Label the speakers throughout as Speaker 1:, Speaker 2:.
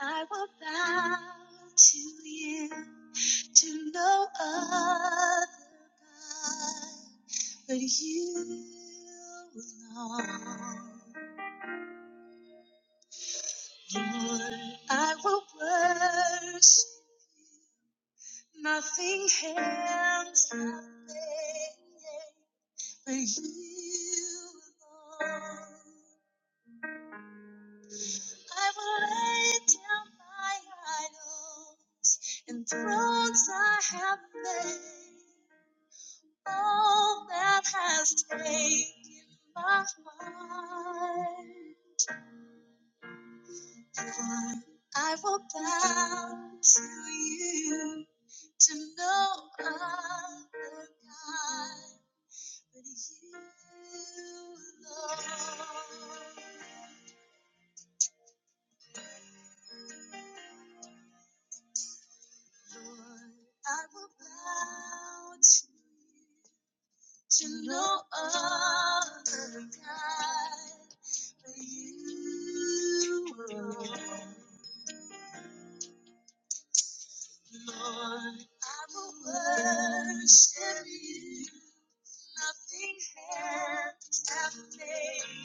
Speaker 1: I will bow to you to no other God but you alone. Lord, I will worship You. nothing hands have made but you alone. I will lay down my idol and thrones I have made. all that has taken my mind. For I will bow to you to no other God but you, Lord. Lord, I will bow to you. to no other God but you, Lord. I will worship you. Nothing has ever made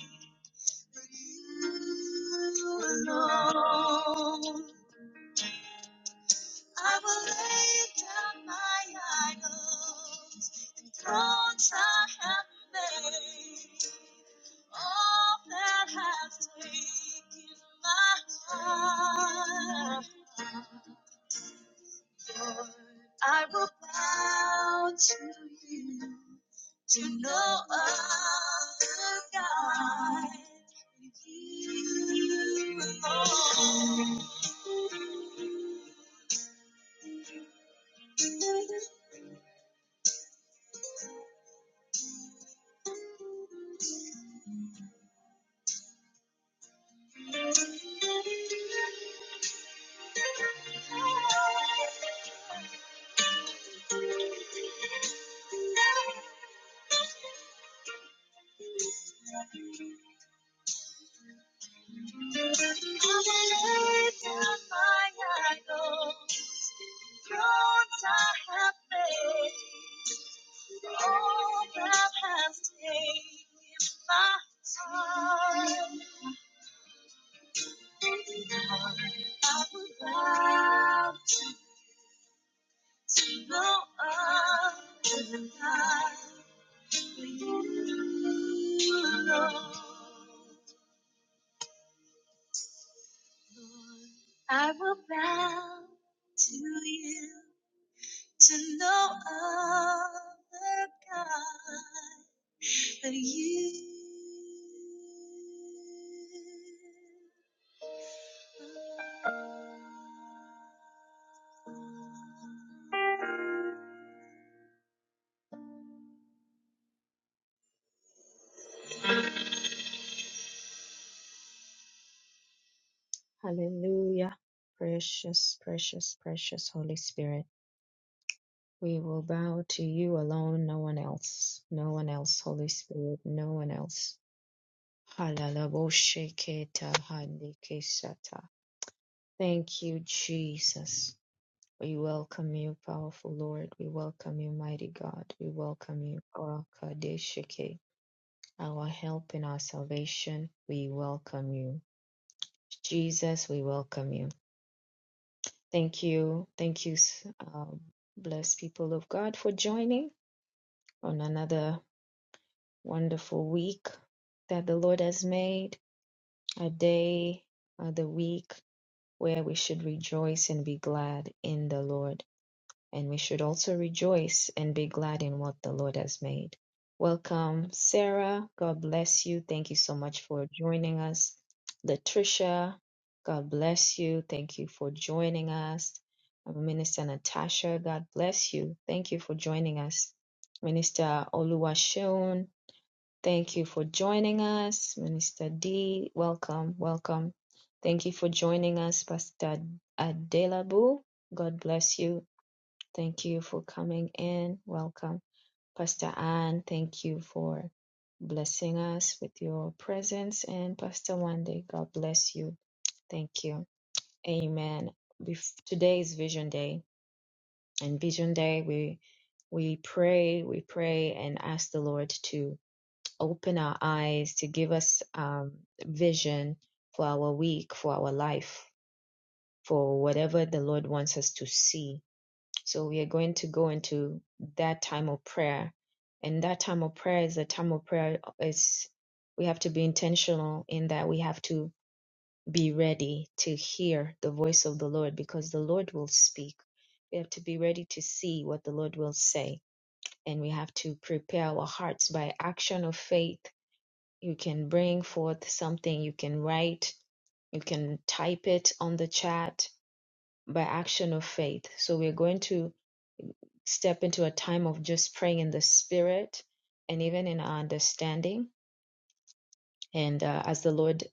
Speaker 1: but you alone. I will lay down my idols and thrones I have made. All that has taken my heart. Lord, I will bow to you to no other God. than You alone. All that has taken my time. I would love to know the God for you, Lord. I will bow to you to know other God but you. Hallelujah. Precious, precious, precious Holy Spirit. We will bow to you alone, no one else. No one else, Holy Spirit, no one else. Halalaboshekheta handikesata. Thank you, Jesus. We welcome you, powerful Lord. We welcome you, mighty God. We welcome you, Orakadeshike, our help in our salvation. We welcome you. Jesus, we welcome you. Thank you. Thank you, s- um, blessed people of God, for joining on another wonderful week that the Lord has made, a day, uh, the week where we should rejoice and be glad in the Lord. and we should also rejoice and be glad in what the Lord has made. Welcome, Sarah. God bless you. Thank you so much for joining us. Latricia, God bless you. Thank you for joining us. Minister Natasha, God bless you. Thank you for joining us. Minister Oluwashun, thank you for joining us. Minister D, welcome, welcome. Thank you for joining us, Pastor Adelabu. God bless you. Thank you for coming in. Welcome. Pastor Ann, thank you for blessing us with your presence. And Pastor Wande, God bless you. Thank you. Amen. Bef- Today is Vision Day. And Vision Day, we we pray, we pray and ask the Lord to open our eyes, to give us um, vision for our week, for our life, for whatever the Lord wants us to see So we are going to go into that time of prayer. And that time of prayer is a time of prayer uh, is we have to be intentional in that we have to be ready to hear the voice of the Lord because the Lord will speak. We have to be ready to see what the Lord will say. And we have to prepare our hearts by action of faith. You can bring forth something, you can write, you can type it on the chat by action of faith. So we're going to step into a time of just praying in the spirit and even in our understanding. And uh, as the Lord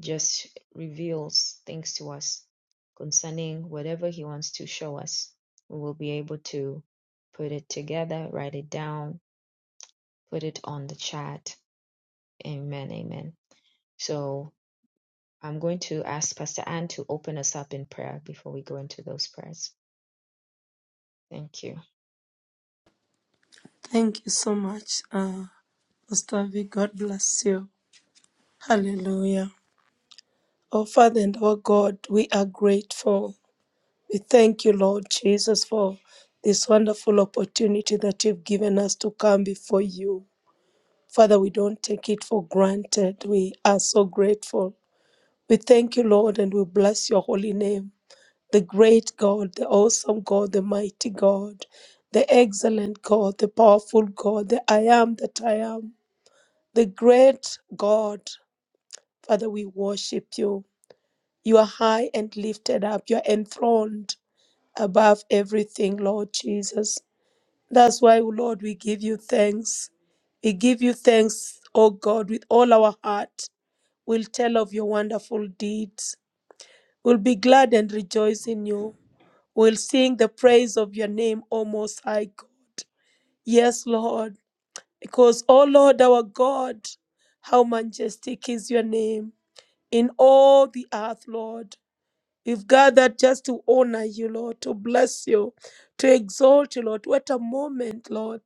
Speaker 1: just reveals things to us concerning whatever He wants to show us, we will be able to put it together, write it down, put it on the chat. Amen. Amen. So I'm going to ask Pastor Ann to open us up in prayer before we go into those prayers. Thank you.
Speaker 2: Thank you so much, uh, Pastor V. God bless you. Hallelujah. Our Father and our God, we are grateful. We thank you, Lord Jesus, for this wonderful opportunity that you've given us to come before you. Father, we don't take it for granted. We are so grateful. We thank you, Lord, and we bless your holy name. The great God, the awesome God, the mighty God, the excellent God, the powerful God, the I am that I am. The great God, Father, we worship you. You are high and lifted up. You are enthroned above everything, Lord Jesus. That's why, O Lord, we give you thanks. We give you thanks, O God, with all our heart. We'll tell of your wonderful deeds. We'll be glad and rejoice in you. We'll sing the praise of your name, O Most High God. Yes, Lord, because, O Lord, our God, how majestic is your name. in all the earth, Lord. We've gathered just to honor you, Lord, to bless you, to exalt you, Lord. What a moment, Lord.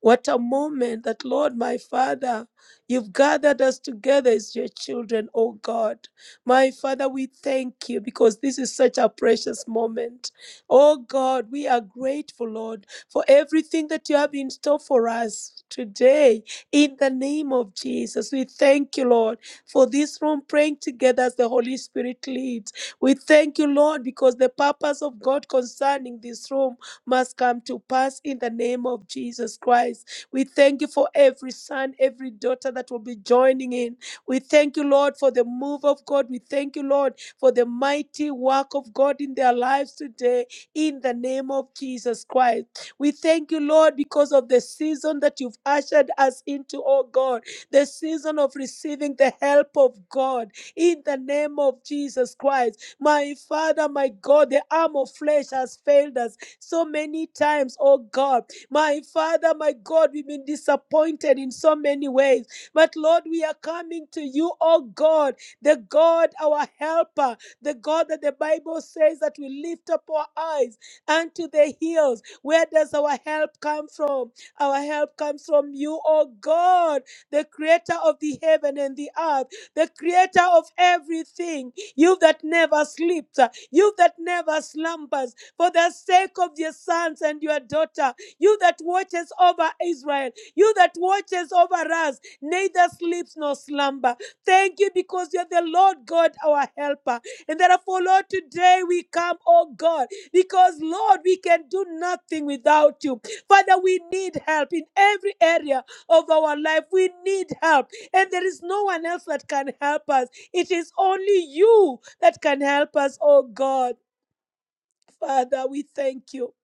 Speaker 2: What a moment that, Lord, my Father, you've gathered us together as your children, oh God. My Father, we thank you because this is such a precious moment. Oh God, we are grateful, Lord, for everything that you have in store for us today. In the name of Jesus, we thank you, Lord, for this room praying together as the Holy Spirit leads. We thank you, Lord, because the purpose of God concerning this room must come to pass in the name of Jesus Christ. We thank you for every son, every daughter that will be joining in. We thank you, Lord, for the move of God. We thank you, Lord, for the mighty work of God in their lives today in the name of Jesus Christ. We thank you, Lord, because of the season that you've ushered us into, oh God, the season of receiving the help of God in the name of Jesus Christ. My Father, my God, the arm of flesh has failed us so many times, oh God. My Father, my God, we've been disappointed in so many ways. But Lord, we are coming to you, oh God, the God, our helper, the God that the Bible says that we lift up our eyes unto the hills. Where does our help come from? Our help comes from you, oh God, the creator of the heaven and the earth, the creator of everything you that never sleeps, uh, you that never slumbers, for the sake of your sons and your daughter, you that watches over Israel, you that watches over us, neither sleeps nor slumber. Thank you because you're the Lord God, our helper. And therefore, Lord, today we come, oh God, because Lord, we can do nothing without you. Father, we need help in every area of our life. We need help, and there is no one else that can help us. It is only you that can help us, oh God. Father, we thank you.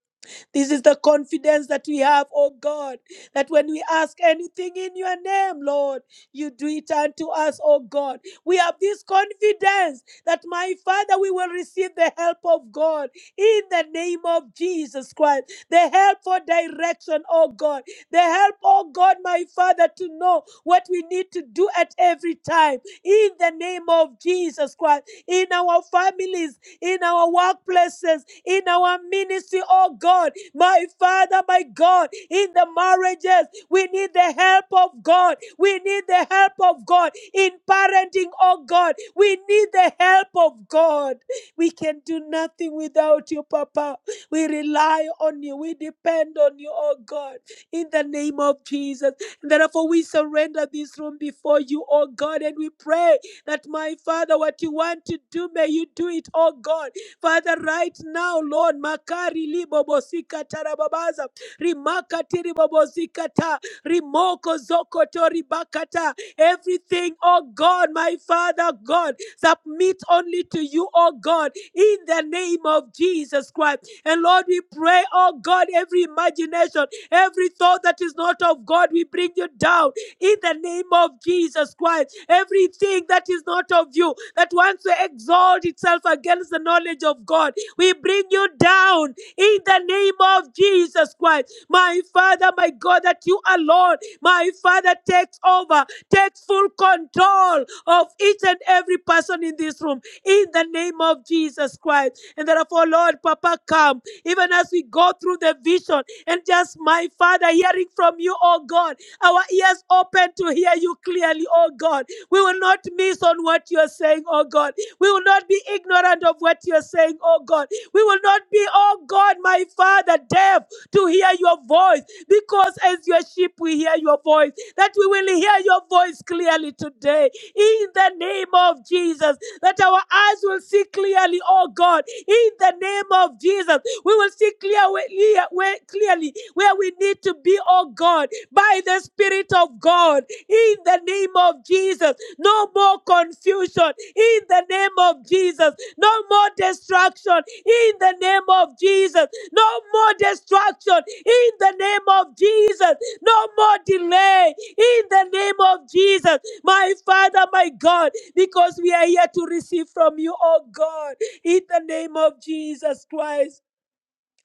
Speaker 2: This is the confidence that we have, oh God, that when we ask anything in your name, Lord, you do it unto us, oh God. We have this confidence that, my Father, we will receive the help of God in the name of Jesus Christ. The help for direction, oh God. The help, oh God, my Father, to know what we need to do at every time in the name of Jesus Christ, in our families, in our workplaces, in our ministry, oh God, my Father, my God, in the marriages, we need the help of God. We need the help of God in parenting, oh God. We need the help of God. We can do nothing without you, Papa. We rely on you. We depend on you, oh God. In the name of Jesus. Therefore, we surrender this room before you, oh God, and we pray that, my Father, what you want to do, may you do it, oh God. Father, right now, Lord, makari libobosika tarababaza, rimakati ribobosika ta, rimoko zokoto ribakata, everything, oh God, my Father, God, submit only to you, oh God, in the name of Jesus Christ. And Lord, we pray, oh God, every imagination, every thought that is not of God, we bring you down in the name of Jesus Christ. Everything that is not of you, that wants to exalt itself against the knowledge of God, we bring you down in the name of Jesus Christ. My Father, my God, that you alone, my Father, takes over, takes full control of each and every person in this room in the name of Jesus Christ. And therefore, Lord, Papa, come. Even as we go through the vision and just, my Father, hearing from you, oh God, our ears open to hear you clearly, oh God. We will not miss on what you are saying, oh God. We will not be ignorant of what you are saying, oh God. We will not be, oh God, my Father, deaf to hear your voice because as your sheep we hear your voice, that we will hear your voice clearly today in the name of Jesus, that our eyes will see clearly, oh God, in the name of Jesus, we will see clear where, where, clearly where we need to be, oh God, by the Spirit of God, in the name of Jesus, no more confusion, in the name of Jesus, no more destruction, in the name of Jesus. No more destruction in the name of Jesus. No more delay in the name of Jesus. My Father, my God, because we are here to receive from you, oh God, in the name of Jesus Christ.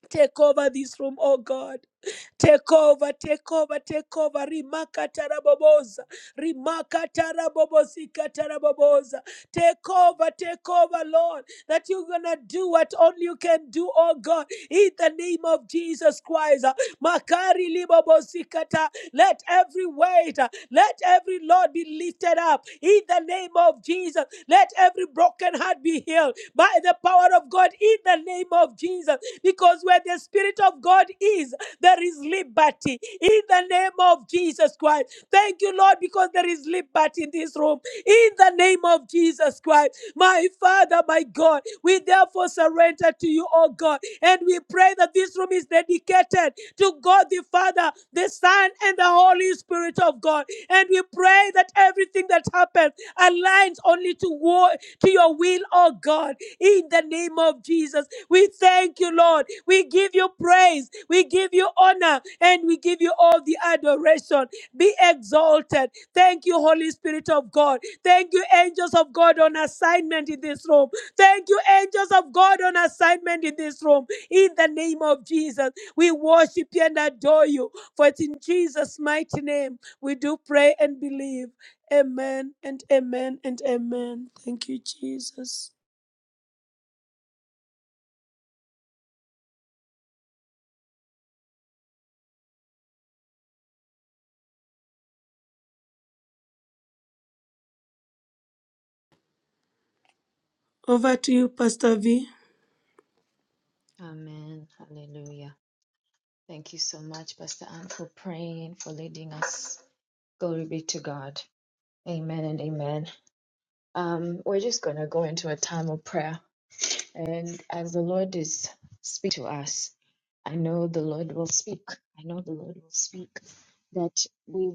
Speaker 2: Take over this room, oh God. Take over, take over, take over. Rimaka taraboboza. Rimaka tarabobosika taraboboza. Take over, take over, Lord. That you're gonna do what only you can do, oh God. In the name of Jesus Christ. Makari libobosikata. Let every weight, uh, let every Lord be lifted up. In the name of Jesus. Let every broken heart be healed by the power of God in the name of Jesus. Because where the Spirit of God is, there is liberty in the name of Jesus Christ. Thank you, Lord, because there is liberty in this room in the name of Jesus Christ. My Father, my God, we therefore surrender to you, oh God, and we pray that this room is dedicated to God the Father, the Son, and the Holy Spirit of God. And we pray that everything that happens aligns only to war, to your will, oh God, in the name of Jesus. We thank you, Lord. We give you praise, we give you honor, and we give you all the adoration. Be exalted. Thank you, Holy Spirit of God. Thank you, angels of God on assignment in this room. Thank you, angels of God on assignment in this room. In the name of Jesus, we worship you and adore you. For it's in Jesus' mighty name we do pray and believe. Amen and amen and amen. Thank you, Jesus. Over to you, Pastor V.
Speaker 1: Amen. Hallelujah. Thank you so much, Pastor Anne, for praying, for leading us. Glory be to God. Amen and amen. Um, we're just going to go into a time of prayer. And as the Lord is speak to us, I know the Lord will speak. I know the Lord will speak. That we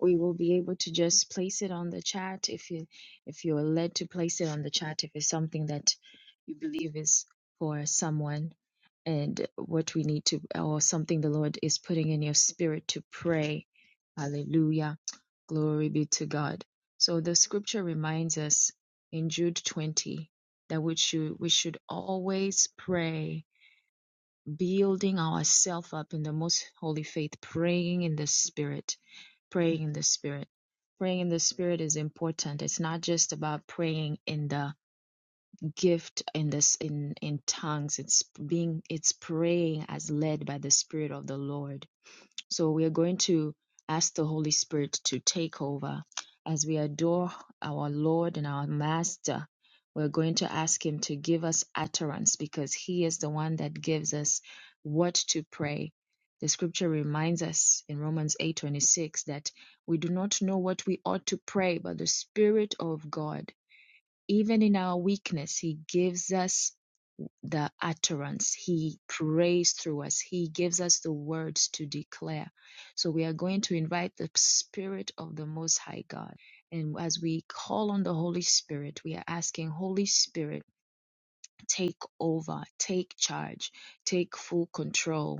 Speaker 1: we will be able to just place it on the chat if you if you are led to place it on the chat if it's something that you believe is for someone and what we need to or something the lord is putting in your spirit to pray hallelujah glory be to god so the scripture reminds us in jude 20 that we should we should always pray building ourselves up in the most holy faith praying in the spirit praying in the spirit. Praying in the spirit is important. It's not just about praying in the gift in this in in tongues. It's being it's praying as led by the spirit of the Lord so we are going to ask the Holy Spirit to take over as we adore our Lord and our Master. We're going to ask Him to give us utterance because He is the one that gives us what to pray. The scripture reminds us in Romans 8:26 that we do not know what we ought to pray, but the Spirit of God, even in our weakness, He gives us the utterance. He prays through us. He gives us the words to declare. So we are going to invite the Spirit of the Most High God. And as we call on the Holy Spirit, we are asking, Holy Spirit, take over, take charge, take full control.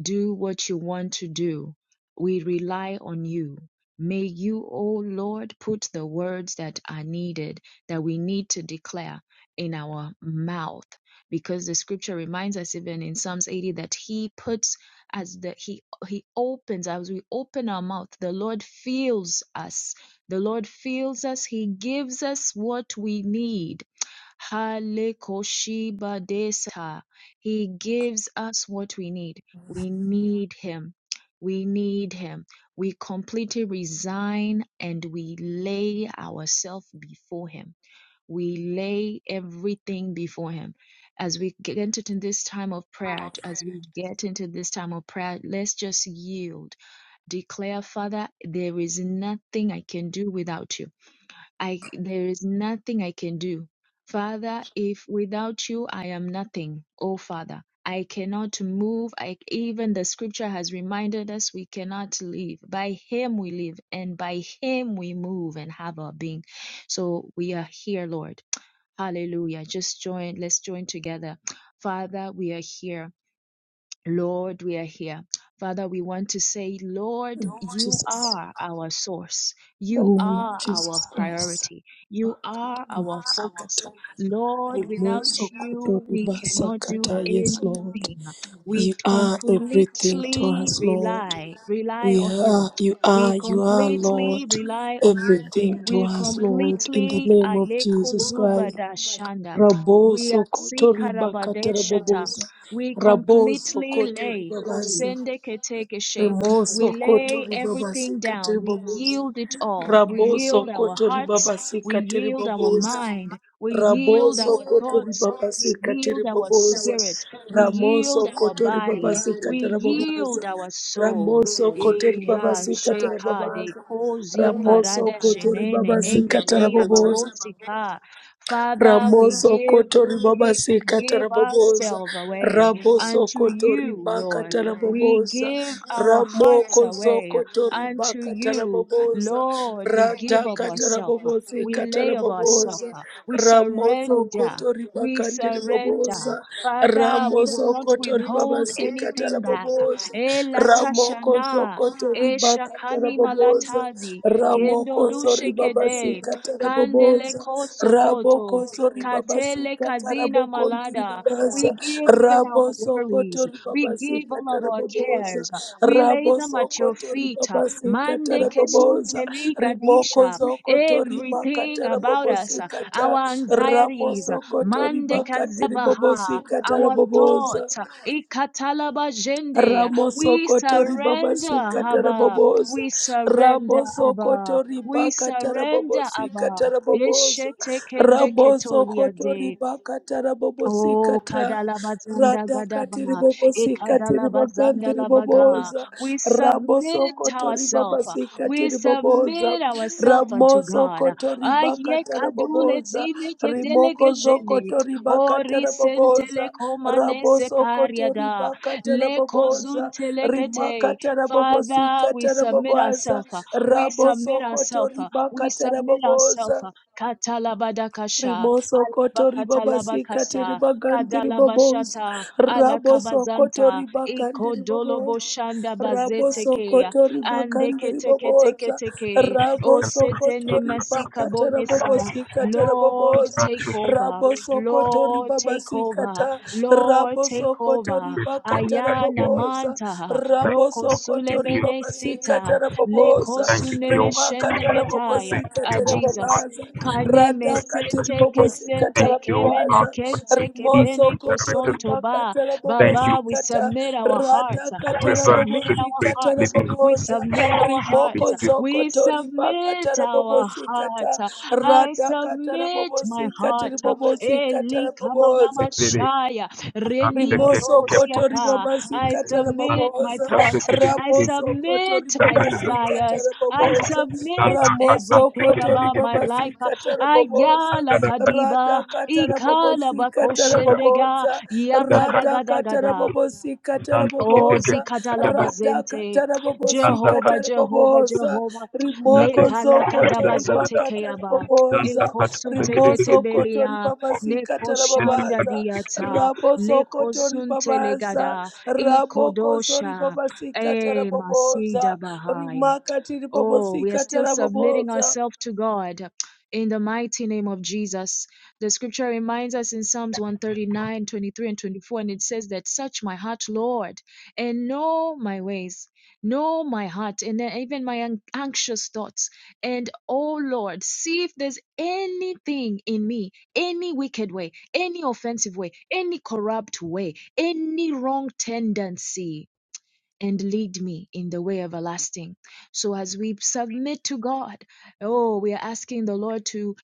Speaker 1: Do what you want to do. We rely on you. May you, O Lord, put the words that are needed, that we need to declare in our mouth. Because the scripture reminds us even in Psalms 80 that he puts as the he he opens as we open our mouth the lord feels us the lord feels us he gives us what we need Halekoshibadesa. He gives us what we need. We need Him. We need Him. We completely resign and we lay ourselves before Him. We lay everything before Him. As we get into this time of prayer, as we get into this time of prayer, let's just yield. Declare, Father, there is nothing I can do without you. I there is nothing I can do. Father, if without you I am nothing, oh Father. I cannot move. I even the scripture has reminded us we cannot live. By him we live and by him we move and have our being. So we are here, Lord. Hallelujah. Just join let's join together. Father, we are here. Lord, we are here. Father, we want to say, Lord, you
Speaker 2: Jesus,
Speaker 1: are our source.
Speaker 2: in the
Speaker 1: You
Speaker 2: name of
Speaker 1: are our
Speaker 2: Jesus Christ.
Speaker 1: priority. You are our focus. Lord, without you, we cannot do
Speaker 2: yes Lord.
Speaker 1: anything. We
Speaker 2: You are everything to
Speaker 1: completely
Speaker 2: us, Lord.
Speaker 1: rely, rely
Speaker 2: We
Speaker 1: on you.
Speaker 2: are, you
Speaker 1: We
Speaker 2: are, you are,
Speaker 1: completely
Speaker 2: Lord,
Speaker 1: rely on you.
Speaker 2: everything to
Speaker 1: We
Speaker 2: us, Lord, in the
Speaker 1: completely
Speaker 2: name of
Speaker 1: aleko
Speaker 2: Jesus Christ.
Speaker 1: zubada shanda. We are
Speaker 2: Raboso kotori bakatara
Speaker 1: sikarabadeshata. We
Speaker 2: Raboso
Speaker 1: completely
Speaker 2: kotori
Speaker 1: lay,
Speaker 2: babasa.
Speaker 1: kosende ketekeshe.
Speaker 2: Remoso
Speaker 1: we lay
Speaker 2: kotori babasi
Speaker 1: everything down.
Speaker 2: kateri
Speaker 1: We yield it all. We
Speaker 2: Raboso
Speaker 1: yield our
Speaker 2: kotori
Speaker 1: hearts.
Speaker 2: babasi
Speaker 1: We yield our mind. We yield
Speaker 2: Raboso
Speaker 1: our
Speaker 2: kotori
Speaker 1: thoughts.
Speaker 2: babasi
Speaker 1: We
Speaker 2: katiri
Speaker 1: yield our
Speaker 2: boboza.
Speaker 1: spirit. We
Speaker 2: Ramoso
Speaker 1: yield our
Speaker 2: kotori
Speaker 1: body.
Speaker 2: babasi
Speaker 1: We
Speaker 2: katara
Speaker 1: yield
Speaker 2: babaza.
Speaker 1: our soul.
Speaker 2: Ramoso kotori
Speaker 1: Eha
Speaker 2: babasi katara
Speaker 1: sheka de
Speaker 2: babaza.
Speaker 1: kozi
Speaker 2: Ramoso
Speaker 1: parada
Speaker 2: kotori
Speaker 1: shenene
Speaker 2: babasi katara
Speaker 1: neketeya
Speaker 2: baboza.
Speaker 1: babosika. Father, we
Speaker 2: Ramoso
Speaker 1: give
Speaker 2: kotori
Speaker 1: gi-
Speaker 2: babasi
Speaker 1: we
Speaker 2: katara
Speaker 1: give
Speaker 2: baboza.
Speaker 1: ourselves away
Speaker 2: Raboso
Speaker 1: unto
Speaker 2: kotori
Speaker 1: you,
Speaker 2: baka
Speaker 1: Lord.
Speaker 2: tara
Speaker 1: We
Speaker 2: baboza.
Speaker 1: give our hearts
Speaker 2: Ramoko
Speaker 1: away
Speaker 2: zoko tori
Speaker 1: unto
Speaker 2: baka tara
Speaker 1: you,
Speaker 2: baboza.
Speaker 1: Lord. We
Speaker 2: Rada
Speaker 1: give of ourselves.
Speaker 2: katarabobosi
Speaker 1: We lay of ourselves.
Speaker 2: katarabobosa.
Speaker 1: We
Speaker 2: Ramoso
Speaker 1: surrender.
Speaker 2: kotori
Speaker 1: We
Speaker 2: bakande
Speaker 1: surrender.
Speaker 2: ribobosa.
Speaker 1: Father, we will
Speaker 2: Ramoso
Speaker 1: not
Speaker 2: kotori
Speaker 1: withhold
Speaker 2: babasi
Speaker 1: anything back.
Speaker 2: katarabobosa. Ramoko
Speaker 1: Elatashana.
Speaker 2: zokotori
Speaker 1: Eshakani
Speaker 2: bakatarabobosa.
Speaker 1: malatazi. Kendo
Speaker 2: Ramoko zori
Speaker 1: lushe
Speaker 2: babasi
Speaker 1: kede. Kandele
Speaker 2: katarabobosa.
Speaker 1: koso
Speaker 2: Raboko zori babasi
Speaker 1: Katele kazina
Speaker 2: katarabokontiri
Speaker 1: malada. We
Speaker 2: babasa.
Speaker 1: give even our
Speaker 2: Raboso
Speaker 1: worries.
Speaker 2: kotori
Speaker 1: We
Speaker 2: babasi
Speaker 1: give all of our
Speaker 2: katarabobosa.
Speaker 1: cares. We lay them
Speaker 2: Raboso
Speaker 1: at your
Speaker 2: kotori
Speaker 1: feet.
Speaker 2: babasi
Speaker 1: Mande
Speaker 2: katarabobosa
Speaker 1: kesuteli gadisha.
Speaker 2: zokoto ribakata
Speaker 1: Everything about
Speaker 2: rabobosi
Speaker 1: us, our anxieties.
Speaker 2: Ramoso koto
Speaker 1: Mande
Speaker 2: ribakati ribobosi
Speaker 1: kazabaha.
Speaker 2: kata
Speaker 1: Our
Speaker 2: raboboza.
Speaker 1: thoughts. Ikatalaba jende.
Speaker 2: Ramoso
Speaker 1: We
Speaker 2: kotori
Speaker 1: surrender,
Speaker 2: babasika
Speaker 1: Abba.
Speaker 2: tarabobosa.
Speaker 1: We surrender, Abba.
Speaker 2: Ramosokotori
Speaker 1: We
Speaker 2: baka
Speaker 1: surrender, Abba.
Speaker 2: tarabobosika tarabobosa.
Speaker 1: Ishete kende ketolia de.
Speaker 2: Ramosokotori baka tarabobosika
Speaker 1: Oh,
Speaker 2: ta.
Speaker 1: Kadalabazanda
Speaker 2: Radakatiri
Speaker 1: Gadaba,
Speaker 2: bobosika tiri
Speaker 1: Ekadalabazanda
Speaker 2: bagandiri
Speaker 1: Labaga.
Speaker 2: bobosa.
Speaker 1: We submit
Speaker 2: Ramosokotori
Speaker 1: ourselves.
Speaker 2: babasika
Speaker 1: We
Speaker 2: tiri bobosa.
Speaker 1: submit ourselves unto God.
Speaker 2: Ramosokotori
Speaker 1: Aye,
Speaker 2: baka
Speaker 1: Kadule
Speaker 2: tarabobosa.
Speaker 1: Zine
Speaker 2: Rimoko
Speaker 1: Kedelegeshene.
Speaker 2: zokotori baka
Speaker 1: Oh,
Speaker 2: tarabobosa
Speaker 1: Risentele Komane
Speaker 2: raboso koto
Speaker 1: Separiada.
Speaker 2: ribakata
Speaker 1: Le
Speaker 2: raboboza
Speaker 1: Kozuntele Kete.
Speaker 2: rimakata
Speaker 1: Father, we
Speaker 2: rabobosikata
Speaker 1: submit
Speaker 2: raboboza
Speaker 1: ourselves. We submit
Speaker 2: raboso koto
Speaker 1: ourselves. We
Speaker 2: ribakata
Speaker 1: submit ourselves.
Speaker 2: raboboza
Speaker 1: Katalabadakasha.
Speaker 2: Rimoso kotori baba sikati
Speaker 1: Katalabakasa,
Speaker 2: ribagandiri baboza.
Speaker 1: Kadalabashata,
Speaker 2: Raboso
Speaker 1: Alakabazanta,
Speaker 2: kotori bakandiri baboza.
Speaker 1: Ikodoloboshanda
Speaker 2: Raboso
Speaker 1: Bazetekea,
Speaker 2: kotori bakandiri baboza.
Speaker 1: Andeketeketeketeke,
Speaker 2: Raboso
Speaker 1: Osetene
Speaker 2: kotori bakatara
Speaker 1: Masikabonesa.
Speaker 2: babosikatara
Speaker 1: Lord,
Speaker 2: baboza.
Speaker 1: take over.
Speaker 2: Raboso kotori
Speaker 1: Lord,
Speaker 2: baba
Speaker 1: take over.
Speaker 2: sikata.
Speaker 1: Lord, take
Speaker 2: Raboso kotori
Speaker 1: over.
Speaker 2: bakatara
Speaker 1: Ayana
Speaker 2: baboza.
Speaker 1: Manta,
Speaker 2: Raboso kotori
Speaker 1: Nokosulebene
Speaker 2: baba
Speaker 1: Sita,
Speaker 2: sikatara baboza.
Speaker 1: Lekosunemeshendegetaya.
Speaker 2: Rimakatara
Speaker 1: Ah, Jesus.
Speaker 2: terababaza
Speaker 1: Kaneme
Speaker 2: radhaka
Speaker 1: Take it kente,
Speaker 2: tiribobosika
Speaker 1: ketsente, kemena,
Speaker 2: tarababaza
Speaker 1: kente, kepena.
Speaker 2: rimosokoto
Speaker 1: Santo
Speaker 2: ribaka
Speaker 1: Ba. Baba, we
Speaker 2: tarabobosikata
Speaker 1: submit our hearts.
Speaker 2: radhaka
Speaker 1: We submit our
Speaker 2: tarabobosika
Speaker 1: hearts. We
Speaker 2: taraboboza
Speaker 1: submit our
Speaker 2: rimoko
Speaker 1: hearts. We
Speaker 2: zokoto ribaka
Speaker 1: submit our
Speaker 2: tarabobosikata
Speaker 1: hearts. I
Speaker 2: radhaka
Speaker 1: submit my
Speaker 2: tarabobosika
Speaker 1: heart.
Speaker 2: tiribobosika
Speaker 1: Eli
Speaker 2: taraboboza
Speaker 1: kamanamashaya. Rendi
Speaker 2: Rimoso koto
Speaker 1: atosiaka.
Speaker 2: ribabasi
Speaker 1: I
Speaker 2: katara
Speaker 1: submit my
Speaker 2: babosa.
Speaker 1: thoughts. I
Speaker 2: Ramoso koto
Speaker 1: submit my
Speaker 2: ribabasi
Speaker 1: desires.
Speaker 2: katara
Speaker 1: I
Speaker 2: babosa.
Speaker 1: submit
Speaker 2: Ramoso
Speaker 1: everything
Speaker 2: koto
Speaker 1: about my
Speaker 2: ribabasi
Speaker 1: life.
Speaker 2: katara babosa.
Speaker 1: Ayala kadiba.
Speaker 2: Rada katara
Speaker 1: Ikala
Speaker 2: babosi katara
Speaker 1: bakoshendega.
Speaker 2: babosa. Rada katara
Speaker 1: Yakadagadagada.
Speaker 2: babosi katara
Speaker 1: Oh,
Speaker 2: babosa. Rada
Speaker 1: zikatalabazente.
Speaker 2: katara babosi
Speaker 1: Jehovah,
Speaker 2: katara
Speaker 1: Jehovah,
Speaker 2: babosa.
Speaker 1: Jehovah.
Speaker 2: Rimoko zoko tori
Speaker 1: Lekalakadabazote
Speaker 2: bakatara
Speaker 1: keyaba.
Speaker 2: babosa.
Speaker 1: Ekosu
Speaker 2: Rimoso koto
Speaker 1: teketebelia.
Speaker 2: ribabasi
Speaker 1: Neko
Speaker 2: katara
Speaker 1: shanda
Speaker 2: babaza.
Speaker 1: diata.
Speaker 2: Rabo
Speaker 1: Leko
Speaker 2: sokotori
Speaker 1: sunte
Speaker 2: babaza,
Speaker 1: legada.
Speaker 2: rabo kozori
Speaker 1: Ikodosha.
Speaker 2: babasika
Speaker 1: E masida
Speaker 2: taraboboza,
Speaker 1: bahaya.
Speaker 2: rimaka tiri
Speaker 1: Oh, we are
Speaker 2: babosika
Speaker 1: still submitting
Speaker 2: taraboboza.
Speaker 1: ourselves to God in the mighty name of Jesus. The scripture reminds us in Psalms 139:23 and 24, and it says that search my heart, Lord, and know my ways, know my heart, and then even my an- anxious thoughts. And oh Lord, see if there's anything in me, any wicked way, any offensive way, any corrupt way, any wrong tendency and lead me in the way everlasting. So as we submit to God, oh, we are asking the Lord to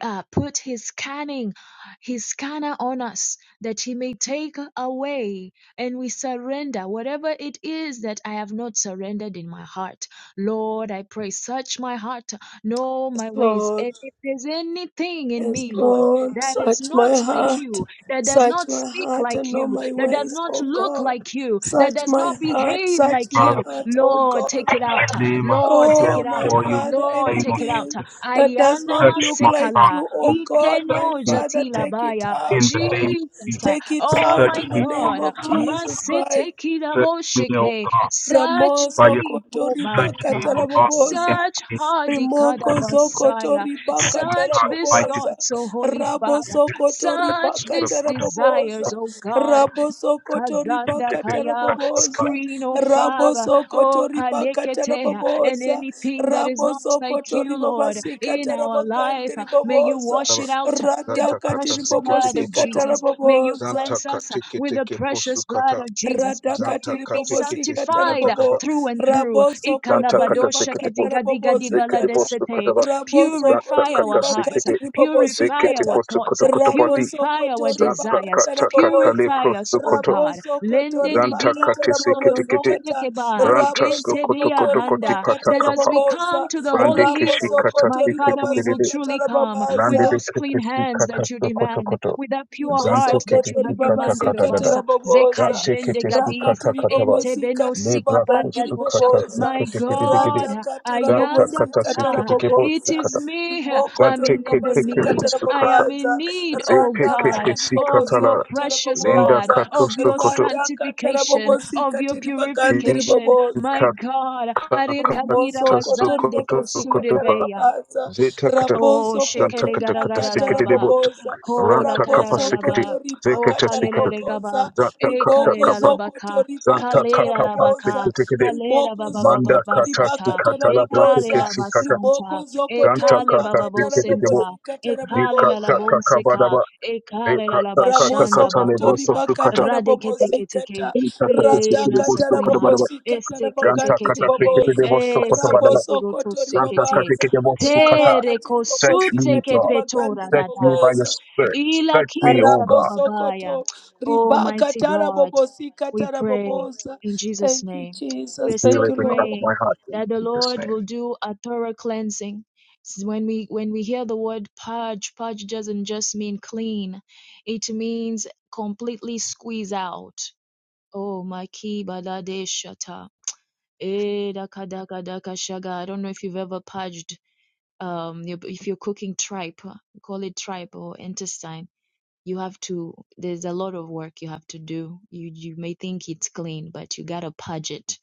Speaker 1: uh, put His scanning, His scanner on us, that He may take away and we surrender whatever it is that I have not surrendered in my heart. Lord, I pray, search my heart, know
Speaker 2: Yes,
Speaker 1: my ways.
Speaker 2: Lord,
Speaker 1: And if there's anything in
Speaker 2: yes,
Speaker 1: me, Lord,
Speaker 2: Lord,
Speaker 1: that is
Speaker 2: search
Speaker 1: not
Speaker 2: my
Speaker 1: like
Speaker 2: heart,
Speaker 1: you, that does
Speaker 2: search
Speaker 1: not
Speaker 2: my
Speaker 1: speak
Speaker 2: heart
Speaker 1: like
Speaker 2: and know
Speaker 1: you,
Speaker 2: my
Speaker 1: that does
Speaker 2: ways,
Speaker 1: not
Speaker 2: O
Speaker 1: look
Speaker 2: God.
Speaker 1: like you, that
Speaker 2: Search
Speaker 1: does
Speaker 2: my
Speaker 1: not
Speaker 2: heart,
Speaker 1: behave
Speaker 2: search
Speaker 1: like
Speaker 2: my
Speaker 1: you.
Speaker 2: heart, O
Speaker 1: Lord,
Speaker 2: God.
Speaker 1: take it out. Lord, take
Speaker 2: Oh,
Speaker 1: it out.
Speaker 2: my Father,
Speaker 1: Lord, take it out.
Speaker 2: anything that does
Speaker 1: Ayana
Speaker 2: not look like
Speaker 1: masekala.
Speaker 2: you, oh God, my
Speaker 1: Ikeno
Speaker 2: Father,
Speaker 1: jatila
Speaker 2: take it
Speaker 1: baya.
Speaker 2: out, Lord.
Speaker 1: Jesus.
Speaker 2: Take it
Speaker 1: Oh
Speaker 2: out
Speaker 1: my
Speaker 2: in the name
Speaker 1: God.
Speaker 2: of Jesus Christ.
Speaker 1: Masetekida boshike. Search
Speaker 2: Ramoso
Speaker 1: me, oh
Speaker 2: kotori
Speaker 1: my God.
Speaker 2: bakatarabobosa.
Speaker 1: Search Hadikada
Speaker 2: Rimoko zokoto
Speaker 1: Messiah.
Speaker 2: ribaka
Speaker 1: Search this thought,
Speaker 2: taraboboza.
Speaker 1: so Holy Father.
Speaker 2: Rabo sokoto
Speaker 1: Such
Speaker 2: ribaka
Speaker 1: this desires,
Speaker 2: taraboboza.
Speaker 1: oh God.
Speaker 2: Rabo sokoto
Speaker 1: Kazanda
Speaker 2: ribaka
Speaker 1: kaya,
Speaker 2: taraboboza.
Speaker 1: Screen, oh
Speaker 2: Rabo
Speaker 1: Father, oh
Speaker 2: sokoto ribaka
Speaker 1: Paleketea, and
Speaker 2: taraboboza.
Speaker 1: anything that is
Speaker 2: Rabo
Speaker 1: not like
Speaker 2: sokoto
Speaker 1: you, Lord,
Speaker 2: ribabasika
Speaker 1: in our life,
Speaker 2: tarabagandi
Speaker 1: uh, may you
Speaker 2: riboboza.
Speaker 1: wash it out uh, with
Speaker 2: Rata
Speaker 1: the
Speaker 3: Zanta
Speaker 2: kati
Speaker 3: kata
Speaker 1: precious blood
Speaker 3: seketeke
Speaker 1: of
Speaker 2: ribobosika
Speaker 3: poto.
Speaker 1: Jesus. May you
Speaker 2: taraboboza.
Speaker 3: Zanta
Speaker 1: cleanse us uh, with the
Speaker 3: kateketeke posu
Speaker 1: precious blood
Speaker 3: kata.
Speaker 1: of Jesus, that we
Speaker 3: Zanta
Speaker 2: Radakati
Speaker 1: may be
Speaker 3: kate
Speaker 2: ribobo
Speaker 3: kete si
Speaker 2: zikata
Speaker 1: sanctified
Speaker 3: kata
Speaker 1: uh,
Speaker 3: kaba.
Speaker 2: rabobo.
Speaker 1: through and through.
Speaker 2: Raboso
Speaker 3: Zanta kata
Speaker 2: kotori
Speaker 1: Ikalabadosha
Speaker 3: sekete po.
Speaker 2: bakata radakatiri
Speaker 3: Sekete posu kata
Speaker 1: kedigadigadibaladesete.
Speaker 3: ba. Zanta
Speaker 1: Purify our
Speaker 3: kata
Speaker 1: hearts, uh,
Speaker 3: sekete.
Speaker 1: purify
Speaker 3: Sekete
Speaker 1: our
Speaker 2: bobosikatara
Speaker 3: posu
Speaker 1: thoughts,
Speaker 3: koto
Speaker 1: uh,
Speaker 3: koto pati.
Speaker 1: purify our
Speaker 3: Zanta
Speaker 1: desires,
Speaker 3: kata
Speaker 2: bobo
Speaker 3: kata le
Speaker 1: Purify us,
Speaker 3: prosu
Speaker 1: O
Speaker 3: koto.
Speaker 1: God. Lende
Speaker 2: rabosokotori
Speaker 1: de
Speaker 3: Zanta kate
Speaker 2: bakatara
Speaker 3: sekete kete.
Speaker 1: diantololonde
Speaker 2: bobosikata
Speaker 1: kebai,
Speaker 3: Branta slo
Speaker 1: ente
Speaker 3: koto koto
Speaker 2: rabosokotori
Speaker 3: koti
Speaker 1: diahanda.
Speaker 3: pata
Speaker 1: That
Speaker 2: bakatiri bobosikata rabosokotori bakatara boboza rabosokotori bakatara bobosikata rabosokotori bakatara
Speaker 1: as
Speaker 3: kapa.
Speaker 1: we
Speaker 2: boboza
Speaker 1: come to the
Speaker 3: Brande
Speaker 1: holy
Speaker 3: keshi
Speaker 1: hill,
Speaker 3: kata
Speaker 1: my
Speaker 2: rabosokotori
Speaker 3: sekete
Speaker 1: Father, we will
Speaker 3: kete.
Speaker 1: truly
Speaker 2: babasikatara
Speaker 1: come with
Speaker 3: Lande de
Speaker 2: babaza
Speaker 1: those
Speaker 3: kete
Speaker 1: clean
Speaker 3: si
Speaker 1: hands
Speaker 3: kata
Speaker 1: that you
Speaker 3: slo koto
Speaker 1: demand,
Speaker 3: koto.
Speaker 1: with that pure
Speaker 2: Rimoso
Speaker 3: Zanto
Speaker 1: heart that
Speaker 3: kete
Speaker 1: you
Speaker 2: rimosokoto
Speaker 3: si
Speaker 1: have
Speaker 3: kata
Speaker 1: demanded
Speaker 3: kata
Speaker 1: of
Speaker 3: gada.
Speaker 2: ribabasikata
Speaker 1: us.
Speaker 2: raboboza
Speaker 1: Zekajende
Speaker 3: Zatekete
Speaker 1: gadis,
Speaker 2: rakati
Speaker 3: sukata kataba.
Speaker 1: ente beno
Speaker 2: ribobosikati
Speaker 3: Lebra
Speaker 2: ribagangi
Speaker 1: sikapariadosha.
Speaker 3: kosukata
Speaker 2: riboboza
Speaker 1: My
Speaker 3: sukete kete kete.
Speaker 1: God,
Speaker 2: ratakata
Speaker 3: Zanta
Speaker 1: ayanda
Speaker 3: kata
Speaker 2: rabobosikata
Speaker 3: sukete
Speaker 1: baka.
Speaker 3: kebo
Speaker 1: It
Speaker 2: raboboza
Speaker 1: is
Speaker 3: sukata.
Speaker 1: me. I'm
Speaker 2: rimokoto
Speaker 3: Zante
Speaker 1: in, in the
Speaker 3: kete kebo
Speaker 1: need.
Speaker 2: ribabasikata
Speaker 1: I
Speaker 3: sukata.
Speaker 1: am in
Speaker 2: rabobaza
Speaker 1: need, oh
Speaker 3: Zepe
Speaker 1: God
Speaker 3: kete
Speaker 2: ratakati
Speaker 1: of
Speaker 3: sikata
Speaker 1: your
Speaker 3: la.
Speaker 2: ribobosikata
Speaker 1: precious
Speaker 3: Lenda
Speaker 1: blood,
Speaker 2: raboboza
Speaker 3: kato
Speaker 1: of your
Speaker 3: sukoto.
Speaker 2: ratakata
Speaker 1: sanctification, of your
Speaker 2: rabobosikati ribagandi
Speaker 1: purification.
Speaker 2: riboboza
Speaker 1: My
Speaker 3: Kinta
Speaker 1: God, Arekalira
Speaker 2: Rimoso
Speaker 3: kata
Speaker 2: kotori
Speaker 1: bazande
Speaker 2: baba
Speaker 3: sukoto koto
Speaker 2: sikatara
Speaker 3: ba.
Speaker 1: kosurebeya.
Speaker 2: babasa.
Speaker 3: Zeta kata.
Speaker 1: Oh,
Speaker 2: Raboso
Speaker 3: Zanta
Speaker 1: shekele
Speaker 2: kotori
Speaker 3: kata kata
Speaker 2: bakatara
Speaker 3: sikete
Speaker 1: garagadalaba.
Speaker 3: debot.
Speaker 2: babosa.
Speaker 1: Kola
Speaker 3: Ranta kapa
Speaker 2: Raboso
Speaker 3: sikete.
Speaker 1: Karalalaba,
Speaker 2: kotori
Speaker 1: O
Speaker 3: Zekete
Speaker 2: bakatara
Speaker 1: Kalele
Speaker 3: sikata.
Speaker 1: le gaba,
Speaker 2: babosa.
Speaker 3: Zanta
Speaker 1: E
Speaker 3: kata
Speaker 2: Riboko
Speaker 1: Kalela
Speaker 3: kapa.
Speaker 1: Labaka,
Speaker 2: zokotori
Speaker 3: Zanta
Speaker 2: bakatara
Speaker 1: Kalela
Speaker 2: babosa.
Speaker 1: Labaka,
Speaker 3: kata
Speaker 1: Kalera
Speaker 2: Riboko
Speaker 1: Baba
Speaker 3: Manda
Speaker 1: Baba
Speaker 2: zokotori
Speaker 3: kata si
Speaker 1: Basata,
Speaker 2: bakatara
Speaker 3: kata la
Speaker 1: E
Speaker 3: brate ke
Speaker 2: babosa.
Speaker 1: Kalela
Speaker 3: si kata.
Speaker 1: Basanta,
Speaker 2: Riboko
Speaker 1: E
Speaker 3: Ranta
Speaker 2: zokotori
Speaker 1: Kale
Speaker 3: kata
Speaker 1: Baba
Speaker 3: si
Speaker 2: bakatara
Speaker 3: ke te kebo.
Speaker 2: babosa.
Speaker 1: Bosenta, E
Speaker 2: Katara
Speaker 3: Di
Speaker 1: Kalela
Speaker 3: kata
Speaker 2: babosa.
Speaker 3: kaka
Speaker 1: Labonseka,
Speaker 3: badaba.
Speaker 1: E
Speaker 3: Di
Speaker 1: Kalela
Speaker 3: kata kata
Speaker 2: Ramoso
Speaker 1: Labashanda
Speaker 3: kata le
Speaker 2: kotori
Speaker 3: broto
Speaker 1: Bakosa,
Speaker 3: su
Speaker 2: bakata
Speaker 3: kata.
Speaker 1: Radekete kete ke.
Speaker 2: rabobosikata
Speaker 3: Ranta kata ke si
Speaker 1: create
Speaker 2: rata
Speaker 3: ke
Speaker 1: in
Speaker 3: debo
Speaker 1: us
Speaker 2: kata
Speaker 1: a
Speaker 3: su
Speaker 1: clean
Speaker 3: kata
Speaker 1: heart,
Speaker 3: badaba.
Speaker 2: rabobosikata
Speaker 1: Esteke
Speaker 3: Ganta
Speaker 1: Teke
Speaker 2: rabakandiri
Speaker 3: kata si
Speaker 1: Teke,
Speaker 3: ke te
Speaker 2: babosa
Speaker 3: debo su kata
Speaker 1: Esteke
Speaker 3: badaba.
Speaker 2: raboso
Speaker 1: Puroto
Speaker 2: kotori
Speaker 3: Ranta
Speaker 1: Sekete.
Speaker 3: kata si
Speaker 2: babaza
Speaker 3: ke debo su kata.
Speaker 1: Pere
Speaker 2: ramakatiri
Speaker 3: Touch me,
Speaker 1: kosute ke
Speaker 2: babosikatiri
Speaker 3: God.
Speaker 1: petora
Speaker 2: bagandiri
Speaker 3: Touch me
Speaker 1: dada.
Speaker 3: by your
Speaker 2: babosa
Speaker 3: spirit. Touch me, O
Speaker 1: Ilakiza
Speaker 3: God.
Speaker 2: raboso koto
Speaker 1: bababaya. Almighty
Speaker 2: ribakata
Speaker 1: God,
Speaker 2: rabobosikata
Speaker 1: we pray
Speaker 2: rabobosa
Speaker 1: in Jesus'
Speaker 2: thank you
Speaker 1: name. We're
Speaker 2: jesus
Speaker 3: Heal
Speaker 2: thank
Speaker 1: still
Speaker 2: you
Speaker 3: every crack
Speaker 2: lord
Speaker 3: of
Speaker 1: praying
Speaker 3: my heart in
Speaker 1: that the
Speaker 3: Jesus'
Speaker 1: Lord
Speaker 3: name.
Speaker 1: will do a thorough cleansing. S- When we when we hear the word purge, purge doesn't just mean clean. It means completely squeeze out. Oh my key shata. Eh, daka daka daka shaga. I don't know if you've ever purged um your- if you're cooking tripe, uh, call it tripe or intestine you have to there's a lot of work you have to do you you may think it's clean but you got to purge it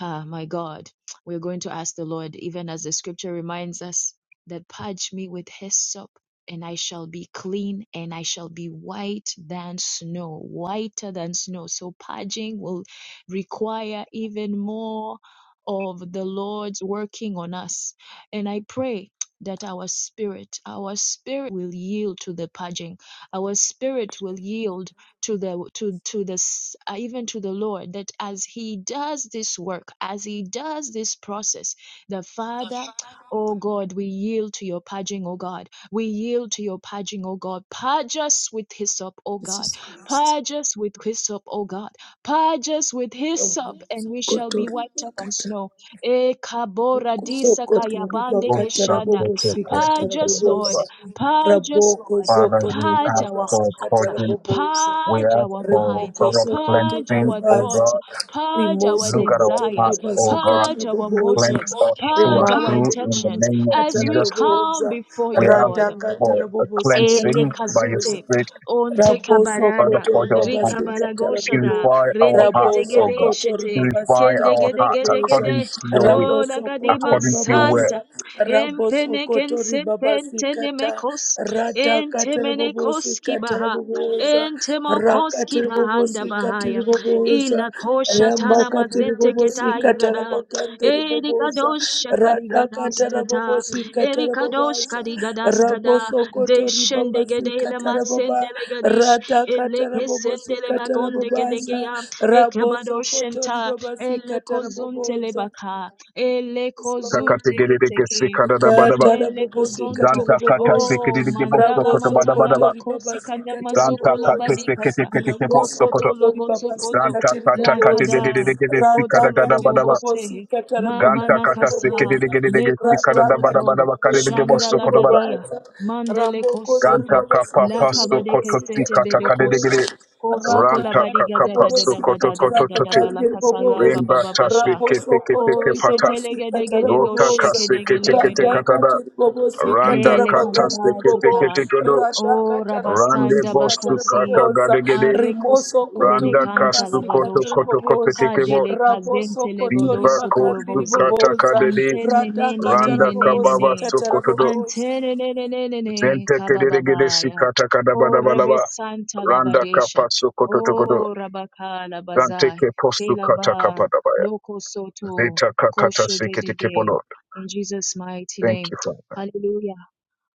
Speaker 1: ah my god we're going to ask the lord even as the scripture reminds us that purge me with hyssop and i shall be clean and i shall be white than snow whiter than snow so purging will require even more of the lord's working on us and i pray that our spirit our spirit will yield to the purging our spirit will yield to the to to this uh, even to the lord that as he does this work as he does this process the father oh god we yield to your purging oh god we yield to your purging oh god purge us with hyssop oh god
Speaker 2: jesus christ
Speaker 1: purge us with hyssop oh god purge us with hyssop
Speaker 2: raboso
Speaker 1: and we shall be
Speaker 2: kotori
Speaker 1: whiter than
Speaker 2: bakata
Speaker 1: snow E kabora disa
Speaker 2: Sokoto
Speaker 1: kayabande
Speaker 3: Lord,
Speaker 2: ribakata
Speaker 3: Santa,
Speaker 1: keshada
Speaker 3: Kata,
Speaker 2: rabobosika
Speaker 3: Kata,
Speaker 1: purge
Speaker 3: Kata,
Speaker 1: us
Speaker 3: Badaba.
Speaker 2: tarabobosa
Speaker 1: lord purge us
Speaker 2: raboko
Speaker 1: lord
Speaker 3: Father,
Speaker 2: zokoto
Speaker 3: we
Speaker 1: Purge
Speaker 3: ask
Speaker 1: our
Speaker 3: for
Speaker 2: ribabasika
Speaker 1: hearts,
Speaker 3: pardon
Speaker 2: tarabobosa
Speaker 3: We
Speaker 1: purge
Speaker 3: ask
Speaker 1: our
Speaker 3: for
Speaker 1: minds,
Speaker 2: rimoko
Speaker 3: thorough
Speaker 2: zokoto
Speaker 1: purge
Speaker 3: cleansing,
Speaker 1: our
Speaker 3: O
Speaker 2: ribabasa
Speaker 1: thoughts,
Speaker 3: God.
Speaker 1: purge our
Speaker 2: rimoso
Speaker 3: Look at our
Speaker 2: koto
Speaker 1: desires,
Speaker 3: hearts, O
Speaker 2: ribabasika
Speaker 3: God.
Speaker 1: purge our
Speaker 2: tarabobosa
Speaker 3: Cleanse
Speaker 1: motives,
Speaker 3: us through
Speaker 1: purge
Speaker 3: and
Speaker 1: our
Speaker 2: rimakata
Speaker 3: through in the
Speaker 1: intentions
Speaker 3: name of
Speaker 2: ribobosika
Speaker 1: as we
Speaker 3: Jesus.
Speaker 2: tarabobosa
Speaker 1: come before
Speaker 3: We
Speaker 1: you,
Speaker 3: ask
Speaker 1: Lord.
Speaker 2: radakata
Speaker 3: for a
Speaker 2: rabobosika
Speaker 1: Ele
Speaker 3: cleansing by your
Speaker 2: tarabobosa
Speaker 1: kazute
Speaker 3: Spirit,
Speaker 1: onte
Speaker 2: Rabo
Speaker 3: by the
Speaker 1: kabaranda
Speaker 2: Sokoto
Speaker 3: touch of
Speaker 2: Ribaba
Speaker 3: God.
Speaker 2: Sikata Rabobo
Speaker 1: rikabalagoshada
Speaker 3: Purify our
Speaker 1: rende
Speaker 2: Rabo
Speaker 3: hearts, O
Speaker 1: kedegede
Speaker 3: God.
Speaker 2: Sokoto
Speaker 1: shete
Speaker 2: Ribaba
Speaker 3: Purify
Speaker 1: kende
Speaker 2: Sikata
Speaker 3: our
Speaker 1: gede
Speaker 3: hearts
Speaker 1: gede
Speaker 2: Raboboza
Speaker 1: gede
Speaker 3: according to your
Speaker 1: o
Speaker 3: will,
Speaker 2: Rabo Sokoto
Speaker 1: lagadima
Speaker 3: according to your word.
Speaker 1: santa
Speaker 2: Ribabaza Rabo
Speaker 1: empene
Speaker 2: Sokoto Ribaba
Speaker 1: kensempente
Speaker 2: Sikata
Speaker 1: nemekos
Speaker 2: Rata Kata
Speaker 1: entemene
Speaker 2: Rabobo
Speaker 1: koski
Speaker 2: Sikata
Speaker 1: baha
Speaker 2: Raboboza Rakata Rabobo
Speaker 1: Bahanda Bahaya. Ila
Speaker 2: Rāta
Speaker 1: Kosha Tana
Speaker 2: ramakati
Speaker 1: Mazete Ketai
Speaker 2: ribobosikata
Speaker 1: Gada.
Speaker 2: ramakandi ribobosa
Speaker 1: Erikadosh
Speaker 2: radakata
Speaker 1: Karigadastata.
Speaker 2: rabobosikata
Speaker 1: Erikadosh
Speaker 2: rabobasa
Speaker 1: Karigadaskada.
Speaker 2: rabosokoto
Speaker 1: Deshende Gedele
Speaker 2: ribabasikata rababa
Speaker 1: Masendele Gadish.
Speaker 2: radakata
Speaker 1: Eleke Sendele
Speaker 2: rabobosikata
Speaker 1: Bagonde
Speaker 2: rabobasa
Speaker 1: Gedegeya.
Speaker 2: rabosokoto
Speaker 1: Ekebadoshenta.
Speaker 2: ribabasikata
Speaker 1: Eleko Zuntele
Speaker 2: rabobosa
Speaker 1: Baka.
Speaker 2: Yes,
Speaker 1: Eleko
Speaker 2: Lord.
Speaker 1: Zunte Keteke.
Speaker 3: Kakategedegesikadadabadaba.
Speaker 2: Katara
Speaker 1: Pendele
Speaker 2: bobosi
Speaker 1: Kozonto.
Speaker 2: katara
Speaker 3: Zanta kata
Speaker 2: bobosa
Speaker 1: Oh, mandala
Speaker 2: raboso
Speaker 1: matana
Speaker 3: sekedegebosokotobadabadaba.
Speaker 2: kotori
Speaker 1: makosi
Speaker 2: babasi
Speaker 1: kanda
Speaker 2: katara
Speaker 3: Zanta
Speaker 1: masokola
Speaker 3: kate
Speaker 2: bobosa raboso
Speaker 1: Kosoto
Speaker 3: seketeketekebosokotobadaba.
Speaker 2: kotori
Speaker 1: logo
Speaker 2: babasi
Speaker 1: sokoto
Speaker 3: Ganta
Speaker 2: katiri
Speaker 3: kata kate
Speaker 1: lakada
Speaker 3: de
Speaker 2: bobosa
Speaker 3: de de de de de sika
Speaker 2: rata
Speaker 3: da
Speaker 1: kotolo
Speaker 3: gada
Speaker 2: katiri
Speaker 3: bada
Speaker 1: bobobo
Speaker 3: ba.
Speaker 1: se
Speaker 2: bobosi katara
Speaker 1: mama
Speaker 3: Ganta
Speaker 2: bogandiri
Speaker 3: kata seke
Speaker 1: nakasa
Speaker 3: de de
Speaker 2: bobosa
Speaker 3: de de de de
Speaker 1: leko
Speaker 3: sika da
Speaker 2: rata
Speaker 3: da
Speaker 1: sokoto
Speaker 3: bada
Speaker 2: katiri
Speaker 3: bada ba kade de
Speaker 2: bobosi
Speaker 3: de bo
Speaker 1: shanda
Speaker 2: katiri
Speaker 3: soko da bada.
Speaker 1: lagadia
Speaker 2: bobosa
Speaker 1: mandele
Speaker 2: ramoko sori
Speaker 1: kosoto
Speaker 3: Ganta
Speaker 2: babasi
Speaker 3: kapa
Speaker 2: katiri
Speaker 3: paso
Speaker 1: lakabade
Speaker 3: koto to
Speaker 2: bobosi
Speaker 1: kesete
Speaker 3: sika
Speaker 2: katiri
Speaker 3: ta kade de de
Speaker 1: bedokosa
Speaker 3: de.
Speaker 2: bobosa
Speaker 1: kosoko
Speaker 2: Rata
Speaker 3: Ranta
Speaker 1: labadiga
Speaker 3: kaka
Speaker 2: katara
Speaker 1: da da
Speaker 2: bobo
Speaker 1: da
Speaker 3: paso
Speaker 1: da
Speaker 2: si
Speaker 1: ba
Speaker 3: koto
Speaker 1: da da
Speaker 2: katara
Speaker 1: da
Speaker 3: koto
Speaker 1: da
Speaker 3: to
Speaker 1: da
Speaker 3: te.
Speaker 1: ba
Speaker 2: pakangere
Speaker 1: lakasa la ba
Speaker 2: boboza.
Speaker 1: ba
Speaker 3: Remba
Speaker 1: ba
Speaker 3: ta
Speaker 1: ba sha
Speaker 3: seke
Speaker 2: Raposo
Speaker 3: teke teke
Speaker 2: kotori
Speaker 3: pata.
Speaker 1: kosete
Speaker 2: babasi si
Speaker 1: legede
Speaker 2: katara
Speaker 1: gede go
Speaker 3: Rota ka
Speaker 2: boboza.
Speaker 1: sheke
Speaker 3: seke
Speaker 1: dege
Speaker 3: teke te
Speaker 1: legede
Speaker 2: Rada
Speaker 3: kata da.
Speaker 2: katiri bobo si
Speaker 3: Randa
Speaker 2: katara
Speaker 1: hele
Speaker 3: kata
Speaker 2: bagangere
Speaker 3: seke
Speaker 1: kalabazata
Speaker 3: teke
Speaker 2: bobo.
Speaker 3: te godo.
Speaker 2: Rada
Speaker 1: O
Speaker 2: katara bobo
Speaker 3: Rande
Speaker 2: si
Speaker 1: Rabasanda
Speaker 3: bostu
Speaker 2: katara
Speaker 3: kata
Speaker 1: Bakosi,
Speaker 2: boboza.
Speaker 3: gade gede.
Speaker 1: Arekos
Speaker 2: Rimoso
Speaker 1: de de
Speaker 3: Randa
Speaker 2: kotori
Speaker 1: Canta
Speaker 2: baba
Speaker 3: kastu
Speaker 2: si
Speaker 3: koto
Speaker 2: katara
Speaker 1: Labadosha,
Speaker 3: koto koto
Speaker 2: boboza.
Speaker 3: teke bo.
Speaker 1: Cadele Cazente
Speaker 2: Raboso kotori
Speaker 3: Viva
Speaker 1: Legodoso
Speaker 3: Costa
Speaker 2: bakangere
Speaker 1: Tolobosi,
Speaker 3: Kata
Speaker 2: boboza.
Speaker 3: Kadede,
Speaker 1: Antene
Speaker 2: Rada
Speaker 1: Nene
Speaker 2: katara
Speaker 3: Randa
Speaker 1: Nene
Speaker 2: bobo
Speaker 1: Nene
Speaker 2: si
Speaker 3: Kababa
Speaker 1: Ne,
Speaker 2: katara
Speaker 3: Sokotodo,
Speaker 2: bobosa,
Speaker 1: Antene Nene Nene Ne,
Speaker 3: Zente Kedegede
Speaker 1: Kabababaya,
Speaker 3: Sikata
Speaker 1: Corebe
Speaker 3: Kadabadabalaba,
Speaker 1: Santa
Speaker 3: Randa
Speaker 1: Labadesha,
Speaker 3: Kapa Sokotodo,
Speaker 1: O Rabakala
Speaker 3: Zante
Speaker 1: Bazai,
Speaker 3: Postu Kata
Speaker 1: Kelaba,
Speaker 3: Kapadabaya,
Speaker 1: Loco Soto,
Speaker 3: Zeta Kakata Sikete
Speaker 1: Koshegedide, in Jesus' mighty
Speaker 3: Thank
Speaker 1: name.
Speaker 3: you, Father.
Speaker 1: Hallelujah.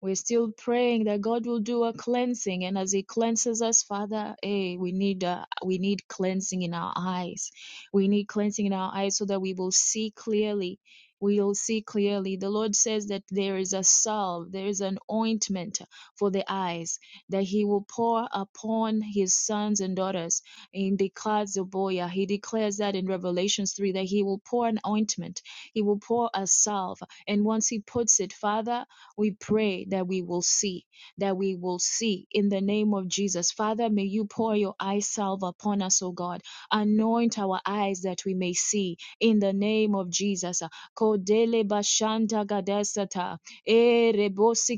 Speaker 1: We're still praying that God will do a cleansing, and as He cleanses us, Father, hey, we need uh, we need cleansing in our eyes. We need cleansing in our eyes so that we will see clearly. We'll see clearly. The Lord says that there is a salve, there is an ointment for the eyes that He will pour upon His sons and daughters. In the Kazuboya, He declares that in Revelations 3 that He will pour an ointment, He will pour a salve. And once He puts it, Father, we pray that we will see, that we will see in the name of Jesus. Father, may you pour your eye salve upon us, O God. Anoint our eyes that we may see in the name of Jesus. Kodele bashanta gadesata, eh,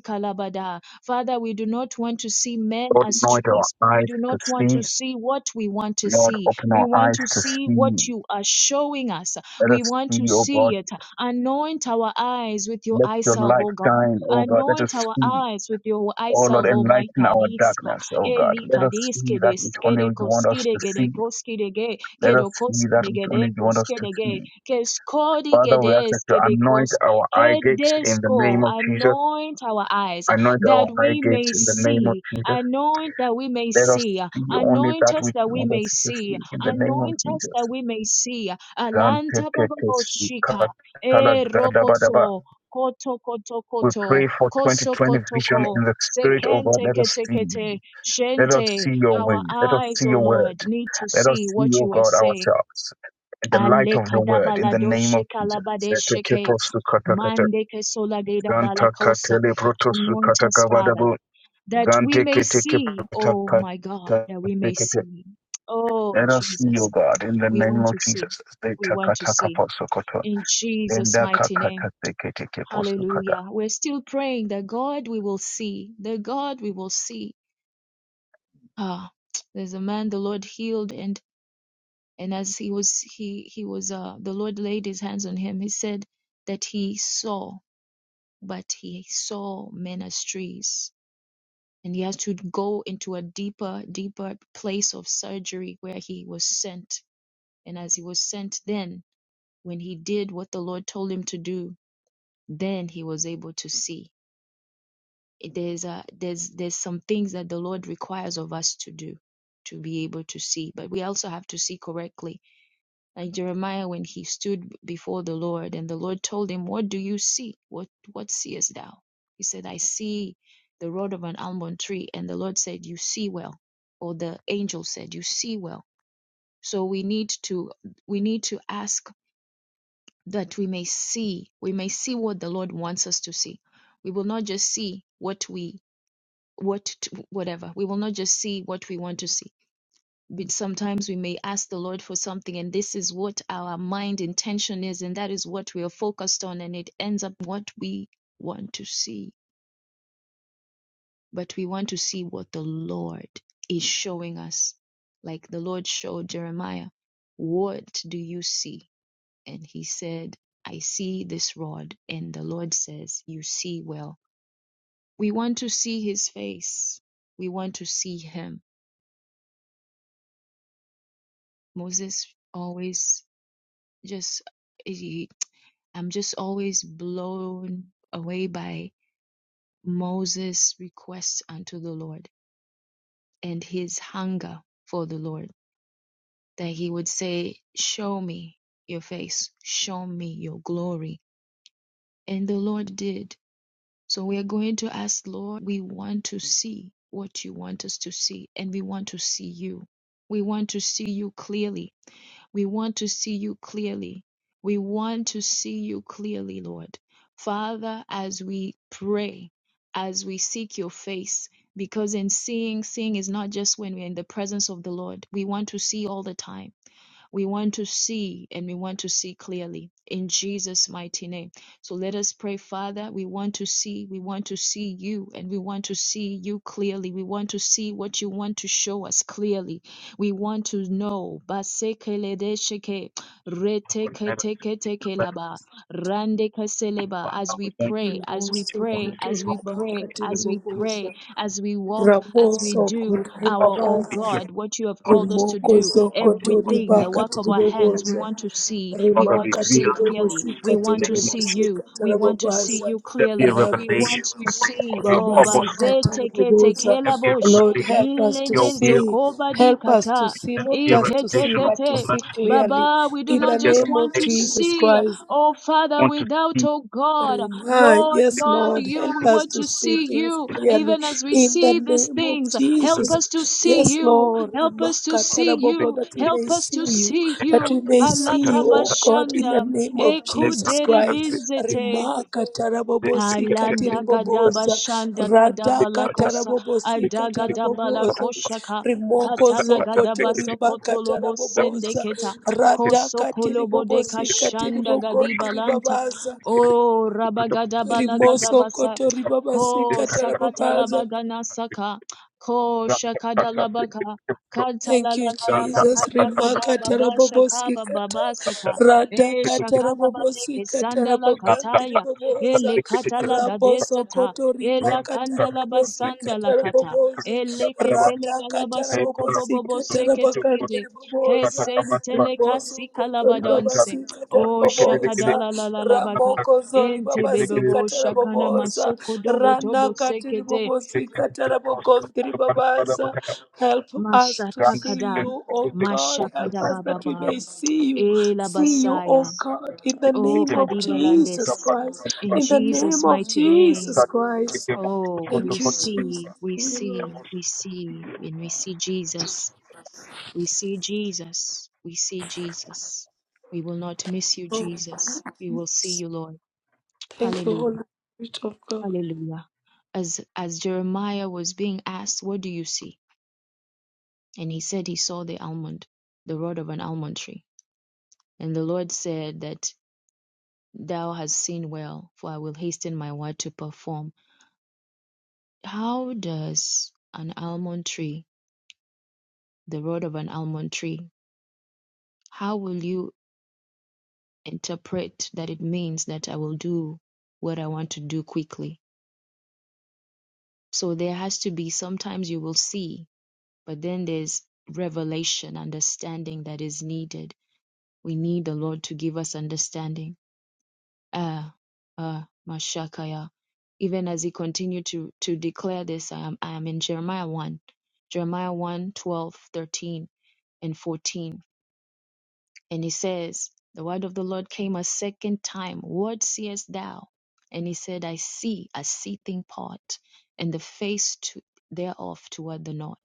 Speaker 1: kalabada. Father, we do not want to see men
Speaker 3: Lord,
Speaker 1: as
Speaker 3: anoint our
Speaker 1: trees. We
Speaker 3: eyes
Speaker 1: do
Speaker 3: to
Speaker 1: not want to
Speaker 3: see.
Speaker 1: see what we want to
Speaker 3: Lord,
Speaker 1: see.
Speaker 3: open
Speaker 1: We
Speaker 3: our
Speaker 1: want
Speaker 3: eyes
Speaker 1: to
Speaker 3: to
Speaker 1: see
Speaker 3: see.
Speaker 1: what you are showing us.
Speaker 3: Let
Speaker 1: We
Speaker 3: us
Speaker 1: want to
Speaker 3: see, O God.
Speaker 1: see it. Anoint our eyes with your
Speaker 3: Let
Speaker 1: eye
Speaker 3: your
Speaker 1: salve,
Speaker 3: light
Speaker 1: O God.
Speaker 3: shine, O God. Let
Speaker 1: Anoint
Speaker 3: us
Speaker 1: our
Speaker 3: see.
Speaker 1: eyes with your eyes
Speaker 3: Oh Lord,
Speaker 1: of Almighty
Speaker 3: enlighten our
Speaker 1: Kadiska.
Speaker 3: darkness, oh God.
Speaker 1: Eli
Speaker 3: Let us see
Speaker 1: Kadiske
Speaker 3: that
Speaker 1: de
Speaker 3: which only
Speaker 1: Skede
Speaker 3: you want us
Speaker 1: Koskide
Speaker 3: to
Speaker 1: Gede
Speaker 3: see.
Speaker 1: Koskide Ge
Speaker 3: Let us
Speaker 1: Kedo
Speaker 3: see that
Speaker 1: Koskide
Speaker 3: which
Speaker 1: Gede
Speaker 3: only you want us to
Speaker 1: Koskide Ge
Speaker 3: see.
Speaker 1: Keskodi
Speaker 3: Father, we ask
Speaker 1: Gede
Speaker 3: that you
Speaker 1: Skede
Speaker 3: anoint
Speaker 1: Kos
Speaker 3: our eye gates in the
Speaker 1: Kedesko.
Speaker 3: name of Jesus.
Speaker 1: Anoint our eyes
Speaker 3: Anoint our
Speaker 1: that
Speaker 3: eye
Speaker 1: we
Speaker 3: gates
Speaker 1: may
Speaker 3: in the name of
Speaker 1: see.
Speaker 3: Jesus.
Speaker 1: Anoint that we may
Speaker 3: Let us
Speaker 1: see.
Speaker 3: see only
Speaker 1: Anoint
Speaker 3: that
Speaker 1: us
Speaker 3: which
Speaker 1: that
Speaker 3: you
Speaker 1: we
Speaker 3: want us
Speaker 1: may
Speaker 3: to
Speaker 1: see.
Speaker 3: see in the name of
Speaker 1: Anoint us
Speaker 3: Jesus.
Speaker 1: that we may see. Alanta Baba Boshika. Eh, Rokoso koto koto
Speaker 3: We
Speaker 1: koto
Speaker 3: pray for
Speaker 1: koso
Speaker 3: 2020
Speaker 1: koto ko
Speaker 3: vision in the spirit of God.
Speaker 1: sekente
Speaker 3: Let us
Speaker 1: kete
Speaker 3: see.
Speaker 1: kete
Speaker 3: Let us
Speaker 1: shente
Speaker 3: see your
Speaker 1: our
Speaker 3: ways. Let us
Speaker 1: eyes
Speaker 3: see
Speaker 1: O
Speaker 3: your
Speaker 1: lord
Speaker 3: word.
Speaker 1: need to
Speaker 3: Let us
Speaker 1: see
Speaker 3: see,
Speaker 1: what
Speaker 3: O
Speaker 1: you are
Speaker 3: God,
Speaker 1: saying
Speaker 3: ourselves in the
Speaker 1: ale
Speaker 3: light of your word, in the
Speaker 1: kadabalado
Speaker 3: name of Jesus.
Speaker 1: shekalabade
Speaker 3: Zete
Speaker 1: sheke
Speaker 3: kepo sukatakata,
Speaker 1: mandeke kesola de balakosa anoint us father that we may see oh my god that we may see oh
Speaker 3: Let us see,
Speaker 1: jesus
Speaker 3: O God, in the
Speaker 1: we
Speaker 3: name
Speaker 1: want
Speaker 3: of
Speaker 1: to see
Speaker 3: Jesus. Zete
Speaker 1: we want to see in jesus
Speaker 3: Enda
Speaker 1: mighty name
Speaker 3: kakata sekete keposu kata.
Speaker 1: Hallelujah. We're still praying that God we will see, that God we will see. Ah, there's a man the Lord healed and and as he was he he was uh the Lord laid his hands on him. He said that he saw, but he saw men as trees. And he has to go into a deeper, deeper place of surgery where he was sent. And as he was sent then, when he did what the Lord told him to do, then he was able to see. there's a there's there's some things that the lord requires of us to do to be able to see but we also have to see correctly like jeremiah when he stood before the lord and the lord told him what do you see what what seest thou he said i see the rod of an almond tree and the lord said you see well or the angel said you see well so we need to we need to ask that we may see we may see what the lord wants us to see we will not just see what we what to, whatever we will not just see what we want to see but sometimes we may ask the lord for something and this is what our mind intention is and that is what we are focused on and it ends up what we want to see but we want to see what the lord is showing us like the lord showed jeremiah what do you see and he said i see this rod and the lord says you see well we want to see his face we want to see him Moses always just he, I'm just always blown away by Moses' request unto the Lord and his hunger for the Lord that he would say, "Show me your face, show me your glory," and the Lord did. So we are going to ask, Lord, we want to see what you want us to see, and we want to see you. We want to see you clearly We want to see you clearly. We want to see you clearly, Lord. Father, as we pray, as we seek your face, because in seeing, seeing is not just when we're in the presence of the Lord. We want to see all the time. We want to see and we want to see clearly in Jesus' mighty name. So let us pray, Father. We want to see, we want to see you, and we want to see you clearly. We want to see what you want to show us clearly. We want to know. Basekeledesheke, reteketeketekelaba, randekeseleba. As we pray, as we
Speaker 2: Rimoso
Speaker 1: pray, as
Speaker 2: kotori
Speaker 1: we pray,
Speaker 2: bakatiri
Speaker 1: as we pray,
Speaker 2: boboza.
Speaker 1: as we walk, as we
Speaker 2: Raposo
Speaker 1: do our, oh
Speaker 2: kotoribabaza
Speaker 1: God, what you have called us to
Speaker 2: rimoko
Speaker 1: do
Speaker 2: zoko
Speaker 1: everything, the
Speaker 2: toribaka
Speaker 1: work of our hands. We
Speaker 2: tiribobozo
Speaker 1: want to see. We want to
Speaker 2: rimaka
Speaker 1: see clearly. We
Speaker 2: tiribobosika
Speaker 1: want to see you.
Speaker 2: tiribobosika
Speaker 1: We want to see
Speaker 2: tarababaza
Speaker 1: you clearly. We
Speaker 2: raboso
Speaker 1: want to see. Oh,
Speaker 2: babasika
Speaker 1: bazete kete
Speaker 2: taraboboza
Speaker 1: kela kelabosh.
Speaker 2: Lord help us to
Speaker 1: Ilenezo
Speaker 2: see
Speaker 1: kobadi
Speaker 2: help us to
Speaker 1: kata.
Speaker 2: see not just to
Speaker 1: Ikete
Speaker 2: see but to
Speaker 1: kete.
Speaker 2: see clearly
Speaker 1: Baba, we do
Speaker 2: in
Speaker 1: not
Speaker 2: the
Speaker 1: just
Speaker 2: name of
Speaker 1: want to
Speaker 2: Jesus
Speaker 1: see.
Speaker 2: Christ
Speaker 1: Oh, Father, without, oh God,
Speaker 2: Remind,
Speaker 1: Lord
Speaker 2: yes,
Speaker 1: God,
Speaker 2: Lord,
Speaker 1: you,
Speaker 2: help
Speaker 1: we
Speaker 2: us
Speaker 1: want
Speaker 2: to
Speaker 1: to
Speaker 2: see
Speaker 1: see
Speaker 2: things
Speaker 1: you
Speaker 2: clearly
Speaker 1: even as we
Speaker 2: in the
Speaker 1: see these
Speaker 2: name of
Speaker 1: things. Help
Speaker 2: Jesus.
Speaker 1: us to see
Speaker 2: Yes,
Speaker 1: you.
Speaker 2: Lord,
Speaker 1: Help us to
Speaker 2: Remaka
Speaker 1: see
Speaker 2: Tarabobo,
Speaker 1: you.
Speaker 2: that we may
Speaker 1: Help us
Speaker 2: see
Speaker 1: to
Speaker 2: you,
Speaker 1: see
Speaker 2: that
Speaker 1: you.
Speaker 2: we may see
Speaker 1: Alata
Speaker 2: you, oh God, in the
Speaker 1: bashanda.
Speaker 2: name of
Speaker 1: Eko
Speaker 2: Jesus Christ.
Speaker 1: dere
Speaker 2: Remaka Tarabobo,
Speaker 1: Alanda gadaba
Speaker 2: Sikatiriboboza,
Speaker 1: shanda kadaba
Speaker 2: Radaka
Speaker 1: lakosa
Speaker 2: Tarabobo,
Speaker 1: adaga daba
Speaker 2: Sikataraboboza,
Speaker 1: lakosha ka
Speaker 2: Remoko
Speaker 1: katala
Speaker 2: Zoko
Speaker 1: gadaba
Speaker 2: Toribaka
Speaker 1: sokotolobo
Speaker 2: Taraboboza,
Speaker 1: sendeketa
Speaker 2: Radaka
Speaker 1: kosokolobo
Speaker 2: Tiribobo,
Speaker 1: deka shanda
Speaker 2: Sikatiribogon
Speaker 1: gadiba lanta
Speaker 2: Tiribabaza.
Speaker 1: o rabagadaba
Speaker 2: Rimoso
Speaker 1: lagadaba sa
Speaker 2: kotori baba
Speaker 1: ko
Speaker 2: sika
Speaker 1: sakatala
Speaker 2: tarababaza.
Speaker 1: bagana saka ko shakadala baka
Speaker 2: Thank
Speaker 1: katala la
Speaker 2: you,
Speaker 1: la la baka
Speaker 2: Jesus. Rimaka
Speaker 1: dagadaba bashaka
Speaker 2: tarabobosi kata
Speaker 1: baba saka
Speaker 2: Rada
Speaker 1: e shakala badeke
Speaker 2: katarabobosikata
Speaker 1: sandala kataya
Speaker 2: tarabogandiriboboza.
Speaker 1: Ele kata katala
Speaker 2: Raboso
Speaker 1: gadesata.
Speaker 2: kotori
Speaker 1: Ela
Speaker 2: baka
Speaker 1: kanda la basanda
Speaker 2: tarabobosika
Speaker 1: lakata.
Speaker 2: taraboboza.
Speaker 1: Ele ketele
Speaker 2: Rada
Speaker 1: galabasoko bobobo seketekede.
Speaker 2: katarabobosikata Ramokoza,
Speaker 1: Kesentele
Speaker 2: Riboso Kotori
Speaker 1: kasikalabadonse.
Speaker 2: Babasi
Speaker 1: O
Speaker 2: Katarabobosa,
Speaker 1: shakadala la la la baga.
Speaker 2: Ramokozo
Speaker 1: Ente bebobo
Speaker 2: Katara,
Speaker 1: shakana
Speaker 2: Babosa,
Speaker 1: masoko dogo tobo
Speaker 2: Rana
Speaker 1: sekede.
Speaker 2: Katiribobosi Katarabogontri Babasa. Help us to see
Speaker 1: Mashatakada.
Speaker 2: you, O God. Help
Speaker 1: Mashakada
Speaker 2: us that we
Speaker 1: bababa.
Speaker 2: may see you.
Speaker 1: Ela
Speaker 2: See you, O
Speaker 1: basaya.
Speaker 2: God, in the
Speaker 1: O
Speaker 2: name of
Speaker 1: kadibalandes.
Speaker 2: Jesus Christ.
Speaker 1: In
Speaker 2: In the
Speaker 1: Jesus'
Speaker 2: name of
Speaker 1: mighty name.
Speaker 2: Jesus Christ.
Speaker 1: Oh, we
Speaker 2: Thank you, Jesus.
Speaker 1: see, we
Speaker 2: Thank you, Lord
Speaker 1: see, we see, and we see Jesus. We see Jesus. We see Jesus. We will not miss you, Jesus. We will see
Speaker 2: Jesus.
Speaker 1: you, Lord.
Speaker 2: Thank you, Holy
Speaker 1: Hallelujah.
Speaker 2: Spirit of
Speaker 1: Hallelujah. As as Jeremiah was being asked, what do you see? And he said he saw the almond, the rod of an almond tree. And the Lord said that thou hast seen well, for I will hasten my word to perform. How does an almond tree the rod of an almond tree How will you interpret that it means that I will do what I want to do quickly? So there has to be sometimes you will see, but then there's revelation, understanding that is needed. We need the Lord to give us understanding. Ah, ah, Mashakaya. Even as he continued to, to declare this, I am, I am in Jeremiah 1, Jeremiah one, 12, 13, and 14. And he says, The word of the Lord came a second time. What seest thou? And he said, I see a seething pot, and the face to, thereof toward the north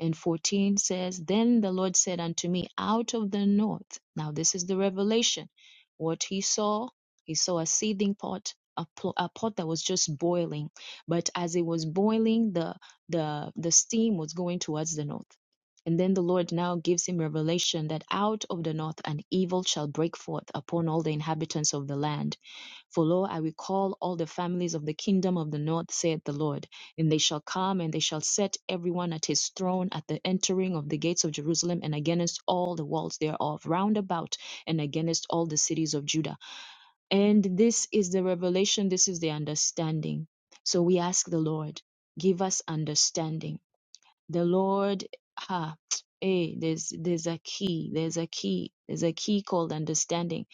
Speaker 1: and 14 says, Then the Lord said unto me, Out of the north. Now, this is the revelation. What he saw, he saw a seething pot. A, pl- a pot that was just boiling but as it was boiling the the the steam was going towards the north and then the lord now gives him revelation that out of the north an evil shall break forth upon all the inhabitants of the land for lo, I will call all the families of the kingdom of the north, saith the Lord, and they shall come, and they shall set everyone at his throne at the entering of the gates of Jerusalem, and against all the walls thereof, round about, and against all the cities of Judah. And this is the revelation, this is the understanding. So we ask the Lord, give us understanding the Lord, ha, hey, there's there's a key, there's a key, there's a key called understanding,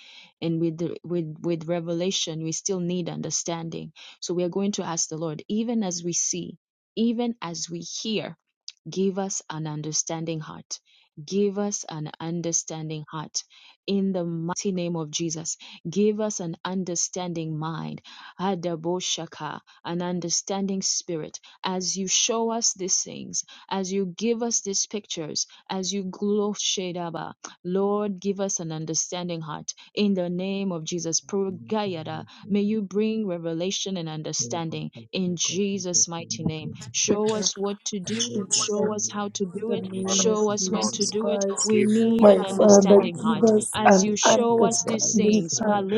Speaker 1: and with the, with with revelation, we still need understanding. So we are going to ask the Lord, even as we see, even as we hear. Give us an understanding heart. Give us an understanding heart in the mighty name of Jesus. Give us an understanding mind, Adaboshaka, an understanding spirit. As you show us these things, as you give us these pictures, as you glow Shedaba, Lord, give us an understanding heart in the name of Jesus. Purgayada, may you bring revelation and
Speaker 4: Thank
Speaker 1: understanding in Jesus' mighty name. Show
Speaker 2: God.
Speaker 1: us what to do.
Speaker 2: Yes,
Speaker 1: Show
Speaker 2: Lord.
Speaker 1: us how to
Speaker 2: In
Speaker 1: do
Speaker 2: the
Speaker 1: it.
Speaker 2: name of
Speaker 1: Show us when to
Speaker 2: Jesus
Speaker 1: do it.
Speaker 2: Christ,
Speaker 1: We need
Speaker 2: my
Speaker 1: an
Speaker 2: Father,
Speaker 1: understanding
Speaker 2: give
Speaker 1: heart.
Speaker 2: us
Speaker 1: As
Speaker 2: an
Speaker 1: you show us these
Speaker 2: understanding
Speaker 1: things,
Speaker 2: heart.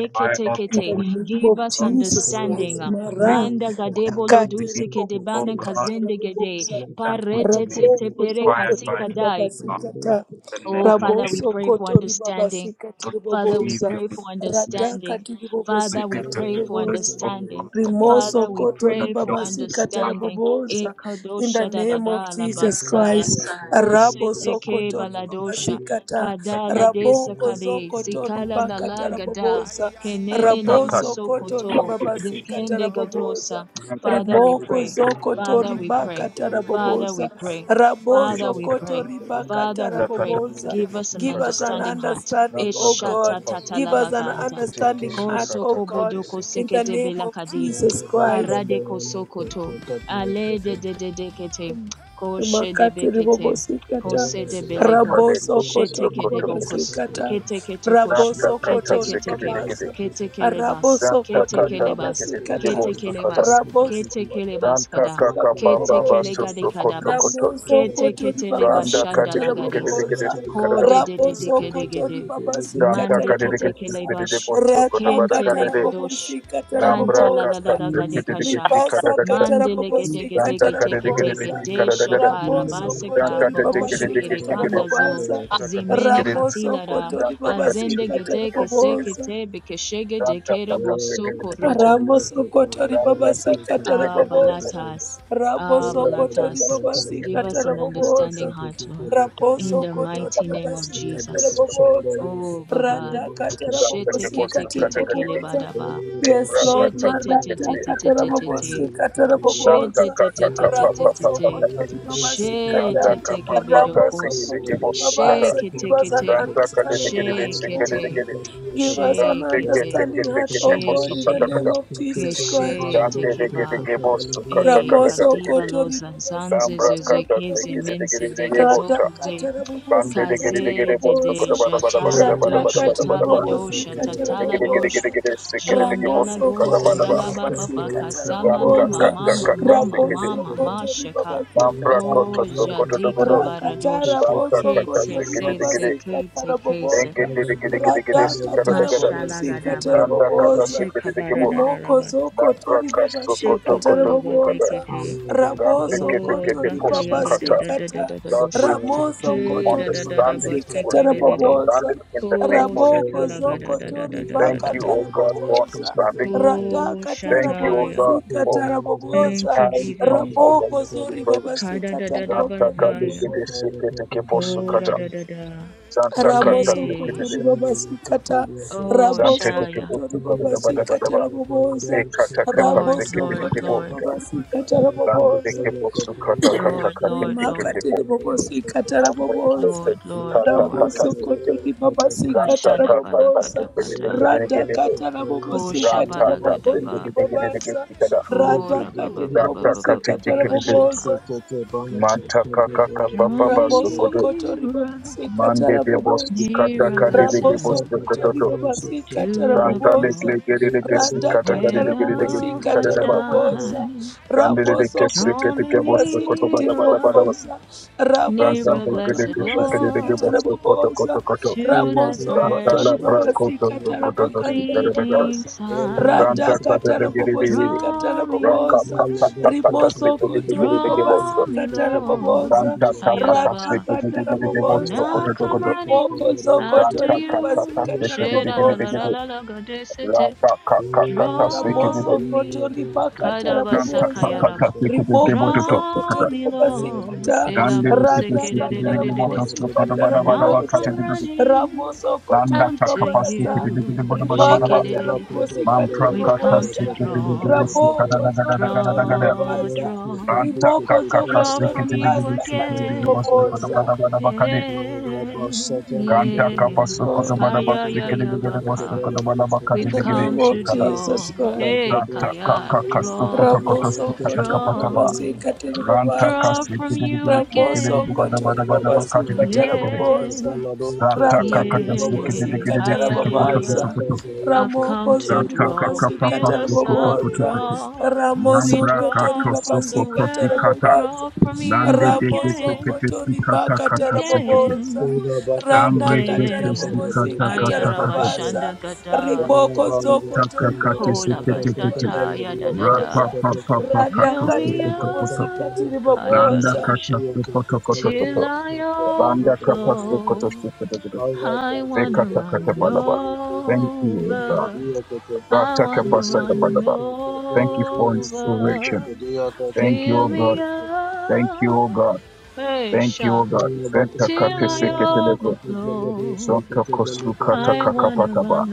Speaker 2: In the name
Speaker 1: give
Speaker 2: of
Speaker 1: us
Speaker 2: Jesus
Speaker 1: understanding.
Speaker 2: Christ, Mara,
Speaker 1: Manda gadebo
Speaker 2: Takati
Speaker 1: loduse
Speaker 2: ribobo
Speaker 1: kedebana
Speaker 2: sikata
Speaker 1: kazende gede,
Speaker 2: raboboza,
Speaker 1: parete tete
Speaker 2: raboko
Speaker 1: pere
Speaker 2: zoko
Speaker 1: kasika
Speaker 2: tori baba
Speaker 1: dai.
Speaker 2: sikata,
Speaker 1: Oh, Father, we
Speaker 2: raboso
Speaker 1: pray for
Speaker 2: koto ribaba
Speaker 1: understanding.
Speaker 2: sikata
Speaker 1: Father, we
Speaker 2: riboboza,
Speaker 1: pray for
Speaker 2: radaka
Speaker 1: understanding.
Speaker 2: tiri bobo
Speaker 1: Father, we
Speaker 2: sikata
Speaker 1: pray for
Speaker 2: riboboza.
Speaker 1: understanding.
Speaker 2: Rimoso
Speaker 1: Father, we
Speaker 2: koto
Speaker 1: pray for
Speaker 2: ribabasi
Speaker 1: understanding.
Speaker 2: katarababosa. In the
Speaker 1: Ekadosha da da
Speaker 2: name of
Speaker 1: da la
Speaker 2: Jesus
Speaker 1: basaya.
Speaker 2: Christ. Rabo
Speaker 1: Kosete ke
Speaker 2: sokoto ribabasi
Speaker 1: baladosha.
Speaker 2: kata.
Speaker 1: Kadala desa
Speaker 2: Raboko
Speaker 1: kade.
Speaker 2: zokoto
Speaker 1: Sikala la
Speaker 2: ribaka
Speaker 1: la
Speaker 4: you.
Speaker 2: tarababosa.
Speaker 1: Kenene
Speaker 2: Rabo
Speaker 4: Thank
Speaker 1: nemo
Speaker 2: sokoto
Speaker 1: sokoto.
Speaker 2: ribabasi
Speaker 1: Dekende
Speaker 2: katarababosa.
Speaker 1: gadosa. Father, we
Speaker 2: Rimoko
Speaker 1: pray.
Speaker 2: zokoto
Speaker 1: Father, we pray.
Speaker 2: ribaka
Speaker 1: Father,
Speaker 2: tarababosa.
Speaker 1: we pray.
Speaker 2: Rabo
Speaker 1: Father, we
Speaker 2: sokoto
Speaker 1: pray.
Speaker 2: ribaka
Speaker 1: Father, we pray.
Speaker 2: tarababosa.
Speaker 3: Kete
Speaker 1: Give us
Speaker 3: posu
Speaker 1: an
Speaker 2: Give
Speaker 3: kata
Speaker 2: us
Speaker 3: kata.
Speaker 2: an
Speaker 1: understanding heart.
Speaker 2: understanding,
Speaker 3: Zanta
Speaker 2: O God.
Speaker 3: kakapa
Speaker 2: Give
Speaker 3: soko.
Speaker 2: us an
Speaker 1: Eshatatatalabaganda.
Speaker 3: Teke
Speaker 2: understanding heart, O
Speaker 1: Kosoko
Speaker 3: shikata
Speaker 2: God
Speaker 3: kate
Speaker 1: bodoko
Speaker 2: in
Speaker 3: sekete
Speaker 2: the
Speaker 1: sekete
Speaker 3: kepo.
Speaker 2: name of
Speaker 1: belakadi.
Speaker 2: Jesus Christ.
Speaker 1: Parade kosokoto. Ale de de de dekete. Koshe de
Speaker 2: Makati
Speaker 1: bekete.
Speaker 2: ribobosikata,
Speaker 1: Kose de
Speaker 3: Zanta
Speaker 1: beleko.
Speaker 3: de
Speaker 2: raboso
Speaker 3: kote
Speaker 2: koto
Speaker 1: Sheteke
Speaker 3: soko
Speaker 1: de
Speaker 3: tokoto.
Speaker 1: bokos.
Speaker 2: ribobasikata,
Speaker 1: Keteke tokosh.
Speaker 3: Zanta
Speaker 2: raboso
Speaker 3: kata
Speaker 2: koto
Speaker 1: Keteke
Speaker 3: sekete
Speaker 1: teke.
Speaker 3: dekete.
Speaker 2: ribabasa,
Speaker 1: Keteke lebas.
Speaker 2: raboso
Speaker 3: Zanta
Speaker 2: koto
Speaker 1: Keteke
Speaker 3: kata
Speaker 1: lebas.
Speaker 3: sekete kepo
Speaker 2: ribabasikata,
Speaker 1: Keteke
Speaker 3: sukata.
Speaker 1: lebas.
Speaker 2: raboso
Speaker 4: you.
Speaker 1: Keteke
Speaker 2: koto
Speaker 1: lebas
Speaker 3: danta
Speaker 1: kada.
Speaker 4: Thank
Speaker 3: kakapa baba
Speaker 1: Keteke
Speaker 2: ribabasikata
Speaker 1: legade
Speaker 3: soko
Speaker 1: kadabas.
Speaker 3: tokoto.
Speaker 2: Ramoso
Speaker 1: Keteke
Speaker 2: kotori babasi
Speaker 3: Randa
Speaker 1: telebashanda
Speaker 3: kade
Speaker 2: katara
Speaker 3: shikere de
Speaker 1: lagadis.
Speaker 3: kede
Speaker 2: babosa.
Speaker 3: shikere
Speaker 1: Ko
Speaker 3: de
Speaker 1: de de de de
Speaker 2: Raboso
Speaker 1: de de de.
Speaker 2: kotori babasi
Speaker 3: Randa
Speaker 1: Mande
Speaker 2: katara
Speaker 3: kade de kede
Speaker 2: babosa.
Speaker 3: shikere
Speaker 1: ketekelebash,
Speaker 3: de bosto kota
Speaker 2: Rata
Speaker 3: bada kade
Speaker 2: katara
Speaker 3: de
Speaker 1: kentelegodosh,
Speaker 2: babosi katara
Speaker 3: Lambra
Speaker 1: kanta la la la
Speaker 3: kata
Speaker 2: babosa.
Speaker 1: la
Speaker 3: kede de kede
Speaker 1: gadekasha,
Speaker 3: shikere
Speaker 2: Ribasa
Speaker 3: de kede
Speaker 2: katara
Speaker 1: mande
Speaker 2: babosi
Speaker 3: Randa
Speaker 2: katara
Speaker 3: kade de kede de
Speaker 2: babosa.
Speaker 3: shikere de
Speaker 1: legedegedegedegedesha
Speaker 3: kede
Speaker 2: Raboso
Speaker 3: Randa
Speaker 1: karabaseka
Speaker 2: kotori
Speaker 3: kade de kede
Speaker 1: baboshe
Speaker 2: babasi
Speaker 3: de kede
Speaker 2: katara
Speaker 3: shikere de
Speaker 1: kirikanda zo,
Speaker 2: babosa.
Speaker 3: bosto kade
Speaker 1: zimene
Speaker 3: shikere
Speaker 2: Ramoso
Speaker 1: katila ra,
Speaker 2: kotori
Speaker 3: Randa kade
Speaker 2: babasi
Speaker 1: azende
Speaker 3: shikere de
Speaker 2: katara
Speaker 1: gedeke
Speaker 3: kede shikere
Speaker 1: seke
Speaker 2: babosa.
Speaker 1: tebe keshege
Speaker 3: Randa
Speaker 1: dekere
Speaker 3: kata de kede
Speaker 1: bosoko
Speaker 3: de kede
Speaker 1: roto.
Speaker 2: Ramoso kotori
Speaker 3: Randa
Speaker 2: babasi
Speaker 3: kade de
Speaker 1: Ah,
Speaker 3: kede de kede
Speaker 1: balatas, ah,
Speaker 3: Randa
Speaker 2: Ramosokotori
Speaker 3: kata
Speaker 2: babasikata rabobosa. Ramosokotori
Speaker 1: balatas,
Speaker 3: bosto kede
Speaker 1: give
Speaker 3: de
Speaker 2: babasikata
Speaker 1: us
Speaker 3: kede
Speaker 1: an understanding
Speaker 2: rabobosa.
Speaker 1: heart, Lord, in the
Speaker 2: Ramosokotori
Speaker 1: mighty
Speaker 3: Randa
Speaker 1: name of
Speaker 3: bosto kede
Speaker 2: babasikata
Speaker 3: de
Speaker 1: Jesus.
Speaker 3: bosto kede
Speaker 2: rabobosa.
Speaker 1: Oh, Baba.
Speaker 2: Radakata
Speaker 3: Randa
Speaker 1: Shete
Speaker 3: kade
Speaker 1: kete
Speaker 3: bosto
Speaker 2: rabobosikati
Speaker 1: kete
Speaker 3: kade
Speaker 4: you.
Speaker 3: kede
Speaker 1: kele
Speaker 3: de
Speaker 2: rabobosa.
Speaker 1: badaba.
Speaker 4: Thank
Speaker 2: Yes,
Speaker 3: Lambra
Speaker 2: Lord,
Speaker 3: kata
Speaker 1: Shete te te te
Speaker 2: Marata
Speaker 3: Kadede
Speaker 1: te te te te te.
Speaker 2: Katarabobosi
Speaker 3: Zanta
Speaker 1: Shete
Speaker 2: Katarabobosa,
Speaker 1: te te
Speaker 3: kaka
Speaker 1: te te
Speaker 3: kapa
Speaker 1: te te
Speaker 3: papa
Speaker 2: Raboso
Speaker 1: te.
Speaker 3: papa pe.
Speaker 2: Kotori Babasi
Speaker 3: Zanta
Speaker 1: Shete
Speaker 2: Kata,
Speaker 1: te
Speaker 3: kapa
Speaker 1: kebedo
Speaker 3: papa
Speaker 1: kos.
Speaker 2: Raboso
Speaker 3: kiki tiki
Speaker 2: Kotori
Speaker 3: bosu kata.
Speaker 2: Babasa,
Speaker 1: Sheke te
Speaker 2: give us an
Speaker 1: kete.
Speaker 3: Zanta kate
Speaker 2: understanding
Speaker 3: tiki tiki
Speaker 2: heart,
Speaker 3: tiki
Speaker 1: Sheke
Speaker 2: O
Speaker 1: te.
Speaker 3: tiki
Speaker 2: God.
Speaker 3: tiki.
Speaker 2: Give us an
Speaker 3: Zante
Speaker 1: Sheke
Speaker 3: ke
Speaker 1: te.
Speaker 3: tiki
Speaker 2: understanding
Speaker 3: tiki
Speaker 2: heart,
Speaker 3: tiki
Speaker 2: O God,
Speaker 1: Sheke
Speaker 3: bosu
Speaker 2: in
Speaker 1: te.
Speaker 2: the
Speaker 3: kata
Speaker 2: name
Speaker 3: kata.
Speaker 2: of Jesus
Speaker 1: Keshe
Speaker 2: Christ.
Speaker 1: te
Speaker 3: Zante tiki
Speaker 1: keba.
Speaker 3: tiki bosu kata
Speaker 1: E
Speaker 3: kata kata
Speaker 2: Ramoso
Speaker 3: tiki
Speaker 1: kadiba
Speaker 3: tiki.
Speaker 1: lo
Speaker 2: kotori
Speaker 1: zanzanze
Speaker 2: babasika
Speaker 3: Zambra kata
Speaker 1: zezekeze
Speaker 3: tiki
Speaker 2: tarabobosa.
Speaker 3: tiki
Speaker 1: mense
Speaker 3: tiki tiki
Speaker 2: Rada
Speaker 3: bota.
Speaker 1: degezoko
Speaker 3: Zante
Speaker 2: katarabobosika
Speaker 3: tiki tiki
Speaker 1: Kaze
Speaker 3: tiki
Speaker 1: de
Speaker 3: bosu
Speaker 1: de
Speaker 3: kata
Speaker 2: tiribobosa.
Speaker 3: bada bada bada
Speaker 1: shatala
Speaker 3: bada
Speaker 2: Rada
Speaker 3: bada
Speaker 1: dosha
Speaker 3: bada bada bada
Speaker 1: tala
Speaker 3: bada.
Speaker 1: dosha
Speaker 2: katiribobosika
Speaker 3: Tiki
Speaker 1: tatala
Speaker 3: tiki tiki
Speaker 1: dosha
Speaker 2: tarabobosa.
Speaker 3: tiki tiki tiki tiki
Speaker 1: jandala
Speaker 3: bosu
Speaker 2: Ramoso
Speaker 1: go
Speaker 3: kata bada
Speaker 2: kotori
Speaker 1: zandala
Speaker 3: bada.
Speaker 1: baba
Speaker 2: babasika
Speaker 1: baka sama
Speaker 3: Zanta
Speaker 1: mama
Speaker 2: tarabobosa.
Speaker 3: kata
Speaker 1: mama
Speaker 3: kata
Speaker 1: mama
Speaker 3: tiki tiki.
Speaker 2: Ramoso
Speaker 1: mama
Speaker 4: you.
Speaker 2: kotori
Speaker 1: mashaka
Speaker 4: Thank you.
Speaker 2: babasika
Speaker 3: Zambra
Speaker 1: oh
Speaker 2: tarabobosa.
Speaker 1: jadika baradosh
Speaker 2: Rakatara boso
Speaker 3: kata
Speaker 1: kete
Speaker 2: koto
Speaker 3: tiki
Speaker 2: riba
Speaker 3: tiki
Speaker 1: se
Speaker 3: tiki
Speaker 1: se
Speaker 3: tiki.
Speaker 2: basi
Speaker 1: kete
Speaker 2: katara
Speaker 1: kese
Speaker 2: boboza. Rada katara
Speaker 3: Engedegedegedegedesukadagada.
Speaker 1: mashala
Speaker 2: bobosi
Speaker 1: gadaba
Speaker 2: katara
Speaker 3: Danda kata
Speaker 2: boboza.
Speaker 1: shekabara
Speaker 3: sekedegedegebo.
Speaker 2: Rimoko
Speaker 1: dadaba
Speaker 2: zoko
Speaker 3: Dantra
Speaker 2: tori
Speaker 3: kaso
Speaker 2: babasi
Speaker 3: koto
Speaker 2: katara
Speaker 3: koto
Speaker 1: shekotolo
Speaker 3: sukada.
Speaker 2: boboza.
Speaker 1: bozekete
Speaker 3: Dante
Speaker 2: Raboso
Speaker 3: kete
Speaker 1: oh
Speaker 2: koto
Speaker 3: kete
Speaker 2: riba
Speaker 1: zataya
Speaker 2: basi
Speaker 3: posukata.
Speaker 1: gadada
Speaker 2: kata.
Speaker 1: dadada
Speaker 3: Lord,
Speaker 1: bosh
Speaker 3: we will
Speaker 2: Ramoso
Speaker 3: see
Speaker 1: ke
Speaker 2: koto riba
Speaker 1: dadada
Speaker 3: understanding.
Speaker 2: basi
Speaker 3: We'll
Speaker 2: katara
Speaker 3: see
Speaker 1: bosh
Speaker 2: boboza.
Speaker 3: understanding in the
Speaker 1: Ko
Speaker 3: name of
Speaker 2: Raboko
Speaker 3: Jesus.
Speaker 2: zoko tori
Speaker 3: Thank you,
Speaker 1: shatalagadadadadadadada.
Speaker 3: O
Speaker 2: bakatara
Speaker 3: God, for
Speaker 2: boboza.
Speaker 3: understanding.
Speaker 2: Rata
Speaker 1: Ko
Speaker 2: katara
Speaker 3: Thank you, O
Speaker 1: shataya.
Speaker 3: God,
Speaker 2: bobosi
Speaker 3: for
Speaker 2: katara
Speaker 3: an
Speaker 1: Thank
Speaker 2: bobosa.
Speaker 1: you,
Speaker 3: inspiring
Speaker 1: Jesus.
Speaker 3: time, O God,
Speaker 2: Raboko
Speaker 3: we
Speaker 2: zori
Speaker 3: praise.
Speaker 2: babasi
Speaker 1: Kada da da
Speaker 2: katara
Speaker 1: da
Speaker 3: Santa
Speaker 2: bogandri
Speaker 1: Kadadadadabazaya.
Speaker 3: Kaligede
Speaker 2: bobosa.
Speaker 3: Sekete
Speaker 1: Ko da
Speaker 3: Keposukata.
Speaker 1: da da da.
Speaker 3: Santa
Speaker 2: Ramoso
Speaker 3: Kata
Speaker 1: Hey.
Speaker 2: kotori babasi kata.
Speaker 1: Oh,
Speaker 3: Zante de
Speaker 2: Raboso
Speaker 1: Shaya.
Speaker 3: kibo
Speaker 2: kotori
Speaker 4: Thank
Speaker 3: soko de daba
Speaker 2: babasi
Speaker 3: daba daba.
Speaker 2: katara
Speaker 3: Ze
Speaker 2: bobosa.
Speaker 3: kata kapa
Speaker 1: Lord,
Speaker 3: se
Speaker 2: Raboso
Speaker 3: kete de
Speaker 1: Lord,
Speaker 3: kibo.
Speaker 2: kotori
Speaker 1: Lord.
Speaker 2: babasi katara
Speaker 3: Zango de
Speaker 2: bobosa.
Speaker 3: kibo su kata kata
Speaker 1: Lord,
Speaker 3: kate
Speaker 1: Lord,
Speaker 3: se kete
Speaker 1: Lord.
Speaker 3: bo.
Speaker 2: rimakatiri bobosikata
Speaker 3: Mambo de
Speaker 2: rabobosa
Speaker 3: kete
Speaker 1: Lord,
Speaker 3: si
Speaker 1: Lord,
Speaker 3: kata
Speaker 1: Lord.
Speaker 3: kata se kete.
Speaker 2: ramosokotori rada
Speaker 3: Zanta kata kata
Speaker 2: rabobosa
Speaker 3: se kete de
Speaker 1: Kashadabalakadabada.
Speaker 3: kete de kete de.
Speaker 2: radhakata
Speaker 1: Ko
Speaker 3: Ra
Speaker 2: rabobosikata
Speaker 3: kata se kete
Speaker 2: rabogondiri
Speaker 1: shabalagadaba.
Speaker 3: de kete de
Speaker 2: babasa
Speaker 3: kete kada.
Speaker 1: Ko
Speaker 2: radhakatiri
Speaker 3: Ra kata
Speaker 2: bobosikata
Speaker 3: kete kete de.
Speaker 1: rababababababababashata.
Speaker 2: rabobosa
Speaker 3: Manta kaka kapa
Speaker 1: Draw
Speaker 3: papa
Speaker 1: me
Speaker 3: soko
Speaker 2: Raboso
Speaker 3: de.
Speaker 2: kotori
Speaker 1: nearer,
Speaker 2: babasika
Speaker 3: Mande de bo su
Speaker 2: tarabobosa.
Speaker 3: kata
Speaker 1: nearer,
Speaker 3: kade de
Speaker 1: blessed
Speaker 3: kibo
Speaker 1: Lord.
Speaker 2: Raboso
Speaker 3: soko
Speaker 2: kotori
Speaker 3: toto.
Speaker 2: babasika
Speaker 1: to the
Speaker 3: Zanta de kle
Speaker 2: tarabobosa.
Speaker 1: cross
Speaker 3: kete de kete si
Speaker 2: Rada
Speaker 3: kata kade
Speaker 1: where
Speaker 3: de kete de
Speaker 1: thou
Speaker 3: kete
Speaker 2: katarabobosika
Speaker 3: kada
Speaker 1: hast
Speaker 3: daba.
Speaker 4: you.
Speaker 2: tarabobosa.
Speaker 1: died.
Speaker 3: Kandede
Speaker 2: Raboso
Speaker 3: kese
Speaker 1: Draw
Speaker 3: kete
Speaker 2: kotori
Speaker 1: me
Speaker 3: ke bosto
Speaker 2: babasika
Speaker 3: koto bada bada
Speaker 1: nearer,
Speaker 3: bada bada.
Speaker 2: tiribobosa. Raboso
Speaker 1: nearer,
Speaker 3: Zankante kede
Speaker 2: kotori
Speaker 1: blessed
Speaker 3: ke shikede de
Speaker 2: babasika
Speaker 3: ke
Speaker 1: Lord,
Speaker 3: bosto koto koto
Speaker 2: tarabobosa.
Speaker 3: koto.
Speaker 1: to
Speaker 4: Thank
Speaker 1: thy
Speaker 2: Raboso
Speaker 3: Zanta la
Speaker 2: kotori
Speaker 3: bra
Speaker 1: precious
Speaker 3: koto
Speaker 2: babasika
Speaker 3: so koto to si kere de kere.
Speaker 1: bleeding
Speaker 2: tarabagandribobosa.
Speaker 1: side.
Speaker 3: Zanta
Speaker 2: Rada
Speaker 3: kate de kere de de.
Speaker 2: katarabobosika
Speaker 1: Draw
Speaker 3: Ra
Speaker 1: me,
Speaker 3: ka ka
Speaker 2: tarabobosa.
Speaker 3: ka ka ka ta si
Speaker 2: Rimoso
Speaker 3: kede de kere
Speaker 2: kotori
Speaker 3: de ke
Speaker 1: draw
Speaker 3: bosto.
Speaker 1: me,
Speaker 2: babasika tarabobosa.
Speaker 1: Lord,
Speaker 3: Zanta ka ka ta si
Speaker 1: Hayalaba,
Speaker 3: kede de kere de
Speaker 1: and
Speaker 3: bosto
Speaker 2: Ratakatarabobosa,
Speaker 1: now
Speaker 3: koto to
Speaker 1: come
Speaker 3: koto.
Speaker 1: running
Speaker 2: Rimoko
Speaker 1: after
Speaker 2: Zokoto
Speaker 3: Zanta ka ka ta
Speaker 1: you.
Speaker 3: si kede de
Speaker 1: Sheda
Speaker 3: kere
Speaker 1: la
Speaker 3: de
Speaker 1: la la
Speaker 3: kere.
Speaker 2: Ribabasikatarabobosa,
Speaker 1: la la
Speaker 3: Ra
Speaker 1: gadesete
Speaker 3: ka ka ka ka ta si kede
Speaker 1: Draw
Speaker 3: de.
Speaker 2: Ramoso
Speaker 1: me,
Speaker 2: Koto
Speaker 3: Zanta ka
Speaker 2: Ribakatarabobosa,
Speaker 3: ka ta
Speaker 1: Kadabasakayaraba.
Speaker 3: si kede de
Speaker 2: Rimoko
Speaker 3: bosto to si
Speaker 1: Draw
Speaker 2: Zokoto
Speaker 3: kata.
Speaker 1: me, Lord,
Speaker 2: Ribabasikata,
Speaker 3: Rande de kete seke de rege moto
Speaker 1: Elabosekededededede.
Speaker 3: slo kodo bada
Speaker 1: and
Speaker 3: bada
Speaker 1: I'll
Speaker 3: ba kate
Speaker 2: Ratakatarabobosikatarabobosa,
Speaker 1: come
Speaker 3: de gede.
Speaker 1: running
Speaker 2: Ramoso Koto
Speaker 3: Landa kaka
Speaker 1: after
Speaker 3: pa seke de
Speaker 2: Ribabasa,
Speaker 3: gede bodo
Speaker 1: you.
Speaker 3: bada bada
Speaker 1: Shake
Speaker 3: ba.
Speaker 1: it,
Speaker 3: Man pra
Speaker 1: we've
Speaker 3: kaka
Speaker 1: come
Speaker 2: Rimakatarabobosikatarabobosa,
Speaker 1: to
Speaker 3: seke de de gede
Speaker 1: draw,
Speaker 3: seka da
Speaker 4: you.
Speaker 2: Ramoko
Speaker 3: da gada da gada
Speaker 2: Zokoto
Speaker 3: da
Speaker 4: Thank
Speaker 3: gada.
Speaker 1: draw,
Speaker 2: Ribabaza,
Speaker 1: draw,
Speaker 3: Ranta
Speaker 2: Rimoko
Speaker 3: kaka ka
Speaker 1: draw
Speaker 2: Zokoto
Speaker 3: seke
Speaker 1: from
Speaker 3: de de
Speaker 1: you
Speaker 3: gede
Speaker 2: basa
Speaker 3: seke de rege
Speaker 1: again.
Speaker 3: mosto kodo
Speaker 2: Katiribobosa.
Speaker 3: bada bada ba kade.
Speaker 1: Yeah,
Speaker 3: Ranta kapa
Speaker 1: yeah.
Speaker 2: Yes,
Speaker 3: so
Speaker 2: Lord.
Speaker 3: kodo bada ba seke de de gede mosto
Speaker 1: Ayayayabaka.
Speaker 3: kodo bada ba
Speaker 2: In
Speaker 3: kate
Speaker 1: We've
Speaker 3: de
Speaker 2: the
Speaker 3: gede
Speaker 2: name
Speaker 1: come to
Speaker 2: of
Speaker 3: shikada.
Speaker 2: Jesus
Speaker 1: draw.
Speaker 2: Christ.
Speaker 1: Hey,
Speaker 3: Ranta
Speaker 1: Kaya,
Speaker 3: kaka ka so
Speaker 1: draw
Speaker 3: koto
Speaker 2: Rabo
Speaker 3: koto sikata
Speaker 2: Sokoto
Speaker 3: kapa taba.
Speaker 1: draw,
Speaker 2: Ribabasi
Speaker 3: Ranta ka
Speaker 1: draw
Speaker 2: Katiribabanza.
Speaker 3: seke
Speaker 1: from
Speaker 3: de de
Speaker 1: you
Speaker 3: gede seke de
Speaker 2: Ramoso
Speaker 3: rege
Speaker 1: again.
Speaker 3: bada bada
Speaker 2: kotori
Speaker 3: bada ba
Speaker 2: babasi
Speaker 3: kate de gede
Speaker 2: katara
Speaker 1: Yeah,
Speaker 2: babosa.
Speaker 3: Ranta
Speaker 2: Rakatiri
Speaker 3: kakata sekete
Speaker 2: babosi
Speaker 1: yeah,
Speaker 3: dekete de de
Speaker 1: hi,
Speaker 3: de
Speaker 2: katara
Speaker 1: yeah,
Speaker 3: seke
Speaker 1: yeah,
Speaker 3: poto koso
Speaker 1: yeah.
Speaker 2: babasa.
Speaker 3: poto.
Speaker 1: I've come
Speaker 2: Ramoko
Speaker 1: to
Speaker 2: zori
Speaker 3: Ranta
Speaker 1: draw,
Speaker 2: babasi
Speaker 3: kakapa
Speaker 1: fill
Speaker 2: katara
Speaker 3: paso
Speaker 1: us
Speaker 3: koto
Speaker 1: up,
Speaker 3: koto
Speaker 2: babosa.
Speaker 3: koto.
Speaker 1: draw. We
Speaker 2: Ramoso
Speaker 3: Nambra
Speaker 1: draw
Speaker 2: kotori
Speaker 3: kato
Speaker 1: from
Speaker 3: soko
Speaker 2: babasi
Speaker 1: the
Speaker 3: kosi
Speaker 2: katara
Speaker 1: well,
Speaker 3: kata.
Speaker 1: draw
Speaker 2: babasa.
Speaker 1: from you
Speaker 3: Lande de de seke
Speaker 2: Ramoso
Speaker 1: again,
Speaker 3: kete
Speaker 2: kotori
Speaker 3: sikata kata
Speaker 2: bakatara
Speaker 3: seke sekete.
Speaker 1: again.
Speaker 2: babosa. Rana
Speaker 3: Ambre kete
Speaker 2: katara babosi
Speaker 3: sikata
Speaker 2: katara
Speaker 3: kata kata.
Speaker 4: you.
Speaker 2: babasa.
Speaker 1: Ayarabashanda gada,
Speaker 4: Thank
Speaker 2: Riboko
Speaker 3: Ranta
Speaker 2: zoko tori
Speaker 3: kakate
Speaker 2: babasi
Speaker 1: hola
Speaker 3: sekete
Speaker 2: katiri
Speaker 3: kete.
Speaker 1: basata,
Speaker 2: bagari
Speaker 1: yada da
Speaker 3: Rapa
Speaker 1: da.
Speaker 2: babosa.
Speaker 3: pa pa pa
Speaker 1: Fill
Speaker 2: Rada
Speaker 3: kato
Speaker 2: katiri
Speaker 3: soko koto koto.
Speaker 2: babosi
Speaker 1: up,
Speaker 2: katiri
Speaker 3: Landa
Speaker 1: halalala
Speaker 2: babosa.
Speaker 1: bosha,
Speaker 3: kata soko koto koto
Speaker 1: till
Speaker 3: koto.
Speaker 1: I
Speaker 3: Landa kapa soko koto
Speaker 1: overflow.
Speaker 3: soko koto koto.
Speaker 1: I wanna
Speaker 3: Rekata kata
Speaker 1: run
Speaker 3: palaba. Thank you, O God.
Speaker 1: over. I wanna run
Speaker 3: Atakapasakapadaba. Thank you for inspiration.
Speaker 1: over.
Speaker 3: Thank you,
Speaker 1: Fill
Speaker 3: O God.
Speaker 1: me
Speaker 3: Thank you, O
Speaker 1: up,
Speaker 3: God. Thank you, O
Speaker 1: pressure,
Speaker 3: God.
Speaker 1: till I overflow. I wanna run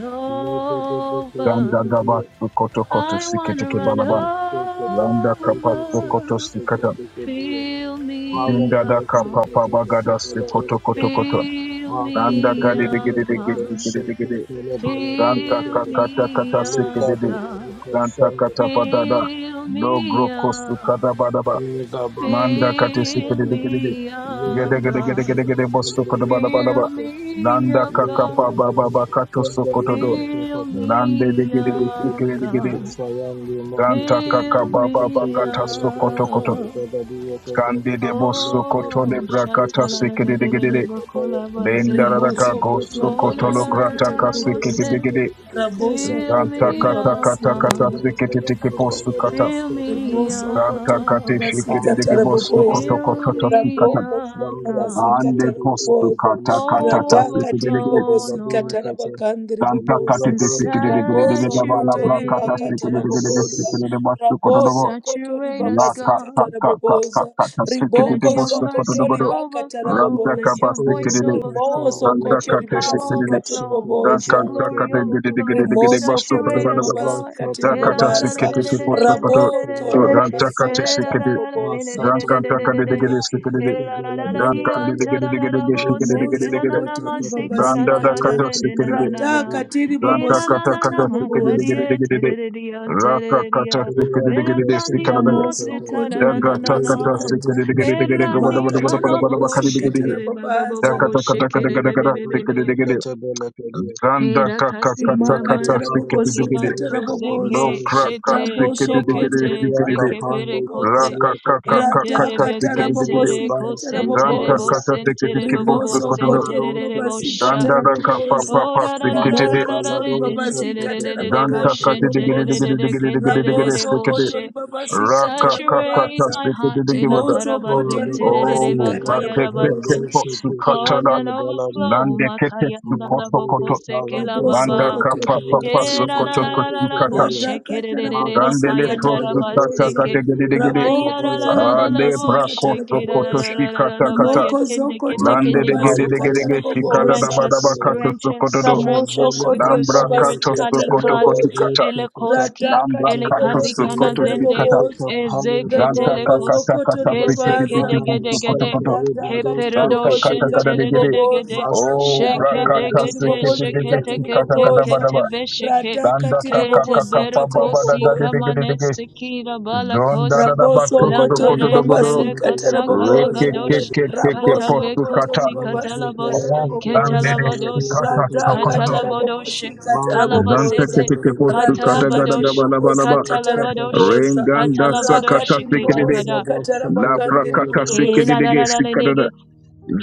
Speaker 3: Landa
Speaker 1: over.
Speaker 4: you.
Speaker 3: Landa koto koto
Speaker 1: I wanna
Speaker 3: siketeke
Speaker 1: run
Speaker 4: Thank
Speaker 3: balaban. Landa kapato koto
Speaker 1: over.
Speaker 3: sikata.
Speaker 1: Fill me
Speaker 3: Zinda Ventakateseketelego.
Speaker 1: up,
Speaker 3: Dontokosukatakakapataba.
Speaker 1: God.
Speaker 3: Gandagabasukotokotosikitekebalaba. Landakapasukotosikata. Vindadakapapabagadasikotokotokota.
Speaker 1: Fill me up, God.
Speaker 3: Nandagadedegededegesikidegede.
Speaker 1: Fill me up,
Speaker 3: Rantakakatakatasikidede.
Speaker 1: God.
Speaker 3: Rantakatapadada.
Speaker 1: Fill me up,
Speaker 3: Logrokosukadabadaba. Manda kate
Speaker 1: fill
Speaker 3: sikede de kede de.
Speaker 1: me up,
Speaker 3: Gede gede gede
Speaker 1: God.
Speaker 3: gede gede bosso kodo bala bala ba.
Speaker 1: Fill me
Speaker 3: Landa
Speaker 1: up,
Speaker 3: kakapa
Speaker 1: God.
Speaker 3: baba bakato sokoto don.
Speaker 1: Fill
Speaker 4: you.
Speaker 3: Lande de
Speaker 1: me
Speaker 3: gede de
Speaker 1: up,
Speaker 3: sikede de gede.
Speaker 1: God.
Speaker 4: Santa Yandi Moko
Speaker 3: Ganta kaka
Speaker 1: Fill
Speaker 4: Sindi
Speaker 3: baba
Speaker 4: Yoko
Speaker 1: me
Speaker 4: Tili
Speaker 3: gata
Speaker 4: Bada
Speaker 3: sokoto
Speaker 4: Dosta
Speaker 3: koto.
Speaker 1: up.
Speaker 4: Bada Diyoko Da
Speaker 3: Kande de bosso
Speaker 4: Yoko
Speaker 3: koto le
Speaker 1: Oh,
Speaker 4: Tili
Speaker 3: brakata
Speaker 4: Kochi
Speaker 3: sikede de
Speaker 4: Kochi
Speaker 3: gede de.
Speaker 4: Yoko Da Yoko Tili
Speaker 3: Lendara
Speaker 1: shatalalalalalabakolabase.
Speaker 3: raka
Speaker 2: Rimoso koto
Speaker 4: Lizo
Speaker 3: gosso
Speaker 1: Oh,
Speaker 3: koto
Speaker 4: Yoko
Speaker 1: la
Speaker 3: lo
Speaker 1: la
Speaker 2: ribabasi
Speaker 1: la
Speaker 2: babasika
Speaker 4: Tili
Speaker 3: grata
Speaker 1: la
Speaker 3: ka
Speaker 1: la,
Speaker 4: Lizo
Speaker 3: sikede
Speaker 2: teraboboza.
Speaker 1: bose.
Speaker 3: de
Speaker 4: Santa
Speaker 3: gede.
Speaker 4: Yoko
Speaker 2: Raboso
Speaker 4: Tili
Speaker 1: Fill
Speaker 2: koto
Speaker 3: Ganta
Speaker 4: Yoko
Speaker 1: me
Speaker 3: kata
Speaker 1: up,
Speaker 2: ribabasi
Speaker 3: kata
Speaker 4: Da
Speaker 2: babasika
Speaker 3: kata
Speaker 4: Lizo
Speaker 1: God.
Speaker 4: Santa
Speaker 3: sikede
Speaker 2: terabogandiri
Speaker 3: teke
Speaker 4: Yoko
Speaker 3: posso
Speaker 4: Pada
Speaker 2: boboza.
Speaker 3: kata.
Speaker 1: Fill
Speaker 4: Dosta Kata
Speaker 1: me
Speaker 2: Rimoso
Speaker 3: Ganta
Speaker 2: kotori
Speaker 3: kate
Speaker 1: up.
Speaker 2: babasika
Speaker 3: shikede
Speaker 4: Ara
Speaker 3: de gede
Speaker 4: Kosta
Speaker 3: bosso
Speaker 4: Kata
Speaker 2: teraboboza.
Speaker 3: koto
Speaker 4: Yoko
Speaker 3: koto
Speaker 1: Fill
Speaker 4: Da
Speaker 3: to
Speaker 1: me
Speaker 3: sikata.
Speaker 2: Raboko
Speaker 1: up,
Speaker 2: zori
Speaker 4: Mawla
Speaker 1: God.
Speaker 2: babasika
Speaker 3: Ande
Speaker 4: Dosta
Speaker 3: postu
Speaker 4: Kata
Speaker 2: teraboboza.
Speaker 3: kata
Speaker 4: Tili Bada
Speaker 3: kata ta
Speaker 2: Radaka
Speaker 4: Dosta
Speaker 2: tiri
Speaker 3: sekedegede.
Speaker 1: Overflow,
Speaker 4: Bada
Speaker 2: bobosika
Speaker 1: Lord,
Speaker 4: Diyoko Da
Speaker 2: terabogandiri
Speaker 3: Danta
Speaker 4: Libra
Speaker 2: boboza.
Speaker 1: and
Speaker 3: katete
Speaker 4: Dosta Bada
Speaker 3: sekedegede
Speaker 2: Raboso
Speaker 3: bala bra
Speaker 2: kotori
Speaker 4: Dosta
Speaker 3: kata
Speaker 2: baka
Speaker 1: saturate
Speaker 4: Kata
Speaker 3: sekedegede
Speaker 4: Bada
Speaker 2: teraboboza.
Speaker 4: Dosta
Speaker 1: us.
Speaker 3: sekedegede bastu
Speaker 2: Raboso
Speaker 3: kotodogo.
Speaker 2: kotori
Speaker 1: Saturate us,
Speaker 3: La ka
Speaker 2: babasika
Speaker 1: God.
Speaker 3: ka ka ka ka
Speaker 2: teraboboza.
Speaker 3: ka ka sekedegede
Speaker 1: Let
Speaker 2: Riboko
Speaker 1: your
Speaker 3: bastu
Speaker 2: zoko
Speaker 1: mercy
Speaker 2: tori
Speaker 3: kotodogodo.
Speaker 2: baka
Speaker 1: overflow.
Speaker 3: Ranta
Speaker 1: Let
Speaker 3: kaba
Speaker 2: teraboboza.
Speaker 1: your
Speaker 4: Thank
Speaker 1: voice
Speaker 3: sekedegede.
Speaker 2: Rimoso
Speaker 1: overflow.
Speaker 3: Ranta
Speaker 1: Let
Speaker 2: koto
Speaker 1: your
Speaker 3: kate
Speaker 1: power
Speaker 2: ribabasika
Speaker 3: sekedegede.
Speaker 1: overflow. Let your
Speaker 2: tiriboboza.
Speaker 3: Ranta
Speaker 1: glory
Speaker 3: kate
Speaker 1: overflow.
Speaker 3: gedegedegede
Speaker 2: Rimoso
Speaker 3: bastu
Speaker 2: koto
Speaker 1: Saturate
Speaker 3: kotodogo.
Speaker 1: us, God.
Speaker 2: ribabasika
Speaker 3: Da kata
Speaker 2: ribabaza.
Speaker 3: sekedegede bastu
Speaker 2: Rabo
Speaker 3: kotodogo.
Speaker 2: koto
Speaker 3: Danta kate
Speaker 2: ribasaka
Speaker 1: Erani
Speaker 3: sekedegede.
Speaker 2: taraboboza.
Speaker 3: Danta kate
Speaker 2: Ataka
Speaker 3: sekedegede. Danta
Speaker 2: tiribobosika.
Speaker 3: kate
Speaker 2: Rimoso
Speaker 3: sekedegede.
Speaker 2: koto
Speaker 3: Danda
Speaker 2: ribabasika
Speaker 3: da
Speaker 2: ta.
Speaker 3: kata sikiride.
Speaker 2: Rataka
Speaker 3: zanta kata
Speaker 2: tiribobosika
Speaker 3: kata sikiride
Speaker 2: taraboboza.
Speaker 3: giride giride. Raka kata sikiride giride sikana da.
Speaker 2: Ramoso koto
Speaker 3: Daga ta kata
Speaker 2: ribabasika ta.
Speaker 3: sikiride giride giride gabada bada
Speaker 2: Ribaka
Speaker 3: bada bada
Speaker 1: kaba
Speaker 3: bada
Speaker 1: bobo
Speaker 3: bakari de
Speaker 2: tarabobosika
Speaker 3: giride.
Speaker 1: şekere baba
Speaker 3: Da
Speaker 2: tarababaza.
Speaker 1: bobo
Speaker 3: kata kata kata
Speaker 1: şekere
Speaker 3: gada gada
Speaker 1: bebe bebe
Speaker 3: sikiride giride.
Speaker 4: you.
Speaker 3: Randa
Speaker 1: Hera
Speaker 3: kaka kata
Speaker 1: kasita
Speaker 3: kata
Speaker 2: rimakatara
Speaker 1: mandi
Speaker 4: Lakubara
Speaker 1: koli
Speaker 3: sikiride
Speaker 2: bobosi
Speaker 3: giride.
Speaker 4: Sataya
Speaker 1: banto
Speaker 2: katara
Speaker 4: Kapala
Speaker 1: zeke
Speaker 3: No
Speaker 2: boboza
Speaker 4: Desa,
Speaker 3: kraka
Speaker 1: shete
Speaker 3: sikiride
Speaker 2: raboso koto
Speaker 3: giride
Speaker 1: shekete
Speaker 4: Mazulia
Speaker 3: sikiride.
Speaker 1: steke
Speaker 2: rimakatara
Speaker 1: pere
Speaker 4: Kapande
Speaker 2: boboza
Speaker 1: koste
Speaker 3: Raka
Speaker 4: Kitilia Kata,
Speaker 3: kaka kaka
Speaker 2: rata
Speaker 1: kentere
Speaker 3: kata
Speaker 2: katara
Speaker 3: sikiride giride.
Speaker 4: Mazili
Speaker 1: bestentere
Speaker 2: bobosi
Speaker 4: Bana
Speaker 2: katara
Speaker 4: Kaya
Speaker 1: kosentere
Speaker 3: Ranta
Speaker 4: Bala
Speaker 2: boboza
Speaker 3: kata
Speaker 4: Desa,
Speaker 3: sikiride
Speaker 1: bosentere
Speaker 3: kipo
Speaker 4: Kitilia
Speaker 1: bobo
Speaker 4: Kata
Speaker 2: rimoso
Speaker 3: sukotodo.
Speaker 4: Bala
Speaker 2: koto
Speaker 1: sentere
Speaker 4: Desa,
Speaker 1: re
Speaker 2: ribabasi
Speaker 1: bosha
Speaker 3: Danda
Speaker 2: katara
Speaker 3: da
Speaker 4: Kitilia
Speaker 3: kapa
Speaker 4: Kata,
Speaker 2: boboza
Speaker 3: papa
Speaker 1: ora ra ra ra
Speaker 3: sikiride.
Speaker 1: ra ra
Speaker 2: rimoko
Speaker 1: ra
Speaker 4: Lakubala
Speaker 2: zori
Speaker 1: re
Speaker 4: Desa,
Speaker 2: babasi
Speaker 1: entere re re
Speaker 2: katara
Speaker 4: Kitilia
Speaker 3: Janta
Speaker 2: bagandi
Speaker 3: kati
Speaker 4: Kata,
Speaker 3: digi digi
Speaker 1: boshentere re
Speaker 3: digi
Speaker 2: riboboza
Speaker 3: digi digi digi digi
Speaker 1: kendere re
Speaker 3: digi
Speaker 2: raboso
Speaker 3: sikidi.
Speaker 2: koto
Speaker 1: boshe
Speaker 2: ribabasi
Speaker 3: Raka
Speaker 2: katara
Speaker 3: kaka
Speaker 1: saturate
Speaker 3: tas
Speaker 2: babaza
Speaker 1: my
Speaker 3: digi digi
Speaker 1: heart
Speaker 3: digi
Speaker 1: ela
Speaker 3: wada.
Speaker 2: rimoso
Speaker 4: Ola
Speaker 2: koto
Speaker 4: Baka
Speaker 1: karabazentere re re
Speaker 2: ribabasi
Speaker 3: Oh,
Speaker 4: Kandala
Speaker 2: katara
Speaker 1: bakaya
Speaker 3: bate
Speaker 4: Kapala
Speaker 3: keke
Speaker 1: rabasa
Speaker 2: boboza
Speaker 4: Desa,
Speaker 3: potsu
Speaker 1: cause
Speaker 4: Kitilia
Speaker 3: katala.
Speaker 1: an
Speaker 4: Kata Bala
Speaker 1: overflow
Speaker 4: Desa,
Speaker 3: Lande keke su
Speaker 1: makayanda la
Speaker 3: koto koto.
Speaker 4: Mazili
Speaker 1: bokose
Speaker 4: Kava
Speaker 1: kela
Speaker 3: Manda
Speaker 1: baba
Speaker 4: Sataya
Speaker 2: Rabosokoto
Speaker 3: kapa
Speaker 4: Kataya
Speaker 3: papa su
Speaker 1: Era
Speaker 4: Katala
Speaker 1: la
Speaker 3: koto
Speaker 1: la
Speaker 2: ribobosikata.
Speaker 1: la la la
Speaker 3: koto
Speaker 1: la bo
Speaker 3: kata.
Speaker 4: Kutilia,
Speaker 1: shekere
Speaker 2: Radakata
Speaker 1: de de de la
Speaker 3: Dandele
Speaker 4: Mazuka
Speaker 2: rabobosikata
Speaker 1: kayandara
Speaker 4: Pali
Speaker 3: prosu tata
Speaker 4: Kosi
Speaker 2: raboboza.
Speaker 1: baseke.
Speaker 3: kate gidi
Speaker 4: Kitilia
Speaker 3: digi di.
Speaker 4: Bana
Speaker 1: Ayara
Speaker 4: Kaya
Speaker 1: la
Speaker 2: Rabokozo
Speaker 1: la
Speaker 4: Kata,
Speaker 1: la la
Speaker 3: Ale
Speaker 1: bo
Speaker 3: bra
Speaker 2: ribobasikata
Speaker 3: koto
Speaker 1: shake la la
Speaker 3: koto
Speaker 1: la
Speaker 3: shi
Speaker 2: raboboza.
Speaker 1: la la la
Speaker 3: kata
Speaker 1: la
Speaker 3: kata.
Speaker 1: shake Ayalalalalalabo, shekelalalalalalalaba,
Speaker 2: Rimokozokoto
Speaker 3: Lande digi digi digi
Speaker 1: yetendeketekendibatokos.
Speaker 2: ribobasikata
Speaker 3: digi shikada
Speaker 2: raboboza.
Speaker 1: Drench
Speaker 3: daba daba
Speaker 1: us,
Speaker 4: Makapalikushilibanathaya.
Speaker 3: kato
Speaker 1: drench
Speaker 3: su koto
Speaker 1: us,
Speaker 3: do.
Speaker 1: drench
Speaker 2: Ramoso
Speaker 1: us with
Speaker 2: kotori
Speaker 1: your
Speaker 3: Lambra
Speaker 1: spirit,
Speaker 3: kato su
Speaker 2: ribobasikata
Speaker 3: koto
Speaker 1: Halikaz,
Speaker 3: koto
Speaker 2: raboboza.
Speaker 3: kata.
Speaker 4: Mazilekapanilikushilibanathaya.
Speaker 1: Elekoski,
Speaker 3: Lambra
Speaker 2: Radakati
Speaker 3: kato
Speaker 1: Elekazi
Speaker 4: Mazanta
Speaker 3: su
Speaker 1: kana
Speaker 3: koto
Speaker 2: ribobosikata
Speaker 3: shi
Speaker 1: zendes
Speaker 3: kata.
Speaker 2: raboboza.
Speaker 4: yendeketekapalya
Speaker 3: Zanta
Speaker 4: bagalade.
Speaker 3: kaka
Speaker 1: Ezeketelekos,
Speaker 3: taka
Speaker 2: Ramokozokoto
Speaker 3: tasikiti diki
Speaker 2: ribobaza.
Speaker 4: Lekopana
Speaker 3: fusu koto
Speaker 1: Kesekedegedegede,
Speaker 4: mastanta
Speaker 3: koto.
Speaker 2: Rata katiri
Speaker 4: yebradote
Speaker 3: Zanta
Speaker 2: bobozi
Speaker 3: kata
Speaker 1: Keperodoshen
Speaker 4: kekelya
Speaker 3: kata
Speaker 2: katiri
Speaker 4: gada.
Speaker 3: digidi.
Speaker 1: Teledegede,
Speaker 2: boboza.
Speaker 3: Oh,
Speaker 2: Rata
Speaker 3: brakata
Speaker 2: katiri
Speaker 4: Mazilekapaladote
Speaker 1: Shekedegede,
Speaker 3: sikiti
Speaker 2: bobozi
Speaker 4: kekelya
Speaker 3: digi
Speaker 2: katiri
Speaker 4: gada
Speaker 3: kata
Speaker 1: Sheketekete,
Speaker 4: gada.
Speaker 3: kata
Speaker 2: boboza.
Speaker 3: bada ba.
Speaker 1: Ketebesheke,
Speaker 2: Rata
Speaker 3: Zanda
Speaker 2: katiri
Speaker 3: kaka kaka
Speaker 2: bobozi
Speaker 3: paba
Speaker 2: katiri
Speaker 3: bada
Speaker 1: Keteberokosi,
Speaker 3: gadi
Speaker 2: boboza.
Speaker 3: digidi digi.
Speaker 1: Kamanesekira
Speaker 3: Zonda da da ba
Speaker 2: Raboso
Speaker 1: La
Speaker 4: Ora
Speaker 2: kotori
Speaker 3: koto
Speaker 4: barada
Speaker 3: dogo do.
Speaker 2: babasi
Speaker 1: carentele
Speaker 4: sende
Speaker 2: katiri
Speaker 1: casa
Speaker 3: Reke
Speaker 2: boboza.
Speaker 3: ke
Speaker 4: leketekapala
Speaker 1: calagados,
Speaker 3: ke
Speaker 4: dote
Speaker 3: ke ke
Speaker 4: keke.
Speaker 2: Raboso
Speaker 3: fusu kata.
Speaker 2: kotori
Speaker 1: catalecossi
Speaker 2: babasi
Speaker 4: Mazata
Speaker 1: catalabos,
Speaker 2: katiri
Speaker 3: Oh,
Speaker 4: yeketekada
Speaker 3: zande
Speaker 2: boboza.
Speaker 3: de
Speaker 4: bala
Speaker 1: ketalabados,
Speaker 4: dote
Speaker 3: sikata
Speaker 2: Rata
Speaker 3: sokoto
Speaker 4: kekelya
Speaker 3: do.
Speaker 2: katiri
Speaker 4: gada.
Speaker 1: catalabados,
Speaker 2: bobozi katiri
Speaker 4: Mango
Speaker 3: Zanta
Speaker 2: boboza.
Speaker 3: ke
Speaker 4: Vishana
Speaker 1: calabasete,
Speaker 3: ke ke
Speaker 4: Yoko
Speaker 3: fusu
Speaker 2: Rata
Speaker 3: kata
Speaker 4: Koko
Speaker 3: gada
Speaker 2: katiri
Speaker 1: catalabados,
Speaker 4: Kolo
Speaker 3: gaba laba
Speaker 2: bobozi
Speaker 3: laba.
Speaker 4: Bhagavani
Speaker 2: katiri
Speaker 4: Sapa
Speaker 1: catalabados,
Speaker 2: boboza.
Speaker 4: Bhagavani
Speaker 3: Renganda
Speaker 4: Yoko
Speaker 1: catalabados,
Speaker 3: sakata
Speaker 2: Rakatiri
Speaker 3: sikiti di.
Speaker 2: bobozi
Speaker 4: Lambda
Speaker 1: ketacada,
Speaker 2: katiri
Speaker 3: La
Speaker 4: Bhakshata
Speaker 2: bagandiri
Speaker 4: Bhagavani
Speaker 3: prakata
Speaker 4: Yoko
Speaker 3: sikiti
Speaker 2: boboza.
Speaker 1: kela la la la
Speaker 3: digi
Speaker 1: leges,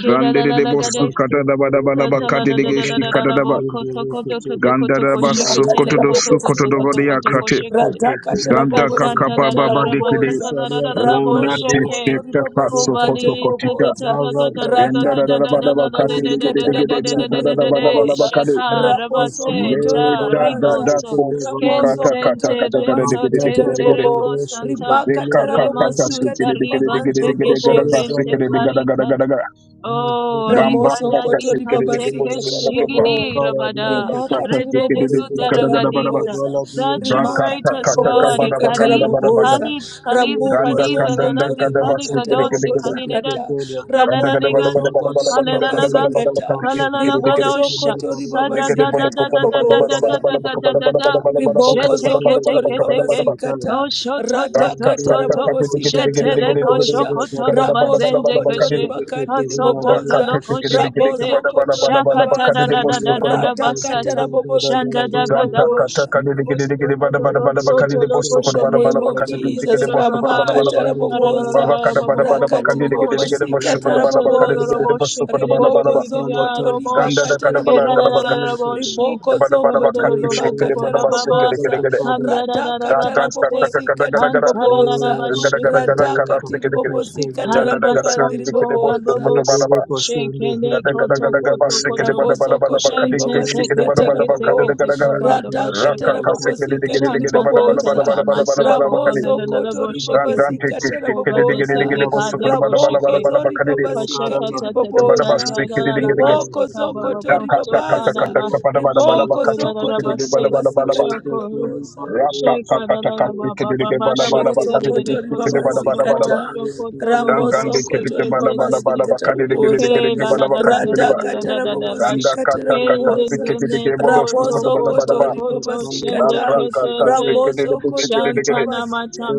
Speaker 1: kela la la la
Speaker 4: Lambda
Speaker 1: gades,
Speaker 4: Bhakshata
Speaker 3: sukatadabalaba
Speaker 4: Yoko
Speaker 1: catala la la
Speaker 4: Kala
Speaker 3: kadege
Speaker 1: la la la la
Speaker 4: Bhagavata
Speaker 1: la
Speaker 3: shikatadaba
Speaker 4: Sindhu
Speaker 1: koto
Speaker 4: Yoko
Speaker 1: koto koto
Speaker 4: Chedya
Speaker 1: koto
Speaker 3: gandaraba
Speaker 4: Mango
Speaker 2: rimakata
Speaker 1: kosheketele
Speaker 3: sukotodo
Speaker 1: koto
Speaker 4: Bhakshata
Speaker 1: koto
Speaker 3: sukotodo
Speaker 1: koto
Speaker 2: rabobosikata
Speaker 4: Yoko
Speaker 3: godia krate
Speaker 4: Adhika
Speaker 1: koto
Speaker 4: Soko
Speaker 2: radhakata
Speaker 4: Kolo
Speaker 3: zanda
Speaker 4: Bhagavani
Speaker 3: kakaba
Speaker 2: rabobosikata
Speaker 3: baba
Speaker 4: Mango
Speaker 3: dekede
Speaker 2: raboboza
Speaker 4: Shalya
Speaker 3: o la
Speaker 4: Kala Dosta
Speaker 1: Kasatalarabasakalarabashake.
Speaker 2: rabozokoto
Speaker 3: tete
Speaker 4: Koko
Speaker 3: kaka
Speaker 4: Yoko
Speaker 2: ribabasikata
Speaker 3: sokoto
Speaker 4: Chedya
Speaker 1: Kobali
Speaker 3: kotika
Speaker 2: riboboza
Speaker 4: Mango
Speaker 3: zenda da
Speaker 4: Bhakshata
Speaker 3: da da
Speaker 2: radhakata
Speaker 3: ba da
Speaker 4: Kala
Speaker 3: ba kate
Speaker 4: Kosta
Speaker 3: dege
Speaker 2: rabobosikata
Speaker 3: dege
Speaker 4: Koko
Speaker 3: dege
Speaker 4: Yoko
Speaker 2: rabagandhi
Speaker 3: sukada da ba da ba
Speaker 4: Bhagavani
Speaker 3: da ba
Speaker 2: riboboza
Speaker 3: kade
Speaker 4: Mango Shalya
Speaker 2: rabosokoto
Speaker 1: Shakarabasenta
Speaker 4: Kala
Speaker 3: le da
Speaker 4: Dosta
Speaker 3: da
Speaker 2: ribabaza
Speaker 3: da
Speaker 1: Riboso
Speaker 4: Koko
Speaker 3: ko
Speaker 4: Yoko
Speaker 3: sukata
Speaker 4: Bhagavani
Speaker 3: kata
Speaker 2: rabosokoto
Speaker 3: kata
Speaker 1: Kensente
Speaker 3: kata gada
Speaker 1: Rento
Speaker 3: dege dege dege
Speaker 2: ribabasikata
Speaker 4: Mazdaka
Speaker 3: dege
Speaker 1: Tente
Speaker 3: de gede
Speaker 2: rabobo
Speaker 1: Reco
Speaker 4: Yagodesha
Speaker 1: Santa
Speaker 3: ve
Speaker 2: rimakata
Speaker 4: Kotelia
Speaker 3: kaka kata
Speaker 4: Gadana
Speaker 1: Remansuta
Speaker 2: rabobosikati
Speaker 3: sukede dege dege dege
Speaker 2: ribagandhi
Speaker 1: Ribante
Speaker 3: dege
Speaker 4: Mazdoko
Speaker 3: dege gada ba
Speaker 4: Telia
Speaker 2: riboboza
Speaker 1: Keshekente
Speaker 3: sukede dege gada
Speaker 4: Baladosa
Speaker 3: gada
Speaker 1: Parita
Speaker 3: gada gada
Speaker 1: Oh,
Speaker 4: Mazdoko
Speaker 3: gamba
Speaker 2: Ramoso
Speaker 1: rikanda
Speaker 3: kata
Speaker 1: di
Speaker 2: kotori
Speaker 3: sukede
Speaker 4: Kotelia
Speaker 3: dege
Speaker 1: kante
Speaker 3: bo
Speaker 2: babasika
Speaker 3: sukoto
Speaker 4: Baladosa
Speaker 3: pa
Speaker 2: tarabobo.
Speaker 1: keshigidi
Speaker 4: Kaparadia
Speaker 1: rabada.
Speaker 4: Kote
Speaker 2: Rimaka
Speaker 1: Rete di
Speaker 2: tiribobosika
Speaker 1: zuta
Speaker 4: Ligadesha
Speaker 1: ragadisa.
Speaker 2: taraboboza.
Speaker 4: Kabaladia Kote
Speaker 3: Ganaka
Speaker 2: Rimaka
Speaker 1: Saturate
Speaker 3: kaka
Speaker 1: us,
Speaker 3: kaka
Speaker 1: God. E
Speaker 4: Mazdaka
Speaker 3: bara
Speaker 2: tarabobosika
Speaker 3: bara kanda
Speaker 1: Khalid,
Speaker 3: bara bara.
Speaker 4: Kotelia
Speaker 2: taraboboza.
Speaker 1: Khalid, Khalid,
Speaker 2: Ramboko
Speaker 3: Ganda
Speaker 1: Khalid,
Speaker 3: ganda
Speaker 4: Ligadesha
Speaker 2: zokoto
Speaker 1: Lalazi,
Speaker 3: ganda bara
Speaker 4: Kotelia
Speaker 1: Khalid,
Speaker 2: ribaka
Speaker 3: sikiri
Speaker 1: Kados,
Speaker 3: giri gira.
Speaker 2: tarabobosika
Speaker 4: Baladosa
Speaker 1: Khalidans,
Speaker 2: kata.
Speaker 4: Kotelia
Speaker 3: Ganda bara
Speaker 2: Raboko
Speaker 3: bara
Speaker 1: Kalaligans,
Speaker 3: bara bara bara
Speaker 2: zokoto
Speaker 4: Yogabaska
Speaker 3: bara bara
Speaker 2: ribabasika
Speaker 1: Kalalalagans,
Speaker 4: Kayanda
Speaker 3: bara
Speaker 2: kata.
Speaker 3: kati sikiri giri
Speaker 2: Rimoso
Speaker 4: Kotelia
Speaker 1: Kalalagadosha.
Speaker 2: kotori
Speaker 1: Da da da
Speaker 2: babasika
Speaker 1: da
Speaker 4: Baladosa
Speaker 1: da da da da da da
Speaker 2: taraboboza.
Speaker 1: da da
Speaker 4: Mazdaka
Speaker 1: da da da.
Speaker 4: Yagodesha
Speaker 2: Riboko
Speaker 1: Jete ke
Speaker 4: Kotelia
Speaker 1: te
Speaker 2: zokoto
Speaker 1: ke te
Speaker 2: ribaba
Speaker 1: ke.
Speaker 4: Baladia Kote
Speaker 2: sikata
Speaker 1: Oh, shoto
Speaker 4: Thank
Speaker 1: to
Speaker 2: rada
Speaker 1: to
Speaker 2: kata
Speaker 1: to to.
Speaker 2: rabobo sikata
Speaker 1: Shete
Speaker 3: giri
Speaker 1: de
Speaker 3: giri
Speaker 1: ko
Speaker 3: giri
Speaker 2: raboboza
Speaker 3: giri
Speaker 1: shoko
Speaker 3: sikira
Speaker 1: tolo
Speaker 3: bara bara bara bara bara kati. Gakakakakati giri giri giri giri giri giri sikira bara bara bara
Speaker 2: raboso
Speaker 3: bara
Speaker 1: bazende
Speaker 3: bara
Speaker 2: koto
Speaker 3: kati.
Speaker 2: ribakandi
Speaker 1: Kasototo
Speaker 2: riboboza
Speaker 3: Gakakakati
Speaker 1: loko
Speaker 3: giri giri gira
Speaker 1: shekete
Speaker 2: raboso
Speaker 3: bara bara
Speaker 2: koto
Speaker 3: bara bara bara
Speaker 1: shakata da
Speaker 3: kati
Speaker 2: ribabaza
Speaker 1: da da da da
Speaker 3: posko.
Speaker 1: da
Speaker 2: rada kata
Speaker 1: basata
Speaker 2: rabobo
Speaker 1: shanda
Speaker 2: sikati
Speaker 1: da ga
Speaker 3: Zanta
Speaker 1: da
Speaker 3: kata
Speaker 1: bosh
Speaker 2: riboboza
Speaker 3: kali digi digi digi
Speaker 1: Kostoko
Speaker 3: bada bada
Speaker 1: dolo
Speaker 3: bada bakali
Speaker 1: soto
Speaker 3: de
Speaker 1: loko
Speaker 3: bosu
Speaker 2: in
Speaker 3: kodo
Speaker 2: the
Speaker 3: bada
Speaker 1: shoko
Speaker 3: bada
Speaker 2: name
Speaker 1: toko
Speaker 2: of
Speaker 3: bakali
Speaker 1: tu tu
Speaker 3: digi
Speaker 1: tu tu
Speaker 3: digi
Speaker 1: tu
Speaker 3: de
Speaker 2: Jesus,
Speaker 1: tu tu
Speaker 3: bosu
Speaker 1: tu
Speaker 3: kodo bada
Speaker 2: Ramaka
Speaker 3: bada
Speaker 1: bash
Speaker 3: ba.
Speaker 1: Ara ra ra ra
Speaker 3: Baba
Speaker 2: Ramakatarabobosa,
Speaker 1: ra
Speaker 3: kada
Speaker 1: ba ba
Speaker 3: bada
Speaker 1: ba
Speaker 3: bada
Speaker 1: ba ba ba
Speaker 3: bakali
Speaker 1: ba ba
Speaker 3: digi digi
Speaker 1: bosh
Speaker 3: digi de
Speaker 2: Rakatiribobosi
Speaker 3: bosu kodo bada
Speaker 1: Kanta da da
Speaker 3: bakali
Speaker 1: da
Speaker 3: digi
Speaker 1: da
Speaker 3: digi
Speaker 2: Katarabobosa,
Speaker 3: de
Speaker 1: bosh
Speaker 3: bosu kodo
Speaker 1: shekiri
Speaker 3: bada
Speaker 1: da da
Speaker 3: bada
Speaker 1: da
Speaker 2: Riboko
Speaker 3: ba.
Speaker 1: da
Speaker 2: zoko
Speaker 1: da da
Speaker 2: Zokoto
Speaker 1: ro
Speaker 3: Ganda da
Speaker 1: bosh
Speaker 3: kada
Speaker 1: Era
Speaker 3: bada
Speaker 1: da
Speaker 3: kada
Speaker 1: da da
Speaker 2: Ribakatarabobosa,
Speaker 3: bakali
Speaker 1: da boshi
Speaker 3: de
Speaker 2: Riboko
Speaker 3: bada bada
Speaker 2: zoko
Speaker 1: Kondo do
Speaker 2: Zokoto
Speaker 1: do
Speaker 3: bakati
Speaker 1: do bo
Speaker 3: shiki
Speaker 1: bo
Speaker 3: de
Speaker 1: bo
Speaker 3: bada
Speaker 1: ba ba
Speaker 3: basi
Speaker 1: ba
Speaker 3: kede kede
Speaker 2: Ribakatarabobosa,
Speaker 3: de
Speaker 4: you.
Speaker 1: Kanda da da da da
Speaker 3: Ganta
Speaker 1: baste
Speaker 3: kata
Speaker 2: Radakatarabobosi
Speaker 3: kada kada kada
Speaker 1: Kanta
Speaker 4: Thank
Speaker 1: da da da
Speaker 2: Katiribobosa,
Speaker 1: bash
Speaker 3: kada kada kada kada shiki de kede.
Speaker 2: Radakatiribobosi
Speaker 3: Ya kada kada kada
Speaker 1: Karibasonto
Speaker 3: shiki de bosu
Speaker 2: Katarabagandiribobosa.
Speaker 3: kodo
Speaker 1: babobos
Speaker 3: bada ba.
Speaker 1: shekene
Speaker 3: Kada kada
Speaker 1: koto
Speaker 3: kada kada
Speaker 1: koto
Speaker 3: basi kede
Speaker 1: koto
Speaker 3: bada bada
Speaker 2: Raboso
Speaker 3: bada
Speaker 2: kotori
Speaker 3: bakali
Speaker 1: shente
Speaker 2: baba
Speaker 3: shiki de
Speaker 1: teke
Speaker 3: bada bada
Speaker 2: sikatara
Speaker 1: teke
Speaker 2: bobo.
Speaker 3: bakali
Speaker 1: teke
Speaker 3: de kada
Speaker 1: teke
Speaker 3: kada.
Speaker 1: obado
Speaker 2: Radaka
Speaker 3: Rakka
Speaker 2: tara
Speaker 1: bashekata
Speaker 3: kassa
Speaker 2: bobo
Speaker 3: kide kide kide
Speaker 2: sikatiri
Speaker 3: kide
Speaker 1: shanta
Speaker 3: bada
Speaker 1: tan
Speaker 3: bada
Speaker 1: tan
Speaker 3: bada
Speaker 2: boboza.
Speaker 3: bada
Speaker 1: tan
Speaker 3: bada bada bada
Speaker 1: masoko
Speaker 3: bakadi.
Speaker 2: Ramoso
Speaker 1: polelelele
Speaker 2: kotori baba
Speaker 1: bosheke
Speaker 3: Rang rang teke
Speaker 2: sikatara
Speaker 1: suko
Speaker 3: teke kide
Speaker 1: bade
Speaker 3: kide kide
Speaker 2: boboza.
Speaker 1: tete
Speaker 3: kide bosku
Speaker 1: kade
Speaker 3: kutu bada bada
Speaker 1: kosheke
Speaker 3: bada
Speaker 2: Raboko
Speaker 3: bada
Speaker 2: zori
Speaker 3: bakadi.
Speaker 2: baba
Speaker 1: pasheka
Speaker 2: sikatiri
Speaker 1: tete
Speaker 3: Te bada
Speaker 1: tete
Speaker 2: boboza.
Speaker 3: basta
Speaker 1: la
Speaker 3: kide
Speaker 1: la
Speaker 3: kide
Speaker 1: la
Speaker 3: kide kide.
Speaker 1: baste
Speaker 2: Rimoko
Speaker 1: kaba
Speaker 2: zoko tori
Speaker 3: Rakka
Speaker 1: babosto
Speaker 3: katta katta
Speaker 1: kada
Speaker 2: babaza.
Speaker 1: ba
Speaker 3: katta bada bada bada
Speaker 2: Riboko
Speaker 1: sheke
Speaker 3: bakati
Speaker 1: la la
Speaker 3: te
Speaker 2: zoko
Speaker 1: la
Speaker 3: kide kide
Speaker 2: tori
Speaker 3: bada
Speaker 1: baste
Speaker 2: baba
Speaker 3: bada bada ba.
Speaker 2: sikatiri boboza.
Speaker 3: Rakka katta katta
Speaker 4: you.
Speaker 3: teke teke
Speaker 1: Shekarababa
Speaker 3: bada
Speaker 4: We will
Speaker 3: bada bada
Speaker 4: be
Speaker 2: Ramoso
Speaker 3: bakadi te
Speaker 1: shekerere
Speaker 3: kide kide
Speaker 2: kotori
Speaker 3: kide
Speaker 1: koso
Speaker 3: kide
Speaker 4: able
Speaker 2: baba
Speaker 1: koto
Speaker 4: to
Speaker 3: bada bakati
Speaker 4: see
Speaker 3: ba.
Speaker 2: sikata.
Speaker 1: kosho koto
Speaker 4: the
Speaker 3: Rang
Speaker 1: lorobo
Speaker 3: rang
Speaker 2: Ramoso
Speaker 3: teke teke
Speaker 2: kotori
Speaker 3: bada
Speaker 2: baba
Speaker 3: bada
Speaker 1: seketetete.
Speaker 3: bada
Speaker 2: sikata
Speaker 3: bakadi te kide kide
Speaker 2: boboza.
Speaker 3: kide kide
Speaker 1: Kela
Speaker 3: bada
Speaker 1: da da da da
Speaker 3: bakati
Speaker 1: da
Speaker 2: Rada
Speaker 3: ba.
Speaker 1: da da da
Speaker 2: katara
Speaker 1: da da
Speaker 2: bobo
Speaker 1: bash.
Speaker 3: Rangda
Speaker 2: sikata
Speaker 3: katta katta teke
Speaker 2: boboza.
Speaker 1: Endendene
Speaker 3: teke bosku
Speaker 1: koto
Speaker 3: kutu
Speaker 2: Ramoso
Speaker 3: bada
Speaker 1: koto
Speaker 3: bada ba.
Speaker 2: kotori
Speaker 1: koto
Speaker 2: baba
Speaker 1: shende
Speaker 3: Nakka
Speaker 2: sikata.
Speaker 3: katta
Speaker 1: ketete.
Speaker 3: teke kide
Speaker 2: Ramoso
Speaker 3: kide kide
Speaker 2: kotori
Speaker 3: kide.
Speaker 1: Shantana
Speaker 2: baba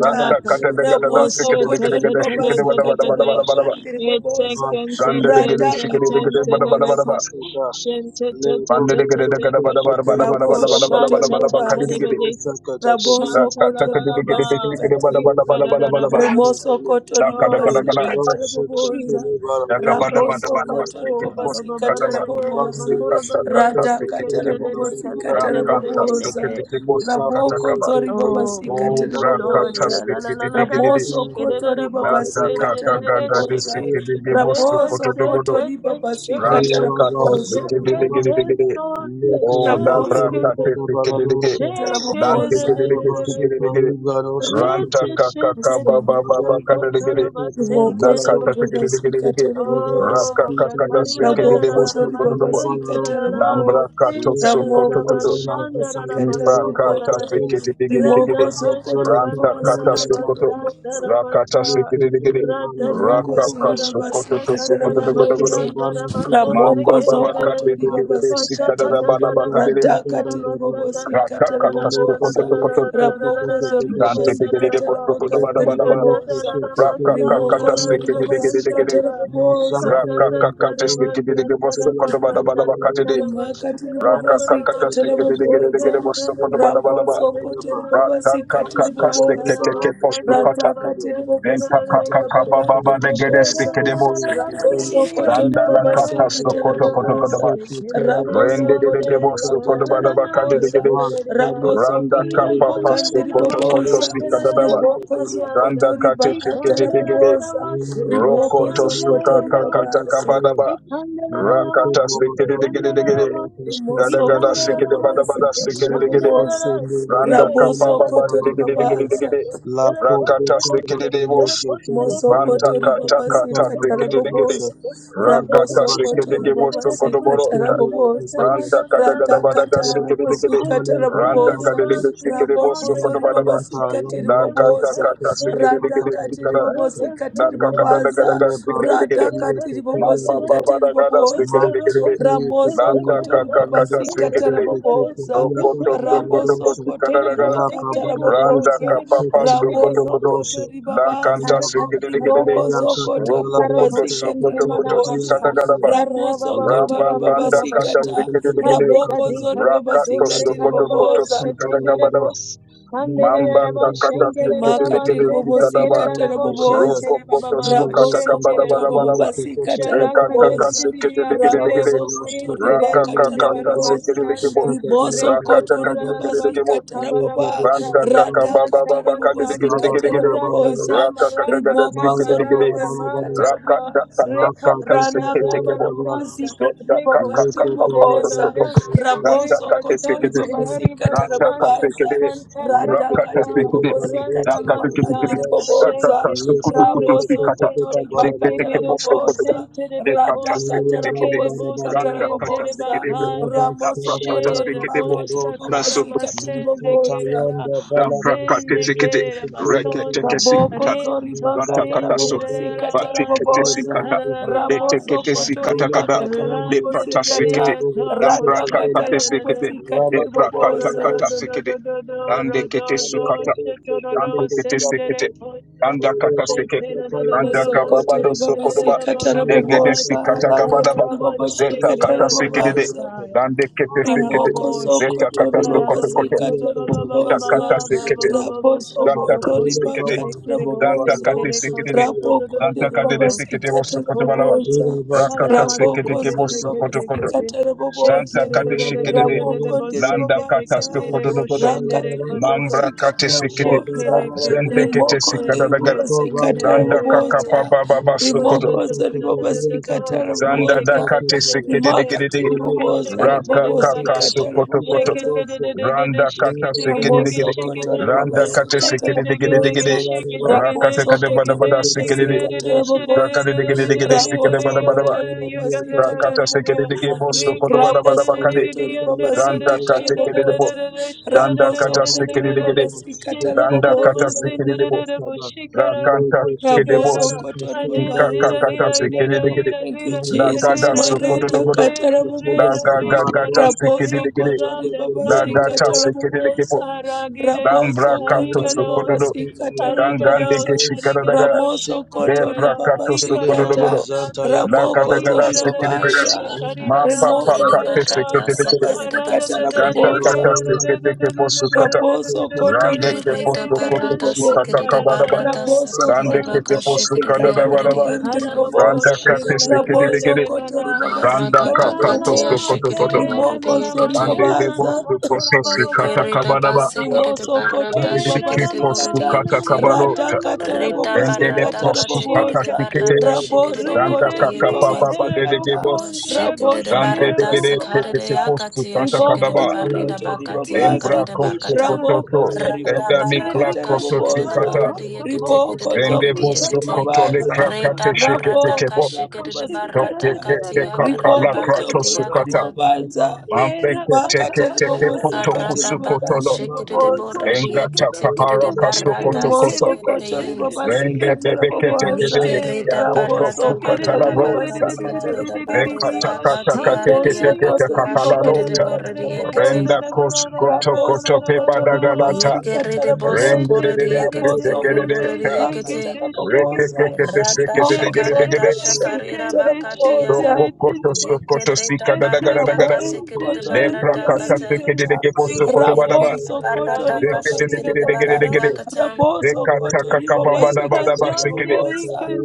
Speaker 3: Rasta kata de gada da
Speaker 2: Ramoso
Speaker 3: sika de gada
Speaker 2: kotori
Speaker 3: gada
Speaker 2: baba
Speaker 1: Osetetetele
Speaker 3: shikede
Speaker 1: de
Speaker 3: bada
Speaker 1: de
Speaker 3: bada
Speaker 1: de
Speaker 2: sikata
Speaker 3: bada
Speaker 2: na
Speaker 1: de.
Speaker 3: bada bada ba.
Speaker 2: bagandiri boboza.
Speaker 1: Eteken ten
Speaker 3: Ganda da
Speaker 1: ten
Speaker 3: gada
Speaker 2: Rada
Speaker 1: ten
Speaker 3: shika da
Speaker 2: katara
Speaker 1: ten
Speaker 3: gada bada bada
Speaker 1: telele
Speaker 3: bada
Speaker 2: boboza.
Speaker 3: ba.
Speaker 1: kos. Shente
Speaker 3: Banda de gada de gada bada bada bada bada
Speaker 1: Ko
Speaker 3: bada
Speaker 2: Ramoso
Speaker 3: bada bada bada
Speaker 2: kotori
Speaker 1: shanta
Speaker 3: bada ba.
Speaker 1: tata
Speaker 3: Kadi de
Speaker 2: babasi.
Speaker 3: gada.
Speaker 1: ribedes.
Speaker 2: Raboso
Speaker 4: stars.
Speaker 1: Shanta la
Speaker 3: Rasta da
Speaker 1: la
Speaker 2: kotori
Speaker 3: de
Speaker 1: la
Speaker 3: da
Speaker 1: ba.
Speaker 2: baba
Speaker 3: gada da
Speaker 4: Master
Speaker 3: bada
Speaker 2: sikata.
Speaker 4: Thailand
Speaker 3: bada bada
Speaker 4: and
Speaker 3: bada bada ba.
Speaker 4: Master
Speaker 1: Ikarararabos.
Speaker 2: Rimoso
Speaker 4: Thailand.
Speaker 2: koto
Speaker 3: Da kada
Speaker 1: Oh,
Speaker 3: kada
Speaker 4: the
Speaker 3: kada,
Speaker 2: ribabasika
Speaker 4: Baros
Speaker 1: Jesus.
Speaker 2: taraboboza.
Speaker 4: Katini
Speaker 1: Jesus.
Speaker 3: Da gada
Speaker 4: Barabu
Speaker 3: bada bada
Speaker 1: Shanta
Speaker 2: Raboso
Speaker 3: bada
Speaker 1: la
Speaker 3: ba.
Speaker 4: Tatadia
Speaker 2: koto
Speaker 1: ko
Speaker 3: Sika da
Speaker 4: Tata.
Speaker 1: ba
Speaker 3: ba.
Speaker 1: ba ba
Speaker 2: ribabasika
Speaker 1: ba
Speaker 3: Sika da
Speaker 1: ra
Speaker 3: ba.
Speaker 1: de
Speaker 4: Lata
Speaker 1: de ra ba
Speaker 4: Bandi
Speaker 2: taraboboza.
Speaker 1: ko
Speaker 3: Sika
Speaker 1: ra
Speaker 4: was
Speaker 1: ba
Speaker 3: da
Speaker 1: de.
Speaker 3: kata
Speaker 4: The
Speaker 2: Rada
Speaker 3: sika
Speaker 1: Shake
Speaker 3: da
Speaker 1: de
Speaker 4: Katini
Speaker 1: de
Speaker 3: gada.
Speaker 1: de de ka
Speaker 2: katarabobosika
Speaker 1: se de de
Speaker 4: Badabuladia
Speaker 1: de
Speaker 3: Rakanta
Speaker 1: ge
Speaker 4: Tata.
Speaker 1: de
Speaker 3: sika
Speaker 2: taraboboza.
Speaker 3: da
Speaker 1: ge.
Speaker 3: gada.
Speaker 4: Lata
Speaker 3: Sika da
Speaker 4: Pura
Speaker 2: Raboko
Speaker 3: kaba.
Speaker 2: zori
Speaker 4: Zatoya
Speaker 1: Oh, we
Speaker 2: babasika
Speaker 4: Katina
Speaker 3: Oh,
Speaker 1: need you, Lord. Eh,
Speaker 3: brakata
Speaker 1: La
Speaker 2: taraboboza.
Speaker 3: sika
Speaker 1: la
Speaker 4: Badabuladia
Speaker 1: la la
Speaker 4: Tata.
Speaker 3: da
Speaker 1: la ga da.
Speaker 3: gada.
Speaker 2: Ramoso
Speaker 4: Is
Speaker 1: Shake de de
Speaker 2: koto
Speaker 1: de
Speaker 4: The
Speaker 1: bo
Speaker 3: Nata
Speaker 1: se
Speaker 4: Palado
Speaker 2: ribabasika
Speaker 1: de
Speaker 3: kata
Speaker 1: de de de
Speaker 3: gada da
Speaker 1: shake.
Speaker 2: taraboboza.
Speaker 3: sika
Speaker 4: Tatadia
Speaker 3: da
Speaker 4: Tata.
Speaker 3: gada.
Speaker 1: Re ka
Speaker 2: Raboso
Speaker 1: se
Speaker 3: Sukoto
Speaker 2: koto
Speaker 1: te ke
Speaker 2: ribabasika
Speaker 1: shake
Speaker 3: Brando
Speaker 1: de.
Speaker 4: Ura
Speaker 3: kata
Speaker 4: Baba
Speaker 2: taraboboza.
Speaker 3: siti
Speaker 4: Baba
Speaker 1: Shake
Speaker 3: didi
Speaker 4: Baba.
Speaker 3: gidi
Speaker 1: te
Speaker 3: digi
Speaker 1: so te
Speaker 4: Laki
Speaker 3: Oh,
Speaker 1: shende
Speaker 3: labra
Speaker 2: Ramoso
Speaker 1: ke te
Speaker 3: kate siti didi gidi.
Speaker 4: The
Speaker 1: Shake Rete
Speaker 3: Dante
Speaker 2: taraboboza.
Speaker 3: didi gidi siti
Speaker 4: Thank
Speaker 3: Ranta
Speaker 4: you.
Speaker 3: kaka kaba baba
Speaker 4: Thank
Speaker 3: ba
Speaker 4: you.
Speaker 3: ba digi di. Da
Speaker 2: Rimoso
Speaker 3: kata siti didi
Speaker 2: ribabasika
Speaker 3: digi.
Speaker 2: taraboboza.
Speaker 3: Raka
Speaker 1: Oh,
Speaker 3: kakata
Speaker 1: Yakari da
Speaker 3: siti
Speaker 1: da da
Speaker 3: didi
Speaker 1: da
Speaker 2: Ramoko
Speaker 1: da
Speaker 3: bostu
Speaker 1: da
Speaker 2: zori
Speaker 3: kudu
Speaker 2: baba
Speaker 3: dubu.
Speaker 1: Basin da
Speaker 2: sikata
Speaker 1: da da
Speaker 2: rabobo.
Speaker 3: Lambra kato
Speaker 1: Basin da
Speaker 3: soko
Speaker 1: da da
Speaker 2: Ramoko
Speaker 3: tututu.
Speaker 2: zori
Speaker 1: Bashan
Speaker 2: baba
Speaker 1: da da da
Speaker 2: sikata
Speaker 3: Ifa
Speaker 1: Baso da da
Speaker 3: kata
Speaker 2: raboboza.
Speaker 1: da
Speaker 3: siti didi gidi digi
Speaker 2: Rimoko
Speaker 1: Randa Kasha
Speaker 2: zokoto
Speaker 1: da
Speaker 3: Ranta
Speaker 1: da
Speaker 2: baba
Speaker 1: da
Speaker 3: kata
Speaker 1: da
Speaker 2: sikata
Speaker 3: soko tu.
Speaker 1: Basa da
Speaker 2: raboboza.
Speaker 1: da
Speaker 3: Rakata
Speaker 1: Bacha
Speaker 3: siti didi gidi.
Speaker 1: Rata da
Speaker 2: Rimoko
Speaker 3: Raka
Speaker 1: da da
Speaker 2: zori
Speaker 1: da
Speaker 2: baba
Speaker 3: kasuko
Speaker 1: Basa
Speaker 3: tutu
Speaker 2: sikata
Speaker 3: suko
Speaker 1: da da
Speaker 3: tutu gudu gudu.
Speaker 2: raboboza.
Speaker 1: Bashan da da
Speaker 3: Mamba
Speaker 2: Ramoko
Speaker 1: Bakose da
Speaker 3: baba
Speaker 1: da
Speaker 3: kate
Speaker 2: zokoto
Speaker 1: da
Speaker 3: de de de
Speaker 2: baba
Speaker 3: de
Speaker 1: Thank
Speaker 3: sita da da
Speaker 2: sikata.
Speaker 3: bala baka de de
Speaker 2: Radaka tiri baba
Speaker 3: raka
Speaker 2: sikata
Speaker 3: kaka stoko to
Speaker 2: raboboza.
Speaker 3: koto to
Speaker 2: Ramoko zori baba
Speaker 3: dante de de de de
Speaker 2: sikata
Speaker 3: poto to da bala
Speaker 2: rabagandri
Speaker 3: bala ba
Speaker 2: boboza.
Speaker 3: raka kaka ta
Speaker 2: Rimoko
Speaker 3: slike
Speaker 2: zori
Speaker 3: de de
Speaker 2: baba
Speaker 3: de de de de
Speaker 2: sikata raboboza.
Speaker 4: Mazante
Speaker 3: raka kaka
Speaker 4: yenda
Speaker 3: ta slike de
Speaker 4: dosi
Speaker 3: de de bosto
Speaker 4: kutulia
Speaker 3: koto da bala
Speaker 4: dada
Speaker 3: bala
Speaker 4: dada
Speaker 3: baka de de
Speaker 4: dada.
Speaker 2: rimakatiri
Speaker 3: raka
Speaker 4: Maso
Speaker 3: kaka ta
Speaker 2: bobosikatara
Speaker 4: seto
Speaker 3: slike de de
Speaker 4: tele
Speaker 3: de de de
Speaker 2: bobosa
Speaker 3: de
Speaker 4: bala
Speaker 3: bosto ko da
Speaker 4: diye
Speaker 3: bala bala ba
Speaker 4: tetele dada
Speaker 2: rabosokotiri
Speaker 4: ba.
Speaker 3: raka kaka
Speaker 2: babasikatiri
Speaker 4: Maso
Speaker 3: ta
Speaker 4: zali
Speaker 3: slike
Speaker 2: bobosa
Speaker 3: te ke
Speaker 4: bala
Speaker 3: posto
Speaker 4: diye
Speaker 3: kata
Speaker 4: tetele.
Speaker 2: ratakatiri
Speaker 3: en kaka
Speaker 2: bobosikatara
Speaker 3: kaka
Speaker 4: Maso
Speaker 1: you.
Speaker 3: baba ba
Speaker 4: tele
Speaker 2: bagandiri
Speaker 3: de
Speaker 4: bala
Speaker 3: de
Speaker 2: bobosa
Speaker 3: slike de
Speaker 4: kofinde
Speaker 3: bosto
Speaker 4: ye tetele.
Speaker 2: rabosokotori
Speaker 3: Sandala kata
Speaker 4: Maga dada
Speaker 3: stoko
Speaker 2: babasikatara
Speaker 4: dada
Speaker 3: to
Speaker 2: babasa
Speaker 4: so kutele bala
Speaker 3: Rende de de
Speaker 4: diye
Speaker 2: rabosokotori
Speaker 3: gebo soko do
Speaker 2: bakatara
Speaker 3: bada
Speaker 4: tetele.
Speaker 3: baka de
Speaker 2: bobosa
Speaker 3: gede.
Speaker 4: Maso le
Speaker 3: Randa
Speaker 4: kofinde
Speaker 2: rabosokotori
Speaker 3: kapa
Speaker 4: ko so
Speaker 3: paste
Speaker 2: bakandiri
Speaker 3: koto koto
Speaker 4: kutele
Speaker 2: bobosa
Speaker 3: sika
Speaker 4: bala
Speaker 3: dadaba. Randa
Speaker 2: ribokosokotori
Speaker 3: kate shekete
Speaker 2: bakatara
Speaker 3: de gede.
Speaker 2: bobosa
Speaker 3: Roko to suka
Speaker 2: rimokosokotori
Speaker 3: kakata
Speaker 2: babasa
Speaker 3: kabadaba.
Speaker 4: La
Speaker 3: Rakata
Speaker 4: popo
Speaker 3: sike de gede de gede. Gada gada
Speaker 2: Mosokoto
Speaker 3: sike de bada
Speaker 2: ribabasi
Speaker 3: de
Speaker 2: katara
Speaker 3: gede.
Speaker 2: boboza.
Speaker 3: Randa kapa
Speaker 2: Raboso
Speaker 3: baba
Speaker 2: koto
Speaker 3: de de gede de gede de
Speaker 2: ribabaza.
Speaker 3: gede. Rakata sike
Speaker 4: cosa
Speaker 3: de
Speaker 4: che io
Speaker 3: bos.
Speaker 4: che se le
Speaker 1: Hey,
Speaker 4: pelle
Speaker 3: Vanta
Speaker 2: Mosokoto
Speaker 3: kata
Speaker 4: rosse che
Speaker 3: kata
Speaker 2: ribabasika
Speaker 4: fanno
Speaker 3: sike de
Speaker 4: bolla
Speaker 3: gede.
Speaker 4: rossa
Speaker 2: tarabobosa.
Speaker 4: la da da
Speaker 3: Rakata sike de
Speaker 2: Rabosokoto
Speaker 4: basanda la
Speaker 3: bos
Speaker 4: che
Speaker 3: soko
Speaker 4: ti
Speaker 3: do
Speaker 2: ribabasika
Speaker 3: boro.
Speaker 4: costende le che
Speaker 2: tarabobosa.
Speaker 4: pelle
Speaker 3: Ranta katagada
Speaker 2: rada
Speaker 4: non
Speaker 3: badaga
Speaker 4: sveglia
Speaker 3: sikirigidi.
Speaker 2: tarabobosika
Speaker 4: capale da
Speaker 3: Ranta
Speaker 4: da bolla
Speaker 2: tarabobosa.
Speaker 3: kadigidi sikiri bosu
Speaker 2: Rabokozo
Speaker 3: kotobadaba.
Speaker 2: ribabasika
Speaker 3: Nakata
Speaker 2: tiribobosa.
Speaker 3: kata sikirigidi
Speaker 2: Radaka
Speaker 3: sikara.
Speaker 2: tiribobosika
Speaker 3: Nakakata
Speaker 2: tiribobaza.
Speaker 3: dagadaga sikirigidi.
Speaker 2: Radaka
Speaker 3: Nampa
Speaker 2: tiribobosika
Speaker 3: babadagada
Speaker 2: tiribobosa.
Speaker 3: sikirigidi.
Speaker 4: Mazzatei che Mazbataya
Speaker 3: Ranta
Speaker 4: Tetelia
Speaker 2: Ramosokoto
Speaker 4: de
Speaker 3: kakakata
Speaker 4: che
Speaker 2: ribabasika
Speaker 4: Costa
Speaker 3: sikirigidi.
Speaker 2: tarabobosa.
Speaker 4: Tetelia Tata
Speaker 3: Rokoto sokoto
Speaker 2: Raboso
Speaker 4: Belarosa,
Speaker 3: kosikara
Speaker 2: koto
Speaker 3: dagada.
Speaker 4: La
Speaker 2: ribakata
Speaker 4: Cabana
Speaker 3: Randa
Speaker 2: raboboza.
Speaker 4: Rosa,
Speaker 1: Kerebe
Speaker 3: kapapa
Speaker 1: koş,
Speaker 4: Tetelia
Speaker 1: kerebe koş,
Speaker 3: sokoto
Speaker 2: Raboso
Speaker 3: koto.
Speaker 2: koto
Speaker 4: Belarosa, che
Speaker 3: Lankanta
Speaker 2: ribabaza.
Speaker 1: Parakasi
Speaker 4: Vasta
Speaker 3: sikirigidi.
Speaker 2: Rimoko
Speaker 4: Tetelia
Speaker 1: kabarakosh.
Speaker 4: Tata
Speaker 2: zokoto
Speaker 3: Rokokoto
Speaker 4: Belarosa,
Speaker 1: Parakosen
Speaker 2: ribabasikata
Speaker 3: sokoto koto
Speaker 4: Tetelia
Speaker 2: raboboza.
Speaker 1: temanakashka.
Speaker 4: Tata,
Speaker 3: sikata
Speaker 2: Ramoso koto
Speaker 4: Lebera che
Speaker 3: Rambambanda kata
Speaker 1: Karababababababababasha.
Speaker 2: ribabasikata.
Speaker 4: Tetelia
Speaker 3: sikididibidi.
Speaker 2: Raboko
Speaker 1: Kadekadi
Speaker 4: Tata,
Speaker 2: zori
Speaker 3: Rakato
Speaker 4: La
Speaker 1: karibajose
Speaker 2: babasikati
Speaker 3: sokoto
Speaker 4: belle
Speaker 3: koto
Speaker 2: riboboza.
Speaker 1: kabababosha
Speaker 4: rosse da da da da da,
Speaker 3: sikadagabadaba.
Speaker 1: tenderekos.
Speaker 4: le
Speaker 3: Mamba
Speaker 4: belle
Speaker 1: Panderereba
Speaker 3: takata
Speaker 4: rosse che te che Belarosa, Tata Belarosa, Mega Belarosa,
Speaker 1: shengerereba
Speaker 2: Rimakati
Speaker 3: sikididibidi
Speaker 4: Tetelia Tata
Speaker 2: ribobosi
Speaker 3: sikadaba.
Speaker 2: katara
Speaker 1: setekererebo
Speaker 4: Belarosa, Tata,
Speaker 3: Roko
Speaker 2: boboza.
Speaker 3: koto
Speaker 1: shenterebababa
Speaker 4: Mia
Speaker 3: sukata
Speaker 4: Vasta
Speaker 2: Raboso koto
Speaker 1: shenterebabos.
Speaker 4: Tetelia
Speaker 3: kabadabalabalaba.
Speaker 2: ribabasi katara
Speaker 4: che Belarosa,
Speaker 3: Rekataka
Speaker 2: boboza.
Speaker 1: Sharakatetididian
Speaker 4: Thank
Speaker 3: sikididibidi.
Speaker 2: Raboso
Speaker 1: terebosin
Speaker 2: koto riba katara
Speaker 3: Rakakakata
Speaker 2: boboza.
Speaker 3: sikididigibo.
Speaker 1: terekandarabasanda.
Speaker 2: Riboso koto
Speaker 3: Rakataka
Speaker 2: ribabasi
Speaker 1: Rekantararabasa
Speaker 3: sikididigibo.
Speaker 2: katara baba.
Speaker 1: kabarabasa.
Speaker 3: Vanta kaka
Speaker 2: Rada
Speaker 3: baba
Speaker 2: katara
Speaker 3: baba
Speaker 2: bobosi
Speaker 1: Ratabasanta
Speaker 2: katara
Speaker 3: kadidigidigidigidi.
Speaker 1: rakata
Speaker 2: boboza.
Speaker 3: Rakakadagada
Speaker 1: marakata
Speaker 2: Rimoko zori
Speaker 3: sikididigidi.
Speaker 1: barata
Speaker 2: babasi katara
Speaker 1: mantaka
Speaker 2: boboza.
Speaker 1: rekatika
Speaker 2: Rana
Speaker 3: Rakatakatakatakasekekebo.
Speaker 2: katara bobosi
Speaker 1: rabasanta
Speaker 2: katara bokandiri
Speaker 1: rekosunte
Speaker 2: boboza.
Speaker 3: Sotakakakakapapasosopo.
Speaker 1: rebelneske
Speaker 2: Raboso koto
Speaker 3: Ratakatesekede.
Speaker 1: rekasunte
Speaker 2: ribabasi katara
Speaker 1: haribasanta
Speaker 2: babaza
Speaker 3: Ratakatekede.
Speaker 1: kantanta
Speaker 2: rada katiri
Speaker 1: kata
Speaker 3: Rakatasekede.
Speaker 2: bobosi
Speaker 1: ranta
Speaker 2: katiri
Speaker 3: Rakatekekekede.
Speaker 2: bagandiri
Speaker 1: masa
Speaker 2: boboza
Speaker 1: sheketsure
Speaker 2: raboso
Speaker 3: Rakatasokotokotosikata.
Speaker 1: ketsente
Speaker 2: kotori bakatara
Speaker 1: Kebero
Speaker 3: Deketekebosokotoba.
Speaker 2: boboza
Speaker 1: kostente
Speaker 2: rada
Speaker 1: rebekosa
Speaker 2: katara
Speaker 3: Dekataseketekede.
Speaker 2: bobosi
Speaker 1: kerebose
Speaker 4: you.
Speaker 2: katara
Speaker 1: kente
Speaker 2: boboza
Speaker 3: Rakatakatesekedebo.
Speaker 1: rebakanda
Speaker 2: ramoso
Speaker 4: Wanavyoshindwa weka
Speaker 2: kotori
Speaker 1: shera
Speaker 3: Laprakatasekedebo.
Speaker 2: bakatiri
Speaker 1: bosa
Speaker 4: pamoja
Speaker 2: bobosi
Speaker 3: Basokoto.
Speaker 2: katiri
Speaker 1: karabasende
Speaker 2: boboza
Speaker 1: kereba
Speaker 4: mkutayenda bala kashindi
Speaker 3: Lamprakatasekede.
Speaker 1: Zendikera
Speaker 4: vipupila dada
Speaker 1: bastonta
Speaker 2: raboko
Speaker 3: Reketekesikata.
Speaker 2: zori
Speaker 1: rento
Speaker 3: Ranta
Speaker 2: bakatara
Speaker 4: mazantaya
Speaker 3: kataso.
Speaker 2: bobosi
Speaker 4: bala
Speaker 2: katara
Speaker 1: sintereraban
Speaker 3: Vatikete
Speaker 4: kashili bala
Speaker 2: boboza
Speaker 3: sikata.
Speaker 4: hivyo
Speaker 3: Le
Speaker 1: tantararaba
Speaker 2: raboso
Speaker 3: tekete
Speaker 1: shaka
Speaker 2: kotori
Speaker 3: sikata
Speaker 4: maskuli
Speaker 3: kada.
Speaker 2: bakatara
Speaker 3: Le
Speaker 4: kapende
Speaker 2: bobosi
Speaker 3: prata
Speaker 4: wewe
Speaker 3: sikete.
Speaker 1: randerere
Speaker 2: kata
Speaker 4: boga
Speaker 1: atako
Speaker 3: Lambra
Speaker 4: kashete
Speaker 2: rada
Speaker 4: kule
Speaker 3: kakate
Speaker 2: katara
Speaker 3: sikete.
Speaker 1: senderere
Speaker 2: bobosi
Speaker 3: Le
Speaker 4: mraba
Speaker 2: katiri
Speaker 3: prakanta
Speaker 4: kadabala
Speaker 2: boboza
Speaker 3: kata
Speaker 4: roshi
Speaker 3: sikete. Lande kete
Speaker 4: mkutalia
Speaker 1: shekororororororororororororo
Speaker 3: sukata.
Speaker 4: dada kete
Speaker 3: Lando
Speaker 1: shekororo
Speaker 4: kete
Speaker 3: kete
Speaker 4: bila
Speaker 1: sendere
Speaker 3: sikete.
Speaker 4: kate
Speaker 1: koto
Speaker 3: Landa
Speaker 4: wewe
Speaker 3: kata
Speaker 4: boga
Speaker 3: sike.
Speaker 4: kashete
Speaker 3: Landa
Speaker 4: kule
Speaker 1: shekerorororororororo
Speaker 4: bala
Speaker 3: kababado
Speaker 2: Osokotori
Speaker 4: roshi
Speaker 2: babasi
Speaker 3: sokodoba.
Speaker 1: senderere bos
Speaker 2: katara
Speaker 3: Le
Speaker 4: Thank
Speaker 3: gede
Speaker 2: bobosa,
Speaker 3: sikata kabadaba.
Speaker 2: rakatiri
Speaker 1: atantararaba
Speaker 3: Le
Speaker 2: babasi katara
Speaker 3: takata sikete de.
Speaker 2: babaza.
Speaker 1: shekererere
Speaker 3: Lande kete sikete.
Speaker 2: Rimoko
Speaker 1: Karababoş.
Speaker 3: Le
Speaker 2: sokoto
Speaker 3: takata sokoto
Speaker 1: Karababoş.
Speaker 3: kote.
Speaker 2: ribabasikata ribobosa.
Speaker 3: Takata sikete.
Speaker 2: Rapo
Speaker 3: Lanta
Speaker 2: sokoto
Speaker 3: kata sikete.
Speaker 2: ribakata
Speaker 3: Danta
Speaker 2: ribobosa.
Speaker 3: kate sekete
Speaker 2: Raboko
Speaker 3: Santa Cadede Sekete was
Speaker 2: ndiribabasikata
Speaker 3: Sokoto Balaba,
Speaker 2: ribobosa.
Speaker 3: Rakaka
Speaker 1: Karamas
Speaker 3: Sekete
Speaker 2: Raboko
Speaker 1: teke
Speaker 3: Gebo
Speaker 1: teke
Speaker 3: Sokoto Koto,
Speaker 1: teke
Speaker 3: koto.
Speaker 1: te.
Speaker 2: zoribabasikata
Speaker 3: Santa
Speaker 2: ribobosa.
Speaker 3: Cate de,
Speaker 2: Ramoko
Speaker 1: Şekerere boş
Speaker 3: Landa
Speaker 1: seke
Speaker 3: Kata
Speaker 1: teke
Speaker 2: ndiribobasa.
Speaker 1: tere
Speaker 3: Sokoto
Speaker 1: boş
Speaker 3: koto,
Speaker 1: şendere
Speaker 2: Rakati
Speaker 1: kodo koş.
Speaker 3: Mambra Cate
Speaker 2: ribobosikata
Speaker 3: Sekete,
Speaker 2: ribobosa.
Speaker 1: Şekere
Speaker 3: Zende
Speaker 1: kete te
Speaker 3: Kete
Speaker 2: Rimoko
Speaker 3: Sikada
Speaker 1: tere
Speaker 3: Dagar,
Speaker 1: keten
Speaker 2: ndiribobasikata
Speaker 3: Landa Kaka
Speaker 2: ribobosa.
Speaker 1: terere
Speaker 3: Baba Baba Sokoto,
Speaker 1: koşa
Speaker 2: Rimoko
Speaker 1: te te te te te te do.
Speaker 2: zoribabasikata
Speaker 1: Ha
Speaker 3: Zanda da
Speaker 1: şeke
Speaker 2: ribobosa
Speaker 1: te te
Speaker 3: Kate
Speaker 1: te
Speaker 4: you.
Speaker 3: Sekede
Speaker 1: keşe.
Speaker 3: Gede,
Speaker 2: rimakati
Speaker 4: Thank you.
Speaker 1: Shake
Speaker 2: riboboza
Speaker 1: it, shake it, shake
Speaker 3: Raka Kaka
Speaker 1: it,
Speaker 2: ribobosikata
Speaker 3: Sokoto
Speaker 1: shake
Speaker 3: Koto,
Speaker 1: it, shake
Speaker 2: raboboza
Speaker 1: it, shake it, shake it,
Speaker 3: Randa
Speaker 1: shake it.
Speaker 3: Kata
Speaker 1: shake it, shake
Speaker 3: Sekede
Speaker 1: it,
Speaker 3: Gede,
Speaker 1: shake
Speaker 2: ramosokoto
Speaker 1: it,
Speaker 3: Randa Kate
Speaker 1: Shake
Speaker 2: ribabasikata
Speaker 1: it,
Speaker 3: Sekede
Speaker 1: dig it,
Speaker 3: Gede
Speaker 1: dig it,
Speaker 3: Gede,
Speaker 2: kata
Speaker 1: shake it, dig it,
Speaker 3: Rakata
Speaker 1: dig,
Speaker 3: Kadabada
Speaker 1: shake
Speaker 3: Bada
Speaker 1: it,
Speaker 2: ramosokoto
Speaker 3: bada
Speaker 1: dig, shake
Speaker 4: Lekete
Speaker 3: sekete
Speaker 1: it,
Speaker 3: de.
Speaker 4: bela
Speaker 1: dig it,
Speaker 2: ribabasikata
Speaker 1: dig,
Speaker 4: rabasa,
Speaker 1: shake it, dig,
Speaker 2: raboboza
Speaker 1: dig, dig,
Speaker 4: lele
Speaker 1: dig,
Speaker 4: bala
Speaker 1: dig, dig, dig,
Speaker 4: kese
Speaker 3: Zakadidikidikidistikidibadabadaba.
Speaker 2: ramosokoto
Speaker 1: dig,
Speaker 4: bela
Speaker 1: dig,
Speaker 4: riya
Speaker 1: dig,
Speaker 4: kete,
Speaker 2: ribabasikata
Speaker 1: dig, dig.
Speaker 2: raboboza
Speaker 4: lamre
Speaker 1: Rikari,
Speaker 4: kese
Speaker 1: dig, dig, dig, dig,
Speaker 3: Zakatasikidikidibosukudubadabadabakadi.
Speaker 4: kaya
Speaker 1: dig,
Speaker 2: ramosokoto
Speaker 4: kete
Speaker 1: dig,
Speaker 4: le
Speaker 1: dig, dig,
Speaker 4: bela
Speaker 1: dig,
Speaker 2: ribabasikata
Speaker 4: riya
Speaker 1: shake, dig, dig, dig,
Speaker 4: sabda,
Speaker 3: Randakatikidibbo.
Speaker 2: raboboza
Speaker 4: nista
Speaker 1: dig, dig,
Speaker 4: bela
Speaker 2: ramosokoto
Speaker 1: dig,
Speaker 3: Randakatasikidikidi.
Speaker 4: riya
Speaker 1: shake,
Speaker 2: ribabasikata
Speaker 4: kete
Speaker 1: it, dig, dig, dig,
Speaker 4: le
Speaker 1: dig, dig, dig, dig, dig. Shake, dig, dig, dig, dig, buzz,
Speaker 2: raboboza
Speaker 1: dig,
Speaker 4: bela
Speaker 1: dig, dig,
Speaker 3: Randakatasikidibbo.
Speaker 4: riya
Speaker 1: dig, dig, buzz,
Speaker 4: sabda,
Speaker 1: shake, dig, dig, dig, buzz,
Speaker 4: lekete
Speaker 1: shake, dig, dig,
Speaker 4: le
Speaker 1: dig,
Speaker 3: Rakantakidibos.
Speaker 4: bala
Speaker 1: dig.
Speaker 2: ramosokoto
Speaker 1: Ah,
Speaker 4: kese
Speaker 1: dig,
Speaker 4: nda
Speaker 1: dig, dig,
Speaker 4: yo
Speaker 2: ribabaza
Speaker 1: dig, dig,
Speaker 4: bela
Speaker 1: dig, dig,
Speaker 4: bela
Speaker 3: Ikakakatasikidikidi.
Speaker 2: Thank
Speaker 1: dig, dig,
Speaker 2: you,
Speaker 1: dig, dig.
Speaker 2: Jesus.
Speaker 1: Rira, rira,
Speaker 2: Marata
Speaker 3: Lagadasukududugudu.
Speaker 1: rira, rira,
Speaker 2: katarabobosa.
Speaker 1: rika, rika,
Speaker 2: Raboso
Speaker 1: rika,
Speaker 3: Lagagagatasikidikidi.
Speaker 2: kotori
Speaker 1: randa, kari,
Speaker 2: babasi
Speaker 3: Lagatasikidikidibbo.
Speaker 2: katarabobosa.
Speaker 1: gada,
Speaker 2: Raboso kotori
Speaker 1: Harigados,
Speaker 3: Lambrakatusukududu.
Speaker 2: babasi
Speaker 1: Harigados,
Speaker 2: katarabobosa.
Speaker 3: Dangandikishikadadagara.
Speaker 1: Harigados,
Speaker 2: Ramoso kotori
Speaker 1: Shakarigada,
Speaker 2: babasi
Speaker 1: Rikarada
Speaker 3: Deprakatusukududugudu.
Speaker 2: kata.
Speaker 4: Zanta
Speaker 1: Sanda,
Speaker 2: Ramoko
Speaker 4: yakabala
Speaker 2: tori
Speaker 4: roshe.
Speaker 1: Rikarada
Speaker 3: Lakatagadasikididi.
Speaker 1: Di,
Speaker 2: babanza.
Speaker 5: Shakarida
Speaker 3: Ma pa
Speaker 1: Rakarinada,
Speaker 2: Remoko
Speaker 5: basikiride
Speaker 3: kate
Speaker 5: barata
Speaker 3: sekete
Speaker 2: zokotori
Speaker 1: Rakashanda,
Speaker 3: degede.
Speaker 2: babasi
Speaker 5: sakaride
Speaker 1: Aranda da da
Speaker 3: Ganta
Speaker 5: basikiride
Speaker 1: Ri, da
Speaker 3: kata
Speaker 2: katarabobosa.
Speaker 1: da da
Speaker 3: sekete ke te
Speaker 1: da da
Speaker 3: ke
Speaker 1: da da
Speaker 3: posu
Speaker 1: da da da da da da da da
Speaker 3: kata.
Speaker 2: Raboso kotori
Speaker 3: Rande
Speaker 1: da
Speaker 3: ke
Speaker 5: kirita
Speaker 3: posu
Speaker 2: babasika
Speaker 3: kote
Speaker 2: tiri
Speaker 1: da
Speaker 5: barata
Speaker 3: ku
Speaker 1: da
Speaker 3: kata
Speaker 2: babosa.
Speaker 5: sikiride
Speaker 1: da da
Speaker 3: kabadaba.
Speaker 5: barata
Speaker 1: Taralaro.
Speaker 2: Raboso
Speaker 5: sakaride
Speaker 3: Rande
Speaker 1: Hmm.
Speaker 2: kotori
Speaker 3: kete
Speaker 5: baka
Speaker 3: posu
Speaker 2: babasika
Speaker 5: shikiride
Speaker 2: tara
Speaker 5: yakaride
Speaker 3: kadadabadaba.
Speaker 2: bogandiri
Speaker 1: Hala
Speaker 5: yakata
Speaker 1: Baba
Speaker 3: Randa
Speaker 2: babosa.
Speaker 1: Boshi,
Speaker 3: kate
Speaker 1: la
Speaker 3: se
Speaker 1: la la ba
Speaker 3: sekete
Speaker 1: le
Speaker 2: Raboso
Speaker 1: le
Speaker 3: degede.
Speaker 1: le ba
Speaker 2: kotori
Speaker 1: na.
Speaker 3: Randa
Speaker 2: babasika
Speaker 5: barata
Speaker 1: Ho
Speaker 3: ka
Speaker 1: la
Speaker 2: tara
Speaker 1: la
Speaker 3: kato
Speaker 1: la
Speaker 5: bakati
Speaker 1: na
Speaker 3: sto
Speaker 1: ma
Speaker 2: babosa.
Speaker 3: koto
Speaker 1: te,
Speaker 5: yashikiride
Speaker 3: koto.
Speaker 1: la
Speaker 5: boride
Speaker 2: Imoko
Speaker 1: la la ma
Speaker 2: sori
Speaker 1: se,
Speaker 3: Rande
Speaker 5: yekete
Speaker 1: la
Speaker 3: de
Speaker 1: la
Speaker 2: babasa.
Speaker 1: la ma
Speaker 3: posu
Speaker 1: ko la
Speaker 3: koto si
Speaker 1: Baba
Speaker 3: kata
Speaker 5: yekirida
Speaker 1: Boshi ka.
Speaker 3: kabadaba.
Speaker 4: Thank
Speaker 5: basikiride
Speaker 2: Rimoso koto
Speaker 1: Shika
Speaker 5: barata
Speaker 3: Rande de ke
Speaker 5: shikiride
Speaker 3: posu
Speaker 5: boride
Speaker 2: ribabasikata
Speaker 3: kata
Speaker 5: yekete
Speaker 3: kabalota.
Speaker 2: ratakata
Speaker 5: rita
Speaker 3: Rande de
Speaker 5: barata
Speaker 2: rabobosikata
Speaker 3: posu kata
Speaker 5: katikiride
Speaker 2: raboboza
Speaker 3: sikete.
Speaker 5: barata
Speaker 2: raboso
Speaker 5: shikiride
Speaker 3: Randa
Speaker 1: rede
Speaker 2: koto
Speaker 5: boride
Speaker 3: kaka papa
Speaker 5: yekete
Speaker 1: zintere
Speaker 3: de de
Speaker 2: ribabasikata
Speaker 3: bosu.
Speaker 1: bokondire
Speaker 5: Shikiride
Speaker 2: raboso
Speaker 3: Rande
Speaker 1: boshere
Speaker 3: de
Speaker 2: koto
Speaker 5: barata
Speaker 3: gede
Speaker 1: boko
Speaker 5: sakaride
Speaker 3: kete
Speaker 2: ribabaza
Speaker 3: posu
Speaker 5: yakati
Speaker 3: kata
Speaker 2: riboko
Speaker 5: yashikiride
Speaker 3: kadaba.
Speaker 1: kuru
Speaker 5: barida
Speaker 2: zokoto
Speaker 1: kiti
Speaker 5: bakati
Speaker 1: kiri
Speaker 2: ribabaza
Speaker 5: yakaride
Speaker 1: kiti
Speaker 3: Embrako
Speaker 5: bakata
Speaker 2: ramoko
Speaker 3: Sokototo,
Speaker 1: shabarakanda
Speaker 2: zori
Speaker 5: Rada
Speaker 3: Endami
Speaker 1: kiri
Speaker 5: barada
Speaker 2: babasikata
Speaker 3: Klakoto
Speaker 1: kata
Speaker 5: kashikere de
Speaker 2: raboboza
Speaker 1: pare
Speaker 3: Sikata,
Speaker 5: borre de
Speaker 1: kosoko
Speaker 5: yekete kere
Speaker 2: riboko
Speaker 5: de borre de
Speaker 3: Zendebo
Speaker 2: zokoto
Speaker 1: rika
Speaker 5: yekete.
Speaker 1: tata
Speaker 3: Sokoto Le
Speaker 1: tata
Speaker 2: ribabaza
Speaker 1: tata
Speaker 3: Krakate
Speaker 5: Reda
Speaker 3: Shekete
Speaker 5: barada
Speaker 2: raboko
Speaker 3: Kebo,
Speaker 5: kashikere de
Speaker 1: koshi
Speaker 5: barada
Speaker 1: karada
Speaker 2: rababasikata
Speaker 1: da da
Speaker 3: Tokete
Speaker 1: da
Speaker 5: katia
Speaker 1: baste
Speaker 5: karida
Speaker 3: Kakala
Speaker 2: riboko
Speaker 1: kete
Speaker 5: bakare
Speaker 1: ke
Speaker 3: Krato
Speaker 5: de
Speaker 2: zokoto
Speaker 1: poroko
Speaker 3: Sukata,
Speaker 5: yakata.
Speaker 2: ribabaza
Speaker 1: kera
Speaker 3: Mambeke
Speaker 1: kata
Speaker 3: Teke
Speaker 2: ribakata
Speaker 1: kata
Speaker 3: Teke Puto
Speaker 1: karabasa
Speaker 2: ribobosikata
Speaker 5: Karada baka
Speaker 2: riboganda
Speaker 3: Kusukotolo,
Speaker 5: shikere de
Speaker 2: riboboza
Speaker 5: borre
Speaker 1: Shake
Speaker 5: de
Speaker 3: Engata
Speaker 5: yekete kere
Speaker 3: Pahara
Speaker 5: de barada
Speaker 3: Kasukoto Kotota,
Speaker 5: sekere de
Speaker 2: rimosokoto
Speaker 5: yente.
Speaker 3: Rembe
Speaker 2: ribabasikata
Speaker 3: Bebeke
Speaker 2: raboboza
Speaker 3: Tekede,
Speaker 5: Yekereda
Speaker 3: Yakoto
Speaker 5: barada
Speaker 2: rabosokoto
Speaker 3: Sukata La
Speaker 5: barada
Speaker 3: Rota,
Speaker 5: bakatia
Speaker 2: ribabasikata
Speaker 5: reda barida
Speaker 2: raboboza
Speaker 3: Ekata
Speaker 4: you.
Speaker 3: Kata
Speaker 5: yakatia rida
Speaker 3: Kateke Teke
Speaker 2: rabosokoto
Speaker 5: yakatia
Speaker 3: Kakala
Speaker 5: shikere de
Speaker 3: Lota,
Speaker 2: ribabasikata
Speaker 5: borre de yekete.
Speaker 3: Renda
Speaker 2: raboboza
Speaker 3: Koskoto Koto Pepa
Speaker 2: rabosokoto
Speaker 3: Dagalata,
Speaker 2: ribabasikata
Speaker 5: Yekerede boso
Speaker 2: raboboza
Speaker 5: kore de yekete kere de
Speaker 2: rabosokoto
Speaker 5: borre de
Speaker 3: Renderereketekerereka,
Speaker 2: ribakata
Speaker 5: yekete.
Speaker 2: raboboza
Speaker 5: Rada
Speaker 2: riboko
Speaker 5: shakarada
Speaker 3: reketeketeseketeregeregeresa,
Speaker 5: shakarira
Speaker 2: zoribabasikata
Speaker 5: bakatiya.
Speaker 2: raboboza
Speaker 5: Yekereda
Speaker 1: Thank
Speaker 5: barada
Speaker 1: you,
Speaker 3: dokokotosokotosikadadagadagada,
Speaker 2: Raboso
Speaker 5: katekirida
Speaker 2: koto
Speaker 5: barada kate.
Speaker 2: ribabasikata.
Speaker 3: leprakatasekereregebosokotobaraba,
Speaker 5: Yekereda
Speaker 2: Raboso
Speaker 1: Jesus.
Speaker 2: koto
Speaker 5: barada
Speaker 1: Karabasira
Speaker 5: kashikirida
Speaker 2: ribabasikata.
Speaker 1: basan.
Speaker 3: zeketeregereregere,
Speaker 5: barida kata.
Speaker 2: Raboso koto
Speaker 1: Reka
Speaker 2: ribabasikata
Speaker 1: jande
Speaker 3: rekatakakababadabadabasekere,
Speaker 2: rabobosa.
Speaker 1: reka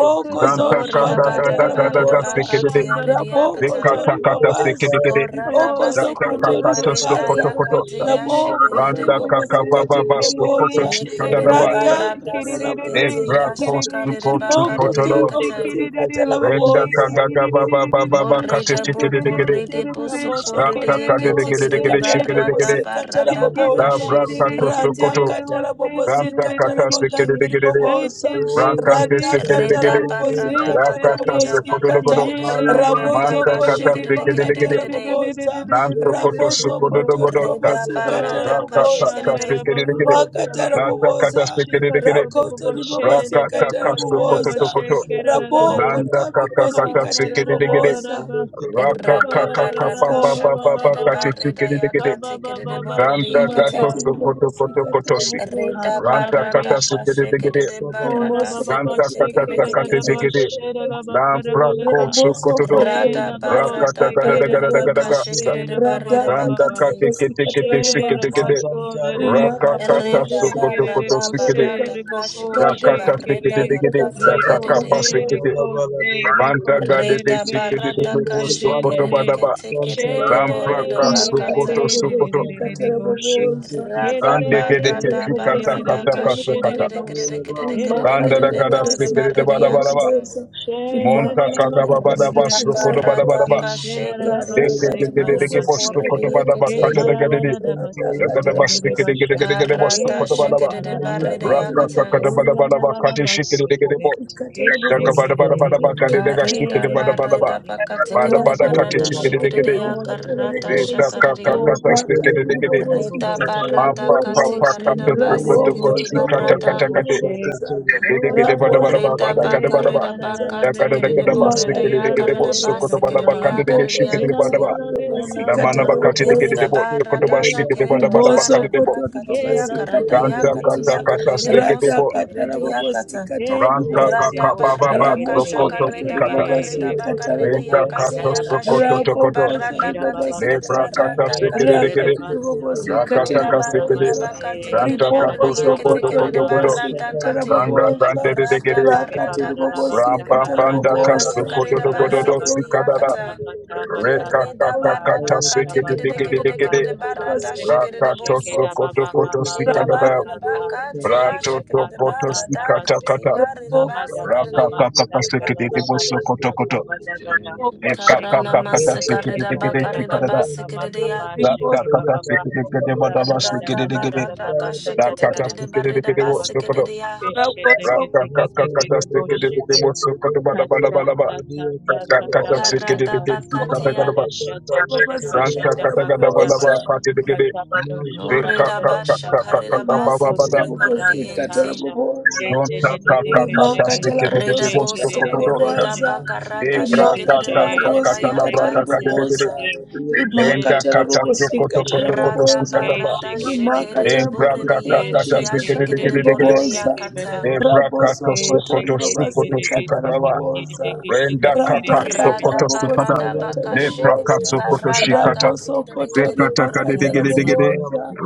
Speaker 4: Thank you.
Speaker 1: tere
Speaker 5: Oh,
Speaker 2: zori
Speaker 1: kosha.
Speaker 5: rida
Speaker 2: bakata
Speaker 5: barada
Speaker 1: Tere re re
Speaker 5: barida
Speaker 1: re
Speaker 2: rabobosa.
Speaker 3: zantakagagadagadasekerere,
Speaker 5: bakatiya
Speaker 1: bashanda ra
Speaker 5: rida
Speaker 1: kosi
Speaker 2: Raboko
Speaker 5: kata.
Speaker 2: zori
Speaker 1: karaba.
Speaker 2: babas.
Speaker 3: rekatakatasekeregere,
Speaker 5: Oh, rada
Speaker 2: Riboko
Speaker 1: Oh, reka na
Speaker 5: basikirida
Speaker 2: zokoto
Speaker 1: ra ra ra ra ra
Speaker 5: barida
Speaker 1: ra ra
Speaker 2: ribabaza.
Speaker 1: ra
Speaker 3: zatakakatosokotokotosa,
Speaker 5: yakatiya
Speaker 1: shende re
Speaker 2: Raboko
Speaker 5: shikirida
Speaker 2: tori
Speaker 5: bo.
Speaker 2: babasikata
Speaker 1: kashende
Speaker 2: ribabosa.
Speaker 1: re re
Speaker 5: Yekerida
Speaker 1: re re
Speaker 3: randakakabababasokotochikadadabada,
Speaker 2: Rata
Speaker 5: barada
Speaker 2: kata
Speaker 1: re re re re re. Kere re re she re re re re she kere re re re
Speaker 5: sikete
Speaker 1: she
Speaker 3: Negra
Speaker 5: ya
Speaker 1: kere
Speaker 2: rabobosikata.
Speaker 3: cost
Speaker 1: re
Speaker 5: shakarida
Speaker 1: she
Speaker 3: to
Speaker 1: kere.
Speaker 2: Riboko tori
Speaker 3: go
Speaker 5: bakatiya
Speaker 1: Shikara
Speaker 2: babasikata
Speaker 3: Renda
Speaker 2: rabobosa
Speaker 3: kagaga baba baba bakate
Speaker 5: Horrida
Speaker 3: shikere
Speaker 5: boko
Speaker 3: degede.
Speaker 5: rede boso korede
Speaker 3: Santa
Speaker 2: ramosokotori
Speaker 3: kade
Speaker 5: yekete
Speaker 3: degede
Speaker 5: kerede
Speaker 3: degede
Speaker 2: mamasikatara
Speaker 3: shikere degede.
Speaker 5: barada
Speaker 2: momosikatara
Speaker 5: barada baka
Speaker 3: La
Speaker 2: momoza
Speaker 3: braka
Speaker 5: shekerede
Speaker 3: tosto
Speaker 5: yekete.
Speaker 3: koto.
Speaker 2: radhakatara
Speaker 3: Santa kata
Speaker 2: momosikatara
Speaker 3: shikere
Speaker 2: magandhiri
Speaker 3: degede de.
Speaker 2: momoza
Speaker 3: Rankante shikere
Speaker 2: radhakatara
Speaker 3: degede.
Speaker 5: Reda barada
Speaker 2: momosikatara
Speaker 5: baka
Speaker 3: Rakata
Speaker 5: reda
Speaker 3: sto koto
Speaker 5: baka
Speaker 3: dogodo.
Speaker 2: momosikata
Speaker 5: tekerede
Speaker 4: Bala bas,
Speaker 5: barada
Speaker 3: Manta
Speaker 5: ba
Speaker 4: bala
Speaker 3: kata
Speaker 2: ramosokotori
Speaker 5: shekerede
Speaker 4: bala
Speaker 3: shikere
Speaker 4: bala
Speaker 5: kerede
Speaker 3: degede.
Speaker 2: makatara
Speaker 4: bala
Speaker 5: kerede.
Speaker 2: momoza
Speaker 3: Nanto
Speaker 4: Thank
Speaker 3: koto sukodo
Speaker 2: ramosokotori
Speaker 3: dogodo.
Speaker 5: Reda
Speaker 2: mamasikatara
Speaker 5: barada ka
Speaker 3: Rakata ta
Speaker 2: momoza
Speaker 5: shekerede.
Speaker 3: shikere degede.
Speaker 2: rimakatara
Speaker 3: Nanta kata
Speaker 2: momoza
Speaker 3: shikere degede.
Speaker 1: baba baba
Speaker 2: rakotori
Speaker 1: shere de
Speaker 3: Rakata
Speaker 2: mamasikatara
Speaker 3: kasto
Speaker 1: katara
Speaker 3: koto
Speaker 1: ba
Speaker 3: to
Speaker 2: momoza
Speaker 3: koto.
Speaker 1: shekera rarara
Speaker 2: ramoko
Speaker 3: Landa kaka kata
Speaker 2: tamimosikatiri
Speaker 3: shikere degede.
Speaker 1: Katalabadesha,
Speaker 3: Raka
Speaker 5: Rada
Speaker 3: kaka
Speaker 5: barada
Speaker 2: So.
Speaker 5: shakarede bareda
Speaker 3: Rakakakakapapapapakatikikidikidi.
Speaker 5: yaka tekerede borede
Speaker 3: Ganta gato
Speaker 5: yekete.
Speaker 2: Makatiri
Speaker 3: sokoto koto koto
Speaker 2: bobosikata
Speaker 3: kotosi.
Speaker 2: rabobozo.
Speaker 5: Reda
Speaker 3: Ranta
Speaker 5: barada
Speaker 3: kata
Speaker 5: ka
Speaker 3: sikidikidi.
Speaker 5: shekerede
Speaker 1: Kora
Speaker 5: barada
Speaker 1: Baba
Speaker 3: Ganta
Speaker 2: Rimosokoto
Speaker 5: sekete
Speaker 3: kata
Speaker 1: Sekeda
Speaker 5: kerede
Speaker 3: takate
Speaker 5: kete.
Speaker 2: ribobosikata
Speaker 1: Daba
Speaker 3: zikidi.
Speaker 1: Shedala
Speaker 2: rabobozo.
Speaker 3: Lambra
Speaker 1: Bakarabolika,
Speaker 3: koso koto do,
Speaker 2: Rabosokoto
Speaker 5: Rada
Speaker 1: Lela
Speaker 3: Rakata
Speaker 5: barada
Speaker 1: bosse
Speaker 2: ribobosikata
Speaker 3: gada da
Speaker 1: kera
Speaker 3: gada
Speaker 1: da
Speaker 3: da
Speaker 5: barada
Speaker 1: da
Speaker 3: gada
Speaker 2: rabobozo.
Speaker 3: gasa.
Speaker 1: bosse ra
Speaker 5: kashikere
Speaker 1: ba ba
Speaker 5: barida
Speaker 1: ba ba.
Speaker 2: Radhakati
Speaker 3: Randa
Speaker 1: ba
Speaker 3: kate
Speaker 5: bakati.
Speaker 4: you.
Speaker 3: kete
Speaker 2: ribobosikata
Speaker 3: kete
Speaker 1: She
Speaker 3: sikiri
Speaker 1: the
Speaker 2: rabobazo.
Speaker 3: digiri.
Speaker 4: Thank
Speaker 1: castle de re
Speaker 3: raka
Speaker 2: Rimakata
Speaker 1: kababo
Speaker 3: Rakakata
Speaker 5: Reda
Speaker 3: sokoto
Speaker 2: rabobosikata
Speaker 1: shekere de
Speaker 3: koto
Speaker 5: barada
Speaker 1: bose
Speaker 3: sikidi.
Speaker 2: rabobozo.
Speaker 5: barada
Speaker 1: reboko
Speaker 5: kashikere
Speaker 3: Dakata
Speaker 2: Rabosokoto
Speaker 5: barada
Speaker 1: shekere
Speaker 3: sikidikidi.
Speaker 5: yakate
Speaker 1: reko
Speaker 2: ribobosikata
Speaker 1: se,
Speaker 3: Dakakapa
Speaker 5: kerede.
Speaker 3: sikidi.
Speaker 2: rabobozo.
Speaker 1: rekose se, reko
Speaker 3: Banta
Speaker 1: se
Speaker 3: gade de
Speaker 5: Reda
Speaker 1: rebe
Speaker 3: sikidikidi.
Speaker 5: barada
Speaker 1: shente
Speaker 3: Kosto
Speaker 1: de de
Speaker 3: koto
Speaker 5: kashikere
Speaker 1: ne
Speaker 3: badaba.
Speaker 1: she
Speaker 5: ketekere de
Speaker 1: de de
Speaker 3: Lampra
Speaker 5: borida
Speaker 1: de
Speaker 3: kaso
Speaker 1: de de
Speaker 3: koto
Speaker 2: Imakatela
Speaker 5: bakata.
Speaker 1: de
Speaker 3: so koto.
Speaker 2: bobosi,
Speaker 1: de de de de de de de de
Speaker 2: katela
Speaker 1: boshe
Speaker 2: boboza.
Speaker 1: he de
Speaker 5: Rada
Speaker 1: de
Speaker 3: Rande gede
Speaker 1: de de
Speaker 2: Imakatela
Speaker 5: barada
Speaker 3: teşvi
Speaker 1: de
Speaker 3: kata
Speaker 2: bobosi,
Speaker 1: de de de de de
Speaker 5: barada
Speaker 3: kata
Speaker 2: katela
Speaker 3: kata
Speaker 1: she de
Speaker 3: kata.
Speaker 1: de
Speaker 5: kashikere
Speaker 2: boboza.
Speaker 1: bose
Speaker 5: kerede kerede
Speaker 1: he
Speaker 5: kerede
Speaker 3: Randa da
Speaker 2: Imakatela
Speaker 5: kerede
Speaker 3: gada
Speaker 5: kerede
Speaker 2: bobosi,
Speaker 1: matse
Speaker 3: sekere de
Speaker 5: barida
Speaker 1: koro
Speaker 3: bala
Speaker 2: katela
Speaker 3: bala
Speaker 1: bose
Speaker 3: ba.
Speaker 5: yakata.
Speaker 2: boboza.
Speaker 1: she de de de
Speaker 3: Monta
Speaker 1: de
Speaker 2: Imakatela
Speaker 3: kaga
Speaker 1: man
Speaker 3: baba
Speaker 1: koro
Speaker 3: da
Speaker 2: bobosi,
Speaker 1: se de
Speaker 5: Rada
Speaker 3: basro
Speaker 2: katela
Speaker 3: kodo bada
Speaker 5: barada
Speaker 3: bada
Speaker 2: boboza.
Speaker 3: ba.
Speaker 1: de de
Speaker 5: kashikere
Speaker 2: Rada
Speaker 3: Deke te
Speaker 5: kerede
Speaker 2: katela
Speaker 3: gede deke
Speaker 5: bosu
Speaker 4: you.
Speaker 2: bobosi,
Speaker 3: postu
Speaker 5: korede
Speaker 3: kodo
Speaker 2: katela
Speaker 3: bada ba
Speaker 1: Ke
Speaker 5: yekete.
Speaker 4: Thank
Speaker 3: kata
Speaker 2: boboza.
Speaker 3: da gede de.
Speaker 2: Rada
Speaker 1: tarararabaste
Speaker 3: Da gada
Speaker 2: katela
Speaker 3: basri
Speaker 2: bobosi,
Speaker 3: gede gede
Speaker 1: terereribasha.
Speaker 3: gede
Speaker 2: katela
Speaker 3: gede
Speaker 1: Ke
Speaker 3: postu
Speaker 5: Karata
Speaker 3: kodo
Speaker 2: boboza.
Speaker 3: bada ba.
Speaker 5: shikiri
Speaker 2: Rada
Speaker 5: barida
Speaker 1: satararabaste.
Speaker 3: Raka
Speaker 2: katela
Speaker 3: kaka
Speaker 5: yakatan.
Speaker 3: da
Speaker 2: bobosi,
Speaker 3: bada bada ba kati şikiri
Speaker 1: Torarararabaste
Speaker 3: de gede
Speaker 1: kere.
Speaker 3: bo.
Speaker 2: Katala
Speaker 1: Keshe
Speaker 3: Daka
Speaker 2: bobosi,
Speaker 3: bada bada bada
Speaker 2: katala
Speaker 3: ba
Speaker 1: kererere.
Speaker 3: kade de gaş
Speaker 2: bobosi,
Speaker 3: şikiri
Speaker 5: Karida
Speaker 1: Kere
Speaker 2: katala
Speaker 3: bada bada ba.
Speaker 5: barida
Speaker 2: bobosi.
Speaker 1: besete. O
Speaker 3: Bada
Speaker 5: bakatikiri
Speaker 3: bada
Speaker 2: Rata
Speaker 3: kati
Speaker 5: barada
Speaker 1: çakoroba.
Speaker 2: katala
Speaker 3: şikiri de gede.
Speaker 5: shikiri
Speaker 2: bobosi,
Speaker 5: ya
Speaker 1: O
Speaker 2: katala
Speaker 5: karata
Speaker 1: çakoroba.
Speaker 3: Reka
Speaker 2: bobosa.
Speaker 3: kaka
Speaker 5: shakariya.
Speaker 1: O
Speaker 3: kata şikiri
Speaker 2: Rakati
Speaker 3: de gede.
Speaker 2: bobosi,
Speaker 5: Rita
Speaker 1: çakoroba.
Speaker 2: katala
Speaker 5: barada
Speaker 3: Ampa pa
Speaker 2: bobosa.
Speaker 1: O
Speaker 3: pa
Speaker 1: sen
Speaker 5: katikarida
Speaker 3: kato
Speaker 2: Rabo
Speaker 1: tererere
Speaker 3: kodo
Speaker 5: basikiri
Speaker 1: boşe
Speaker 3: koşi
Speaker 2: bozo
Speaker 3: kata
Speaker 1: tere
Speaker 2: bozo
Speaker 3: kata
Speaker 5: barada.
Speaker 3: kata.
Speaker 1: bokoşe.
Speaker 2: bobosa.
Speaker 1: O la
Speaker 2: Rabo
Speaker 1: la la
Speaker 2: bozo
Speaker 5: Rita
Speaker 1: baste.
Speaker 2: bozo
Speaker 1: La
Speaker 5: bakarida
Speaker 1: la la
Speaker 2: bobosa.
Speaker 1: la le.
Speaker 5: bakatikiri
Speaker 1: La la la
Speaker 5: borida
Speaker 1: le. La
Speaker 2: Makatala
Speaker 1: la la
Speaker 5: yakarida
Speaker 1: le.
Speaker 2: bobosi.
Speaker 1: La la la
Speaker 5: basikiri
Speaker 1: la.
Speaker 2: Boko
Speaker 5: yakarida
Speaker 1: La
Speaker 2: bozo
Speaker 1: la la la
Speaker 2: bozo
Speaker 5: yakati.
Speaker 1: la la la
Speaker 2: bobosi,
Speaker 1: la la
Speaker 2: katala
Speaker 1: la la
Speaker 2: bobosa.
Speaker 5: Hirida barada
Speaker 1: Yela la la
Speaker 5: shikiri
Speaker 1: la
Speaker 4: you.
Speaker 2: Rimoso
Speaker 1: basha,
Speaker 5: barada
Speaker 2: kotori
Speaker 4: Thank
Speaker 5: katiya
Speaker 2: babasi
Speaker 1: yela la la
Speaker 5: karida
Speaker 2: katara
Speaker 1: basete,
Speaker 5: yakatiya
Speaker 2: bobosa.
Speaker 5: karida
Speaker 1: lente
Speaker 2: Rata
Speaker 1: re
Speaker 5: bosu
Speaker 1: re re re
Speaker 5: korida
Speaker 2: katara
Speaker 1: bosh,
Speaker 2: bobosi
Speaker 5: yakatan.
Speaker 2: katara
Speaker 1: lente
Speaker 3: Ranta
Speaker 1: re re re
Speaker 2: bobosa.
Speaker 5: Rada
Speaker 3: kaka
Speaker 1: bosh,
Speaker 3: baba ba
Speaker 5: barada
Speaker 1: ke re re
Speaker 5: kasha
Speaker 1: re
Speaker 2: Ramoso
Speaker 1: re
Speaker 3: prokoto
Speaker 1: ke re
Speaker 2: kotori
Speaker 5: kareda
Speaker 1: ke
Speaker 3: fikata.
Speaker 1: re re re
Speaker 2: babasi
Speaker 1: re
Speaker 5: bakareda
Speaker 1: bosh,
Speaker 2: katara
Speaker 5: bakareda
Speaker 3: Renda
Speaker 1: re ke
Speaker 5: yakati
Speaker 2: bobosa.
Speaker 3: kato
Speaker 1: tara baste
Speaker 3: prokoto
Speaker 1: ke,
Speaker 5: yakashikede de
Speaker 2: Rabo
Speaker 3: tokoto.
Speaker 1: she
Speaker 5: barada
Speaker 2: kotori
Speaker 1: ke ra ba ba
Speaker 5: katikede
Speaker 2: babasi
Speaker 5: de
Speaker 3: Lebra
Speaker 1: baste,
Speaker 2: kata.
Speaker 3: kata
Speaker 5: barada
Speaker 1: ke te
Speaker 3: sekede de
Speaker 1: re
Speaker 5: kati.
Speaker 1: re
Speaker 3: gede.
Speaker 2: Rakati
Speaker 1: basta,
Speaker 2: bobosi
Speaker 1: ko
Speaker 3: Rakata
Speaker 2: katiri
Speaker 1: ra
Speaker 5: Yerida
Speaker 1: ra ra
Speaker 3: kasekede.
Speaker 5: barida
Speaker 1: baste,
Speaker 2: bobosa.
Speaker 5: bakati kede de
Speaker 3: Ranta
Speaker 1: sha ra ra
Speaker 3: kato
Speaker 5: borede
Speaker 2: Riboko
Speaker 1: ra ra ba ba
Speaker 3: sokoto
Speaker 2: sokoto
Speaker 1: ba
Speaker 5: yeketikede de
Speaker 1: ba
Speaker 3: koto koto.
Speaker 2: ribabasi
Speaker 1: basha.
Speaker 5: barada
Speaker 2: katara
Speaker 5: kati.
Speaker 3: Gangan
Speaker 1: Seke
Speaker 3: gande
Speaker 2: bobosa.
Speaker 3: de de
Speaker 1: seke
Speaker 5: Rada
Speaker 3: gede.
Speaker 1: seke
Speaker 2: Rakati
Speaker 5: barada
Speaker 2: bobosi
Speaker 5: kashikede
Speaker 1: balarabasta
Speaker 5: de
Speaker 3: Rambam
Speaker 2: katara
Speaker 3: banda
Speaker 5: barada
Speaker 1: kalabasta
Speaker 5: kaya
Speaker 3: kasto
Speaker 2: bobosa.
Speaker 3: koto
Speaker 5: kareda
Speaker 3: do godo do
Speaker 1: shikalarabaka
Speaker 5: basikede
Speaker 2: Rabo
Speaker 5: de
Speaker 3: sikada
Speaker 2: sokoto
Speaker 5: yakata.
Speaker 1: kapata bata
Speaker 5: Yerida
Speaker 1: dadaba
Speaker 2: ribabasi
Speaker 3: Rekakakakata
Speaker 5: barada
Speaker 1: tata
Speaker 5: katikede de
Speaker 1: tabasta
Speaker 5: kede de kede
Speaker 3: sekedegedegede.
Speaker 5: de
Speaker 1: tabata
Speaker 5: barada
Speaker 1: baste
Speaker 5: shikede de
Speaker 3: Rakato
Speaker 1: sheke
Speaker 5: bosoto.
Speaker 3: sokoto
Speaker 1: dababa
Speaker 3: koto
Speaker 1: baba
Speaker 5: Reda
Speaker 1: baba
Speaker 3: sikadada.
Speaker 2: Ramos
Speaker 5: barada
Speaker 1: tata
Speaker 5: bakati
Speaker 4: you.
Speaker 3: Rato
Speaker 1: sheka
Speaker 5: yashikede de
Speaker 1: tata
Speaker 3: tokoto
Speaker 5: barada
Speaker 3: sikata
Speaker 1: tata
Speaker 5: kati
Speaker 3: kata.
Speaker 5: yarida
Speaker 2: Ramoko
Speaker 4: Thank
Speaker 5: basikede de.
Speaker 3: Rakakakaka sekedegebo sokoto koto.
Speaker 1: Kabadadadabasakaladadabasakabadadada.
Speaker 2: Ramoko
Speaker 5: Karana
Speaker 3: Ekakakakata
Speaker 5: masakarida
Speaker 3: sekedegede
Speaker 5: bakarida
Speaker 3: sikadada.
Speaker 1: Shekiteketekedebelelelebasakabakaba.
Speaker 5: basikiridia.
Speaker 2: Rimoso
Speaker 3: Rakakata
Speaker 1: Shekebababa.
Speaker 3: sekedegede badaba
Speaker 5: Rada
Speaker 3: sekedegede.
Speaker 5: barada
Speaker 3: Rakata
Speaker 5: kashikitikerede barida
Speaker 3: sekedegedebo
Speaker 4: you.
Speaker 1: Rakadadadadadadabasatadadabasakadadabasa.
Speaker 3: sokoto.
Speaker 5: basikiridia.
Speaker 2: Ramoso
Speaker 4: Thank
Speaker 3: Rakakakakata
Speaker 1: Kesheteketeketekedeboshete.
Speaker 3: sekedegedebo sokoto badabalabalaba. Rakata
Speaker 2: Ramoko
Speaker 5: Karada
Speaker 1: Kachatatatatabashata.
Speaker 3: sekedegede
Speaker 2: Ramoko
Speaker 3: sikata
Speaker 5: bakatia.
Speaker 3: gadaba.
Speaker 1: Kabadashata
Speaker 2: Ramasi
Speaker 3: Ranta kata gadaba laba
Speaker 2: Kataramosa
Speaker 1: badakashadabakadabash.
Speaker 3: kate degede.
Speaker 1: Katabadosh.
Speaker 5: Norida basha
Speaker 1: Kabadadabaka
Speaker 5: karida
Speaker 2: rimakatiri
Speaker 1: kosa
Speaker 3: Rekakakakakakakabababada.
Speaker 5: basikiride
Speaker 1: kada
Speaker 2: bobosikata
Speaker 5: boridiente.
Speaker 1: tatasha
Speaker 2: rabobosa
Speaker 1: kete dedede keshege
Speaker 2: rimakata
Speaker 5: Rida
Speaker 2: rabobosikata
Speaker 5: boso
Speaker 1: shekerere
Speaker 3: Rontakakakakaslikidididibosdokododotka.
Speaker 5: korida
Speaker 2: rabobosa
Speaker 1: boshete
Speaker 5: bakarada
Speaker 1: ebe
Speaker 5: shikiride
Speaker 2: rimakata
Speaker 1: shere
Speaker 5: barida
Speaker 2: rabobosikata
Speaker 1: besekete
Speaker 3: Ebrakakaskakatalabrakakadidididi.
Speaker 5: yakatiata.
Speaker 1: sheke
Speaker 2: rabobosa
Speaker 1: shere
Speaker 2: rimakata
Speaker 1: dedede
Speaker 2: rabobosikata
Speaker 1: beshe
Speaker 5: Rada
Speaker 2: rabobosa
Speaker 3: Lendakataskokotokotokotoskikataba.
Speaker 5: barada
Speaker 1: eshekerere
Speaker 2: rimakata
Speaker 5: shikiride
Speaker 2: rabobosikata
Speaker 5: boridiente ya
Speaker 2: riboganga
Speaker 5: shikiride
Speaker 1: eshekerere
Speaker 3: Embrakakakakaslikididididididi.
Speaker 4: you.
Speaker 2: ribobosa
Speaker 1: keseke
Speaker 4: Thank
Speaker 1: bede
Speaker 5: boridiakata.
Speaker 1: bosh
Speaker 2: rabosokoto
Speaker 1: eshekerere
Speaker 2: ribabasikata
Speaker 1: keseke
Speaker 3: Ebrakatoskokotoskokotoskikataba.
Speaker 1: bede
Speaker 2: rabobosa
Speaker 1: keshegere gere gere
Speaker 2: radhakata
Speaker 1: besh
Speaker 5: Rada
Speaker 3: Rendakakaksokotoskikata.
Speaker 5: barada
Speaker 2: rabobosikata
Speaker 5: baka shikede de
Speaker 2: rabobosa
Speaker 5: barada ka
Speaker 3: Nebrakaksokotoskikata.
Speaker 5: tikede de
Speaker 2: rabosokoto
Speaker 5: kede de
Speaker 2: ribakata
Speaker 5: borriente.
Speaker 3: Zekatakadidididididi.
Speaker 2: rabobosa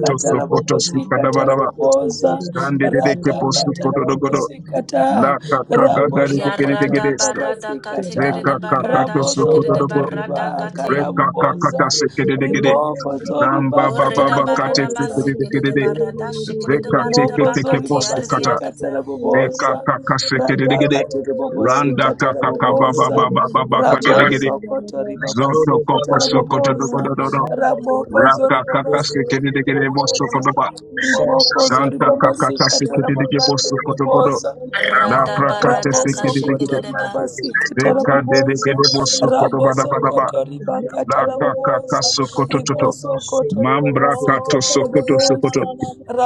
Speaker 2: katarabobosika tarabobosa
Speaker 1: Thank
Speaker 3: Sande de de. ke
Speaker 2: rata
Speaker 3: posu kododogodo.
Speaker 2: katarabobosika ta
Speaker 3: La ka ka ga ga de de gede de.
Speaker 5: Yarada
Speaker 2: rabosokotori
Speaker 3: gede.
Speaker 5: barada ka
Speaker 2: babasika
Speaker 3: Re
Speaker 5: tikede
Speaker 2: ta
Speaker 3: ka
Speaker 5: de
Speaker 3: ka ka to
Speaker 5: barada
Speaker 3: su
Speaker 5: shikede de
Speaker 3: kododogo.
Speaker 2: rabosokotori
Speaker 5: barada ka
Speaker 3: Re
Speaker 5: te.
Speaker 3: ka ka ka ta
Speaker 2: bakarabobosa
Speaker 3: se ke de de gede.
Speaker 2: ribokotori
Speaker 3: Namba ba ba
Speaker 5: Orida
Speaker 3: ba ka te
Speaker 5: barada
Speaker 3: se
Speaker 2: bakatarabobosa
Speaker 3: ke
Speaker 5: basikede
Speaker 3: de
Speaker 5: de
Speaker 3: de.
Speaker 5: barada shikede de barada
Speaker 2: Imokozo
Speaker 5: baka
Speaker 3: posu
Speaker 5: tiarida
Speaker 3: posu
Speaker 2: ribabasika
Speaker 4: you.
Speaker 5: yakata.
Speaker 3: la Re re Re
Speaker 2: taraboboza.
Speaker 3: su ke
Speaker 4: Thank
Speaker 3: ke ke ke ke Namba se te kata Sandeleke posukododogodo. Lakakagagadegedegedes. Rekakakatosokododogo.
Speaker 2: Radaka
Speaker 3: Rekakakatasekedegede. de Zekateketekebosukata. Bekakakasekedegede.
Speaker 2: tiribobosika
Speaker 3: Randa
Speaker 2: taraboboza.
Speaker 3: de de. de
Speaker 2: Raboso
Speaker 3: ke
Speaker 2: koto
Speaker 3: Zoto ko
Speaker 2: ribabasika
Speaker 3: posu
Speaker 2: taraboboza.
Speaker 3: kododogodododo. Ra
Speaker 2: Ramokozo
Speaker 3: ka ka ka se
Speaker 2: ribabasika
Speaker 3: ke de de gede posu ba. kakakabababababakadegede.
Speaker 2: taraboboza.
Speaker 3: Zotokokosokododogododo. Rakakakasekedegede bosukodoba.
Speaker 2: Rimokozo
Speaker 3: Santa
Speaker 2: ribabasika
Speaker 3: kakatasekedegede
Speaker 2: tarabagande
Speaker 3: bosukodogodo.
Speaker 2: riboboza.
Speaker 3: La
Speaker 5: Rada
Speaker 3: prakate
Speaker 5: barada ka
Speaker 2: Raboso
Speaker 3: sekede de sekedegede.
Speaker 5: shikede
Speaker 2: Rabosokotori
Speaker 5: de ba.
Speaker 2: babasikata
Speaker 3: Deka
Speaker 2: raboboza,
Speaker 3: dedegede mosukoto bada
Speaker 1: you.
Speaker 3: bada ba
Speaker 2: rabosokotori bakata
Speaker 3: La kakaka
Speaker 2: raboboza,
Speaker 3: sokoto toto. Mambra kato
Speaker 4: you.
Speaker 3: sokoto
Speaker 1: Thank
Speaker 3: sokoto.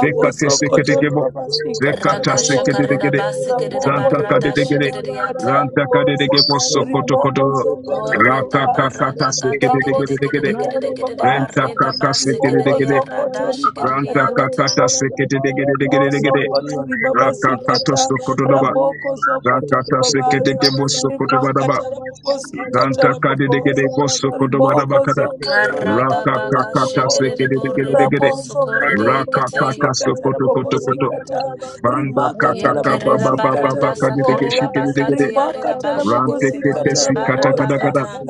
Speaker 3: Deka te
Speaker 4: Thank
Speaker 2: babasikata
Speaker 3: sekedegebo.
Speaker 2: babasi kataraboboza. babasikata
Speaker 3: Zeka ta
Speaker 5: Rada
Speaker 2: raboboza,
Speaker 5: shakarida
Speaker 3: sekedegede.
Speaker 5: basikede de
Speaker 3: Zanta
Speaker 5: barada
Speaker 3: kadedegede.
Speaker 5: shikede
Speaker 2: babasi
Speaker 5: de yata.
Speaker 3: Ranta
Speaker 2: kataraboboza. raboboza,
Speaker 3: kadedegebo sokoto koto.
Speaker 2: rimokozokotori
Speaker 3: Raka
Speaker 5: Orreda
Speaker 2: babaza,
Speaker 3: kakata
Speaker 5: barrada kate kerede
Speaker 2: Raboso
Speaker 3: sekedegede.
Speaker 5: kerede
Speaker 2: rabosokotori
Speaker 5: kerede kerede
Speaker 3: Renta
Speaker 2: babaza,
Speaker 5: barreda
Speaker 3: kaka
Speaker 5: basse kerede
Speaker 3: sekedegede.
Speaker 5: ya rada
Speaker 2: rimokozokotori
Speaker 5: şekerede
Speaker 3: Ranta
Speaker 2: bakata
Speaker 5: ya kata.
Speaker 3: kakata
Speaker 2: raboboza.
Speaker 3: sekedegede.
Speaker 2: Mosokoto ribaba
Speaker 3: Raka kato
Speaker 2: sikata
Speaker 3: sokoto doba.
Speaker 2: raboko zokoto
Speaker 3: Raka ta
Speaker 2: ribabaza
Speaker 3: sekedegebo sokoto bada ba
Speaker 2: rimakata rabobosikata
Speaker 3: Ranta kade kadidegede
Speaker 2: raboboza
Speaker 3: bosso kodobada
Speaker 2: riboko
Speaker 3: bakada.
Speaker 2: zokoto
Speaker 3: Raka
Speaker 5: Karada
Speaker 2: ribakata
Speaker 5: baka
Speaker 3: kakata
Speaker 2: raboboza
Speaker 5: şekerede borrede
Speaker 3: sekedegedegede.
Speaker 5: bosu
Speaker 4: you.
Speaker 5: korrede
Speaker 2: rabosokoto
Speaker 3: Raka
Speaker 5: yekete.
Speaker 3: kata
Speaker 2: ribabasikata
Speaker 3: sokoto
Speaker 4: Thank
Speaker 3: koto koto.
Speaker 2: rabobosikata
Speaker 3: Banda
Speaker 2: rimakata
Speaker 3: kakaka baba
Speaker 5: Yekerede
Speaker 1: you.
Speaker 3: baba
Speaker 2: rabobosikata
Speaker 5: barrada
Speaker 3: baka dedege
Speaker 1: Thank
Speaker 2: raboboza
Speaker 5: sakarede bakati
Speaker 3: shikedegede.
Speaker 5: yarreda
Speaker 2: rimakata
Speaker 5: basse
Speaker 3: Rante
Speaker 5: kerede
Speaker 3: kete
Speaker 2: rabobosikata
Speaker 5: borrede
Speaker 3: sikata
Speaker 5: barrada
Speaker 3: kada
Speaker 2: raboboza
Speaker 3: kada.
Speaker 5: kata.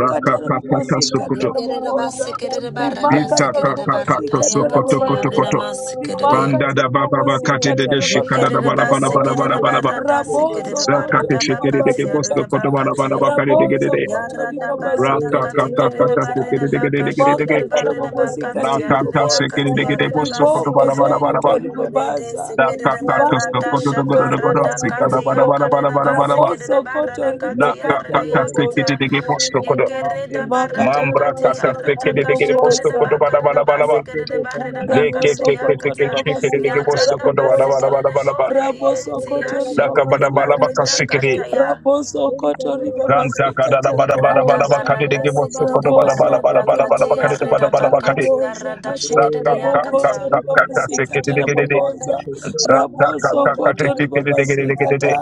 Speaker 3: Raka kakata
Speaker 2: rabobosikata
Speaker 3: sokoto.
Speaker 5: Yekerede
Speaker 2: raboboza
Speaker 5: basse kerede barrada
Speaker 3: Vita
Speaker 2: rimakata
Speaker 5: sekerede
Speaker 3: kakata
Speaker 5: barrada
Speaker 2: rabobosikata
Speaker 5: ya
Speaker 3: sokoto
Speaker 5: kate
Speaker 3: koto
Speaker 2: rabobaza
Speaker 5: yarreda
Speaker 3: koto.
Speaker 5: masse kerede ya.
Speaker 2: rimaka
Speaker 3: Banda da baba bakate
Speaker 2: tiribobosika
Speaker 3: dege shikada da
Speaker 2: tarabagandhi
Speaker 5: Yekerede
Speaker 3: bala bala
Speaker 5: basse
Speaker 3: bala bala
Speaker 2: riboboza
Speaker 5: kerede
Speaker 3: bala ba.
Speaker 5: barrada
Speaker 2: rabozo
Speaker 5: sekerede
Speaker 2: koto
Speaker 3: Zakate
Speaker 5: barrada bakati
Speaker 3: shikedegede bosso
Speaker 5: yarreda
Speaker 3: koto
Speaker 2: ribabasikata
Speaker 3: bala
Speaker 5: bakati.
Speaker 3: bala bakade
Speaker 2: rabozo
Speaker 3: degedede.
Speaker 2: koto
Speaker 5: Yarada barada
Speaker 2: ribabasika
Speaker 3: Raka
Speaker 5: katikere de
Speaker 3: kakata
Speaker 2: tiriboboza
Speaker 5: barida baka shikere
Speaker 2: rimaka
Speaker 5: de
Speaker 3: sekedegedegedege.
Speaker 5: barida
Speaker 2: tarabobosika
Speaker 5: bakati
Speaker 3: La
Speaker 5: yarida
Speaker 3: canta se que
Speaker 2: tiriboboza
Speaker 5: yakati
Speaker 3: de que te
Speaker 5: yarida tiare de
Speaker 3: posso coto
Speaker 2: riboko
Speaker 3: bara
Speaker 5: basikere
Speaker 3: bara
Speaker 5: de
Speaker 3: bara bara
Speaker 2: zokoto
Speaker 5: rede
Speaker 2: ribabaza
Speaker 3: la
Speaker 5: sikere de
Speaker 3: canta
Speaker 2: ribaka
Speaker 3: tosto
Speaker 5: barada
Speaker 3: coto do godo do
Speaker 5: shakara
Speaker 3: godo
Speaker 2: tiribobosika
Speaker 5: da
Speaker 3: si cada
Speaker 5: katia
Speaker 3: bara
Speaker 2: tarabobo
Speaker 3: bara
Speaker 5: kare
Speaker 3: bara
Speaker 5: de
Speaker 3: bara bara bara
Speaker 5: basikere de
Speaker 2: ramoso koto
Speaker 5: barada
Speaker 3: la
Speaker 5: katiare
Speaker 2: ribakanda
Speaker 5: de
Speaker 3: canta se que
Speaker 2: raboboza
Speaker 5: yakata
Speaker 3: de que posso coto
Speaker 5: yekere de
Speaker 2: rimaka
Speaker 5: barada
Speaker 3: mambra canta
Speaker 2: tarabobosika
Speaker 5: katiare
Speaker 3: se que
Speaker 5: da
Speaker 3: de que de
Speaker 5: kashakare
Speaker 3: posso
Speaker 5: de
Speaker 2: tiriboboza
Speaker 3: coto bara
Speaker 5: bakare de
Speaker 3: bara bara bara
Speaker 5: barida
Speaker 3: le que
Speaker 5: bakare
Speaker 2: Ramoso
Speaker 3: que que que
Speaker 2: kotori Ramosokoto
Speaker 3: que
Speaker 5: yakata
Speaker 3: se que de que
Speaker 2: ribabasikata
Speaker 3: posso
Speaker 5: yarada
Speaker 3: coto bara bara
Speaker 2: rabobosa.
Speaker 5: basikere
Speaker 3: bara
Speaker 5: de
Speaker 3: bara bara
Speaker 5: bore de yenti
Speaker 2: Rabosokoto
Speaker 3: la ca
Speaker 5: yashikere
Speaker 3: bara
Speaker 5: de
Speaker 3: bara bara ca
Speaker 2: ribabasikata.
Speaker 5: barida
Speaker 3: se que de
Speaker 5: kataya.
Speaker 2: Rabosokoto
Speaker 3: canta cada
Speaker 2: ribabasikata
Speaker 3: da bara bara
Speaker 5: Rada
Speaker 3: bara bara
Speaker 2: rabobosa.
Speaker 3: ca de
Speaker 5: barada
Speaker 3: que
Speaker 2: Rabosokoto ribabasikata rabobosa.
Speaker 3: posso
Speaker 5: sikiridi
Speaker 3: coto bara
Speaker 2: Raboso
Speaker 3: bara bara
Speaker 5: barada
Speaker 3: bara
Speaker 2: kotori
Speaker 4: you.
Speaker 3: bara bara ca
Speaker 2: baba
Speaker 5: katia
Speaker 3: de bara
Speaker 5: rida
Speaker 3: bara bara ca de
Speaker 5: bakatia
Speaker 2: sikata
Speaker 5: rada
Speaker 3: sa ca
Speaker 5: shikiridi
Speaker 3: ca
Speaker 4: Thank
Speaker 3: ca
Speaker 2: Rabokoso
Speaker 5: yakata.
Speaker 3: ca ca se que
Speaker 2: ribabasikata
Speaker 3: de que de
Speaker 2: raboboza.
Speaker 3: Santa
Speaker 2: Raboso koto ribabasikata.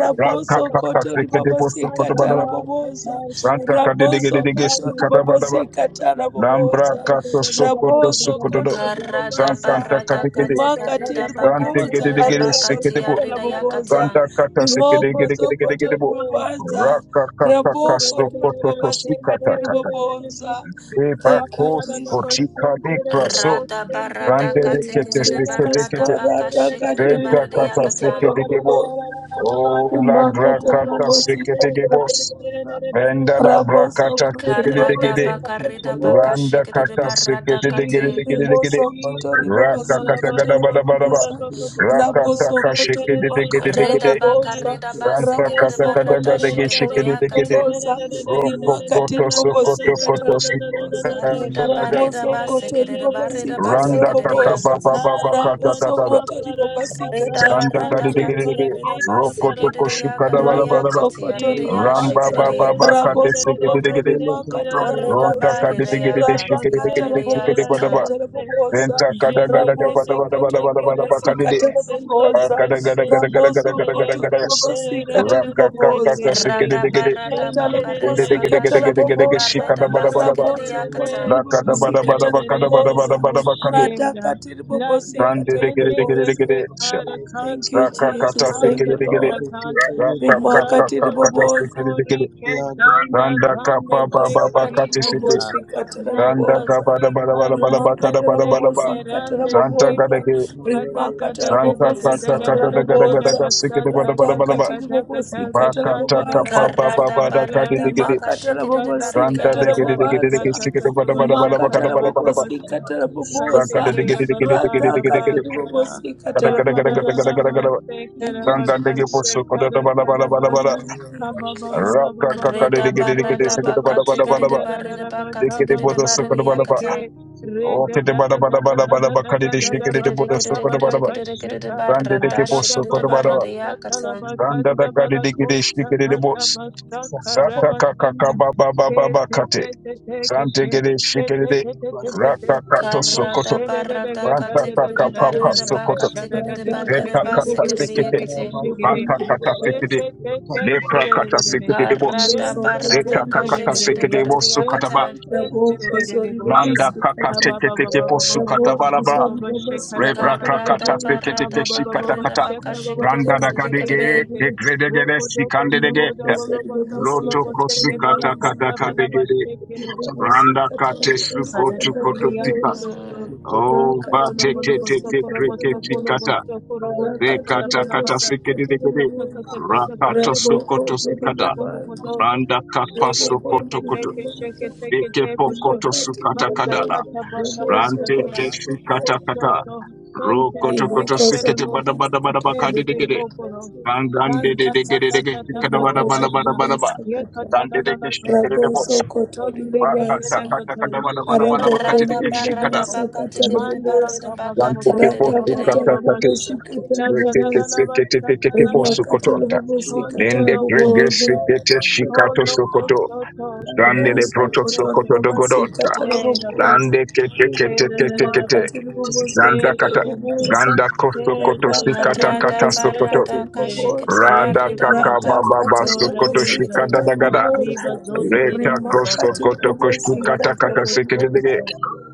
Speaker 2: Raboso koto ribabasikata raboboza. Raboso koto ribabasikata raboboza. Raboso koto
Speaker 1: you.
Speaker 5: Karada
Speaker 2: ribabaza.
Speaker 5: barada kati
Speaker 2: Rimaka
Speaker 5: karida
Speaker 2: tiri
Speaker 5: bakati
Speaker 2: boboza
Speaker 5: karida
Speaker 2: arada
Speaker 5: bakatia
Speaker 2: kata
Speaker 5: rida
Speaker 2: raboboza.
Speaker 5: yakata.
Speaker 2: Rimoko zokoto ribabaza. Raboko tori babasikata
Speaker 3: Rakakakakasokototosukatakata.
Speaker 2: riboboza. Thank you,
Speaker 3: Ebakos
Speaker 2: Jesus.
Speaker 3: kotika mikra so.
Speaker 5: Rada barada
Speaker 3: Rande
Speaker 2: Thank
Speaker 5: kati
Speaker 2: you,
Speaker 3: rekete
Speaker 5: kiridi
Speaker 3: sekete
Speaker 2: Jesus.
Speaker 5: barada
Speaker 3: kete.
Speaker 5: baka
Speaker 2: Marata
Speaker 5: shikiridi
Speaker 2: katiri
Speaker 3: Venta
Speaker 1: Shake
Speaker 5: barida
Speaker 2: bobosi
Speaker 3: kata
Speaker 5: yakata.
Speaker 2: katoro
Speaker 3: sekete debo.
Speaker 2: bobo.
Speaker 3: Oh, la
Speaker 2: Imaka tere
Speaker 3: gracata
Speaker 2: bobosi katoro
Speaker 3: seketegibos.
Speaker 2: bobosa.
Speaker 3: Venda la
Speaker 2: Raboso
Speaker 3: bracata
Speaker 2: kotori
Speaker 5: Karada
Speaker 2: bobosi
Speaker 3: seketegede.
Speaker 2: katoro
Speaker 5: bakarida baka
Speaker 2: bobosa.
Speaker 3: Randa
Speaker 5: shikiridi
Speaker 3: kata
Speaker 5: barada kati.
Speaker 1: Jesus,
Speaker 3: seketegedegedegede.
Speaker 2: Rimoso koto
Speaker 1: Jesus,
Speaker 3: Raka
Speaker 1: Kabala
Speaker 3: kata
Speaker 2: ribobasika
Speaker 1: Bada
Speaker 3: gada bada bada ba.
Speaker 1: Bastara
Speaker 2: tarabobosa.
Speaker 1: Baba
Speaker 3: Raka
Speaker 1: Baba
Speaker 2: Raboso
Speaker 3: taka
Speaker 2: koto riba
Speaker 1: Centera
Speaker 2: ribaka
Speaker 5: Rida
Speaker 3: seketegedegede.
Speaker 1: Centera
Speaker 2: tarabobosa.
Speaker 5: bakarida
Speaker 4: you.
Speaker 3: Ranta
Speaker 5: basikiridi
Speaker 3: kata
Speaker 2: Raboso
Speaker 3: gada
Speaker 2: koto
Speaker 5: barada
Speaker 3: gada
Speaker 2: riba
Speaker 3: ge
Speaker 1: Centera
Speaker 2: ribaka
Speaker 5: shikiridi
Speaker 1: Bum
Speaker 4: I'm
Speaker 5: yakata.
Speaker 3: seketegede.
Speaker 4: gonna
Speaker 1: Centera
Speaker 4: take
Speaker 2: tiribobosa.
Speaker 4: you to
Speaker 3: Roko
Speaker 2: Rimaka
Speaker 3: koto sokoto
Speaker 2: tiribobosika
Speaker 3: koto
Speaker 2: tarabobosa.
Speaker 5: Karida
Speaker 3: sikada.
Speaker 1: Shake
Speaker 5: barida
Speaker 2: Ramoso koto
Speaker 5: basikida barida
Speaker 2: ribobasika
Speaker 3: Randa
Speaker 5: basikida
Speaker 3: kaka
Speaker 2: tarabobosa.
Speaker 3: baba
Speaker 5: yakata.
Speaker 3: baba kata da
Speaker 2: Raboso
Speaker 3: da
Speaker 1: Parabata
Speaker 3: da.
Speaker 2: koto
Speaker 1: Parata
Speaker 2: ribobasika
Speaker 5: Rida
Speaker 2: kata.
Speaker 3: Sanda
Speaker 5: barada
Speaker 3: gada
Speaker 1: Parakanta
Speaker 5: katia
Speaker 3: degedegede.
Speaker 5: rida
Speaker 1: Parakenta
Speaker 3: Roko
Speaker 5: basikida
Speaker 3: toko
Speaker 1: Parakanta
Speaker 3: shukada
Speaker 5: yakarida
Speaker 3: bada
Speaker 2: Rabo
Speaker 3: bada ba.
Speaker 5: yakatia rida
Speaker 2: sokotori
Speaker 1: Jesus.
Speaker 3: Ramba
Speaker 2: babaza,
Speaker 5: yashikida
Speaker 3: ba ba ba
Speaker 5: yakati.
Speaker 2: rabo
Speaker 3: kate seke de de de de.
Speaker 2: sokotori bakatara
Speaker 5: Orida
Speaker 3: Ronta
Speaker 2: boboza,
Speaker 3: kade
Speaker 5: barida
Speaker 3: de de de de
Speaker 2: rata
Speaker 3: shike de
Speaker 5: yakatia
Speaker 3: de de
Speaker 2: katara
Speaker 3: de
Speaker 5: rida
Speaker 3: shike de ba
Speaker 2: bobosi
Speaker 3: ba.
Speaker 5: yakata.
Speaker 2: katara
Speaker 1: Jesus.
Speaker 2: boboza,
Speaker 3: Renta kada
Speaker 1: Jende
Speaker 3: gada gada
Speaker 2: rabo
Speaker 3: ba
Speaker 1: kete
Speaker 3: da ba da
Speaker 1: kete
Speaker 3: ba
Speaker 2: sokotori
Speaker 3: da ba
Speaker 1: kere
Speaker 2: babasi
Speaker 1: keto
Speaker 3: de.
Speaker 2: katara
Speaker 1: sentere
Speaker 2: boboza,
Speaker 3: Kada gada
Speaker 1: kente
Speaker 3: gada gada gada
Speaker 2: rabo
Speaker 3: gada
Speaker 1: shentere
Speaker 3: gada gada.
Speaker 2: sokotori
Speaker 3: gada.
Speaker 1: kente
Speaker 2: babasi
Speaker 1: re re
Speaker 2: katara
Speaker 1: re
Speaker 3: Raka
Speaker 1: re re re re
Speaker 3: kaka kate
Speaker 1: re
Speaker 2: boboza.
Speaker 1: re
Speaker 3: seke
Speaker 1: re
Speaker 3: de
Speaker 5: Rada
Speaker 3: de de de.
Speaker 5: barada
Speaker 2: Katala
Speaker 1: shentere re
Speaker 3: Ende
Speaker 5: bakarida
Speaker 1: re
Speaker 3: de
Speaker 2: bobosi
Speaker 3: de
Speaker 1: re
Speaker 3: de
Speaker 4: the
Speaker 3: de
Speaker 4: top
Speaker 1: kente.
Speaker 4: of
Speaker 3: de
Speaker 2: katala
Speaker 4: the
Speaker 3: de
Speaker 4: world.
Speaker 3: de
Speaker 5: bakashikida
Speaker 3: de
Speaker 2: bobosa.
Speaker 3: shika da
Speaker 5: barida
Speaker 3: ba da ba
Speaker 1: Lande
Speaker 5: basikida
Speaker 4: Thank
Speaker 2: Raboso
Speaker 5: yakata.
Speaker 2: kotori
Speaker 3: La kada ba
Speaker 2: bobosi
Speaker 3: da ba da ba
Speaker 2: katala
Speaker 3: kada ba da ba da
Speaker 2: bobosa.
Speaker 3: ba da ba kade.
Speaker 2: Rata katiri bobosi
Speaker 3: Rande
Speaker 2: katala
Speaker 3: de de
Speaker 1: kende
Speaker 3: de de de de
Speaker 2: bobosa.
Speaker 3: de.
Speaker 1: gete kara
Speaker 2: Thank
Speaker 1: kanta
Speaker 2: you,
Speaker 3: Raka
Speaker 1: kara
Speaker 2: Jesus.
Speaker 3: kata seke
Speaker 2: Thank
Speaker 1: kanta
Speaker 3: de
Speaker 2: you,
Speaker 3: de de de.
Speaker 1: kara
Speaker 2: Lord
Speaker 1: kanta
Speaker 3: Raka kaka
Speaker 2: rimakati
Speaker 1: rato
Speaker 3: kaka kate seke
Speaker 2: riboboza
Speaker 3: de
Speaker 1: zoko
Speaker 3: de de de.
Speaker 1: rike zanda
Speaker 3: Randa
Speaker 1: kande
Speaker 3: kapa ba ba ba
Speaker 1: zekari
Speaker 2: ramasakati
Speaker 3: kate seke.
Speaker 1: kaza
Speaker 2: ribobosi katara
Speaker 3: Santa
Speaker 1: reka
Speaker 2: boboza
Speaker 3: Kabada Bada
Speaker 1: zika
Speaker 3: Bada Bada
Speaker 1: rande
Speaker 3: Bada Bada
Speaker 2: rimakata
Speaker 3: Bada
Speaker 1: sete
Speaker 3: Bada
Speaker 2: rabobosi katara
Speaker 1: rande
Speaker 3: Santa
Speaker 2: boboza
Speaker 1: sike
Speaker 3: Gadege
Speaker 1: kata da
Speaker 2: rimakata
Speaker 1: da da
Speaker 3: Santa
Speaker 1: da
Speaker 2: rabobosi
Speaker 5: Yes,
Speaker 1: da da
Speaker 3: Kata
Speaker 1: da da
Speaker 2: katara
Speaker 3: Kata
Speaker 1: da
Speaker 5: Lord.
Speaker 3: Daga
Speaker 1: da da
Speaker 3: Daga
Speaker 1: da
Speaker 2: boboza
Speaker 3: Daga Sikidi Bada
Speaker 1: basata
Speaker 3: Bada Bada
Speaker 1: kata
Speaker 3: Bada
Speaker 2: ratakati
Speaker 1: kata
Speaker 2: ribobosi
Speaker 1: kata
Speaker 2: katara
Speaker 1: kashanda
Speaker 3: Bakata
Speaker 1: da da
Speaker 3: Kapa
Speaker 1: da
Speaker 2: bobaza
Speaker 1: da da
Speaker 3: Baba
Speaker 1: da
Speaker 5: Karada
Speaker 3: Bada
Speaker 1: da da
Speaker 3: Kadi
Speaker 5: barada
Speaker 1: da
Speaker 3: Digidi
Speaker 2: rimakata
Speaker 5: bakashikida
Speaker 1: Kata
Speaker 2: rabobosi
Speaker 1: da
Speaker 5: barida
Speaker 1: da
Speaker 3: Santa
Speaker 1: da
Speaker 2: katara
Speaker 1: da da
Speaker 3: Digidi
Speaker 5: yakata.
Speaker 1: ba
Speaker 3: Digidi
Speaker 2: bobaza
Speaker 3: Digidi
Speaker 1: kata
Speaker 3: Sikidi
Speaker 1: kata
Speaker 3: Bada Bada
Speaker 1: basha
Speaker 3: Bada
Speaker 2: rimakata
Speaker 3: Bada
Speaker 1: kada
Speaker 3: Bada
Speaker 1: bata
Speaker 3: Bada Bada
Speaker 2: rabobosi
Speaker 1: basha
Speaker 2: katara
Speaker 1: kaste
Speaker 3: Santa
Speaker 2: boboza
Speaker 1: kera
Speaker 3: Digidi Digidi
Speaker 1: basa
Speaker 3: Digidi Digidi
Speaker 2: ratakati
Speaker 1: raba
Speaker 3: Digidi
Speaker 1: saka
Speaker 2: ribobosi
Speaker 3: Gada
Speaker 2: katara
Speaker 3: Gada Gada
Speaker 1: kamana
Speaker 3: Gada
Speaker 1: na
Speaker 3: Gada
Speaker 2: boboza
Speaker 1: na
Speaker 3: Gada
Speaker 1: Kamanana
Speaker 3: Gada
Speaker 1: namaste
Speaker 2: thank you
Speaker 1: karava
Speaker 3: Santa Digi
Speaker 2: jesus
Speaker 1: kashe
Speaker 3: Pusu Koda Da Bada Bada
Speaker 1: kara ba.
Speaker 3: Bada Bada
Speaker 2: Amen.
Speaker 1: Kaba ba ba ba ba ba
Speaker 3: Raka
Speaker 1: ba
Speaker 3: Kaka
Speaker 1: ba ba
Speaker 5: Rida
Speaker 3: Digidi
Speaker 1: ba
Speaker 3: Digidi
Speaker 1: ba
Speaker 5: barada
Speaker 1: ba
Speaker 3: Sikidi
Speaker 1: ba
Speaker 3: Bada Bada Bada
Speaker 5: bakatikida
Speaker 1: shanda
Speaker 3: Bada
Speaker 1: ra ra
Speaker 5: barida
Speaker 1: ra ba
Speaker 3: Digidi
Speaker 1: kaba ba
Speaker 5: bakatikida
Speaker 3: Bodo
Speaker 1: ba ba
Speaker 5: barida
Speaker 3: Sukoda Bada
Speaker 1: seke
Speaker 3: Bada
Speaker 5: yakata.
Speaker 1: re da
Speaker 3: Okidi
Speaker 1: da
Speaker 3: Bada
Speaker 1: da
Speaker 3: Bada
Speaker 1: da da
Speaker 3: Bada Bada
Speaker 1: da
Speaker 3: Bada
Speaker 1: da
Speaker 3: Kadi
Speaker 1: da da da da
Speaker 3: Digidi
Speaker 1: ba
Speaker 3: Bodo
Speaker 1: saka ba
Speaker 3: Sukoda Bada
Speaker 1: da
Speaker 3: Bada
Speaker 1: kashaka
Speaker 3: Rande de
Speaker 1: agada
Speaker 3: Geboso
Speaker 1: ba la ba
Speaker 3: Kodabara,
Speaker 1: sata la
Speaker 5: Yekererekererekererekererekererebaradashikererebaredeyakata.
Speaker 1: ba
Speaker 3: Randa da
Speaker 1: kanda ba
Speaker 3: Gadi
Speaker 1: la
Speaker 3: de Gede
Speaker 1: kosta
Speaker 3: Shikere de
Speaker 1: kata
Speaker 3: Bos,
Speaker 1: ba saka ra
Speaker 3: Zata
Speaker 1: ba
Speaker 3: Kakaka
Speaker 1: sende
Speaker 3: Baba
Speaker 1: ke
Speaker 3: Baba
Speaker 1: te
Speaker 3: Bakate,
Speaker 1: te te te ke
Speaker 3: Zante
Speaker 1: she
Speaker 3: Gede
Speaker 1: ke
Speaker 3: Shikere
Speaker 1: te
Speaker 3: de
Speaker 1: te te te te te
Speaker 3: Raka Kato Sokoto,
Speaker 1: koshe da da da da da
Speaker 3: Banta
Speaker 1: da da
Speaker 3: Kaka
Speaker 1: da da
Speaker 3: Papa
Speaker 1: da
Speaker 2: Bosa,
Speaker 1: da
Speaker 3: Sokoto,
Speaker 1: kashada ka
Speaker 2: Brada
Speaker 1: te ke te
Speaker 3: Reka
Speaker 1: ke
Speaker 2: Katri
Speaker 1: she
Speaker 3: Kata
Speaker 1: ke te
Speaker 2: Bobosi
Speaker 1: ke
Speaker 3: Sekete,
Speaker 1: te
Speaker 5: Karadabaradakatekererebaredebakatekererebaredebasikeredeyekete.
Speaker 1: ke
Speaker 2: Katri
Speaker 1: she
Speaker 4: you.
Speaker 1: ke te
Speaker 3: Banta
Speaker 2: Bogondi
Speaker 3: Kata
Speaker 1: Shen
Speaker 2: Babas,
Speaker 3: Sekete,
Speaker 1: ten
Speaker 4: talking
Speaker 1: ten ten
Speaker 3: Lepra Kata
Speaker 1: tererere.
Speaker 4: about
Speaker 3: Sekete de Bos,
Speaker 2: Moso
Speaker 1: Shen ten ten
Speaker 3: Zeta
Speaker 2: Kotori
Speaker 3: Kakata
Speaker 2: Babasi
Speaker 1: tererere.
Speaker 3: Sekete
Speaker 2: Kata,
Speaker 3: Bosu
Speaker 1: Shen
Speaker 5: Karadabaradakashikererekeredeyakata.
Speaker 3: Kataba,
Speaker 1: ten ten
Speaker 2: Rabo
Speaker 1: tererere
Speaker 2: Kosori
Speaker 1: bosha.
Speaker 3: Landa
Speaker 2: Babasi
Speaker 3: Kaka
Speaker 1: Aba
Speaker 2: Kata,
Speaker 1: ba ba
Speaker 3: Tekete
Speaker 1: ba ba ba
Speaker 3: Bosu
Speaker 1: ba ba
Speaker 2: Rabo
Speaker 1: ba ba
Speaker 3: Katabalaba,
Speaker 1: ba
Speaker 2: Kosori
Speaker 1: ba Shekara
Speaker 2: Babasi
Speaker 1: ba
Speaker 3: Rebra
Speaker 2: Kata
Speaker 1: kasaka.
Speaker 3: krakata
Speaker 2: Babonda,
Speaker 3: sekete
Speaker 1: Aba ba
Speaker 3: keshi
Speaker 1: ba ba
Speaker 3: kata
Speaker 1: ba
Speaker 2: Brata
Speaker 3: kata.
Speaker 1: shekara ba
Speaker 2: Katri
Speaker 1: ba ba
Speaker 3: Randa da
Speaker 2: Bobosi
Speaker 1: koseke
Speaker 2: Katra
Speaker 3: kadegere,
Speaker 5: Karadabaradabakaredabakashikerede.
Speaker 1: tekete.
Speaker 2: Bobosi,
Speaker 3: degredegere,
Speaker 1: Wokodo koshoko
Speaker 3: sikandedege.
Speaker 2: Mo
Speaker 1: dobolo
Speaker 2: Kosori
Speaker 1: boso
Speaker 2: Babasi
Speaker 1: kolo
Speaker 3: Loto
Speaker 2: Katra
Speaker 3: kosu
Speaker 1: boseke
Speaker 3: kata
Speaker 2: Bobosa,
Speaker 3: kata
Speaker 1: balakata bala
Speaker 3: kadegere.
Speaker 1: bashekere.
Speaker 2: Bobosi
Speaker 3: Randa kate
Speaker 2: Katra Bobosi
Speaker 3: suko
Speaker 1: Arada
Speaker 3: tu
Speaker 2: Katra
Speaker 3: koto
Speaker 1: tibiyan
Speaker 3: pika.
Speaker 2: Bobosa,
Speaker 1: solo so.
Speaker 5: Mm.
Speaker 3: Oh, ba
Speaker 2: Rakatri
Speaker 1: Kolo bolo
Speaker 3: teke
Speaker 1: boso
Speaker 2: Bobosi
Speaker 3: teke
Speaker 1: koro
Speaker 2: Katra
Speaker 1: boso
Speaker 3: keshi
Speaker 1: kolo
Speaker 2: Bobosa,
Speaker 3: kata.
Speaker 1: boso koro boso
Speaker 3: Re
Speaker 1: kara
Speaker 2: rakatiri
Speaker 4: Thank
Speaker 3: kata
Speaker 4: you.
Speaker 1: bala
Speaker 3: kata
Speaker 1: bata.
Speaker 2: vovosikatiri
Speaker 3: sekedegere.
Speaker 1: Shake it, take
Speaker 2: vovoita
Speaker 4: Thank
Speaker 3: Rakato sokoto
Speaker 2: rabokondro rabo
Speaker 3: sikada. Randa kapa
Speaker 1: it,
Speaker 3: sokoto
Speaker 2: rabokondro
Speaker 1: take
Speaker 3: koto.
Speaker 1: it, shake
Speaker 2: ribobaza
Speaker 1: it, take it,
Speaker 3: Eke
Speaker 1: table show.
Speaker 3: pokoto
Speaker 2: ribakati
Speaker 3: sukata
Speaker 1: Master
Speaker 3: kadala.
Speaker 2: riboboza
Speaker 1: Katabaka
Speaker 3: Rante
Speaker 1: Bakasa.
Speaker 2: rabosokoti
Speaker 3: keshi kata
Speaker 2: ribobaza
Speaker 3: kata.
Speaker 1: Kosoto.
Speaker 3: Ro
Speaker 1: Sentence.
Speaker 3: koto
Speaker 1: take
Speaker 3: koto
Speaker 1: it,
Speaker 2: rimokoso
Speaker 3: sikete
Speaker 1: go,
Speaker 3: bada bada bada
Speaker 2: ribobasikata
Speaker 1: Sente
Speaker 3: bakadegere.
Speaker 2: raboboza
Speaker 1: koporo.
Speaker 2: thank
Speaker 1: Santa
Speaker 2: you
Speaker 1: ta
Speaker 2: Jesus.
Speaker 1: ta ta ta ta ta
Speaker 2: rimokoso
Speaker 4: you.
Speaker 1: basha. Ye
Speaker 2: ribobasikata
Speaker 1: katala la la kasopa.
Speaker 2: rabosokoto
Speaker 1: Kolli ketele
Speaker 2: ribobaza
Speaker 1: kato. Shela bonde
Speaker 2: Arabokonde
Speaker 1: sela ko.
Speaker 2: bobosa katara
Speaker 1: Mandala
Speaker 2: bobosa.
Speaker 1: ka ba ba ba ba ba ba
Speaker 2: Rata
Speaker 1: ba ba
Speaker 5: Radabaradabakatekererebaredebakatekererekerede.
Speaker 1: ba
Speaker 2: katara
Speaker 1: ba
Speaker 2: bobosi
Speaker 1: basha. La
Speaker 2: katara
Speaker 1: kada la la
Speaker 2: bobosa.
Speaker 1: basa kala
Speaker 2: Rima
Speaker 1: kasa.
Speaker 2: katara bobosi katara
Speaker 3: Lende
Speaker 1: Kondolo
Speaker 2: bobosa.
Speaker 1: koste.
Speaker 3: gregesi pete shikato
Speaker 1: Kolo
Speaker 3: sokoto,
Speaker 1: kosto to.
Speaker 3: grande le
Speaker 2: Moso
Speaker 1: Sente
Speaker 3: proto
Speaker 2: kotor
Speaker 1: sente.
Speaker 3: sokoto
Speaker 2: babasi
Speaker 3: dogodonta,
Speaker 2: katara
Speaker 1: Shera bo.
Speaker 2: bobosa
Speaker 3: lande
Speaker 4: Just
Speaker 3: kete kete
Speaker 1: Shela la
Speaker 3: kete
Speaker 1: la la ba.
Speaker 3: kete,
Speaker 2: rimakati ribobosika
Speaker 3: ganda kata,
Speaker 1: Keshente,
Speaker 2: tiribobosa
Speaker 3: ganda kosto koto
Speaker 1: keshete,
Speaker 2: radhakati
Speaker 3: sikata kata
Speaker 2: ribobosika
Speaker 3: sokoto,
Speaker 1: resete,
Speaker 2: tiribobosa
Speaker 3: rada kaka
Speaker 1: reketesh,
Speaker 3: baba
Speaker 2: radhakati
Speaker 1: ora
Speaker 3: sokoto
Speaker 2: ribobosika
Speaker 5: Karadabaradakashikererebaredebakatekererebaredeyekete.
Speaker 3: shikada
Speaker 1: vizada,
Speaker 3: dagada.
Speaker 2: tiribobosa
Speaker 1: riva zonde
Speaker 3: Reta koso
Speaker 2: rimakati
Speaker 1: rekabakosha,
Speaker 3: koto koshku
Speaker 2: ribobosika
Speaker 3: kata
Speaker 1: arapa
Speaker 3: kata
Speaker 1: toko toko
Speaker 3: sekedege.
Speaker 2: tiribobosa
Speaker 1: to,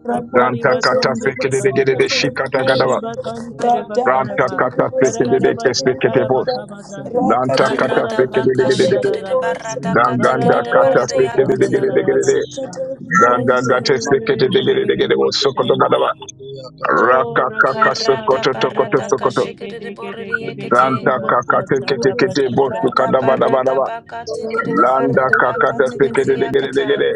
Speaker 1: katari
Speaker 3: Ranta
Speaker 2: rabokoso
Speaker 3: kata
Speaker 1: bazonde ke
Speaker 3: sekedege
Speaker 2: ribobosika
Speaker 3: de
Speaker 1: barikata,
Speaker 3: shikata gadaba.
Speaker 2: tiribobosa
Speaker 1: shiriba kante reba
Speaker 3: Ranta
Speaker 2: radhakati
Speaker 1: karaba,
Speaker 3: kata
Speaker 2: ribobosika
Speaker 3: sekedege
Speaker 1: karararaba
Speaker 3: kesekete
Speaker 1: sataraba
Speaker 3: bos.
Speaker 2: tiribobosa
Speaker 1: kabaza,
Speaker 4: to be sure.
Speaker 3: Ranta
Speaker 2: rakati
Speaker 3: kata
Speaker 1: mandara
Speaker 5: Karada
Speaker 3: sekedege
Speaker 2: ribobosika
Speaker 5: Karadabaka
Speaker 3: de de de.
Speaker 5: shikere
Speaker 1: kasandararaba,
Speaker 4: Thank
Speaker 2: tiribobosa
Speaker 5: baradaka
Speaker 3: Ganganda
Speaker 5: tikere
Speaker 1: barararaba
Speaker 3: kata
Speaker 5: barada
Speaker 2: raboso
Speaker 3: sekedege
Speaker 2: kati
Speaker 3: de
Speaker 5: yakati.
Speaker 3: de de
Speaker 1: sandararaba
Speaker 3: de.
Speaker 2: ribobosika
Speaker 1: sha,
Speaker 3: Gaga
Speaker 1: kente
Speaker 2: tiribobosa
Speaker 3: gate sekedege de de de bos sokoto
Speaker 1: rerererererere
Speaker 3: badaba.
Speaker 1: Oh,
Speaker 3: Raka kaka
Speaker 1: rakaya,
Speaker 3: sokoto
Speaker 1: rakaya,
Speaker 3: tokoto
Speaker 5: Karadabaradaka
Speaker 3: sokoto.
Speaker 1: rakade,
Speaker 5: shikere
Speaker 1: gede, gede,
Speaker 5: borede
Speaker 1: gede, gede,
Speaker 5: yekete.
Speaker 3: Ranta
Speaker 2: Thank
Speaker 1: basa,
Speaker 3: kaka tekete
Speaker 1: tada,
Speaker 2: you.
Speaker 3: kete bos
Speaker 1: basha.
Speaker 3: kadaba badaba
Speaker 5: Radabaradabaka tikere
Speaker 3: Landa
Speaker 5: barada baka
Speaker 3: kakata
Speaker 5: tikere
Speaker 3: sekede degede
Speaker 5: yakata.
Speaker 3: degede.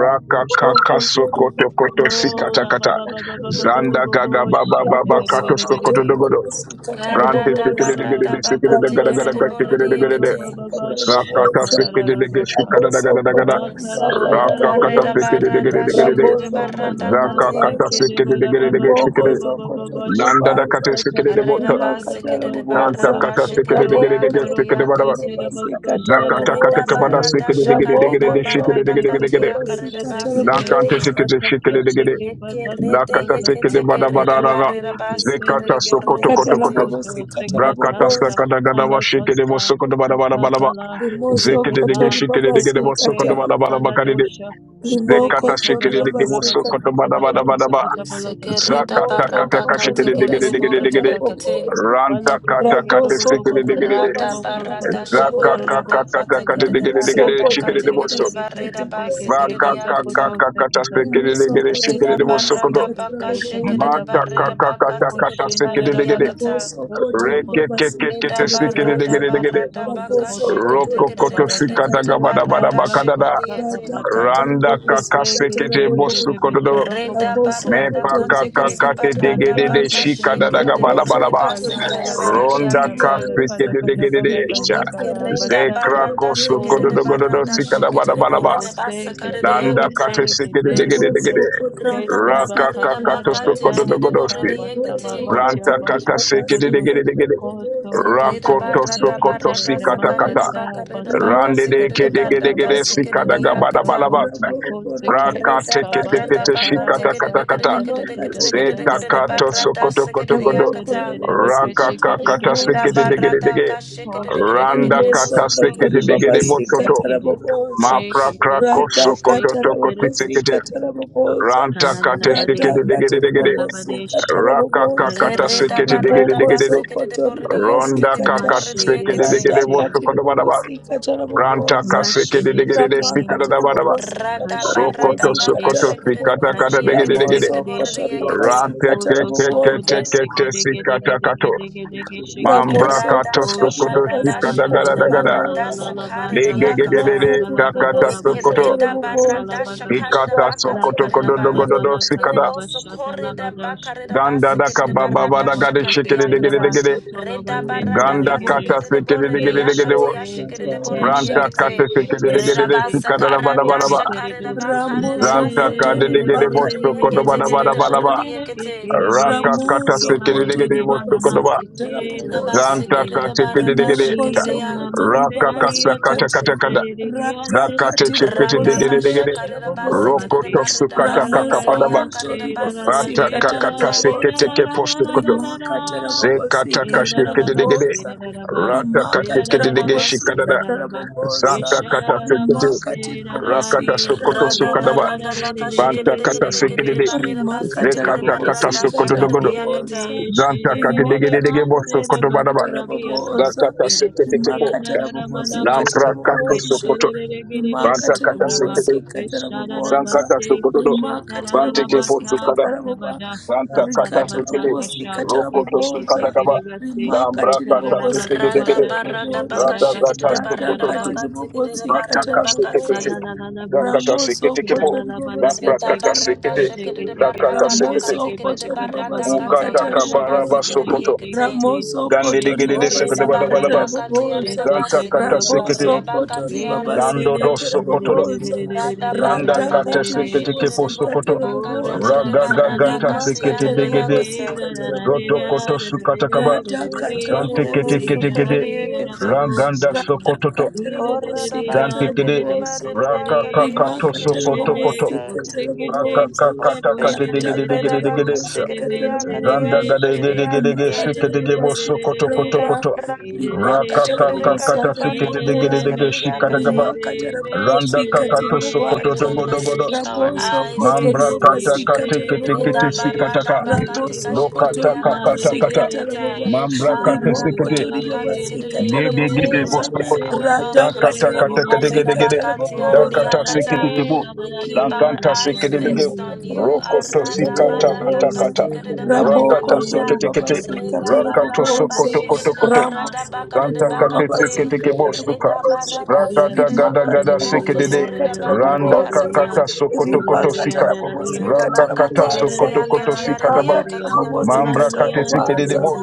Speaker 3: Raka kaka sokoto koto
Speaker 1: Oh,
Speaker 3: sikata
Speaker 1: la, ba,
Speaker 3: kata.
Speaker 1: ba, ba, ba, ba, ba,
Speaker 2: have
Speaker 1: ba, ba,
Speaker 3: Zanda
Speaker 2: been
Speaker 1: ba,
Speaker 3: gaga
Speaker 1: ba,
Speaker 3: baba
Speaker 1: shit, de,
Speaker 3: baba
Speaker 1: de, de, de,
Speaker 2: Raboso
Speaker 3: kato
Speaker 1: de, de, de,
Speaker 3: sokoto
Speaker 2: Kotoria
Speaker 3: dogodo.
Speaker 2: Basi
Speaker 3: Rante
Speaker 1: Oh, ra,
Speaker 3: sekede
Speaker 2: Katarabobosa.
Speaker 1: ba,
Speaker 4: you.
Speaker 1: ba,
Speaker 3: degede de
Speaker 1: ba, ba, ba,
Speaker 3: sekede
Speaker 5: Karadabaradabaka
Speaker 3: de
Speaker 1: ba, ba,
Speaker 3: gada
Speaker 1: ba,
Speaker 3: gada
Speaker 5: tikere
Speaker 2: Raboso
Speaker 3: gada
Speaker 1: ba,
Speaker 5: borede
Speaker 3: sekede
Speaker 1: ba, ba, ba,
Speaker 3: degede
Speaker 2: Kotoria
Speaker 1: ba,
Speaker 3: de.
Speaker 4: We
Speaker 1: ba,
Speaker 2: Basi
Speaker 4: have
Speaker 5: yekete.
Speaker 1: ba,
Speaker 4: been
Speaker 1: ba,
Speaker 4: sending messages
Speaker 1: sha,
Speaker 3: Zakata
Speaker 1: ta, da,
Speaker 2: Katarabobosa.
Speaker 1: da,
Speaker 3: sekede
Speaker 4: to the
Speaker 1: ra
Speaker 4: world's
Speaker 3: dege
Speaker 1: ba, ka.
Speaker 3: shikada da gada
Speaker 2: Raboso
Speaker 3: da gada.
Speaker 2: Kotoria
Speaker 5: Sod
Speaker 3: Raka
Speaker 4: superpowers, asking
Speaker 3: kata
Speaker 4: them
Speaker 5: karida
Speaker 2: Katarabobosa.
Speaker 3: sekede degede
Speaker 5: barada
Speaker 3: degede
Speaker 4: to
Speaker 3: de.
Speaker 5: shikere
Speaker 1: Rakarararararabasenterere
Speaker 2: Raboso
Speaker 5: baradaka
Speaker 2: Kotoria
Speaker 3: Zaka
Speaker 5: te.
Speaker 3: kata
Speaker 2: Basa.
Speaker 1: mananamasekere
Speaker 3: sekede degede dege
Speaker 2: Riboko
Speaker 3: shikede.
Speaker 1: barababababababash.
Speaker 2: Zokotoria
Speaker 3: Landa da kata
Speaker 2: Basa.
Speaker 3: sekede de
Speaker 5: Rida
Speaker 3: bota.
Speaker 5: basikere
Speaker 3: Zanta
Speaker 1: Katatatatatatabasokodo
Speaker 2: Rimakatarabobosa.
Speaker 5: barada
Speaker 3: kata sekede
Speaker 5: shikere
Speaker 1: sokodo
Speaker 3: degede
Speaker 2: Raboko
Speaker 3: dege sekede
Speaker 2: Zokotoria
Speaker 1: sokorobosetere
Speaker 5: yakare
Speaker 2: Basi
Speaker 3: Zakata
Speaker 5: Reda
Speaker 3: kata
Speaker 2: Katarabobosa.
Speaker 1: basosharabakarara.
Speaker 3: kabada
Speaker 5: barada
Speaker 3: sekede
Speaker 5: shaka
Speaker 3: degede degede
Speaker 5: reda
Speaker 2: Raboko
Speaker 3: de şekede
Speaker 5: barada
Speaker 3: degede
Speaker 2: Zokotoria
Speaker 3: degede
Speaker 5: katia
Speaker 2: Basi
Speaker 5: kareda base
Speaker 1: Tetetetetetetetekeshete.
Speaker 3: Lakante
Speaker 5: kerede
Speaker 2: Katarabobosa.
Speaker 3: tekede şekede degede
Speaker 1: Batakesheke
Speaker 5: yeke rede
Speaker 3: sekedegedegedegede shekedegedegedegede.
Speaker 5: yeke
Speaker 1: badakatakata.
Speaker 3: Zakantetekete
Speaker 5: teke
Speaker 4: stop
Speaker 3: shekedegedegede.
Speaker 5: reda
Speaker 3: raga.
Speaker 5: barada
Speaker 1: Jekereke
Speaker 5: base
Speaker 3: Zekata
Speaker 5: kerede
Speaker 1: sendeke
Speaker 5: borede
Speaker 3: sokoto
Speaker 1: toko
Speaker 3: koto
Speaker 5: yeke
Speaker 3: koto.
Speaker 5: te
Speaker 1: sokoto
Speaker 2: Katarabobosi
Speaker 3: Brakata
Speaker 1: sekatasa
Speaker 2: Katarabobosa.
Speaker 3: sakada gada wa şekede bo
Speaker 1: alakasa
Speaker 3: sokoto bada bada bada ba.
Speaker 1: katatala.
Speaker 2: Rimoso
Speaker 3: Zekede dege
Speaker 2: kotori
Speaker 3: şekede
Speaker 2: baba
Speaker 3: degede sakadagadaba shekedebo
Speaker 2: sikata.
Speaker 1: Keseke
Speaker 3: sokodobadabadabalaba.
Speaker 1: Baladosha
Speaker 3: Zekedege shekedegedebo sokodobadabadabakadede.
Speaker 2: Rimoko
Speaker 3: Zekata
Speaker 1: Arekete
Speaker 2: sori
Speaker 1: Bela
Speaker 2: baba
Speaker 3: shekedegedebo
Speaker 2: sikata.
Speaker 1: Korabatoko Sabataka
Speaker 3: sokodobadabadabadaba.
Speaker 5: seke
Speaker 1: Sakatabalakos
Speaker 5: reda
Speaker 2: Ramoso
Speaker 5: barada
Speaker 3: Zakatakataka
Speaker 1: Batakata
Speaker 2: kotori
Speaker 5: kate
Speaker 1: Batoko
Speaker 2: baba
Speaker 5: kerede
Speaker 1: Toko
Speaker 2: sikata
Speaker 5: borede
Speaker 3: shekedegedegedegede.
Speaker 5: yeke
Speaker 1: Sabatakata
Speaker 5: te
Speaker 2: raboboza.
Speaker 3: Ranta kata
Speaker 1: Balaketeke
Speaker 3: kata
Speaker 1: Baba
Speaker 2: Ramoso
Speaker 1: Baba
Speaker 3: sekere
Speaker 2: kotori
Speaker 1: Baba
Speaker 3: degede de.
Speaker 2: baba
Speaker 1: Baba
Speaker 5: rada
Speaker 1: Baba
Speaker 2: sikata
Speaker 5: barada
Speaker 1: Kodosoko
Speaker 4: their
Speaker 3: Zaka
Speaker 4: nuclear
Speaker 5: shaka
Speaker 2: raboboza.
Speaker 4: weapons
Speaker 1: Dolobo
Speaker 3: kaka
Speaker 5: rada
Speaker 4: programs.
Speaker 3: kata
Speaker 5: kate
Speaker 1: Sakala
Speaker 3: kata
Speaker 5: kerede
Speaker 3: degede
Speaker 2: Ramoso
Speaker 3: degede
Speaker 5: barada
Speaker 1: Kete
Speaker 3: shikere
Speaker 2: kotori
Speaker 3: de
Speaker 5: kate
Speaker 1: Teke
Speaker 3: bo
Speaker 2: baba
Speaker 5: kerede
Speaker 1: Teke
Speaker 2: sikata.
Speaker 1: Teke
Speaker 5: barada
Speaker 1: Teke
Speaker 5: base
Speaker 3: Maka
Speaker 5: kerede
Speaker 1: Teke
Speaker 3: kaka
Speaker 5: yakata
Speaker 1: Sokoto
Speaker 3: kata
Speaker 2: Rimoso
Speaker 3: sekedegede
Speaker 2: kotori
Speaker 5: reda
Speaker 3: sekedede
Speaker 2: baba
Speaker 3: mosokodo.
Speaker 5: barada
Speaker 2: sikata
Speaker 5: baka
Speaker 2: raboboza.
Speaker 5: shekerede
Speaker 3: Mata
Speaker 5: barada
Speaker 3: kaka
Speaker 5: baka
Speaker 3: kata kata
Speaker 5: tekerede barada
Speaker 3: sekedegede.
Speaker 5: yakata
Speaker 2: Ramoso kotori
Speaker 3: Reke
Speaker 2: baba
Speaker 1: Koshendererabalakasokolobosa.
Speaker 3: keke
Speaker 2: sikata
Speaker 3: kete
Speaker 5: Eda barra da
Speaker 2: raboboza.
Speaker 3: sekedegede.
Speaker 5: barra da baka
Speaker 2: Ramoso
Speaker 5: shikere de
Speaker 2: kotori
Speaker 3: Roko
Speaker 5: kere de
Speaker 3: koto
Speaker 2: baba
Speaker 5: kere de
Speaker 1: Kosokotokotosokomakosakabarakas.
Speaker 3: sikada
Speaker 2: sikata
Speaker 5: kere de
Speaker 3: gabada
Speaker 5: barra
Speaker 3: bada
Speaker 5: da
Speaker 2: raboboza.
Speaker 3: bakada
Speaker 5: shikere
Speaker 3: da
Speaker 5: de yete.
Speaker 2: Rata
Speaker 1: Paratasakapatara.
Speaker 2: katari
Speaker 3: Randa Ronda
Speaker 2: bobosi
Speaker 1: Kete
Speaker 3: kaspeke
Speaker 2: katara
Speaker 3: de
Speaker 1: kete bebebebe
Speaker 2: bobosa.
Speaker 5: Reda
Speaker 2: Raboso
Speaker 5: barra da ka
Speaker 2: kotori
Speaker 1: sholokobosokobokobuseke.
Speaker 5: tekere
Speaker 2: babasi
Speaker 5: de
Speaker 2: katara
Speaker 3: de
Speaker 5: barra
Speaker 3: de
Speaker 5: da
Speaker 3: de de
Speaker 1: Parente
Speaker 5: baka
Speaker 2: bobaza.
Speaker 3: shikada da
Speaker 5: shikere de
Speaker 1: zendeke.
Speaker 3: gabala
Speaker 5: borre
Speaker 2: Raboso
Speaker 3: bala
Speaker 5: de
Speaker 3: ba.
Speaker 2: kotori
Speaker 5: basikere
Speaker 1: Palalala
Speaker 5: de
Speaker 2: babasi
Speaker 5: barre de
Speaker 3: Ronda
Speaker 1: bashada
Speaker 2: katiri
Speaker 5: yakata.
Speaker 2: bobosa.
Speaker 3: kasekedegede
Speaker 2: Rima
Speaker 3: sha.
Speaker 2: katara
Speaker 1: barakadakadakadakashagara
Speaker 5: Yekere da
Speaker 2: bobosi
Speaker 1: basata.
Speaker 3: Zekra
Speaker 5: barra
Speaker 2: katara
Speaker 5: da
Speaker 3: koso
Speaker 2: bobosa.
Speaker 5: sekere
Speaker 3: kodo
Speaker 5: de
Speaker 3: do do do
Speaker 5: barra
Speaker 3: do
Speaker 5: da
Speaker 2: Rima
Speaker 3: sikada
Speaker 5: shikere
Speaker 3: bada
Speaker 2: katara
Speaker 5: de
Speaker 3: bada ba.
Speaker 5: borre de
Speaker 2: bobosi
Speaker 1: Kosokosobosokobosekete
Speaker 2: katara
Speaker 5: basakare de
Speaker 3: Randa
Speaker 1: kete
Speaker 2: bobosa.
Speaker 3: kate
Speaker 5: yakata.
Speaker 3: sikede de de de
Speaker 1: kete
Speaker 2: Raboso kotori
Speaker 5: Rada
Speaker 1: Keseba
Speaker 2: babasi
Speaker 5: baka reda
Speaker 2: katara
Speaker 1: katada
Speaker 5: baka
Speaker 1: dada
Speaker 2: bobosa.
Speaker 5: tekere de
Speaker 1: ataka
Speaker 5: borre
Speaker 3: Rakakakatoskokododogodoski.
Speaker 5: de
Speaker 1: basa
Speaker 2: Raboso
Speaker 5: yekete.
Speaker 1: babati
Speaker 2: kotori
Speaker 1: abato
Speaker 2: babasi
Speaker 1: koboto
Speaker 2: katara
Speaker 3: Brantakatasikedigedigedigedi.
Speaker 1: koso
Speaker 2: bobosa.
Speaker 5: Reda
Speaker 1: koto
Speaker 5: barra
Speaker 2: Rata
Speaker 5: da
Speaker 1: sekete
Speaker 5: barra da
Speaker 2: katara
Speaker 5: sakare
Speaker 3: Rakotoskokotosikata.
Speaker 5: da
Speaker 2: bobosa.
Speaker 1: remakasa
Speaker 5: baka reda
Speaker 1: basa
Speaker 5: baka
Speaker 2: Rimoso
Speaker 5: tekere de
Speaker 1: katata
Speaker 5: barra
Speaker 2: kotoria
Speaker 5: da
Speaker 1: tabasa
Speaker 5: sekere de
Speaker 2: masikata.
Speaker 1: toloko
Speaker 5: yakata.
Speaker 1: soko
Speaker 3: Randedekedegedegedesikadagabadabalabasne.
Speaker 1: soko
Speaker 2: Raboko rama
Speaker 1: zeke
Speaker 5: Reda
Speaker 2: masikata
Speaker 1: kabasa
Speaker 5: barada baka
Speaker 2: rabobosa.
Speaker 1: karabasa
Speaker 5: tikirida
Speaker 3: Rakateketeketeshikatakatakata.
Speaker 5: kirida
Speaker 1: tatata
Speaker 5: kirida
Speaker 2: Rimakata
Speaker 5: kirida
Speaker 1: tatata
Speaker 5: kirida
Speaker 1: tatata
Speaker 5: kirida
Speaker 1: basa
Speaker 2: rabobosikata.
Speaker 1: ka
Speaker 5: barada sikirida
Speaker 3: Zetakatosokotokotokodo.
Speaker 1: kote
Speaker 2: Raboko
Speaker 1: dede
Speaker 5: yakata.
Speaker 2: rama
Speaker 1: dede de
Speaker 2: masikata
Speaker 1: dege
Speaker 5: Rada
Speaker 1: dege
Speaker 2: rabobosa.
Speaker 1: shige
Speaker 5: barada
Speaker 3: Rakakakatasikedigedigedi.
Speaker 1: ko
Speaker 5: kashikirida kirida
Speaker 1: shike de
Speaker 5: kirida
Speaker 2: Riboso
Speaker 1: seke
Speaker 5: bosoto.
Speaker 2: kotori
Speaker 1: shike
Speaker 2: babasi
Speaker 3: Randakatasikedigedemototo.
Speaker 1: seke de
Speaker 2: katarabobosa.
Speaker 1: shake it, shake it, shake it,
Speaker 2: Rata
Speaker 1: shake it,
Speaker 2: katarabobosi
Speaker 1: shake
Speaker 3: Maprakrakosokotokotisikete.
Speaker 2: katarabobosa.
Speaker 1: it.
Speaker 2: Rata
Speaker 3: Rantakatesikedegedegede.
Speaker 2: katiribobosi
Speaker 1: Kalabadesh,
Speaker 3: Raka
Speaker 2: katarabobosa.
Speaker 3: kakata
Speaker 5: Kirida
Speaker 3: sekete
Speaker 1: Karababababash,
Speaker 3: degede
Speaker 5: barada
Speaker 2: Riboko
Speaker 3: degede de.
Speaker 5: basikirida
Speaker 2: zokotori
Speaker 5: borida
Speaker 2: babasi
Speaker 5: yekete
Speaker 3: Ronda
Speaker 5: kirida
Speaker 2: kata.
Speaker 3: kakata
Speaker 5: borida
Speaker 1: Mashede
Speaker 3: sekete
Speaker 5: yekete.
Speaker 3: degede
Speaker 2: Rata
Speaker 4: Thank you.
Speaker 1: Sete,
Speaker 3: bosu kodobadaba.
Speaker 2: katiribobosi
Speaker 4: Thank
Speaker 3: Ranta
Speaker 2: katarabobosa.
Speaker 3: kasekete
Speaker 1: Mashede
Speaker 3: degede de
Speaker 2: Rama
Speaker 3: sikata
Speaker 1: Tekenimas,
Speaker 3: dabadaba.
Speaker 2: katiribobosi
Speaker 5: Rada
Speaker 1: Kashete
Speaker 5: barada
Speaker 3: Rokoto
Speaker 2: katarabobosi
Speaker 1: de
Speaker 5: baka
Speaker 3: sokoto
Speaker 1: Gades,
Speaker 5: shikirida
Speaker 2: katarabobosa.
Speaker 3: sikata
Speaker 5: borida
Speaker 3: kata degede
Speaker 1: Kashete
Speaker 5: yekete
Speaker 1: de
Speaker 3: degede.
Speaker 5: kirida
Speaker 2: Ramoso
Speaker 5: borida
Speaker 2: kotori
Speaker 1: Kadeshake,
Speaker 5: yekete.
Speaker 2: babasi
Speaker 3: Rante
Speaker 1: Koto
Speaker 3: keke
Speaker 1: Soko
Speaker 3: kete
Speaker 1: de
Speaker 2: katarabobosa.
Speaker 3: kete
Speaker 1: Seke de Gede
Speaker 3: sikata
Speaker 1: Gede
Speaker 3: kato.
Speaker 1: Gede Gede Geshegede,
Speaker 3: Mambra
Speaker 2: Ramoso
Speaker 5: Rada
Speaker 3: kato
Speaker 2: kotori
Speaker 5: shaka
Speaker 1: Kosha
Speaker 3: sokoto
Speaker 1: da
Speaker 5: rada
Speaker 1: la
Speaker 2: bobosi
Speaker 1: la
Speaker 3: sikada
Speaker 1: la la
Speaker 3: gada
Speaker 5: shikirida
Speaker 1: la
Speaker 3: da
Speaker 2: katara
Speaker 1: la la
Speaker 3: gada.
Speaker 1: la
Speaker 5: barada
Speaker 1: la
Speaker 2: bobosa.
Speaker 1: la la
Speaker 5: sakarida
Speaker 3: Lege
Speaker 1: bazala
Speaker 2: Rata
Speaker 3: gegede
Speaker 5: yakata.
Speaker 3: de
Speaker 2: katiri
Speaker 1: kalabazala
Speaker 3: kakata
Speaker 1: gadala
Speaker 2: bobosi
Speaker 3: sokoto.
Speaker 1: bazala
Speaker 2: katara
Speaker 5: Yekereda
Speaker 1: bakasala
Speaker 5: barada
Speaker 2: bobosa.
Speaker 1: bagada.
Speaker 5: shakareda
Speaker 3: Ikata
Speaker 5: baka
Speaker 2: Rata
Speaker 3: sokoto
Speaker 2: katiri
Speaker 5: tikareda
Speaker 3: kododo
Speaker 5: ba.
Speaker 2: bobosi
Speaker 3: gododo sikada.
Speaker 5: Redebo sokoreda
Speaker 1: Lakadabadabalakatabashatalabadosh.
Speaker 5: bakareda
Speaker 3: Ganda da
Speaker 5: basikereda
Speaker 3: kababa
Speaker 5: barada
Speaker 3: da gade
Speaker 5: shakareda
Speaker 3: shikede degede
Speaker 5: yakata.
Speaker 3: degede.
Speaker 5: Reda barada
Speaker 3: Ganda
Speaker 1: Otsologodoboseketelebasotolobazentelekeje.
Speaker 3: kata
Speaker 5: katikereda
Speaker 3: sekede de
Speaker 5: borede
Speaker 2: katara
Speaker 3: gede de gede wo,
Speaker 5: yakati
Speaker 2: bobosa.
Speaker 1: Eshete,
Speaker 5: yashikereda
Speaker 1: tete,
Speaker 5: borede
Speaker 2: Rata
Speaker 3: Branta
Speaker 1: shete,
Speaker 3: kata
Speaker 5: yekete.
Speaker 2: katiri
Speaker 3: sekede
Speaker 1: shete,
Speaker 2: bobosi
Speaker 5: Reda
Speaker 3: sekedegedegede.
Speaker 1: shete.
Speaker 2: katara
Speaker 5: basakarada
Speaker 2: bobosa.
Speaker 3: Sikadabadabadaba.
Speaker 5: shakareda bakareda
Speaker 2: Ramoso
Speaker 3: Branta
Speaker 2: kotori
Speaker 5: basikereda
Speaker 3: kadegede
Speaker 5: borede
Speaker 3: bosto
Speaker 2: bakatiri
Speaker 5: yekete
Speaker 2: bobosi
Speaker 5: kereda
Speaker 2: katara
Speaker 3: kodabadabadabadaba.
Speaker 5: borede
Speaker 2: bobosa.
Speaker 5: yekete.
Speaker 3: Raka kata
Speaker 2: Ramoso koto
Speaker 3: sekedegede bosto kodoba.
Speaker 2: ribabasika
Speaker 5: Reda
Speaker 2: taraboboza.
Speaker 3: Branta kata
Speaker 5: basikereda barada
Speaker 3: sekedegede.
Speaker 2: Rimoko
Speaker 5: shakareda ya.
Speaker 2: zokoto
Speaker 3: Raka kasa
Speaker 2: ribabasika
Speaker 3: kata
Speaker 2: ta-
Speaker 3: kata kata.
Speaker 2: rata
Speaker 3: Zakate
Speaker 2: kati ribobosika
Speaker 5: Radabasha
Speaker 3: sekedegedegede.
Speaker 2: taraboboza.
Speaker 3: Rokoto sukata
Speaker 2: Ramoso
Speaker 3: kakapadaba.
Speaker 2: koto
Speaker 3: Rata
Speaker 2: ribabasika
Speaker 3: kakata
Speaker 5: Radabashakaridabasikidibaridabasikididiakaridabasikididiakata.
Speaker 2: taraboboza.
Speaker 3: seketeke posto koto.
Speaker 2: Rimaka
Speaker 3: Zekata
Speaker 2: tarabobosika
Speaker 3: kashkedegede.
Speaker 2: taraboboza.
Speaker 3: Rata
Speaker 2: Rimaka
Speaker 4: you.
Speaker 3: kashkedegede
Speaker 2: tarabobosika
Speaker 3: shikadada.
Speaker 1: Shindele
Speaker 4: Thank you.
Speaker 2: taraboboza.
Speaker 3: Santa kata sekede,
Speaker 2: Rimaka
Speaker 1: Esharararabasterarare,
Speaker 3: rakata
Speaker 2: tiribobosika
Speaker 3: sokoto
Speaker 2: taraboboza.
Speaker 3: sukadaba, banta kata sekede de,
Speaker 1: irarararererebeserebeshe,
Speaker 2: Rimakatara
Speaker 3: rekata kata
Speaker 2: bobosi
Speaker 3: sokoto
Speaker 2: katara
Speaker 3: dogodo,
Speaker 5: Radabaradabakashikididikidibaridabasikididibaridadashakaridiakata.
Speaker 2: bobosa.
Speaker 1: eteketeketekebaserebeshe,
Speaker 3: zanta kate dege de dege
Speaker 2: Rimakatara
Speaker 3: bo
Speaker 2: bobosi
Speaker 3: sokoto badaba,
Speaker 2: katara
Speaker 1: rerereremaserabakurabiyata,
Speaker 2: bobosa.
Speaker 3: zakata sekete tepo,
Speaker 2: Rimakatara bobosi
Speaker 1: irakuziyanararamanamase,
Speaker 2: katara
Speaker 3: lampra kato
Speaker 2: bobosa.
Speaker 3: sokoto, banta
Speaker 2: Rimakatara
Speaker 3: kata
Speaker 1: eshererererebesekuraba,
Speaker 3: sekede,
Speaker 2: bobosi katara bobosa.
Speaker 3: zankata
Speaker 1: eshararabase,
Speaker 3: sokoto do,
Speaker 2: Rimakatara
Speaker 3: bante kepo
Speaker 2: bobosi
Speaker 1: shetarararabata,
Speaker 3: sukada,
Speaker 2: katara boba.
Speaker 1: katabada,
Speaker 3: banta kata
Speaker 2: Rikatara
Speaker 3: sekede,
Speaker 2: bobosi
Speaker 1: katarabatakasha,
Speaker 2: katara
Speaker 3: rokoto
Speaker 2: bobosa.
Speaker 3: sukata gaba,
Speaker 1: eteketekerebase,
Speaker 3: lambra
Speaker 2: Rimakatara
Speaker 3: kata
Speaker 2: bobosi
Speaker 1: Etararabaka
Speaker 3: sekede dege de,
Speaker 2: katara
Speaker 1: badaka
Speaker 2: bobosa.
Speaker 1: shakadaka
Speaker 2: Rata
Speaker 1: santaraba
Speaker 2: katara bobosi katara
Speaker 5: Radabaradabakashikididibaridabakatikididibaridabakati.
Speaker 1: La
Speaker 3: Ratakasekete,
Speaker 1: la
Speaker 2: bobosa.
Speaker 1: la la la, bush.
Speaker 2: Ramoso
Speaker 1: Ki la
Speaker 3: rakataseketekepo,
Speaker 1: la
Speaker 2: kotori
Speaker 1: la ba
Speaker 2: baba
Speaker 1: la Kilalalabalagate.
Speaker 2: sikatara
Speaker 3: laprakatasekete,
Speaker 1: Kete
Speaker 2: boboza.
Speaker 1: kete kebete bete
Speaker 3: lakatasekete,
Speaker 2: Ramoso
Speaker 1: kebache
Speaker 2: kotori
Speaker 1: kata
Speaker 2: baba
Speaker 1: baba baba
Speaker 2: sikatara
Speaker 1: kashe kete
Speaker 2: boboza.
Speaker 1: bete
Speaker 3: ukatakabaraba-sokoto,
Speaker 1: kete
Speaker 5: Ridabaradashakidibakatiyaridabasikidiyekiti.
Speaker 1: kete.
Speaker 2: Ramoso
Speaker 1: Shete
Speaker 2: kotori
Speaker 1: te te
Speaker 2: baba
Speaker 1: le
Speaker 3: gandedegedede-sekedebadabadaba,
Speaker 2: sikatara
Speaker 1: boles. She
Speaker 2: boboza.
Speaker 1: te te bolo
Speaker 3: zantakatasekete,
Speaker 1: bose.
Speaker 2: Ramoso kotori
Speaker 1: Kele
Speaker 2: baba
Speaker 1: le le le. le te
Speaker 2: sikatara
Speaker 1: le le le
Speaker 3: landodo-sokotolo,
Speaker 1: le le le
Speaker 2: boboza.
Speaker 1: le le le
Speaker 5: Rada
Speaker 1: le
Speaker 2: Rata
Speaker 5: barada
Speaker 1: le le le le
Speaker 5: baka
Speaker 2: katara
Speaker 1: le.
Speaker 2: bobo
Speaker 5: shikere
Speaker 3: kandakateseketekepo-sokoto,
Speaker 5: borede
Speaker 2: sikatara
Speaker 5: baka
Speaker 1: Oh ra ra
Speaker 2: boboza.
Speaker 5: tikere
Speaker 1: ra
Speaker 5: de
Speaker 1: ra ra ra
Speaker 5: barada
Speaker 1: ra
Speaker 2: Rima
Speaker 5: kati
Speaker 1: maste ra
Speaker 5: yarede
Speaker 2: katara
Speaker 1: ra ra
Speaker 2: bobo
Speaker 3: ragagagatasekete-degede,
Speaker 5: yakata.
Speaker 1: re ra ra
Speaker 2: sikatara
Speaker 1: ra re
Speaker 2: boboza.
Speaker 1: ra ra ra re ra
Speaker 3: zotokoto-sukatakaba,
Speaker 1: re
Speaker 2: Rata
Speaker 1: re re re
Speaker 5: Rada
Speaker 2: katara
Speaker 1: shi
Speaker 5: korede
Speaker 1: ra
Speaker 2: bobo
Speaker 1: ra
Speaker 5: boso
Speaker 1: re ra ra
Speaker 2: sikatara
Speaker 3: zanteketeketegede,
Speaker 5: korede
Speaker 1: re ra ra ba
Speaker 2: boboza.
Speaker 5: yakate.
Speaker 1: bo si
Speaker 2: Rata
Speaker 3: raganda-sokototo,
Speaker 1: ri
Speaker 2: katara
Speaker 1: re re
Speaker 2: bobo
Speaker 1: re
Speaker 5: Ora da
Speaker 1: re
Speaker 2: sikatara
Speaker 1: yan de
Speaker 3: gantekede,
Speaker 5: basikere de
Speaker 1: re
Speaker 2: boboza
Speaker 1: se
Speaker 5: barada
Speaker 1: se re
Speaker 5: baka
Speaker 1: ke
Speaker 5: tiya
Speaker 1: re bo
Speaker 5: shikere de
Speaker 1: she ne
Speaker 3: rakakakato-sokotokoto,
Speaker 1: re
Speaker 5: yakata.
Speaker 1: bo se ke te
Speaker 2: rimakatarabobosikatarabobosa
Speaker 1: re bo she
Speaker 5: Oreda
Speaker 1: re re re
Speaker 5: barada
Speaker 1: re bo
Speaker 5: baka
Speaker 1: se
Speaker 3: Rakakakatakatidigidigidigidigidisa.
Speaker 1: re
Speaker 5: tikere de
Speaker 1: men se re
Speaker 5: yakati ya
Speaker 1: be
Speaker 2: ratakatarabobosikatarabobosa
Speaker 1: she
Speaker 5: shikere de
Speaker 1: re ke
Speaker 5: yakata.
Speaker 1: re re re re re re re re
Speaker 5: Da
Speaker 2: rimakatarabobosikataraboba
Speaker 3: Zandagadegidigidigisikitigibosokotokotokoto.
Speaker 4: Thank
Speaker 5: barada
Speaker 1: ke re re re
Speaker 5: baka
Speaker 1: she
Speaker 5: shikere de
Speaker 1: re
Speaker 5: karede
Speaker 1: ke
Speaker 5: baka
Speaker 1: re re re
Speaker 5: tiya
Speaker 2: ribakatarabobosataribobosa
Speaker 1: me
Speaker 5: karede
Speaker 1: she re re
Speaker 3: Rakakakakatasikitidigidigidigisikatagaba.
Speaker 5: yakate.
Speaker 1: re be she re
Speaker 5: Oh Lord,
Speaker 1: re re
Speaker 2: rimakatarabobosikatiribobosa
Speaker 5: help us to
Speaker 1: re
Speaker 3: Randakakatosokotodogodogodo.
Speaker 5: keep our
Speaker 1: she
Speaker 5: eyes
Speaker 1: Oh, da da da da da da
Speaker 5: fixed on you. Reda
Speaker 2: rabosokotoribobasikatarabobosa
Speaker 3: Mambrakatakatikitikitikataka.
Speaker 5: barada bakate kashe kerede yakate kerede
Speaker 3: Lokatakatakata.
Speaker 5: yakata.
Speaker 2: rabosokotoribobasikataraboba
Speaker 5: Arada
Speaker 3: Mambrakatesikete.
Speaker 5: bakate kerede yekete. You
Speaker 3: Ledegedebo
Speaker 2: rimokotoribobasikatarabobosa
Speaker 5: are where
Speaker 3: sokoto.
Speaker 5: our help comes
Speaker 3: Dakata
Speaker 5: from.
Speaker 3: kata
Speaker 5: Areda
Speaker 3: kedegedegede.
Speaker 5: bakate arede
Speaker 2: ratakatarabobosikatarabobosa
Speaker 3: Dakata
Speaker 5: yakata.
Speaker 3: sekedegebo.
Speaker 5: We keep our
Speaker 3: Lankanta
Speaker 1: da da da da
Speaker 5: eyes
Speaker 3: sekedegedegebo.
Speaker 5: fixed on
Speaker 1: da.
Speaker 5: you.
Speaker 3: Rokoto
Speaker 2: Imakatarabobosika
Speaker 5: Arada
Speaker 3: sikata
Speaker 5: barada
Speaker 3: kata
Speaker 2: katarabobosa
Speaker 3: kata.
Speaker 5: kate kerede bareda
Speaker 2: raboko
Speaker 3: Rakata
Speaker 5: kata.
Speaker 2: zori
Speaker 3: seketekete.
Speaker 2: babasika
Speaker 5: Reda
Speaker 3: Rakato
Speaker 5: barada
Speaker 2: katarabobosa
Speaker 3: sokoto
Speaker 5: bashe
Speaker 3: koto
Speaker 5: kerede
Speaker 3: koto.
Speaker 5: barada bakarede
Speaker 3: Kanta
Speaker 2: ramosokotori
Speaker 3: kate
Speaker 5: bakate.
Speaker 2: babasika
Speaker 3: seketekebo suka.
Speaker 5: Reda
Speaker 2: katarabobosa
Speaker 5: barada
Speaker 3: Rakata
Speaker 5: sekerede
Speaker 3: gada
Speaker 5: borede
Speaker 3: gada
Speaker 4: you.
Speaker 5: boso
Speaker 2: rimakatarabobosi
Speaker 3: sekedede.
Speaker 5: korede bakarede
Speaker 3: Randa
Speaker 2: katarabobosa
Speaker 4: I
Speaker 5: yakata.
Speaker 3: kakata sokoto koto sika.
Speaker 4: want to
Speaker 2: ribakatarabobosi
Speaker 3: Rakakata
Speaker 5: Orerabakati,
Speaker 2: katarabobasa
Speaker 3: sokoto koto
Speaker 5: arereyakati,
Speaker 3: sikataba.
Speaker 5: arereyakati,
Speaker 2: ribakatarabobosi
Speaker 3: Mambra
Speaker 5: arerabasi,
Speaker 3: kate
Speaker 2: katarabobasa
Speaker 3: sekedebo.
Speaker 5: arereyakata.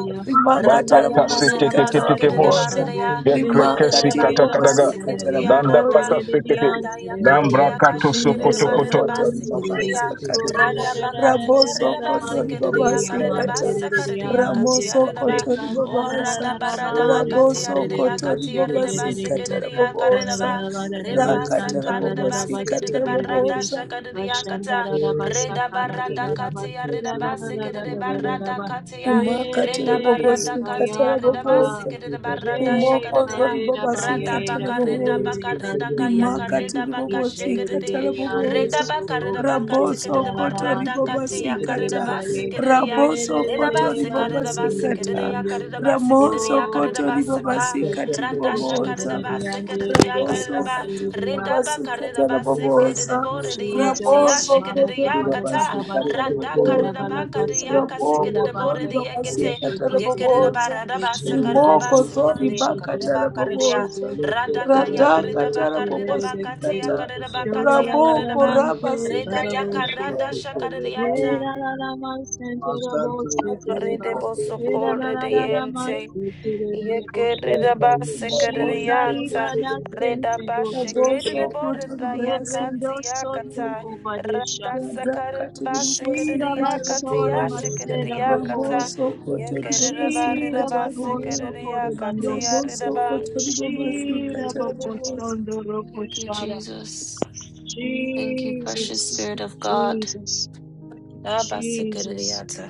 Speaker 3: Bakata
Speaker 2: rimakatarabobosi
Speaker 5: Radayakarirabasi,
Speaker 3: seketeketeke
Speaker 2: katarabobosa
Speaker 5: kererebarereya,
Speaker 3: Yekrekesi katakadaga.
Speaker 2: rimakatiribobosi
Speaker 5: yekererebarerebasi, kerereya,
Speaker 3: Landa
Speaker 5: rada.
Speaker 2: katarabobosa
Speaker 3: fata sekete.
Speaker 5: rada yakati
Speaker 3: Lambra kato
Speaker 5: yakashe kerede
Speaker 3: sokoto
Speaker 2: Rimoso
Speaker 3: koto.
Speaker 5: barreda
Speaker 2: koto
Speaker 5: base
Speaker 2: ribaba
Speaker 5: kerede ya
Speaker 2: kata.
Speaker 1: Ore ra
Speaker 5: rada
Speaker 1: ra
Speaker 5: rada
Speaker 1: ra ra
Speaker 5: Radayakati, yakashi, kererebarerebasi, kerereya. Radabakati,
Speaker 1: ra
Speaker 2: Raboso
Speaker 1: ra ra
Speaker 2: koto
Speaker 1: man,
Speaker 5: arerabasi,
Speaker 1: Re
Speaker 2: ribaba
Speaker 1: di
Speaker 5: kerereya,
Speaker 1: ya man, che
Speaker 2: kata.
Speaker 1: re
Speaker 5: karerebasa,
Speaker 1: re di ya man,
Speaker 5: karereyakati,
Speaker 1: che
Speaker 2: Ramoso
Speaker 1: re
Speaker 5: arereba.
Speaker 2: koto
Speaker 1: kan ta ra ra
Speaker 2: ribabasa.
Speaker 1: ra ra ba, re
Speaker 5: Oradabaradabakati,
Speaker 1: kan
Speaker 2: Raboso
Speaker 1: re re re
Speaker 2: koto
Speaker 1: ba,
Speaker 5: arereyakati,
Speaker 1: she ke
Speaker 4: be
Speaker 1: re
Speaker 2: ribabasi
Speaker 1: re re
Speaker 5: arerebasi,
Speaker 1: re
Speaker 2: kata
Speaker 1: bo,
Speaker 5: kerereya,
Speaker 1: ra ra
Speaker 2: rabobosa.
Speaker 1: ra
Speaker 5: karereba.
Speaker 1: ra ba ra ra ba,
Speaker 5: Redabasa,
Speaker 1: chan
Speaker 2: Rakata
Speaker 1: ta ra ra ra
Speaker 2: rabobosi
Speaker 1: ba,
Speaker 4: your
Speaker 5: karedabasi,
Speaker 1: she
Speaker 2: kata
Speaker 1: ke re re re
Speaker 4: friend.
Speaker 1: re,
Speaker 5: kererebaradasha,
Speaker 2: rabobosa.
Speaker 1: ba shan da
Speaker 5: karereyakata.
Speaker 1: ra
Speaker 4: Thank
Speaker 1: ra
Speaker 4: you.
Speaker 1: ba, sha
Speaker 5: Reda
Speaker 1: ka ra ri
Speaker 5: barada
Speaker 1: ra ra ba,
Speaker 5: katia
Speaker 1: se
Speaker 5: reda
Speaker 1: ra ra ra ra
Speaker 5: basikere
Speaker 1: ra ra
Speaker 5: de
Speaker 1: ra ra ra
Speaker 5: barada
Speaker 1: ba,
Speaker 5: katia
Speaker 2: rimakati
Speaker 5: reda
Speaker 1: re
Speaker 5: barada
Speaker 1: ka
Speaker 2: ribobosikata
Speaker 5: katia
Speaker 1: ya ba
Speaker 5: reda
Speaker 1: ba,
Speaker 2: rabobonza
Speaker 5: basikere de barada
Speaker 1: re
Speaker 5: shakare de
Speaker 1: ka
Speaker 2: rimokozo
Speaker 1: re ra ba
Speaker 5: rada
Speaker 1: ye
Speaker 2: ribobasikata
Speaker 1: ra
Speaker 5: baka
Speaker 1: ka re
Speaker 5: reda
Speaker 1: re
Speaker 2: rabobonza
Speaker 5: baka
Speaker 1: re ba,
Speaker 5: reda
Speaker 1: se re
Speaker 5: kaya
Speaker 1: re re,
Speaker 2: rimakati
Speaker 5: kareda
Speaker 1: re
Speaker 5: baka
Speaker 1: ke re
Speaker 5: shikere
Speaker 1: re re
Speaker 2: ribobosikata
Speaker 5: de
Speaker 1: re, and
Speaker 5: reda
Speaker 2: rabobonza
Speaker 1: so
Speaker 5: baka reda baka
Speaker 2: raboso
Speaker 5: tikere de
Speaker 2: koto
Speaker 5: maradakati
Speaker 2: ribobasikata
Speaker 1: Shetarararabaseketekerebaye.
Speaker 5: yakaribasikiria
Speaker 2: raboso koto ribobasikata
Speaker 5: ridabasikaribasikiria
Speaker 1: Ererererebaserereyande.
Speaker 2: ramoso
Speaker 5: karibasikiria
Speaker 1: Oh,
Speaker 2: koto
Speaker 5: karibasaka
Speaker 1: rakabase.
Speaker 2: ribobasikati ribobonza
Speaker 1: Kosherereyande,
Speaker 5: radashakariabasikiria
Speaker 2: Raboso
Speaker 5: kariba
Speaker 2: katiri
Speaker 1: erererekoserereya.
Speaker 2: babasi katara babosa.
Speaker 5: ridabakaribasikiridiboridienti
Speaker 1: Jesus,
Speaker 2: Raboso kotori
Speaker 5: yashikiriyakata
Speaker 2: babasi
Speaker 1: malakabalakadabas,
Speaker 2: katara babosa.
Speaker 1: ilabalakaske,
Speaker 2: Raboko zori
Speaker 1: ilabase,
Speaker 2: babasi
Speaker 5: radakaribakariakasikiridiboridiyekete
Speaker 2: katara
Speaker 1: keshetekete,
Speaker 2: babosa.
Speaker 1: keshetebes,
Speaker 2: Rimoko zori
Speaker 5: yekiribaradabasikaribasikiria
Speaker 1: keshete,
Speaker 2: bakatara
Speaker 5: karibakariya
Speaker 1: keshete,
Speaker 2: babosa.
Speaker 1: sheterebe,
Speaker 2: Rata katara babosi
Speaker 1: shererebese.
Speaker 2: kata. Raboko
Speaker 5: radakayakaridabakaridabakatiyakaridabakatiyakaridaba
Speaker 1: Shodarararamante,
Speaker 2: rabasi
Speaker 5: Reda
Speaker 2: katara
Speaker 1: bababoshe.
Speaker 5: yakarada
Speaker 2: babosa.
Speaker 5: shakaradiata.
Speaker 1: Era la la mas sendere boşe
Speaker 2: Akatiri
Speaker 5: Rede
Speaker 1: tereba.
Speaker 2: babosa.
Speaker 1: Era
Speaker 5: bosoko
Speaker 1: la la la la mas
Speaker 5: redeyente.
Speaker 1: terere boşe.
Speaker 5: Yekerida
Speaker 2: Rimoko ndiri
Speaker 1: Shikari
Speaker 5: basekeredianta.
Speaker 2: babasi.
Speaker 1: bada
Speaker 5: Reda
Speaker 1: sente gote
Speaker 2: Raboso
Speaker 5: bashekerida
Speaker 1: te.
Speaker 2: kotori
Speaker 5: borida
Speaker 2: babasi katara
Speaker 1: Rendo
Speaker 5: yakati
Speaker 1: soto
Speaker 2: babosa.
Speaker 5: yakata.
Speaker 1: kobadesha.
Speaker 5: Rada sakarida
Speaker 1: shira
Speaker 5: basekerediakati
Speaker 1: basora
Speaker 2: radhakatiribobosikatarabogonza
Speaker 1: basera
Speaker 5: yashikerediakata.
Speaker 1: bapos.
Speaker 5: Yekerida barida
Speaker 1: shira bakotso
Speaker 2: rabosokotoribobosikatarabogonza
Speaker 5: basekerediakati
Speaker 1: korebandos.
Speaker 5: yaridaba.
Speaker 1: shira
Speaker 5: Mm,
Speaker 2: rabosokotoribobosikatarabogonza
Speaker 1: bakotondo
Speaker 5: Thank you,
Speaker 1: rokoshara.
Speaker 5: Jesus. Thank you, precious
Speaker 1: Jesus,
Speaker 5: Spirit of God.
Speaker 1: Jesus, Jesus,
Speaker 5: Rabasekerediata.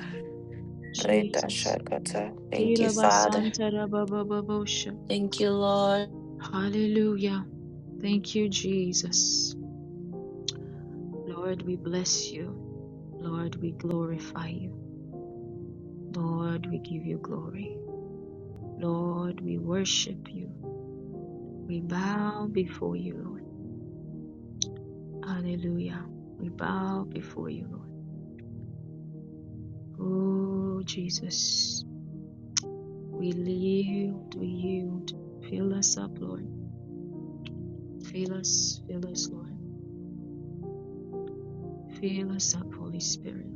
Speaker 1: Jesus.
Speaker 5: Reta Shakata. Thank you,
Speaker 1: Kira basara
Speaker 5: Father.
Speaker 1: baba baba
Speaker 5: Thank you, Lord.
Speaker 1: Hallelujah. Thank you, Jesus. Lord, we bless you. Lord, we glorify you. Lord, we give you glory. Lord, we worship you. We bow before you, Lord. Hallelujah. We bow before you, Lord. Oh, Jesus. We yield, we yield. Fill us up, Lord. Fill us, fill us, Lord. Fill us up, Holy Spirit.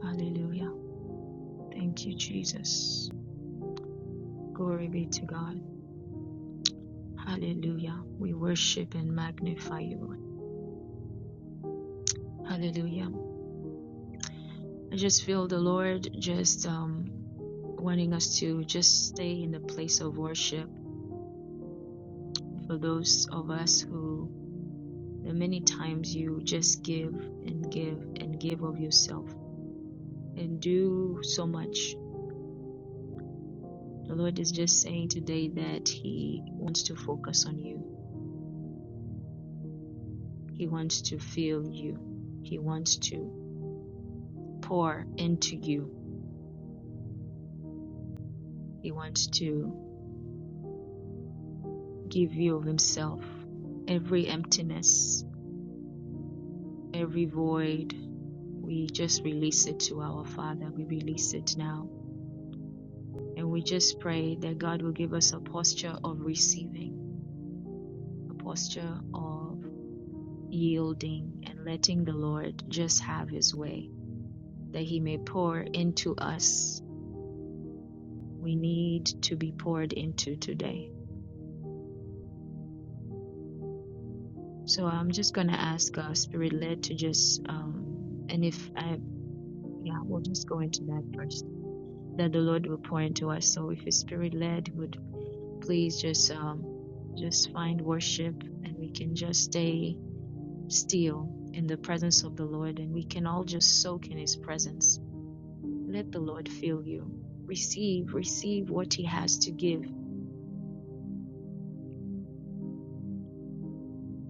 Speaker 1: Hallelujah. Thank you, Jesus. Glory be to God. Hallelujah. We worship and magnify you. Lord. Hallelujah. I just feel the Lord just um, wanting us to just stay in the place of worship for those of us who, the many times you just give and give and give of yourself and do so much. The Lord is just saying today that He wants to focus on you, He wants to feel you, He wants to pour into you, He wants to give you of Himself. every emptiness, every void, we just release it to our Father. We release it now. And we just pray that God will give us a posture of receiving, a posture of yielding and letting the Lord just have his way, that he may pour into us. We need to be poured into today. So I'm just going to ask our spirit led to just, um, and if I, yeah, we'll just go into that first. that the Lord will pour into us. So if His Spirit led, would please just um just find worship and we can just stay still in the presence of the Lord and we can all just soak in His presence. Let the Lord fill you. Receive, receive what He has to give.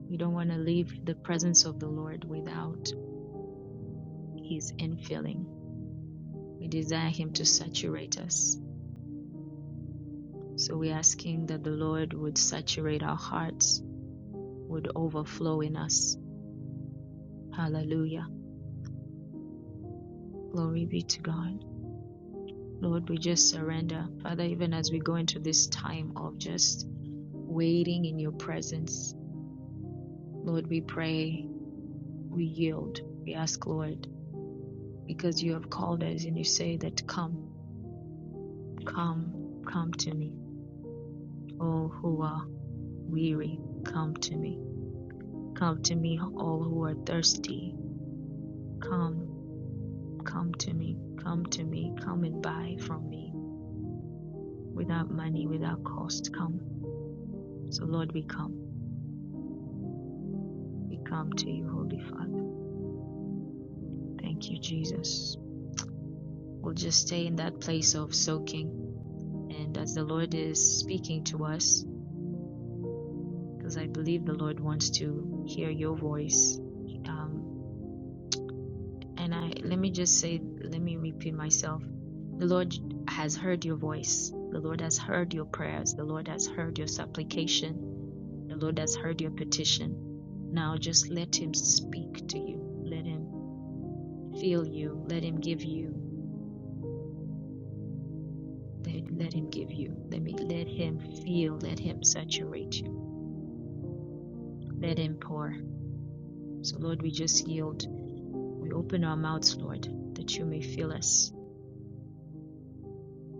Speaker 1: We don't want to leave the presence of the Lord without His infilling. We desire Him to saturate us. So we're asking that the Lord would saturate our hearts, would overflow in us. Hallelujah. Glory be to God. Lord, we just surrender. Father, even as we go into this time of just waiting in your presence, Lord, we pray, we yield, we ask, Lord, because you have called us and you say that, Come, come, come to me, all who are weary, come to me. Come to me, all who are thirsty. Come, come to me, come to me, come and buy from me without money, without cost. Come. So, Lord, we come. We come to you, Holy Father. Thank you, Jesus. We'll just stay in that place of soaking. And as the Lord is speaking to us, because I believe the Lord wants to hear your voice. Um, and I let me just say, let me repeat myself. The Lord has heard your voice. The Lord has heard your prayers. The Lord has heard your supplication. The Lord has heard your petition. Now just let Him speak to you. Let Him feel you. Let Him give you Let, let him give you. Let me let him feel. Let him saturate you. Let him pour. So Lord, we just yield. We open our mouths, Lord, that you may fill us.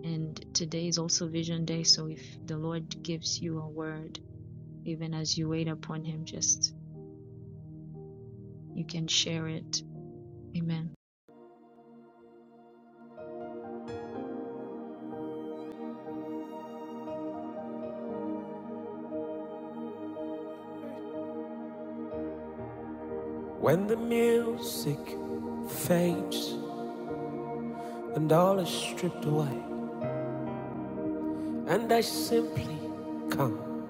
Speaker 1: And today is also vision day. So if the Lord gives you a word, even as you wait upon him, just you can share it. Amen.
Speaker 6: When the music fades and all is stripped away, and I simply come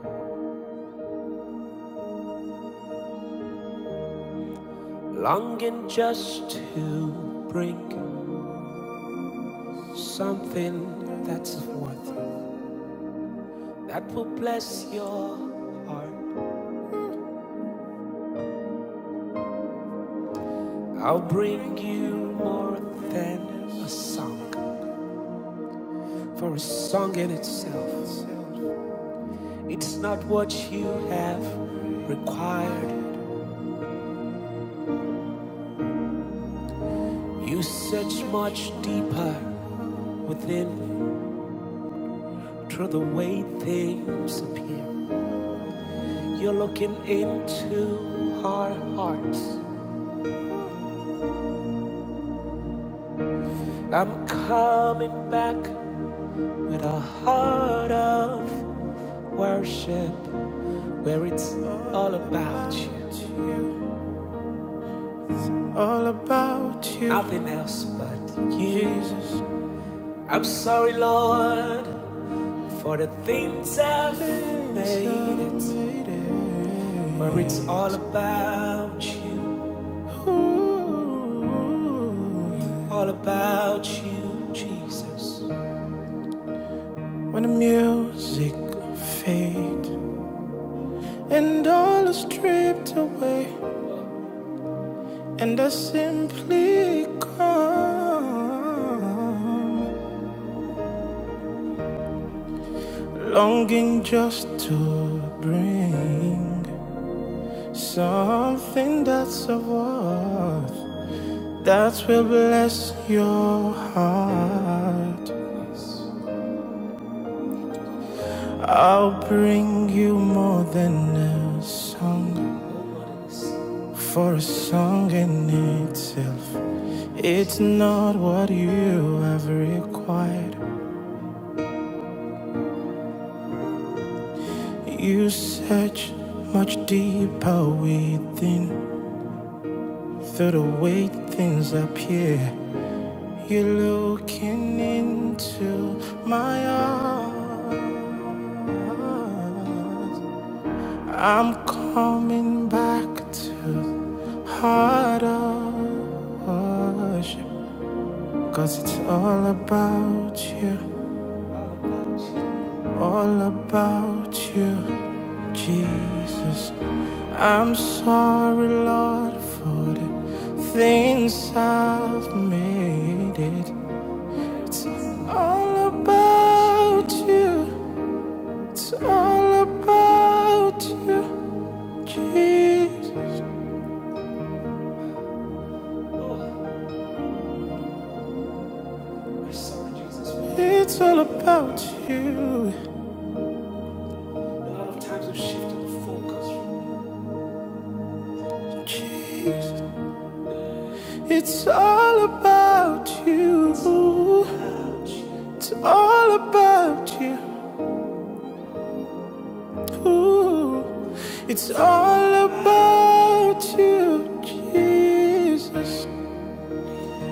Speaker 6: longing just to bring something that's worth it, that will bless your heart. I'll bring you more than a song, for a song in itself, it's not what you have required. You search much deeper within Through the way things appear, you're looking into our hearts. I'm coming back with a heart of worship where it's all about you. All about you. Nothing else but you. Jesus. I'm sorry, Lord, for the things I've made it, where it's all about you. All about you, Jesus. When the music fades and all is stripped away, and I simply come, longing just to bring something that's of worth, that will bless your heart. I'll bring you more than a song for a song in itself. It's not what you have required. You search much deeper within through the way things appear. You're looking into my eyes. I'm coming back to harder worship. Cause it's all about you, all about you, Jesus. I'm sorry, Lord, for the things I've made it. All about you, it's all about you, Jesus. It's all about you, A lot of times we've shifted the focus from Jesus. It's all about you. It's all about you. It's all about you, Jesus.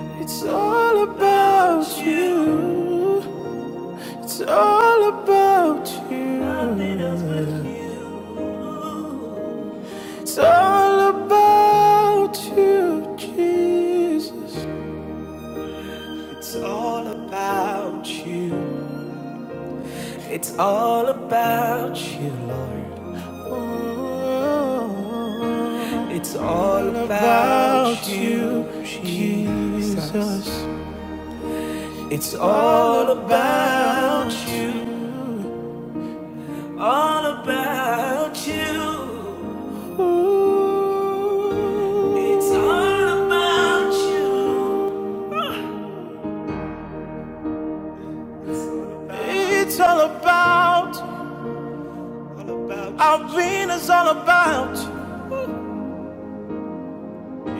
Speaker 6: It's all about you. It's all about you. Nothing else but you. It's all about you, Jesus. It's all about you. It's all about you, Lord. Oh, It's all about you, Jesus. It's all about you. all about you. Ooh. It's all about you. It's all about our is all about. you.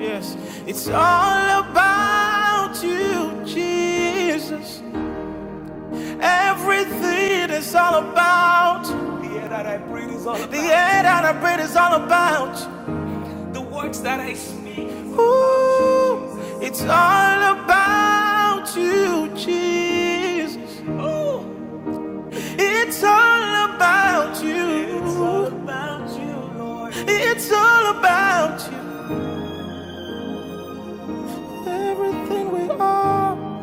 Speaker 6: Yes, it's all about you, Jesus. Everything is all about. you. The air that I breathe is all about. you. Ooh, it's all about you, Jesus. Ooh, it's all about you. It's all about you, Lord. It's all about you. Everything we are,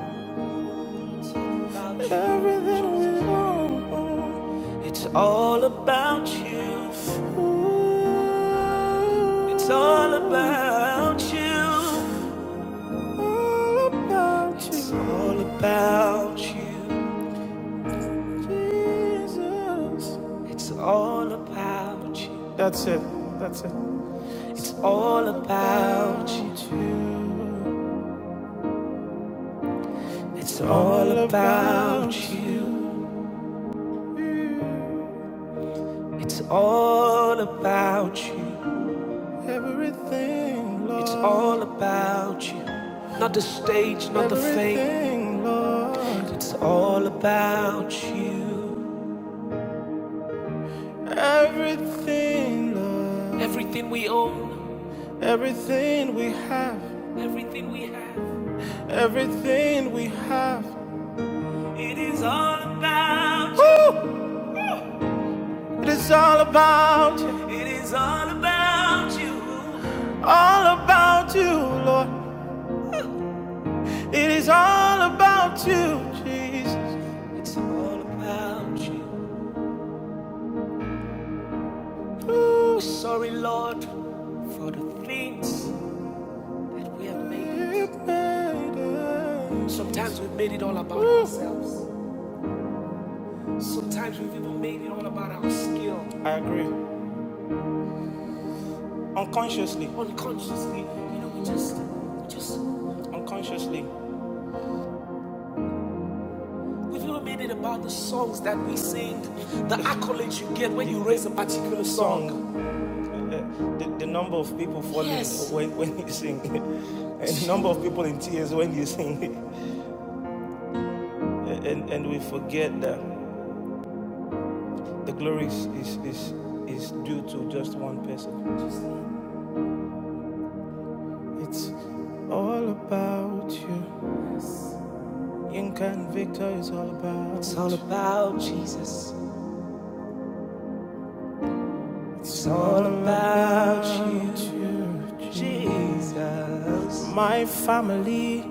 Speaker 6: everything we are. It's all about you. Ooh, it's all about you. all about you. It's all about you. Jesus. It's all about you. That's it. That's it. It's all about you. It's all about you. It's all about you. Everything, Lord. It's all about you. Not the stage, not the fame. Everything, Lord. It's all about you. Everything, Lord. Everything we own, Everything we have. everything we have, Everything we have. it is all about you. It is all about you. It is all about you. All about you, Lord. It is all about you, Jesus. It's all about you. Ooh. Sorry, Lord, for the things We have made it. Sometimes we've made it all about ourselves. Sometimes we've even made it all about our skill. I agree. Unconsciously. Unconsciously. You know, we just, we just. Unconsciously. We've even made it about the songs that we sing, the accolades you get when you raise a particular song. The, the number of people falling Yes. when, when you sing it, and the number of people in tears when you sing it, and, and we forget that. The glory is, is, is, is due to just one person. It's all about you. Yinka and Victor is all about It's all about Jesus. It's all about you, Jesus. My family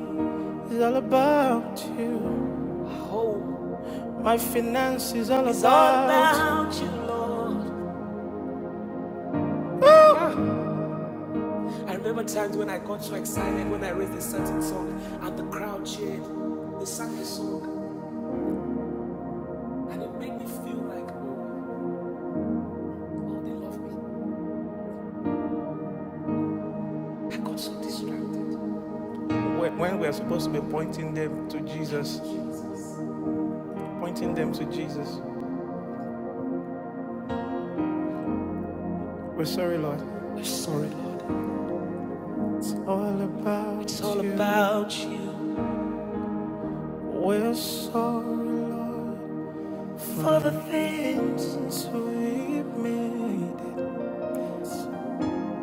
Speaker 6: is all about you. My hope My finances, is all is all about you. about you, Lord. I remember times when I got so excited when I raised a certain song and the crowd cheered. They sang the song And it made me feel like, oh, oh, they love me. I got so distracted. When when we're supposed to be pointing them to Jesus, pointing them to Jesus. We're sorry, Lord. We're sorry, Lord. It's all about It's all you. about you. We're sorry, Lord, For the things, we've made it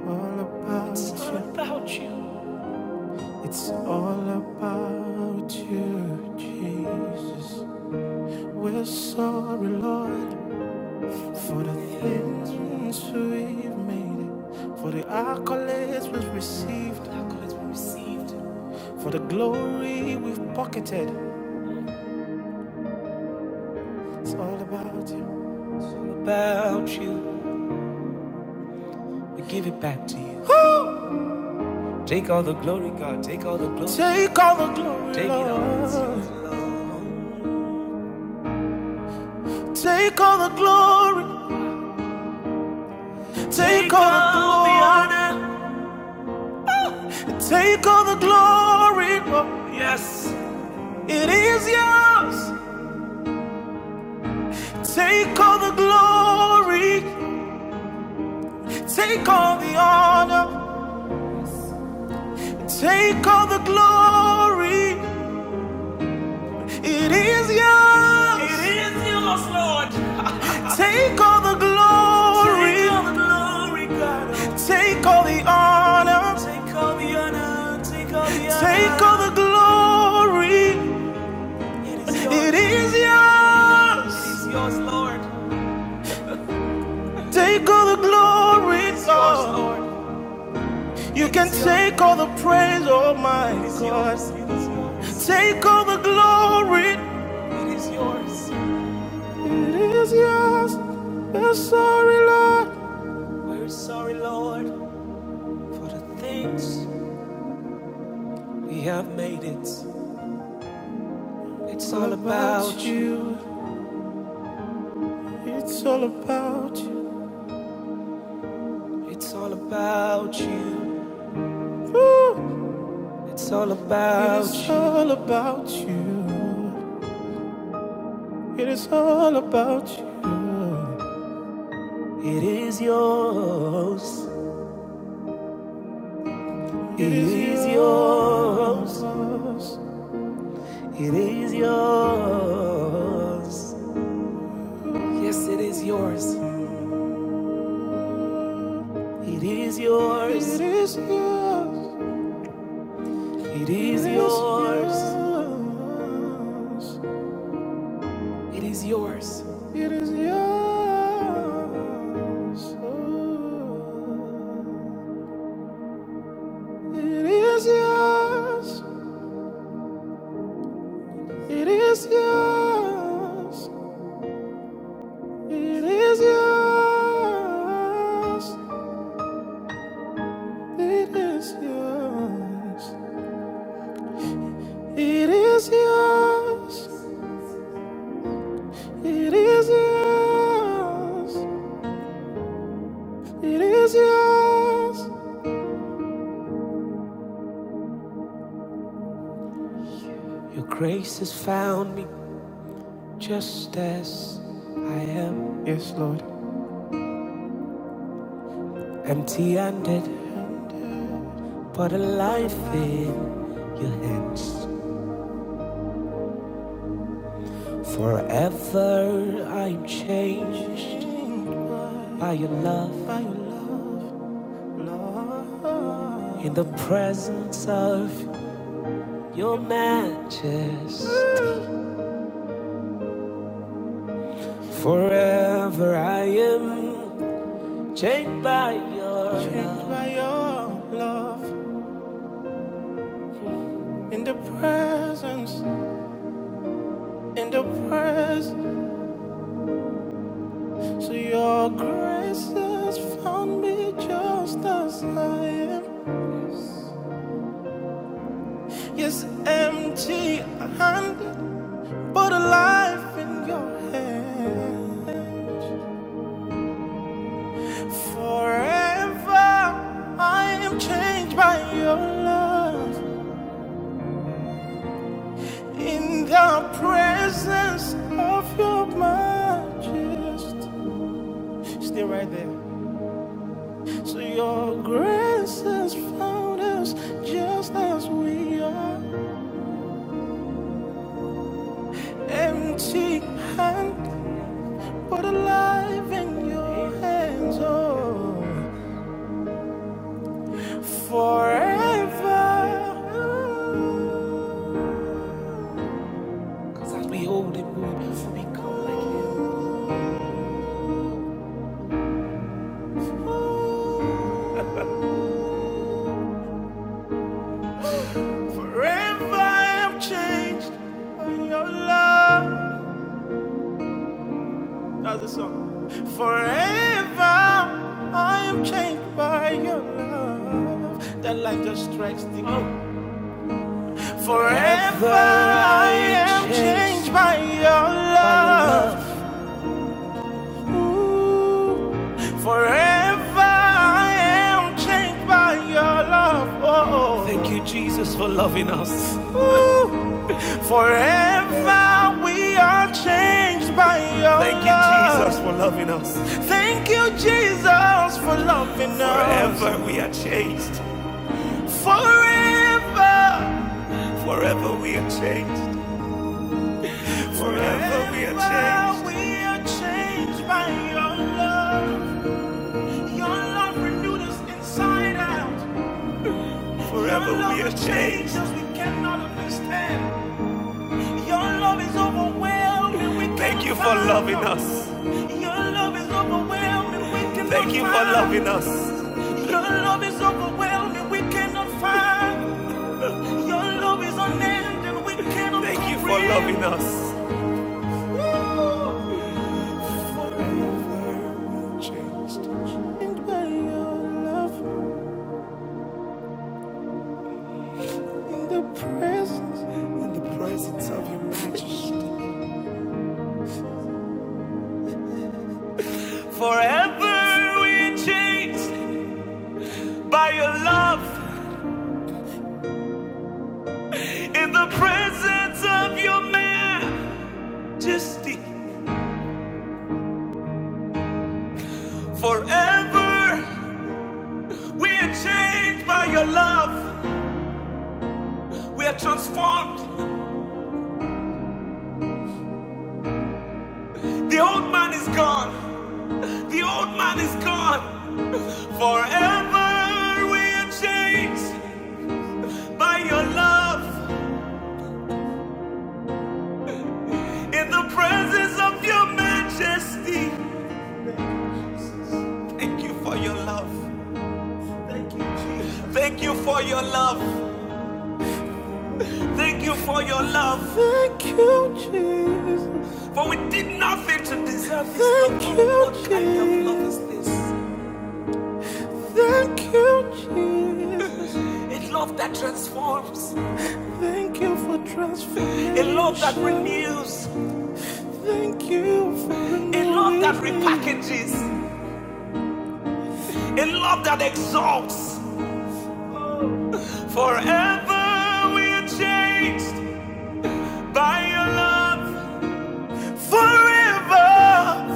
Speaker 6: all about it's all about you. It's all about you, Jesus. We're sorry, Lord, For the things we've made it, for the accolades we've received, accolades we received, for the glory we've pocketed, it's all about you. It's all about you. We give it back to you. Take all the glory, God. Take all the glory. Take all the glory, Take it all. Take all the glory. Take, all the glory. honor. Take all the glory, It is yours. Take all the glory. Take all the honor, take all the glory. It is yours. It is yours, Lord. Take all the glory. Take all the glory, God. Take all the honor. Take all the honor. Take all the honor. Take all the glory. It is yours. It is yours, Lord. Take all the glory, Lord. You can take all the praise, oh my God. Take all the glory. It is yours. It is yours. We're sorry, Lord. We're sorry, Lord, for the things we have made it. It's all about you. It's all about you. It's all about you. Ooh. It's all about you. It is all about you. It is all about you. It is yours. It is yours. It is yours. Yes, it is yours. It is yours. It is yours. It is yours. It is yours. It is yours. It is yours. It is yours. It is yours. It is yours. It is yours. Your grace has found me just as I am. Yes, Lord. Empty handed, but alive in your hands. Forever I'm changed by your love. By your love, love. In the presence of your majesty. Forever I am. Chained by your Changed by your love in the presence, in the presence. So your grace has found me just as I am. Yes, empty handed, but alive in your hands. Forever I am changed by your love in the presence of your majesty. Stay right there. So your grace has found us just as we are. Empty hand, but alive in your hands, oh, forever. Cause as we hold it, we become like you. Forever I am changed by your love. That's the song. Forever I am changed by your love. That light just strikes the Forever Forever I am changed by your love. Forever I am changed by your love. Oh, thank you, Jesus, for loving us. Ooh. Forever we are changed by your thank love. Thank you, Jesus, for loving us. Thank you, Jesus, for loving us. Forever we are changed. Forever. Forever we are changed. Forever Forever we are changed. Forever we are changed by your love. Your love renewed us inside out. Forever we are changed. We cannot understand. Your love is overwhelming. Thank you for loving us. Your love is overwhelming. Thank you for loving us. Your love is overwhelming. We cannot find. Your love is unending. We cannot find. Thank you for loving us. Forever we are changed. And by your love. In the presence, in the presence of your majesty. Forever we changed by your love. In the presence of your majesty. Forever we are changed by your love. We are transformed. The old man is gone. The old man is gone. Forever we are changed by your love. In the presence of your majesty. Thank you for your love. Thank you for your love. Thank you for your love. Thank you, Jesus. For we did nothing to deserve this Thank love. Thank You, Jesus. what kind of love is this? Thank you, Jesus. A love that transforms. Thank you for transforming. A love that renews. Thank you for renewing. A love that repackages. A love that exalts. Forever we are changed by your love. Forever,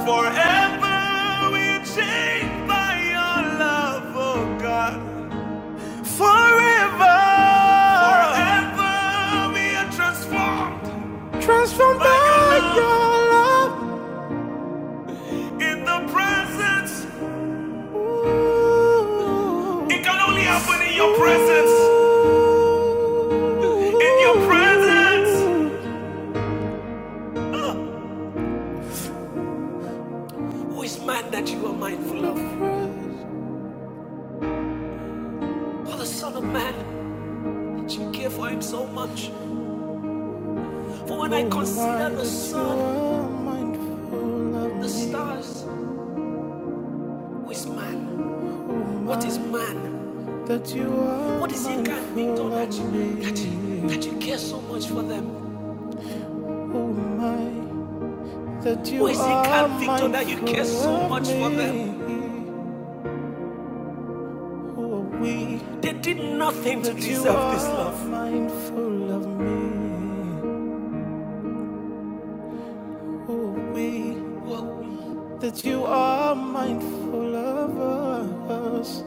Speaker 6: forever we're changed by your love, oh God. Forever, forever we are transformed. Transformed by by your love. It can only happen in your presence. In your presence. Who is man that you are mindful of? Or the Son of Man that you care for him so much? For when I consider the sun, the stars, who is man? What is man? that you are What is he mindful can be done that you, that you, that you care so much for them? Oh my, that Who you Who is he are can Victor that you care so much for them? Oh we, They did nothing to that you deserve this are love. mindful of me. Oh we, Well, that you are mindful of us.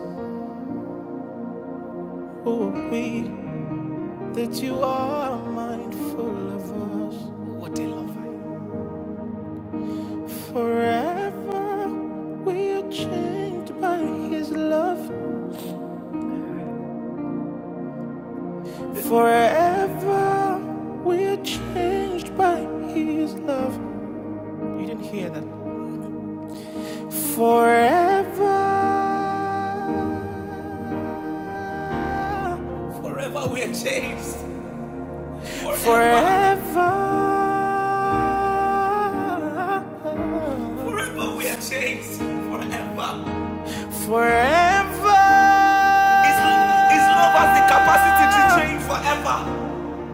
Speaker 6: Oh we, that you are mindful of us. what a lover. Forever we are changed by His love. Forever we are changed by His love. You didn't hear that. Forever. Forever. Forever. Forever. His, his love has the capacity to change.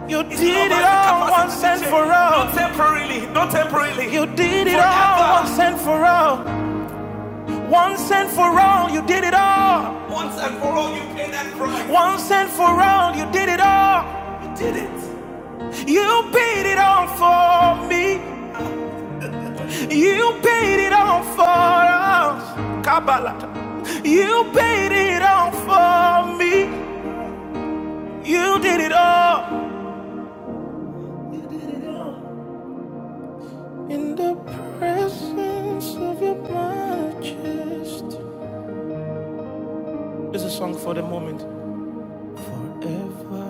Speaker 6: You did it all once and for all. Not temporarily, not temporarily. You did it all once and for all. Once and for all, you did it all. Once and for all, you paid that price. Once and for all, you did it all. You did it. You paid it all for me. You paid it all for us. Kabbalah. You paid it all for me. You did it all. You did it all. In the presence of your majesty. This is a song for the moment. Forever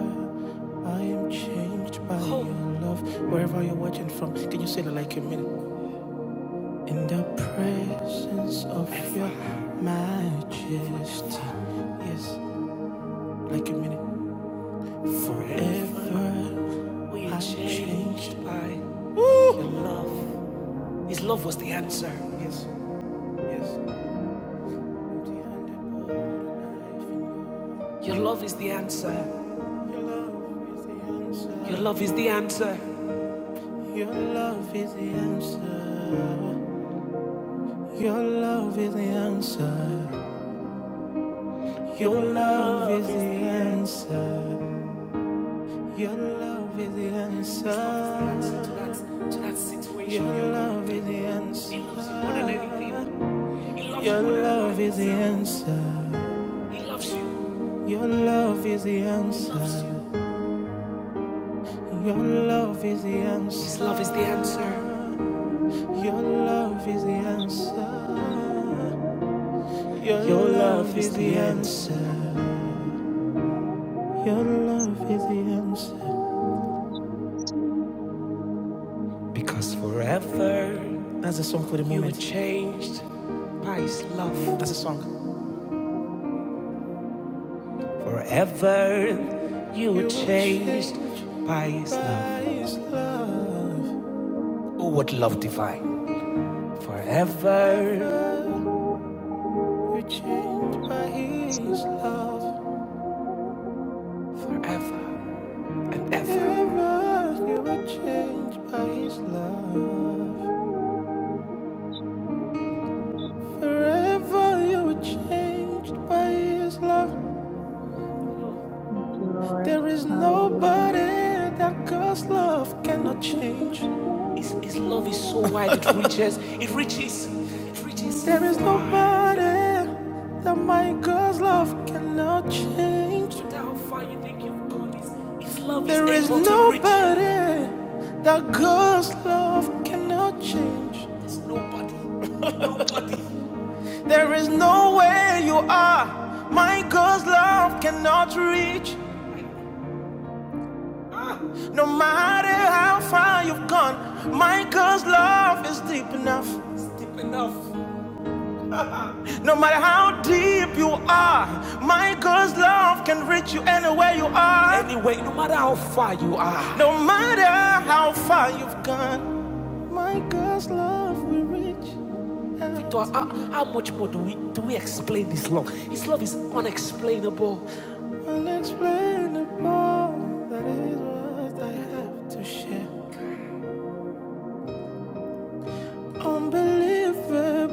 Speaker 6: I am changed by Oh. your love. Wherever you're watching from, can you say that like a minute? In the presence of your majesty. Yes, like a minute. Forever we are changed by your love. His love was the answer. Yes, yes. Your love is the answer. Your love is the answer. Your love is the answer. Your love is the answer. Your love is the answer. Your love is the answer. Your love is the answer. To that, to that situation. Your love is the answer. He loves you more than anything. He loves you Your love is the answer. He loves you. Your love is the answer. Your love is the answer. His love is the answer. Your love is the answer. Your, Your love, love is the answer. answer. Your love is the
Speaker 1: you,
Speaker 6: answer. Because forever, that's a song for the moment. You were changed by His love. That's a song. Forever, you You were changed changed by His love. His love. Oh, what love divine! Forever, Forever, you were changed by His love. Forever. Forever you were changed by his love. Forever you were changed by his love.
Speaker 1: Lord.
Speaker 6: There is
Speaker 1: Hallelujah.
Speaker 6: nobody that God's love
Speaker 1: Thank
Speaker 6: cannot
Speaker 1: you for
Speaker 6: change. His, his love is
Speaker 1: saving
Speaker 6: so
Speaker 1: us
Speaker 6: wide, it
Speaker 1: from
Speaker 6: reaches, it reaches, it reaches There is nobody that my God's love cannot change. No matter how far you think you've gone, his, his love there is is able
Speaker 1: sin.
Speaker 6: to reach There is nobody that God's love cannot change. There's nobody, nobody.
Speaker 1: Thank
Speaker 6: There is no way you are my God's love cannot reach. No matter how far you've gone, Michael's love is deep enough. It's Deep enough. No matter how deep you are, Michael's love can reach you anywhere you are. Anyway, no matter how far you are. No matter how far you've gone. Michael's love how, how much more do we do we explain this love? His love is unexplainable, be able.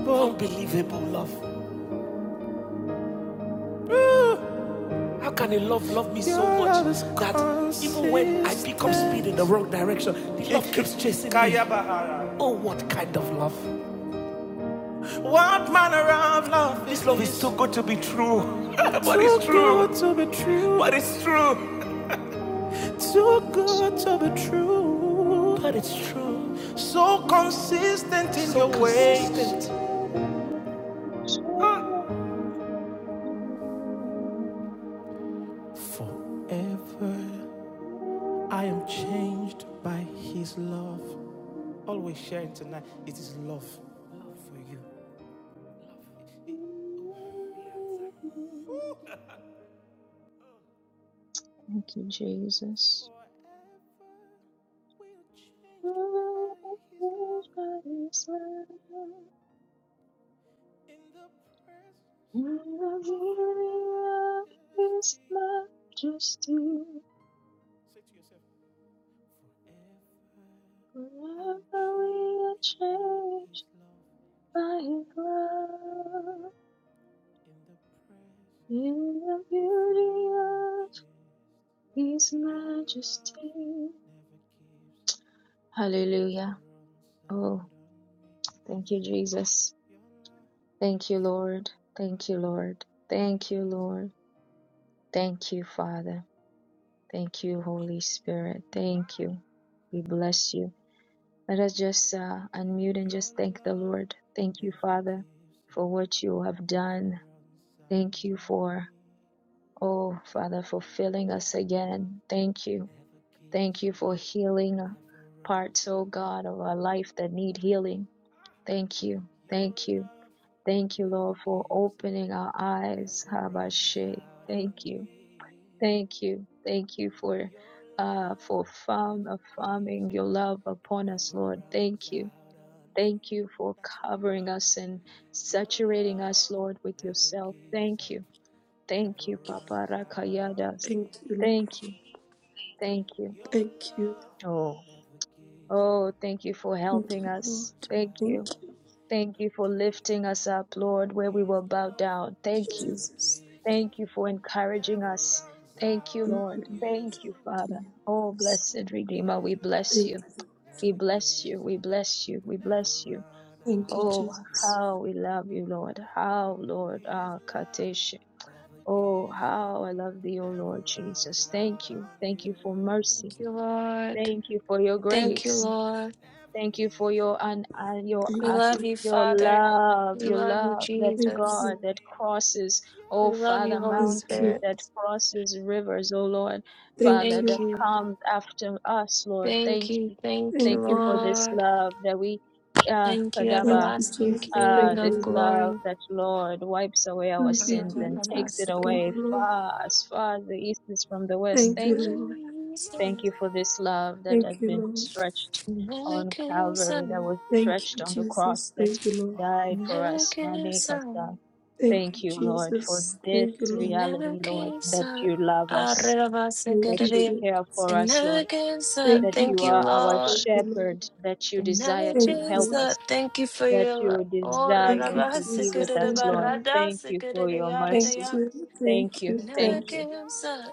Speaker 6: unbelievable love. How can a love love me so much that even when I pick up speed in the wrong direction, he listen to me? What kind of love? What manner of love? This love is too good to be true. but it's true. But it's true. too good to be true. But it's true, So consistent in so your ways. consistent. Forever I am changed by his love. Always sharing tonight. It is love. love for you. Yeah, like
Speaker 1: you, Jesus.
Speaker 6: forever we are changed by his love in the presence of your majesty.
Speaker 1: Just you.
Speaker 6: Say to yourself, forever I
Speaker 1: Forever
Speaker 6: am changed
Speaker 1: we are
Speaker 6: by his
Speaker 1: changed
Speaker 6: love
Speaker 1: by His love
Speaker 6: in the presence of
Speaker 1: in the
Speaker 6: your
Speaker 1: beauty of
Speaker 6: majesty.
Speaker 1: His
Speaker 6: Your love
Speaker 1: majesty.
Speaker 6: never gives, never
Speaker 1: Hallelujah.
Speaker 6: runs
Speaker 1: Oh,
Speaker 6: out.
Speaker 1: thank you, Jesus. Thank you, Lord. Thank you, Lord. Thank you, Lord. Thank you, Father. Thank you, Holy Spirit. Thank you. We bless you. Let us just uh, unmute and just thank the Lord. Thank you, Father, for what you have done. Thank you for Oh, Father, for filling us again. Thank you. Thank you for healing uh, parts, oh God, of our life that need healing. Thank you.
Speaker 6: Your
Speaker 1: Thank you.
Speaker 6: love
Speaker 1: Thank you,
Speaker 6: Never
Speaker 1: Lord, for
Speaker 6: gives up,
Speaker 1: opening our eyes.
Speaker 6: never runs
Speaker 1: Habashe.
Speaker 6: out on
Speaker 1: Thank you.
Speaker 6: me.
Speaker 1: Thank you. Thank you for
Speaker 6: Your
Speaker 1: uh
Speaker 6: love
Speaker 1: for farm
Speaker 6: never
Speaker 1: uh,
Speaker 6: gives
Speaker 1: farming your
Speaker 6: up,
Speaker 1: love
Speaker 6: it
Speaker 1: upon us,
Speaker 6: never
Speaker 1: Lord.
Speaker 6: runs
Speaker 1: Thank you.
Speaker 6: out on
Speaker 1: Thank
Speaker 6: me.
Speaker 1: you for covering us and
Speaker 6: Your
Speaker 1: saturating us,
Speaker 6: love
Speaker 1: Lord, with
Speaker 6: never
Speaker 1: yourself.
Speaker 6: gives
Speaker 1: Thank you.
Speaker 6: up,
Speaker 1: Thank
Speaker 6: never
Speaker 1: you, Papa
Speaker 6: runs out on
Speaker 1: Rakayadas.
Speaker 2: Thank you,
Speaker 6: me.
Speaker 2: Lord.
Speaker 1: Thank you. Thank you.
Speaker 6: Your
Speaker 2: thank you,
Speaker 6: love
Speaker 1: Oh,
Speaker 6: never gives up,
Speaker 1: oh, thank you for
Speaker 6: never
Speaker 2: thank
Speaker 1: helping
Speaker 2: you,
Speaker 1: us.
Speaker 2: Lord.
Speaker 6: runs
Speaker 1: Thank
Speaker 6: out
Speaker 2: Thank
Speaker 1: you.
Speaker 6: on
Speaker 2: you,
Speaker 6: me.
Speaker 1: Thank
Speaker 6: Now
Speaker 1: you for
Speaker 6: tell them, let them
Speaker 1: lifting us
Speaker 6: know.
Speaker 1: up, Lord, where we
Speaker 6: His
Speaker 1: were bowed
Speaker 6: love
Speaker 1: down.
Speaker 2: Thank you,
Speaker 1: Thank you.
Speaker 6: never
Speaker 2: Jesus.
Speaker 6: gives
Speaker 1: Thank
Speaker 6: up,
Speaker 1: you for encouraging
Speaker 6: never
Speaker 1: us.
Speaker 6: runs
Speaker 1: Thank you,
Speaker 6: out
Speaker 2: Thank
Speaker 1: Lord.
Speaker 2: you,
Speaker 6: on
Speaker 2: Lord.
Speaker 1: Thank you,
Speaker 6: you.
Speaker 2: thank you, Lord. Give
Speaker 1: Father.
Speaker 2: you
Speaker 1: Oh,
Speaker 2: praise.
Speaker 1: blessed Redeemer,
Speaker 6: His
Speaker 1: we bless
Speaker 6: love
Speaker 2: Thank
Speaker 1: you.
Speaker 2: you, Lord.
Speaker 1: We
Speaker 6: never
Speaker 1: bless you.
Speaker 6: gives
Speaker 1: We
Speaker 6: up,
Speaker 1: bless you.
Speaker 6: would
Speaker 1: We
Speaker 6: never
Speaker 1: bless you.
Speaker 6: run
Speaker 2: Thank
Speaker 6: out
Speaker 2: you,
Speaker 1: Oh,
Speaker 6: on
Speaker 2: Jesus.
Speaker 6: you.
Speaker 1: how we love you, Lord. How, Lord.
Speaker 6: His
Speaker 1: Ah,
Speaker 6: love
Speaker 1: Katesh.
Speaker 6: never
Speaker 1: Oh,
Speaker 6: gives,
Speaker 1: how I love thee, O Lord Jesus. Thank you. Thank you for mercy.
Speaker 5: Thank you, Lord.
Speaker 1: Thank you for your
Speaker 5: Thank
Speaker 2: Thank
Speaker 5: you,
Speaker 1: grace.
Speaker 2: you,
Speaker 5: Lord.
Speaker 1: Thank you for your and your
Speaker 5: We
Speaker 2: thank
Speaker 1: uh,
Speaker 5: love
Speaker 2: you,
Speaker 5: you,
Speaker 1: your
Speaker 5: Father.
Speaker 1: love,
Speaker 5: We
Speaker 1: your
Speaker 5: love you,
Speaker 1: love that
Speaker 2: thank
Speaker 5: Jesus.
Speaker 2: you,
Speaker 1: God that crosses, oh
Speaker 5: We love
Speaker 1: Father,
Speaker 5: you, Holy
Speaker 2: thank you,
Speaker 1: mountains
Speaker 5: Spirit.
Speaker 1: that crosses rivers, oh Lord,
Speaker 2: thank
Speaker 1: Father,
Speaker 2: you,
Speaker 5: Thank
Speaker 1: that
Speaker 5: you.
Speaker 1: comes after us, Lord.
Speaker 5: Thank
Speaker 1: Thank
Speaker 5: you.
Speaker 1: you.
Speaker 5: Thank you,
Speaker 2: thank
Speaker 1: Thank you
Speaker 2: you,
Speaker 1: for
Speaker 2: Lord.
Speaker 1: this
Speaker 5: Lord.
Speaker 1: love that we
Speaker 5: Thank you,
Speaker 1: uh,
Speaker 2: Thank you,
Speaker 5: everlasting
Speaker 2: Jesus.
Speaker 1: Ah,
Speaker 5: King
Speaker 2: Thank you.
Speaker 1: this
Speaker 5: of
Speaker 2: Lord.
Speaker 1: love
Speaker 5: glory.
Speaker 1: that Lord wipes away our
Speaker 2: Thank you,
Speaker 1: sins and takes it
Speaker 2: Jesus. Thank
Speaker 1: away
Speaker 2: you, Lord.
Speaker 1: far as far as the east is from the west.
Speaker 2: Thank
Speaker 1: Thank
Speaker 2: you,
Speaker 1: you.
Speaker 2: Lord.
Speaker 1: Thank you for this love that has
Speaker 2: Thank you,
Speaker 1: been
Speaker 2: Lord.
Speaker 1: stretched on Calvary, that was
Speaker 2: Thank
Speaker 1: stretched
Speaker 2: you,
Speaker 1: on the cross
Speaker 2: Jesus.
Speaker 1: that
Speaker 2: Thank you, Lord.
Speaker 1: died for us. Mane
Speaker 5: American
Speaker 1: kasa.
Speaker 2: Thank
Speaker 1: Thank
Speaker 2: you,
Speaker 1: you, Lord, for
Speaker 2: Jesus.
Speaker 1: this
Speaker 2: Thank you, Lord.
Speaker 5: Never
Speaker 1: reality, Lord,
Speaker 5: gives
Speaker 1: that
Speaker 5: up.
Speaker 1: you love us,
Speaker 2: Thank
Speaker 1: that
Speaker 2: you,
Speaker 1: you
Speaker 5: Arabasakadabia.
Speaker 1: care
Speaker 2: Jesus.
Speaker 1: for
Speaker 5: It
Speaker 1: us,
Speaker 5: never
Speaker 1: Lord,
Speaker 5: gives up.
Speaker 1: that
Speaker 2: Thank you,
Speaker 1: you
Speaker 5: Thank you,
Speaker 1: are
Speaker 2: Jesus.
Speaker 1: our
Speaker 5: Lord.
Speaker 2: Thank you,
Speaker 1: shepherd,
Speaker 2: Lord.
Speaker 1: that you
Speaker 5: It
Speaker 1: desire
Speaker 5: never
Speaker 1: to
Speaker 2: Thank
Speaker 1: help
Speaker 5: gives
Speaker 2: you.
Speaker 1: us
Speaker 5: up. Thank you for
Speaker 1: that
Speaker 5: your love.
Speaker 1: you
Speaker 5: Oh,
Speaker 2: Thank
Speaker 1: desire
Speaker 2: you,
Speaker 1: to be with
Speaker 2: Jesus.
Speaker 1: us,
Speaker 2: Thank you,
Speaker 1: Lord.
Speaker 2: Lord.
Speaker 1: Thank you for your
Speaker 2: Thank
Speaker 1: mercy.
Speaker 5: Rarabasakadabaradasakadabia.
Speaker 2: you.
Speaker 1: Thank
Speaker 2: Thank
Speaker 5: It
Speaker 2: you.
Speaker 1: you. Thank
Speaker 5: never
Speaker 2: Thank you.
Speaker 1: you.
Speaker 5: gives up.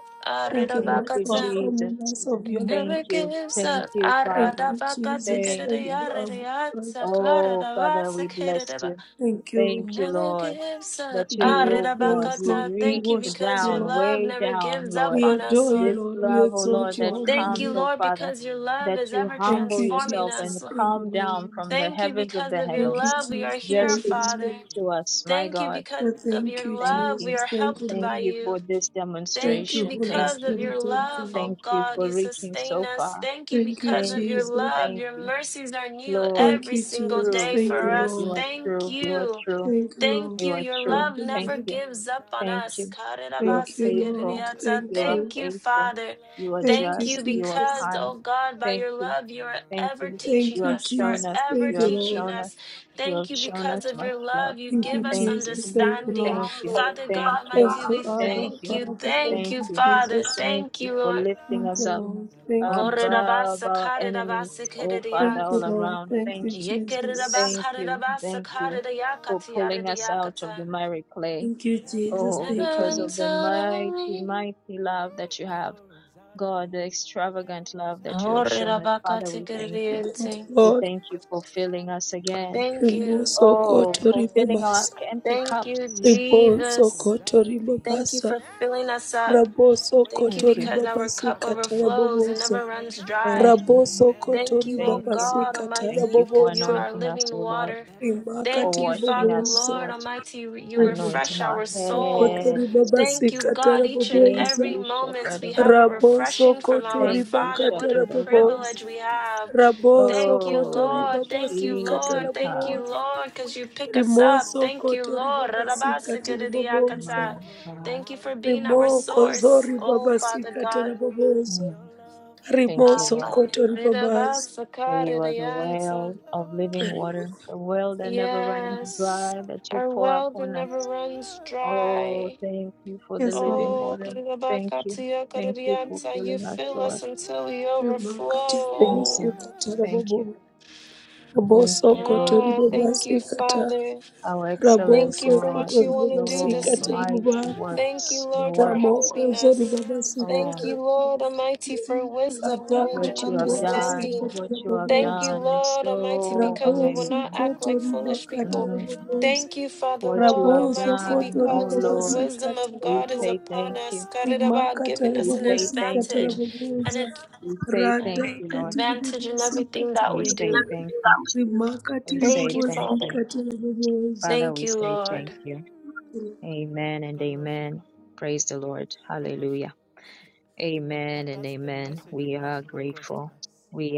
Speaker 2: Thank you,
Speaker 1: Thank
Speaker 2: Lord,
Speaker 1: you,
Speaker 2: for
Speaker 5: Arirabakata.
Speaker 1: Jesus.
Speaker 2: affirming us of
Speaker 5: It
Speaker 2: your
Speaker 1: Thank
Speaker 5: never
Speaker 2: love.
Speaker 1: you.
Speaker 5: gives
Speaker 1: Thank
Speaker 5: up.
Speaker 1: you,
Speaker 2: Thank
Speaker 1: Father.
Speaker 2: you, Jesus.
Speaker 1: Thank
Speaker 2: Thank
Speaker 1: you.
Speaker 2: you, Abba.
Speaker 5: Aradabakatikadabia.
Speaker 2: Father.
Speaker 1: Oh, Father, we bless
Speaker 5: Sakarabasakadabia.
Speaker 1: you.
Speaker 2: Thank you.
Speaker 1: Thank you,
Speaker 5: Never
Speaker 1: Lord,
Speaker 5: gives up.
Speaker 1: that
Speaker 2: We give
Speaker 1: you,
Speaker 5: Ah,
Speaker 2: you
Speaker 1: oh God,
Speaker 2: praise,
Speaker 1: you
Speaker 2: Lord.
Speaker 5: Rirabakata,
Speaker 2: We
Speaker 1: reach
Speaker 5: Thank you
Speaker 2: worship
Speaker 5: because
Speaker 2: you,
Speaker 5: your
Speaker 1: down,
Speaker 2: Lord.
Speaker 5: love
Speaker 1: way
Speaker 5: never
Speaker 1: down,
Speaker 5: gives up
Speaker 1: Lord.
Speaker 2: We
Speaker 5: on
Speaker 6: never
Speaker 5: us,
Speaker 2: adore you,
Speaker 1: This
Speaker 5: Lord.
Speaker 2: Lord. We
Speaker 1: love, oh Lord,
Speaker 2: exalt
Speaker 6: gives
Speaker 2: your
Speaker 1: that
Speaker 6: up,
Speaker 2: holy
Speaker 5: Thank
Speaker 1: comes,
Speaker 5: you,
Speaker 2: name.
Speaker 1: oh
Speaker 5: Lord,
Speaker 1: Father,
Speaker 5: because
Speaker 6: never
Speaker 5: your love
Speaker 1: that
Speaker 5: is
Speaker 6: runs
Speaker 1: you
Speaker 5: ever
Speaker 6: out
Speaker 2: Thank
Speaker 1: humble
Speaker 6: on
Speaker 2: you,
Speaker 6: me.
Speaker 5: transforming
Speaker 1: yourself and
Speaker 5: us.
Speaker 2: Jesus.
Speaker 5: Lord.
Speaker 2: Thank you,
Speaker 1: come down
Speaker 2: Lord.
Speaker 1: from the
Speaker 5: Thank you
Speaker 1: heavens of
Speaker 5: because
Speaker 1: the
Speaker 5: of your
Speaker 6: Your
Speaker 2: Thank you,
Speaker 1: heavens
Speaker 5: love we are
Speaker 2: Jesus.
Speaker 6: love
Speaker 5: here,
Speaker 1: just
Speaker 2: Thank
Speaker 1: to
Speaker 2: you,
Speaker 6: never
Speaker 5: Father.
Speaker 1: speak
Speaker 2: Lord.
Speaker 1: to
Speaker 6: gives
Speaker 1: us,
Speaker 6: up,
Speaker 1: my
Speaker 5: Thank you
Speaker 1: God.
Speaker 5: because
Speaker 2: I
Speaker 5: of
Speaker 6: never
Speaker 2: Thank
Speaker 5: your
Speaker 2: you,
Speaker 6: runs
Speaker 1: Thank
Speaker 6: out on
Speaker 5: love
Speaker 1: you.
Speaker 5: we
Speaker 2: Jesus.
Speaker 5: are
Speaker 6: me.
Speaker 2: Thank you,
Speaker 5: helped
Speaker 1: Thank
Speaker 5: by
Speaker 2: Lord.
Speaker 1: you
Speaker 5: you.
Speaker 1: for this
Speaker 5: Thank
Speaker 2: Thank
Speaker 5: you
Speaker 2: you,
Speaker 1: demonstration.
Speaker 2: Holy
Speaker 1: Thank
Speaker 5: because
Speaker 1: you.
Speaker 5: of
Speaker 2: Spirit
Speaker 6: Your
Speaker 5: your
Speaker 2: of
Speaker 5: love,
Speaker 6: love
Speaker 2: God.
Speaker 5: oh
Speaker 1: Thank you
Speaker 5: God,
Speaker 1: for
Speaker 5: you
Speaker 6: never
Speaker 1: reaching
Speaker 6: gives
Speaker 5: sustain
Speaker 1: so
Speaker 6: up,
Speaker 5: us.
Speaker 1: far.
Speaker 5: Thank you
Speaker 2: Thank you,
Speaker 6: never
Speaker 5: because
Speaker 1: Thank
Speaker 5: of your
Speaker 1: you.
Speaker 2: Jesus.
Speaker 6: runs
Speaker 5: love.
Speaker 1: Thank
Speaker 5: Your
Speaker 6: out
Speaker 1: you.
Speaker 6: on
Speaker 5: mercies
Speaker 6: me.
Speaker 5: are new
Speaker 1: Lord,
Speaker 2: Thank
Speaker 5: every
Speaker 2: you,
Speaker 5: single
Speaker 2: Jesus.
Speaker 1: true,
Speaker 5: day
Speaker 2: Thank
Speaker 5: for
Speaker 2: you,
Speaker 1: true.
Speaker 5: us.
Speaker 1: You
Speaker 2: Lord.
Speaker 6: Your
Speaker 1: are
Speaker 5: Thank
Speaker 1: true.
Speaker 6: love
Speaker 1: You are
Speaker 5: you.
Speaker 1: true.
Speaker 6: never
Speaker 2: Thank you,
Speaker 5: Thank
Speaker 2: Lord.
Speaker 6: gives
Speaker 1: You
Speaker 5: you.
Speaker 1: are
Speaker 6: up,
Speaker 5: Your
Speaker 1: true.
Speaker 2: Thank
Speaker 5: love
Speaker 6: it
Speaker 2: you,
Speaker 1: Thank
Speaker 5: never
Speaker 2: Lord.
Speaker 1: you.
Speaker 6: never
Speaker 5: gives
Speaker 6: runs
Speaker 5: up
Speaker 6: out
Speaker 5: on
Speaker 6: on
Speaker 1: Thank
Speaker 5: us.
Speaker 1: you.
Speaker 6: me.
Speaker 1: You are
Speaker 2: Thank you,
Speaker 1: faithful.
Speaker 2: Lord.
Speaker 5: Karirabasikiririatsa.
Speaker 1: You
Speaker 2: Thank
Speaker 1: are
Speaker 2: you.
Speaker 5: Thank you,
Speaker 6: Your
Speaker 1: faithful.
Speaker 5: Father.
Speaker 1: You are
Speaker 6: love
Speaker 2: Thank
Speaker 5: Thank
Speaker 2: you,
Speaker 1: just.
Speaker 5: you
Speaker 1: You
Speaker 6: never
Speaker 1: are
Speaker 5: because,
Speaker 2: Jesus.
Speaker 1: kind.
Speaker 6: gives
Speaker 5: oh
Speaker 6: up,
Speaker 5: God, by
Speaker 1: Thank
Speaker 5: your
Speaker 1: you.
Speaker 6: never
Speaker 5: love, you are
Speaker 1: Thank
Speaker 6: runs
Speaker 5: ever
Speaker 1: you.
Speaker 6: out
Speaker 1: You
Speaker 2: Thank
Speaker 5: teaching
Speaker 6: on.
Speaker 1: have
Speaker 2: you,
Speaker 5: us,
Speaker 1: shown us.
Speaker 2: Jesus.
Speaker 5: forever
Speaker 1: You
Speaker 2: Thank you,
Speaker 1: have
Speaker 5: teaching
Speaker 2: Lord.
Speaker 1: shown us.
Speaker 5: us.
Speaker 1: You have
Speaker 5: Thank you
Speaker 6: Your
Speaker 1: shown us
Speaker 5: because of
Speaker 1: much
Speaker 5: your
Speaker 6: love
Speaker 1: love.
Speaker 5: love, you
Speaker 2: Thank
Speaker 5: give
Speaker 6: never
Speaker 2: you,
Speaker 5: us
Speaker 1: Thank you.
Speaker 6: gives
Speaker 2: Jesus.
Speaker 6: up,
Speaker 2: Thank you,
Speaker 5: understanding.
Speaker 2: Lord.
Speaker 1: Thank
Speaker 6: it
Speaker 1: you.
Speaker 6: never
Speaker 5: Father
Speaker 6: runs
Speaker 5: God
Speaker 1: Thank
Speaker 6: out
Speaker 1: you.
Speaker 6: on
Speaker 5: Almighty,
Speaker 2: Thank
Speaker 6: me.
Speaker 2: you,
Speaker 5: we
Speaker 1: Thank
Speaker 2: Abba,
Speaker 5: thank
Speaker 1: you.
Speaker 5: you.
Speaker 2: Father. Thank
Speaker 5: Thank
Speaker 1: Thank
Speaker 5: you,
Speaker 2: you,
Speaker 1: you.
Speaker 5: Father.
Speaker 2: Jesus.
Speaker 1: Thank
Speaker 5: Thank
Speaker 1: you
Speaker 5: you,
Speaker 6: Your
Speaker 1: for
Speaker 5: Lord.
Speaker 6: love
Speaker 1: lifting
Speaker 2: Thank
Speaker 1: us
Speaker 2: you,
Speaker 1: up
Speaker 2: Lord.
Speaker 6: never
Speaker 2: Thank you, Jesus.
Speaker 6: gives up,
Speaker 1: above our enemies.
Speaker 6: never
Speaker 1: Oh,
Speaker 6: runs
Speaker 1: Father,
Speaker 2: Thank
Speaker 5: Orirabasakarirabasikiririyant.
Speaker 2: you,
Speaker 1: all
Speaker 6: out on
Speaker 2: Lord.
Speaker 1: around.
Speaker 6: me.
Speaker 2: Thank you,
Speaker 1: Thank you.
Speaker 2: Jesus.
Speaker 1: Thank you. Thank
Speaker 6: Your
Speaker 1: you for
Speaker 6: love
Speaker 1: pulling us
Speaker 6: never
Speaker 1: out of
Speaker 5: Yekirirabakarirabasakaririyakatiyaridiakata.
Speaker 1: the
Speaker 6: gives up,
Speaker 1: miry clay.
Speaker 2: Thank
Speaker 6: it
Speaker 2: you,
Speaker 6: never
Speaker 2: Jesus.
Speaker 5: And
Speaker 6: runs
Speaker 1: Oh,
Speaker 2: Thank
Speaker 6: out
Speaker 2: you,
Speaker 6: on
Speaker 1: because
Speaker 2: Lord.
Speaker 6: me.
Speaker 1: of
Speaker 5: heaven's
Speaker 1: the
Speaker 5: out of
Speaker 1: mighty,
Speaker 5: me.
Speaker 1: mighty love
Speaker 6: It
Speaker 1: that you have.
Speaker 6: never runs out of
Speaker 1: God, the
Speaker 6: me.
Speaker 1: extravagant
Speaker 6: Runs
Speaker 1: love that
Speaker 6: out
Speaker 1: you
Speaker 6: of
Speaker 1: have
Speaker 6: me.
Speaker 1: shown us.
Speaker 6: It
Speaker 1: Father,
Speaker 6: never
Speaker 1: we
Speaker 6: runs
Speaker 1: thank you.
Speaker 6: out of
Speaker 2: Thank
Speaker 6: me.
Speaker 5: Orerabakatikerediente.
Speaker 2: you,
Speaker 1: We
Speaker 2: Lord.
Speaker 1: thank you for filling
Speaker 6: Out of
Speaker 1: us
Speaker 6: me. Even
Speaker 1: again.
Speaker 6: when
Speaker 5: Thank
Speaker 6: those
Speaker 5: you.
Speaker 6: people's
Speaker 2: Riboso
Speaker 6: wives
Speaker 1: Oh,
Speaker 6: run
Speaker 1: for
Speaker 2: kotori
Speaker 6: out on
Speaker 1: filling our
Speaker 6: them.
Speaker 2: babasa.
Speaker 1: empty
Speaker 5: Thank you,
Speaker 1: cups.
Speaker 6: It never
Speaker 2: Riboso
Speaker 5: Jesus.
Speaker 6: runs out of
Speaker 2: kotori
Speaker 6: me.
Speaker 5: Thank you
Speaker 2: babasa.
Speaker 5: for filling us up.
Speaker 2: Raboso
Speaker 6: When
Speaker 5: Thank
Speaker 1: Thank
Speaker 5: you
Speaker 6: best
Speaker 2: kotori
Speaker 1: you.
Speaker 5: because
Speaker 6: friends
Speaker 5: our
Speaker 6: run
Speaker 2: babasi
Speaker 5: cup
Speaker 6: out on you,
Speaker 5: overflows and
Speaker 6: Never
Speaker 2: katarabobosa.
Speaker 5: never
Speaker 6: when you need
Speaker 5: runs
Speaker 6: them the
Speaker 1: Thank
Speaker 5: dry.
Speaker 6: most,
Speaker 1: you.
Speaker 6: it
Speaker 2: Raboso
Speaker 6: never
Speaker 5: Thank
Speaker 6: runs
Speaker 2: kotori
Speaker 5: you, O
Speaker 1: Thank
Speaker 6: out of
Speaker 1: you.
Speaker 6: me.
Speaker 2: babasi
Speaker 5: God
Speaker 1: Thank
Speaker 5: Almighty,
Speaker 1: you for
Speaker 5: because you are
Speaker 2: katarabobosa.
Speaker 5: our
Speaker 1: anointing us,
Speaker 5: living
Speaker 1: oh Lord,
Speaker 6: It
Speaker 5: water.
Speaker 6: never runs
Speaker 2: Imaka
Speaker 1: for
Speaker 5: Thank
Speaker 6: out
Speaker 5: you,
Speaker 6: of me.
Speaker 1: washing
Speaker 5: Father,
Speaker 1: us,
Speaker 2: tiribobosa.
Speaker 5: Lord
Speaker 1: Lord,
Speaker 5: Almighty, you you
Speaker 6: And
Speaker 5: refresh
Speaker 6: it
Speaker 1: anointing our
Speaker 5: our
Speaker 6: will never run
Speaker 5: souls.
Speaker 1: head.
Speaker 2: Sokotori
Speaker 6: out of
Speaker 2: baba
Speaker 6: you.
Speaker 5: Thank you,
Speaker 6: Never,
Speaker 5: God,
Speaker 2: sikatara
Speaker 5: each and
Speaker 1: Thank
Speaker 2: boboza.
Speaker 5: every
Speaker 1: you,
Speaker 5: moment
Speaker 1: Shepherd
Speaker 6: Will
Speaker 5: we
Speaker 1: of us
Speaker 5: have a
Speaker 6: never
Speaker 1: all.
Speaker 2: Rabo
Speaker 6: run out
Speaker 5: refreshing
Speaker 6: of
Speaker 5: from
Speaker 6: you.
Speaker 5: our
Speaker 2: sokotori
Speaker 1: Thank
Speaker 6: Never.
Speaker 1: you,
Speaker 5: Father. What a
Speaker 2: bakatara
Speaker 1: Shepherd, oh God.
Speaker 2: boboza.
Speaker 5: privilege
Speaker 6: It
Speaker 5: we
Speaker 6: sticks
Speaker 5: have.
Speaker 6: in the
Speaker 2: Rabo
Speaker 6: in the
Speaker 5: Thank you,
Speaker 6: most
Speaker 2: sokotori
Speaker 1: Oh,
Speaker 5: Lord.
Speaker 6: important never,
Speaker 2: baba
Speaker 5: Thank you,
Speaker 6: times.
Speaker 1: Jesus,
Speaker 6: Never.
Speaker 5: Lord.
Speaker 2: sikatara
Speaker 5: Thank you,
Speaker 6: It
Speaker 2: boboza.
Speaker 5: Lord,
Speaker 6: sticks
Speaker 5: because
Speaker 6: when
Speaker 5: you
Speaker 6: you need
Speaker 5: pick
Speaker 6: him
Speaker 5: us
Speaker 6: the
Speaker 2: Rimo
Speaker 5: up.
Speaker 6: most.
Speaker 5: Thank you,
Speaker 2: sokotori
Speaker 5: Lord.
Speaker 2: baba sikatara
Speaker 6: Will
Speaker 2: boboza.
Speaker 1: my
Speaker 6: never
Speaker 5: Rarabasikiririyakata.
Speaker 1: God.
Speaker 5: Thank you
Speaker 6: run out
Speaker 5: for
Speaker 6: of
Speaker 5: being
Speaker 6: you.
Speaker 5: our
Speaker 2: Rimo
Speaker 5: source,
Speaker 2: kozori
Speaker 5: oh
Speaker 2: baba
Speaker 5: Father God.
Speaker 2: sikatara boboza.
Speaker 1: Mm.
Speaker 6: never Your love
Speaker 1: Thank
Speaker 2: Rimo
Speaker 1: you,
Speaker 6: never
Speaker 1: Lord,
Speaker 6: gives.
Speaker 2: sokotori babaza.
Speaker 1: that you are the
Speaker 5: Ridavasakaridayanta.
Speaker 1: well of
Speaker 6: out
Speaker 1: living
Speaker 6: on
Speaker 2: Rimo.
Speaker 1: water, the well that never runs
Speaker 6: your
Speaker 5: Yes,
Speaker 1: dry,
Speaker 6: love,
Speaker 1: that you
Speaker 5: our
Speaker 1: pour
Speaker 5: well that
Speaker 1: upon
Speaker 5: never
Speaker 1: us.
Speaker 6: your
Speaker 5: runs
Speaker 6: love.
Speaker 1: Oh,
Speaker 5: dry.
Speaker 1: thank you for the
Speaker 2: Yes,
Speaker 1: living
Speaker 2: Lord.
Speaker 5: Oh,
Speaker 1: water. Thank you. Thank you for
Speaker 6: Mm,
Speaker 5: Ridabakatiyakaridianta, you
Speaker 1: filling us,
Speaker 5: fill
Speaker 6: Your
Speaker 1: Lord.
Speaker 5: us until we
Speaker 6: love,
Speaker 2: Rimo
Speaker 6: your
Speaker 2: bobo
Speaker 1: Thank
Speaker 5: overflow.
Speaker 1: you.
Speaker 2: sikatara
Speaker 6: love
Speaker 1: Thank you.
Speaker 2: bobo. Rabo
Speaker 1: Thank you,
Speaker 6: never
Speaker 1: Lord.
Speaker 2: sokotori
Speaker 5: Ah,
Speaker 6: runs
Speaker 2: baba
Speaker 5: thank
Speaker 6: out.
Speaker 5: you,
Speaker 2: sikatara.
Speaker 5: Father.
Speaker 1: How
Speaker 6: Your
Speaker 1: excellent,
Speaker 5: Thank you
Speaker 2: Raboso
Speaker 5: for
Speaker 1: Lord,
Speaker 6: love,
Speaker 5: what
Speaker 2: kotori
Speaker 5: you
Speaker 1: is
Speaker 5: want to do
Speaker 1: your
Speaker 2: babasika
Speaker 5: this
Speaker 6: your
Speaker 5: week.
Speaker 1: mighty
Speaker 2: tiriboba
Speaker 5: Thank you,
Speaker 1: works,
Speaker 6: love
Speaker 1: your
Speaker 5: Lord, for
Speaker 1: works.
Speaker 2: ramoko
Speaker 5: helping
Speaker 2: zori
Speaker 6: never
Speaker 5: us.
Speaker 6: runs
Speaker 2: babasika
Speaker 5: Thank
Speaker 1: Oh,
Speaker 5: you,
Speaker 6: out.
Speaker 5: Lord
Speaker 2: tiriboba
Speaker 5: Almighty, for wisdom,
Speaker 2: ataka
Speaker 5: knowledge,
Speaker 6: Your
Speaker 5: and
Speaker 1: what you have
Speaker 6: love,
Speaker 1: done,
Speaker 5: understanding.
Speaker 2: tiribobosika
Speaker 1: what you have
Speaker 6: your
Speaker 5: Thank you,
Speaker 2: tiribobozi
Speaker 1: done
Speaker 6: love
Speaker 1: is
Speaker 5: Lord Almighty,
Speaker 1: so
Speaker 5: because we will
Speaker 2: raboso
Speaker 5: not
Speaker 1: amazing.
Speaker 5: act
Speaker 6: never
Speaker 5: like
Speaker 2: kotori
Speaker 5: foolish
Speaker 6: runs
Speaker 2: bakati
Speaker 5: people.
Speaker 1: Mm.
Speaker 6: out on
Speaker 2: ribobozi
Speaker 5: Thank you,
Speaker 6: me.
Speaker 5: Father,
Speaker 1: what you
Speaker 5: Lord
Speaker 1: have
Speaker 2: raboso
Speaker 5: Almighty,
Speaker 6: Your
Speaker 1: done,
Speaker 2: kotori
Speaker 1: oh
Speaker 5: because the
Speaker 6: love,
Speaker 1: Lord.
Speaker 2: babasika
Speaker 5: wisdom of
Speaker 1: We
Speaker 5: God
Speaker 6: your
Speaker 5: is
Speaker 1: say
Speaker 2: tiriboba
Speaker 1: thank
Speaker 5: upon
Speaker 1: you.
Speaker 5: us,
Speaker 6: love
Speaker 5: about
Speaker 2: rimaka
Speaker 5: giving us
Speaker 1: We
Speaker 5: an
Speaker 1: say
Speaker 2: tiribobosika
Speaker 6: never.
Speaker 1: thank
Speaker 5: advantage,
Speaker 1: you.
Speaker 5: an,
Speaker 2: tiriboboza
Speaker 5: ad-
Speaker 1: We say thank
Speaker 5: an
Speaker 1: you,
Speaker 2: radaka
Speaker 1: Lord.
Speaker 5: advantage in
Speaker 2: tiribobosika
Speaker 5: everything that
Speaker 1: We
Speaker 5: we
Speaker 1: say
Speaker 5: do.
Speaker 2: tiriboba
Speaker 1: thank you.
Speaker 2: rimaka
Speaker 1: We
Speaker 5: Thank
Speaker 1: say
Speaker 5: you,
Speaker 1: thank
Speaker 5: Father.
Speaker 1: you.
Speaker 2: tiribobosika tiriboboza.
Speaker 1: Father,
Speaker 5: Thank
Speaker 1: we
Speaker 5: you,
Speaker 1: say
Speaker 5: Lord.
Speaker 1: thank you. Amen and
Speaker 6: God loves you.
Speaker 1: amen. Praise the Lord.
Speaker 6: God loves you.
Speaker 1: Hallelujah.
Speaker 6: I think that,
Speaker 1: Amen
Speaker 6: that
Speaker 1: and
Speaker 6: that's the
Speaker 1: amen.
Speaker 6: message we're
Speaker 1: We are
Speaker 6: passing across
Speaker 1: grateful.
Speaker 6: tonight.
Speaker 1: We are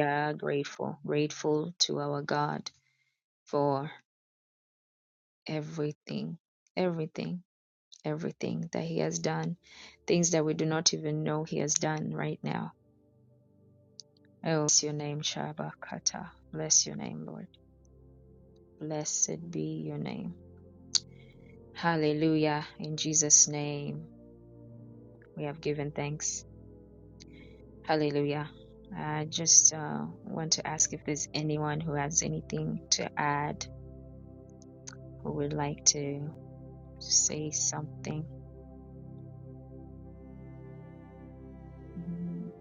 Speaker 1: grateful, grateful to our God for everything, everything, everything that He has done, things that we do not even know He has done right now Oh, bless your name, Shabakata. Bless your name, Lord. Blessed be your name. Hallelujah. In Jesus' name, we have. Hallelujah. I just uh, want to ask if there's anyone who has anything to add who would like to say something. Mhm.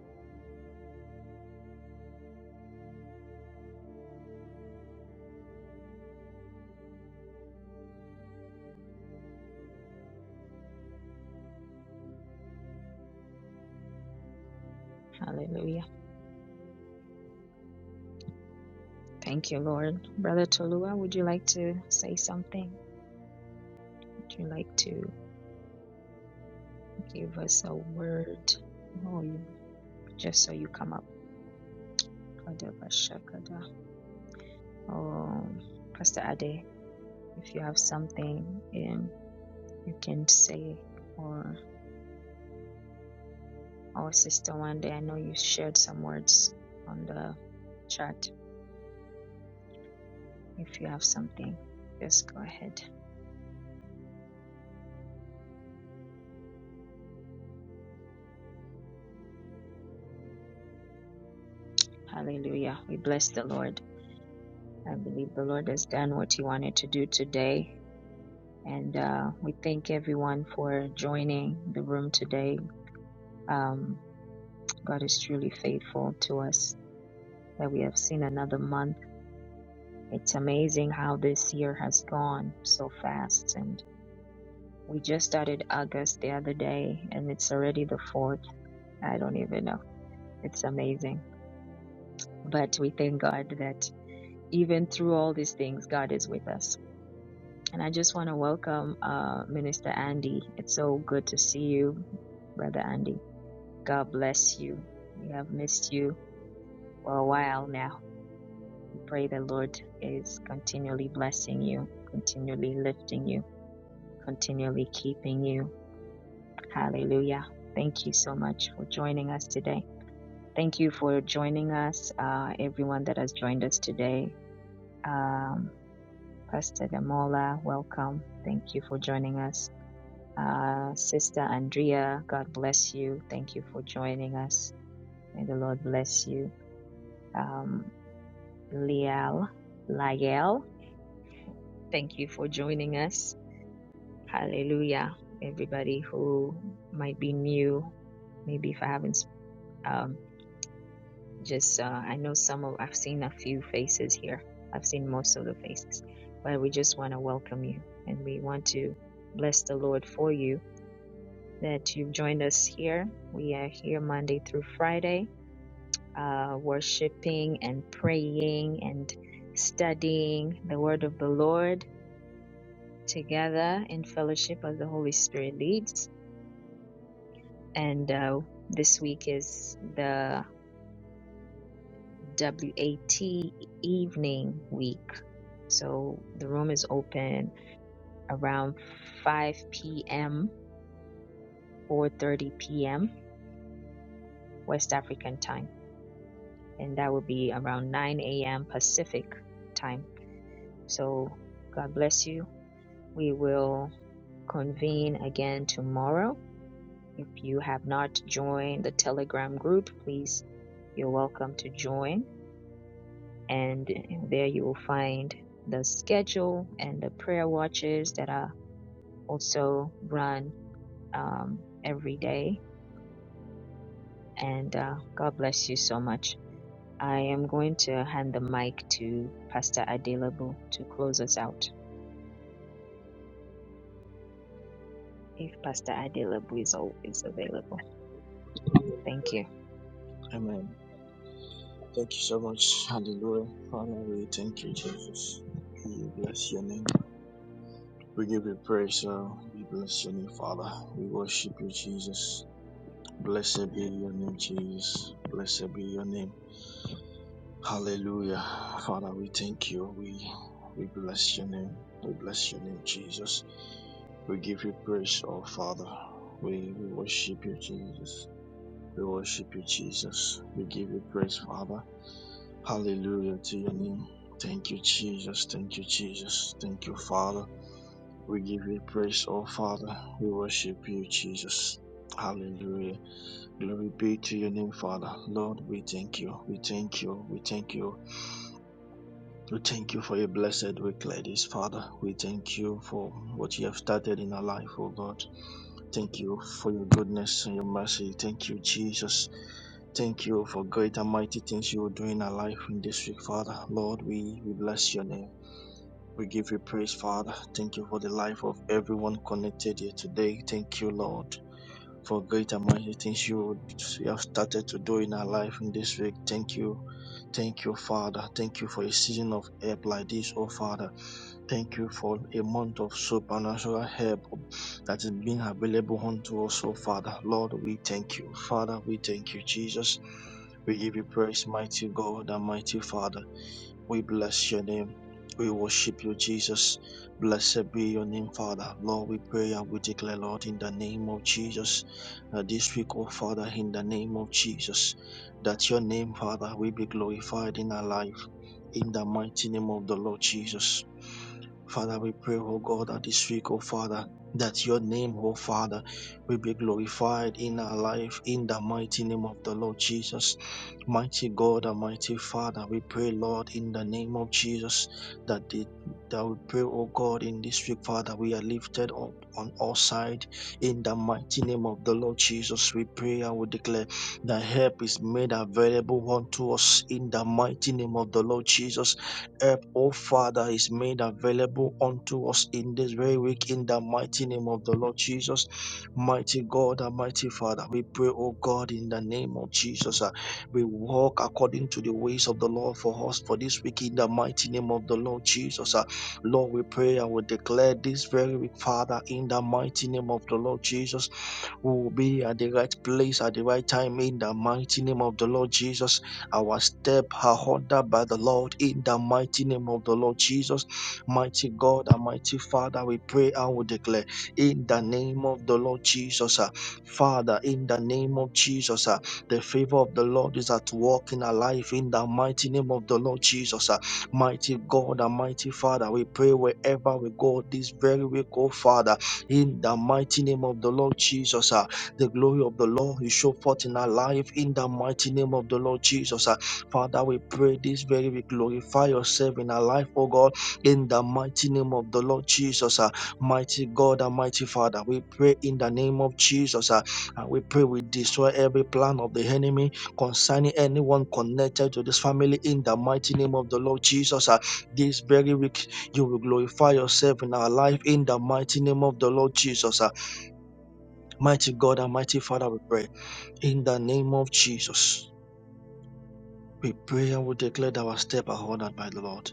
Speaker 1: Hallelujah. Thank you, Lord. Brother Tolua, would you like to say something? Would you like to give us a word? Oh, you, just so you come up. Kadabashakada. Oh, Pastor Ade. If you have something, um, you can say, or our sister one day, I know you shared some words on the chat. If you have something, just go ahead. Hallelujah. We bless the Lord. I believe the Lord is day and we one for Jay, um, God is faithful to us that we have seen in a month. It's on and we did already the fourth. I don't know. It's thing. But we thank God that even through all these things, God is with us And I just want to welcome uh, Minister Andy. It's so good to see you, Brother Andy. God bless you. We have missed you for a while now. We pray the Lord is continually blessing you, continually lifting you, continually keeping you. Hallelujah. Thank you so much for joining us today. Thank you for joining us, uh, everyone that has joined us today. Um, Pastor Damola, welcome. Thank you for joining us. Uh, Sister Andrea, God bless you. Thank you for joining us. May the Lord bless you. Um, Liel, Lael, thank you for joining us. Hallelujah. Everybody who might be new, maybe if I haven't, um, just, uh, I know some of, I've seen a few faces here. I've seen most of the faces, but we just want to welcome you and we want to bless the Lord for you that you've joined us here. We are here Monday through Friday uh, worshiping and praying and studying the word of the Lord together in fellowship as the Holy Spirit leads. And uh, this week is the WAT evening week. So the room is open around 5 p.m., 4.30 p.m. West African time. And that will be around 9 a.m. Pacific time. So God bless you. We will convene again tomorrow. If you have not joined the Telegram group, please, you're welcome to join. And there you will find the schedule and the prayer watches that are also run um, every day. And uh, God bless you so much. I am going to hand the mic to Pastor Adelabu to close us out, if Pastor Adelabu is, al- is available. Thank you.
Speaker 4: Amen. Thank you so much. Hallelujah. Father, we thank you, Jesus. We bless your name. We give you praise, Lord. We bless your name, Father. We worship you, Jesus. Blessed be your name, Jesus. Blessed be your name. Hallelujah. Father, we thank you. We we bless your name. We bless your name, Jesus. We give you praise, oh Father. We, we worship you, Jesus. We worship you, Jesus. We give you praise, Father. Hallelujah to your name. Thank you, Jesus. Thank you, Jesus. Thank you, Father. We give you praise, oh Father. We worship you, Jesus. Hallelujah. Glory be to your name, Father. Lord, we thank you. We thank you. We thank you. We thank you for your blessed week, ladies, Father. We thank you for what you have started in our life, oh God. Thank you for your goodness and your mercy. Thank you, Jesus. Thank you for great and mighty things you will do in our life in this week, Father. Lord, we, we bless your name. We give you praise, Father. Thank you for the life of everyone connected here today. Thank you, Lord, for great and mighty things you you have started to do in our life in this week. Thank you. Thank you, Father. Thank you for a season of help like this, oh Father. Thank you for a month of supernatural help that is being available unto us, oh Father. Lord, we thank you. Father, we thank you, Jesus. We give you praise, mighty God and mighty Father. We bless your name. We worship you, Jesus. Blessed be your name, Father. Lord, we pray and we declare, Lord, in the name of Jesus, uh, this week, oh Father, in the name of Jesus, that your name, Father, will be glorified in our life, in the mighty name of the Lord Jesus. Father, we pray, oh God, that this week, oh Father, that your name, oh Father, will be glorified in our life in the mighty name of the Lord Jesus. Mighty God and mighty Father, we pray, Lord, in the name of Jesus, that the, that we pray, oh God, in this week, Father, we are lifted up on all sides in the mighty name of the Lord Jesus. We pray and we declare that help is made available unto us in the mighty name of the Lord Jesus help, O Father, is made available unto us in this very week in the mighty name of the Lord Jesus. Mighty God and mighty Father, we pray, O God, in the name of Jesus. uh, we walk according to the ways of the Lord for us for this week in the mighty name of the Lord Jesus. uh, Lord, we pray and we declare this very week, Father, in the mighty name of the Lord Jesus we will be at the right place at the right time in the mighty name of the Lord Jesus. Our step are ordered by the Lord in the mighty name of the Lord Jesus. Mighty God and mighty Father, we pray and we declare in the name of the Lord Jesus. ah, Father, in the name of Jesus, ah, the favor of the Lord is at work in our life in the mighty name of the Lord Jesus. ah. Mighty God and mighty Father, we pray wherever we go this very week, oh Father in the mighty name of the Lord Jesus. ah. The glory of the Lord is show forth in our life in the mighty name of the Lord Jesus. ah. Father, we pray this very we glorify yourself in our life, oh God, in the mighty name of the Lord Jesus. ah. Mighty God and mighty Father, we pray in the name of Jesus. ah, And we pray we destroy every plan of the enemy concerning anyone connected to this family in the mighty name of the Lord Jesus. ah. This very week you will glorify yourself in our life in the mighty name of the Lord Jesus. ah. Mighty God and mighty Father, we pray in the name of Jesus. We pray and we declare that our step are honored by the Lord.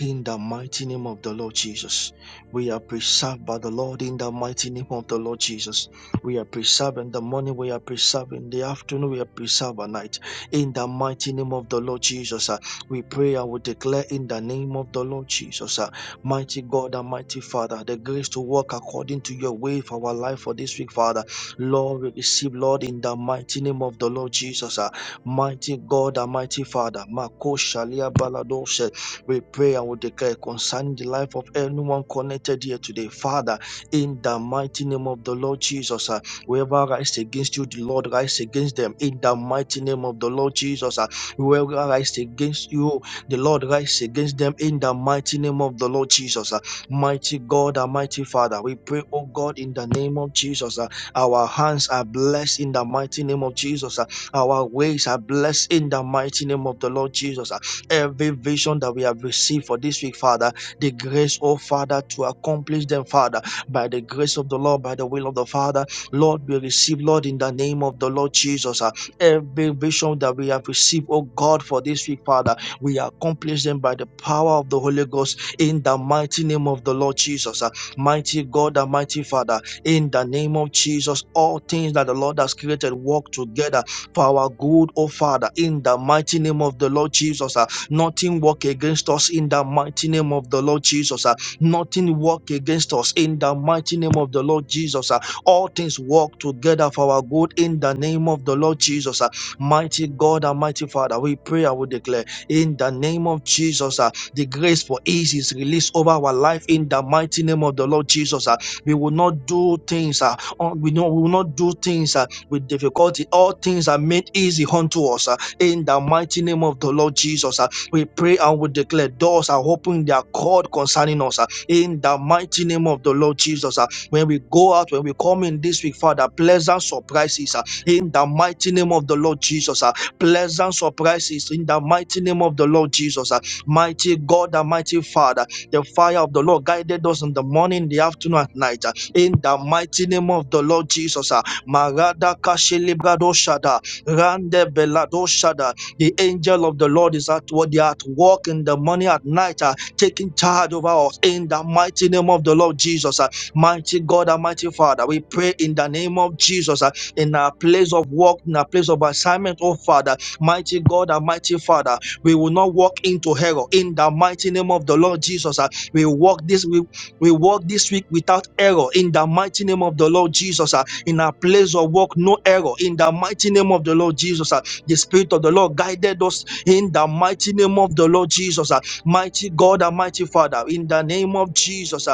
Speaker 4: In the mighty name of the Lord Jesus, we are preserved by the Lord. In the mighty name of the Lord Jesus, we are preserved in the morning, we are preserved in the afternoon, we are preserved at night. In the mighty name of the Lord Jesus, uh, we pray and we declare in the name of the Lord Jesus, uh, mighty God and mighty Father, the grace to walk according to your way for our life for this week, Father. Lord, we receive, Lord, in the mighty name of the Lord Jesus, uh, mighty God and mighty Father. Mako Shalia Balados we pray and we declare concerning the life of anyone connected here today. Father, in the mighty name of the Lord Jesus, uh, whoever rise against you, the Lord rise against them. In the mighty name of the Lord Jesus, uh, whoever rise against you, the Lord rise against them. In the mighty name of the Lord Jesus, uh, mighty God, and mighty Father, we pray, oh God, in the name of Jesus, uh, our hands are blessed in the mighty name of Jesus. uh, our ways are blessed in the mighty name of the Lord Jesus every vision that we have received for this week, Father. The grace, oh Father, to accomplish them, Father, by the grace of the Lord, by the will of the Father. Lord, we receive, Lord, in the name of the Lord Jesus, uh, every vision that we have received, oh God, for this week, Father. We accomplish them by the power of the Holy Ghost in the mighty name of the Lord Jesus. uh, mighty God and mighty Father, in the name of Jesus, all things that the Lord has created work together for our good, oh Father, in the mighty name of the Lord Jesus. uh, Nothing work against us in the mighty name of the Lord Jesus. ah. Nothing work against us in the mighty name of the Lord Jesus. ah. All things work together for our good in the name of the Lord Jesus. ah. Mighty God and mighty Father, we pray and we declare in the name of Jesus. ah, The grace for ease is released over our life in the mighty name of the Lord Jesus. ah. We will not do things, ah, un- we know we will not do things ah, with difficulty. All things are made easy unto us ah, in the mighty name of the Lord Jesus. uh. We pray and we declare doors are open, they are called concerning us uh, in the mighty name of the Lord Jesus. uh, When we go out, when we come in this week, Father, pleasant surprises uh, in the mighty name of the Lord Jesus. uh, Pleasant surprises in the mighty name of the Lord Jesus. uh, Mighty God, and mighty Father, the fire of the Lord guided us in the morning, the afternoon, at night. uh, In the mighty name of the Lord Jesus. uh, Marada Kashilibrado Shada, Rande Belado Shada, the angel of the Lord is at what they are at work in the morning at night, uh, taking charge over us in the mighty name of the Lord Jesus. uh, mighty God, Almighty Father, we pray in the name of Jesus uh, in our place of work, in our place of assignment, oh Father, mighty God, Almighty Father, we will not walk into error in the mighty name of the Lord Jesus. uh, we walk this we, we walk this week without error in the mighty name of the Lord Jesus. uh, in our place of work, no error in the mighty name of the Lord Jesus. uh, the Spirit of the Lord guided us in the mighty name of the Lord Jesus. ah. Mighty God and mighty Father, in the name of Jesus. uh,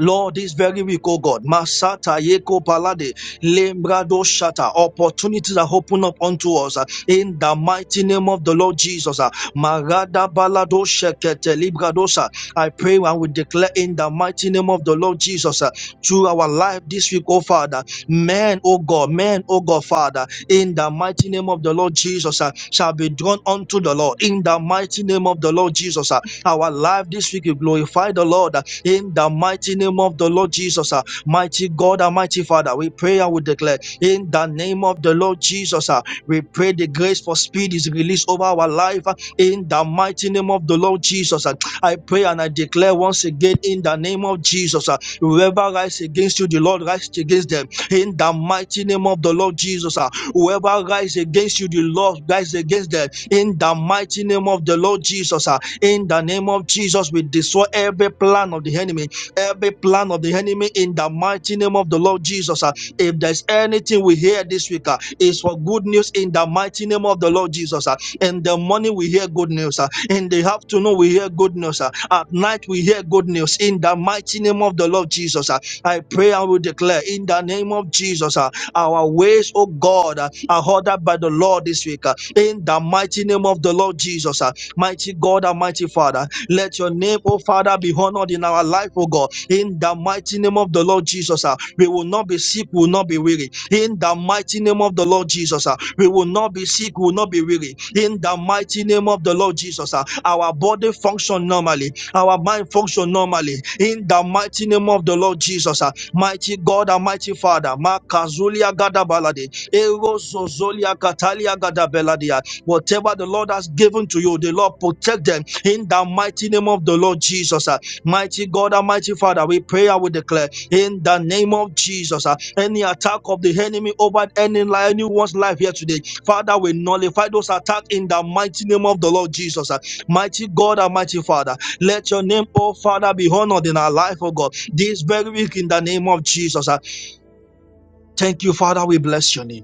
Speaker 4: Lord, this very week, oh God, Masata Yeko Palade, Lembrado Shata, opportunities are open up unto us uh, in the mighty name of the Lord Jesus. uh, Marada Balado Shekete Libradosa. I pray and we declare in the mighty name of the Lord Jesus uh, through our life this week, oh Father, men, oh God, men, oh God, Father, in the mighty name of the Lord Jesus uh, shall be drawn unto the Lord. In the mighty name of the Lord Jesus, uh, our life this week, we glorify the Lord in the mighty name of the Lord Jesus. ah. Mighty God and mighty Father, we pray and we declare in the name of the Lord Jesus. ah, We pray the grace for speed is released over our life ah, in the mighty name of the Lord Jesus. ah. I pray and I declare once again in the name of Jesus. ah, Whoever rises against you, the Lord rises against them in the mighty name of the Lord Jesus. ah. Whoever rises against you, the Lord rises against them in the mighty name of the Lord Jesus. ah. In the name of Jesus, we destroy every plan of the enemy, every plan of the enemy in the mighty name of the Lord Jesus. ah. If there's anything we hear this week, ah, it's for good news in the mighty name of the Lord Jesus. ah. In the morning, we hear good news. ah. In the afternoon, we hear good news. ah. At night, we hear good news in the mighty name of the Lord Jesus. ah. I pray and will declare in the name of Jesus, ah, our ways, oh God, ah, are ordered by the Lord this week. ah. In the mighty name of the Lord Jesus. Ah. Mighty God, Almighty Father, let your name, oh Father, be honored in our life, oh God. In the mighty name of the Lord Jesus, ah, we will not be sick, we will not be weary. In the mighty name of the Lord Jesus, ah, we will not be sick, we will not be weary. In the mighty name of the Lord Jesus, ah, our body function normally, our mind function normally. In the mighty name of the Lord Jesus, ah, mighty God, Almighty Father, Makazulia Gadabalade, Erozozolia Katalia Gadabeladia, Whatever the Lord has given to you, the Lord protect them in the mighty name of the Lord Jesus. ah. Mighty God, Almighty Father, we pray and we declare in the name of Jesus. ah, Any attack of the enemy over any li- anyone's life here today, Father, we nullify those attacks in the mighty name of the Lord Jesus. ah. Mighty God, Almighty Father, let your name, oh Father, be honored in our life, oh God, this very week in the name of Jesus. ah. Thank you, Father. We bless your name.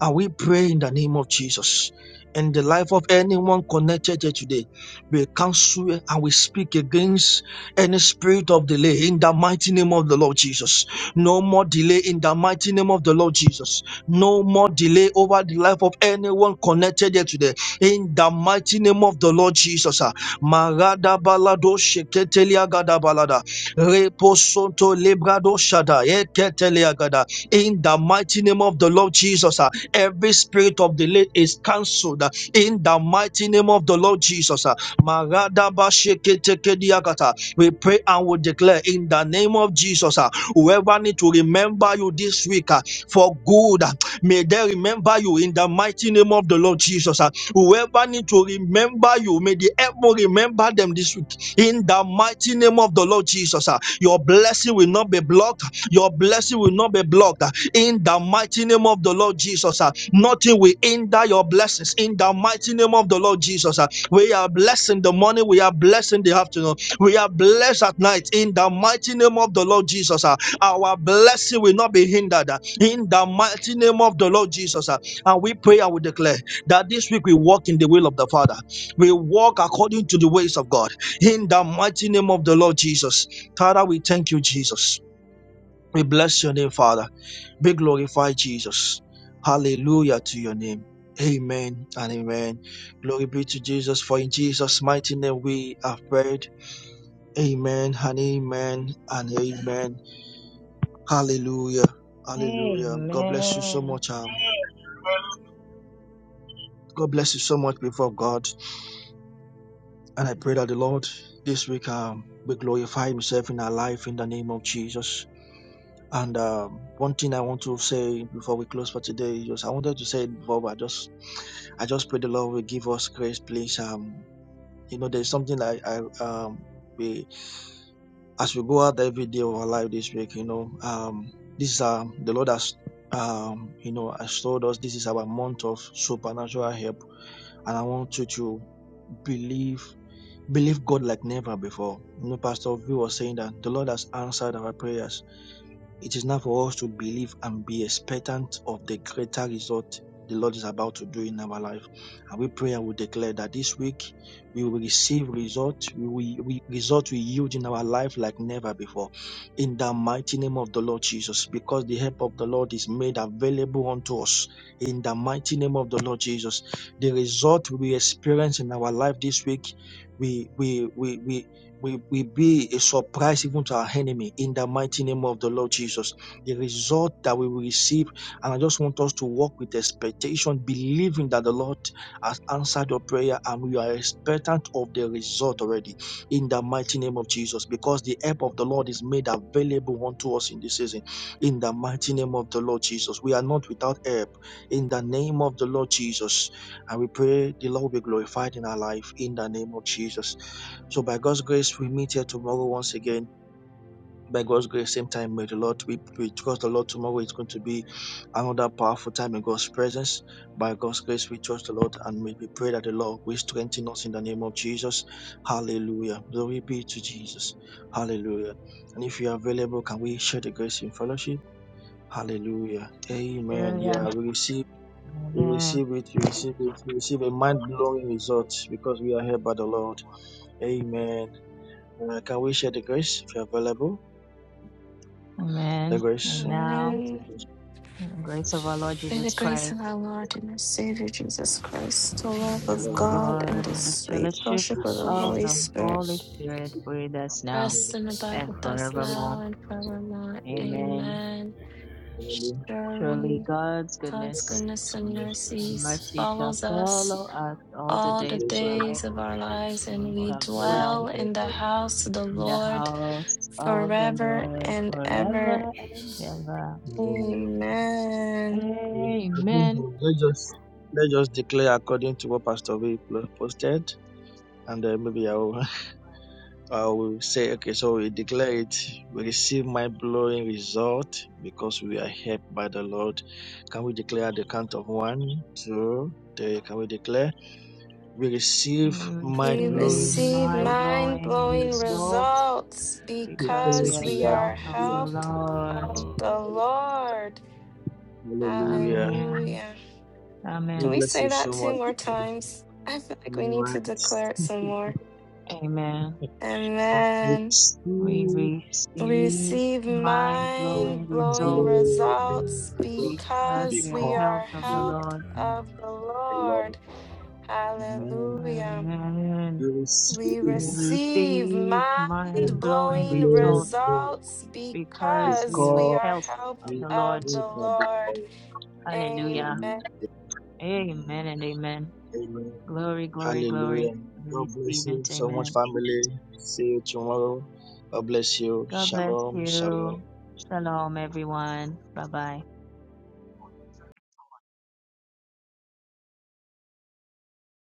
Speaker 4: And we pray in the name of Jesus. In the life of anyone connected here today, we counsel and we speak against any spirit of delay in the mighty name of the Lord Jesus. No more delay in the mighty name of the Lord Jesus. No more delay over the life of anyone connected here today in the mighty name of the Lord Jesus. ah. Marada balado sheketelia gada balada. Reposonto lebrado shada eketelia gada. In the mighty name of the Lord Jesus. Every spirit of delay is cancelled uh, in the mighty name of the Lord Jesus. uh. Maradabasheketekediakata. We pray and we declare in the name of Jesus. uh, Whoever need to remember you this week uh, for good, uh, may they remember you in the mighty name of the Lord Jesus. uh. Whoever need to remember you, may the heaven remember them this week in the mighty name of the Lord Jesus. uh. Your blessing will not be blocked. Your blessing will not be blocked in the mighty name of the Lord Jesus. ah. Nothing will hinder your blessings in the mighty name of the Lord Jesus. ah. We are blessing the morning, we are blessing the afternoon, we are blessed at night in the mighty name of the Lord Jesus. ah. Our blessing will not be hindered ah, in the mighty name of the Lord Jesus. ah. And we pray and we declare that this week we walk in the will of the Father, we walk according to the ways of God in the mighty name of the Lord Jesus. Father, we thank you, Jesus. We bless your name, Father. Be glorified, Jesus. Hallelujah to your name. Amen and amen. Glory be to Jesus, for in Jesus' mighty name we have prayed. Amen and amen and amen. Hallelujah. Hallelujah. God bless you so
Speaker 1: Amen.
Speaker 4: much. Um, God bless you so much before God. And I pray that the Lord this week um, will glorify Himself in our life in the name of Jesus. And um, one thing I want to say before we close for today is just I wanted to say it before, but I just I just pray the Lord will give us grace, please. Um, you know, there's something I, I um we as we go out every day of our life this week, you know, um this is um the Lord has um you know has told us this is our month of supernatural help and I want you to believe believe God like never before. You know, Pastor V was saying that the Lord has answered our prayers it is now for us to believe and be expectant of the greater result the Lord is about to do in our life. And we pray and we declare that this week we will receive result, we will we, result we yield in our life like never before. In the mighty name of the Lord Jesus, because the help of the Lord is made available unto us. In the mighty name of the Lord Jesus, the result we experience in our life this week, we we we we we, we be a surprise even to our enemy in the mighty name of the Lord Jesus. The result that we will receive, and I just want us to walk with expectation, believing that the Lord has answered your prayer, and we are expectant of the result already in the mighty name of Jesus, because the help of the Lord is made available unto us in this season. In the mighty name of the Lord Jesus, we are not without help. In the name of the Lord Jesus, and we pray the Lord will be glorified in our life in the name of Jesus. So by God's grace, we meet here tomorrow once again. By God's grace, same time, may the Lord we with Trust the Lord tomorrow It's going to be another powerful time in God's presence. By God's grace, we trust the Lord and we we pray that the Lord will strengthen us in the name of Jesus. Hallelujah. Glory be to Jesus. Hallelujah. And if you are available, can we share the grace in fellowship? Hallelujah. Amen.
Speaker 1: Hallelujah.
Speaker 4: Yeah, we receive, we
Speaker 1: Amen.
Speaker 4: receive it, we receive it, we receive a mind blowing result because we are here by the Lord. Amen. Uh, can we share the grace if you're available? The
Speaker 1: Amen.
Speaker 4: grace.
Speaker 1: And
Speaker 4: of our
Speaker 1: now,
Speaker 4: Lord
Speaker 5: Amen.
Speaker 4: Jesus
Speaker 1: in the grace of
Speaker 7: Grace
Speaker 1: our
Speaker 7: of Lord
Speaker 1: Lord
Speaker 5: May the
Speaker 1: Jesus
Speaker 7: Jesus
Speaker 5: grace
Speaker 1: Christ,
Speaker 5: of our
Speaker 7: Christ,
Speaker 5: Lord and our Savior Jesus Christ, the
Speaker 1: and the
Speaker 5: love of
Speaker 1: love of
Speaker 7: God,
Speaker 5: God, and
Speaker 1: God,
Speaker 5: the
Speaker 1: and the
Speaker 5: sweet
Speaker 1: fellowship
Speaker 5: fellowship
Speaker 7: and
Speaker 5: of the
Speaker 7: sweet
Speaker 1: of
Speaker 5: Holy
Speaker 7: fellowship
Speaker 1: the
Speaker 7: of the
Speaker 5: Spirit
Speaker 7: Holy
Speaker 1: Holy
Speaker 7: Spirit,
Speaker 1: Spirit be with us now
Speaker 5: Rest and
Speaker 7: rest and
Speaker 5: abide
Speaker 1: and
Speaker 5: with
Speaker 7: abide
Speaker 5: us
Speaker 7: with us
Speaker 1: forevermore.
Speaker 5: now
Speaker 7: now and
Speaker 5: and
Speaker 7: forevermore.
Speaker 5: forevermore.
Speaker 1: Amen.
Speaker 5: Amen.
Speaker 7: Amen.
Speaker 1: Surely
Speaker 5: Surely
Speaker 1: God's
Speaker 5: God's
Speaker 1: goodness
Speaker 7: May
Speaker 5: goodness
Speaker 7: God,
Speaker 5: and
Speaker 4: Christ,
Speaker 1: and
Speaker 7: goodness, and
Speaker 5: mercies
Speaker 7: mercy
Speaker 1: mercy
Speaker 7: shall
Speaker 1: shall
Speaker 5: follows
Speaker 7: follow
Speaker 5: us
Speaker 1: follow
Speaker 7: us
Speaker 1: us all the
Speaker 4: the
Speaker 5: all the
Speaker 1: days of
Speaker 4: peace of
Speaker 1: our
Speaker 4: God,
Speaker 1: life,
Speaker 5: days
Speaker 7: all
Speaker 5: of our
Speaker 7: the days
Speaker 5: lives,
Speaker 1: and
Speaker 7: of
Speaker 5: and
Speaker 1: we
Speaker 7: our
Speaker 5: we
Speaker 1: shall
Speaker 4: and the
Speaker 7: lives,
Speaker 4: Christ,
Speaker 1: dwell
Speaker 5: dwell
Speaker 4: of God,
Speaker 5: in the
Speaker 7: and we dwell
Speaker 5: house
Speaker 7: in
Speaker 5: of the
Speaker 7: the
Speaker 1: in the
Speaker 7: house
Speaker 5: Lord
Speaker 1: house of the
Speaker 5: forever
Speaker 7: of the Lord
Speaker 1: Lord
Speaker 7: forever
Speaker 5: and
Speaker 7: and ever.
Speaker 5: ever.
Speaker 1: forever
Speaker 7: In
Speaker 1: and
Speaker 7: Jesus' name,
Speaker 1: ever.
Speaker 4: and the Holy
Speaker 7: Amen.
Speaker 5: Amen.
Speaker 4: Spirit, the the grace of God, and the Father, and the Holy Spirit. I think
Speaker 1: Amen.
Speaker 4: um, Let's just let's just declare according to what Pastor V pl- posted, and then maybe I will, I will say, okay, so we declare it. We receive mind blowing result because we are helped by the Lord. Can we declare at the count of one, two, three? Can we declare? We receive
Speaker 1: We
Speaker 4: mind
Speaker 5: We
Speaker 7: We
Speaker 1: receive
Speaker 4: blowing
Speaker 5: receive
Speaker 7: receive
Speaker 1: mind
Speaker 4: results.
Speaker 7: my
Speaker 5: mind
Speaker 1: blowing
Speaker 7: blowing
Speaker 5: blowing
Speaker 1: results
Speaker 7: results
Speaker 5: results
Speaker 1: because we
Speaker 4: Things
Speaker 5: because
Speaker 1: are
Speaker 7: because
Speaker 4: we
Speaker 7: we
Speaker 5: we
Speaker 4: are,
Speaker 5: are
Speaker 1: helped
Speaker 7: are
Speaker 1: of
Speaker 4: we
Speaker 1: the
Speaker 4: are
Speaker 7: helped
Speaker 5: helped
Speaker 7: of the
Speaker 4: happening.
Speaker 1: Lord.
Speaker 5: of
Speaker 7: Lord.
Speaker 5: the Lord.
Speaker 4: Hallelujah.
Speaker 1: Amen.
Speaker 5: Hallelujah. Can
Speaker 4: God
Speaker 1: Amen.
Speaker 5: we
Speaker 4: bless
Speaker 5: say
Speaker 4: you
Speaker 5: that
Speaker 4: so
Speaker 5: two
Speaker 4: much.
Speaker 5: more times? I feel like we need
Speaker 4: Alright.
Speaker 5: to declare it some more.
Speaker 1: Amen.
Speaker 4: We
Speaker 5: Amen.
Speaker 1: We
Speaker 4: Receive
Speaker 5: We
Speaker 1: receive
Speaker 5: receive
Speaker 1: mind blowing
Speaker 5: mind blowing
Speaker 1: results
Speaker 4: blowing
Speaker 7: Blowing
Speaker 5: results
Speaker 4: results
Speaker 1: because
Speaker 7: results
Speaker 5: because
Speaker 1: we are
Speaker 5: we
Speaker 4: because
Speaker 5: are
Speaker 1: helped of
Speaker 7: because
Speaker 1: the
Speaker 7: we
Speaker 4: you
Speaker 7: are
Speaker 5: helped
Speaker 1: Lord.
Speaker 4: are moved
Speaker 5: of
Speaker 7: helped
Speaker 5: the
Speaker 4: by the Lord.
Speaker 5: Lord.
Speaker 7: of the Lord.
Speaker 4: Amen.
Speaker 5: Hallelujah.
Speaker 1: Amen.
Speaker 4: You
Speaker 5: We
Speaker 1: We
Speaker 4: receive
Speaker 5: receive
Speaker 1: receive
Speaker 5: mind
Speaker 1: mind blowing
Speaker 5: blowing
Speaker 1: results
Speaker 5: results
Speaker 1: because we
Speaker 5: because
Speaker 1: are
Speaker 5: we
Speaker 4: because
Speaker 5: are
Speaker 1: helped of
Speaker 5: helped
Speaker 4: we are
Speaker 1: the Lord.
Speaker 5: of the
Speaker 4: moved by the
Speaker 5: Lord.
Speaker 4: Lord.
Speaker 1: Hallelujah.
Speaker 5: Amen.
Speaker 4: Hallelujah.
Speaker 1: Amen and amen.
Speaker 4: Amen.
Speaker 1: Glory, glory, glory.
Speaker 4: Hallelujah.
Speaker 1: We
Speaker 4: God bless
Speaker 1: receive
Speaker 4: you
Speaker 1: it.
Speaker 4: so much,
Speaker 1: Amen.
Speaker 4: family. See you tomorrow. God bless you.
Speaker 1: God bless
Speaker 4: Shalom.
Speaker 1: you.
Speaker 4: Shalom.
Speaker 1: Shalom, everyone. Bye bye.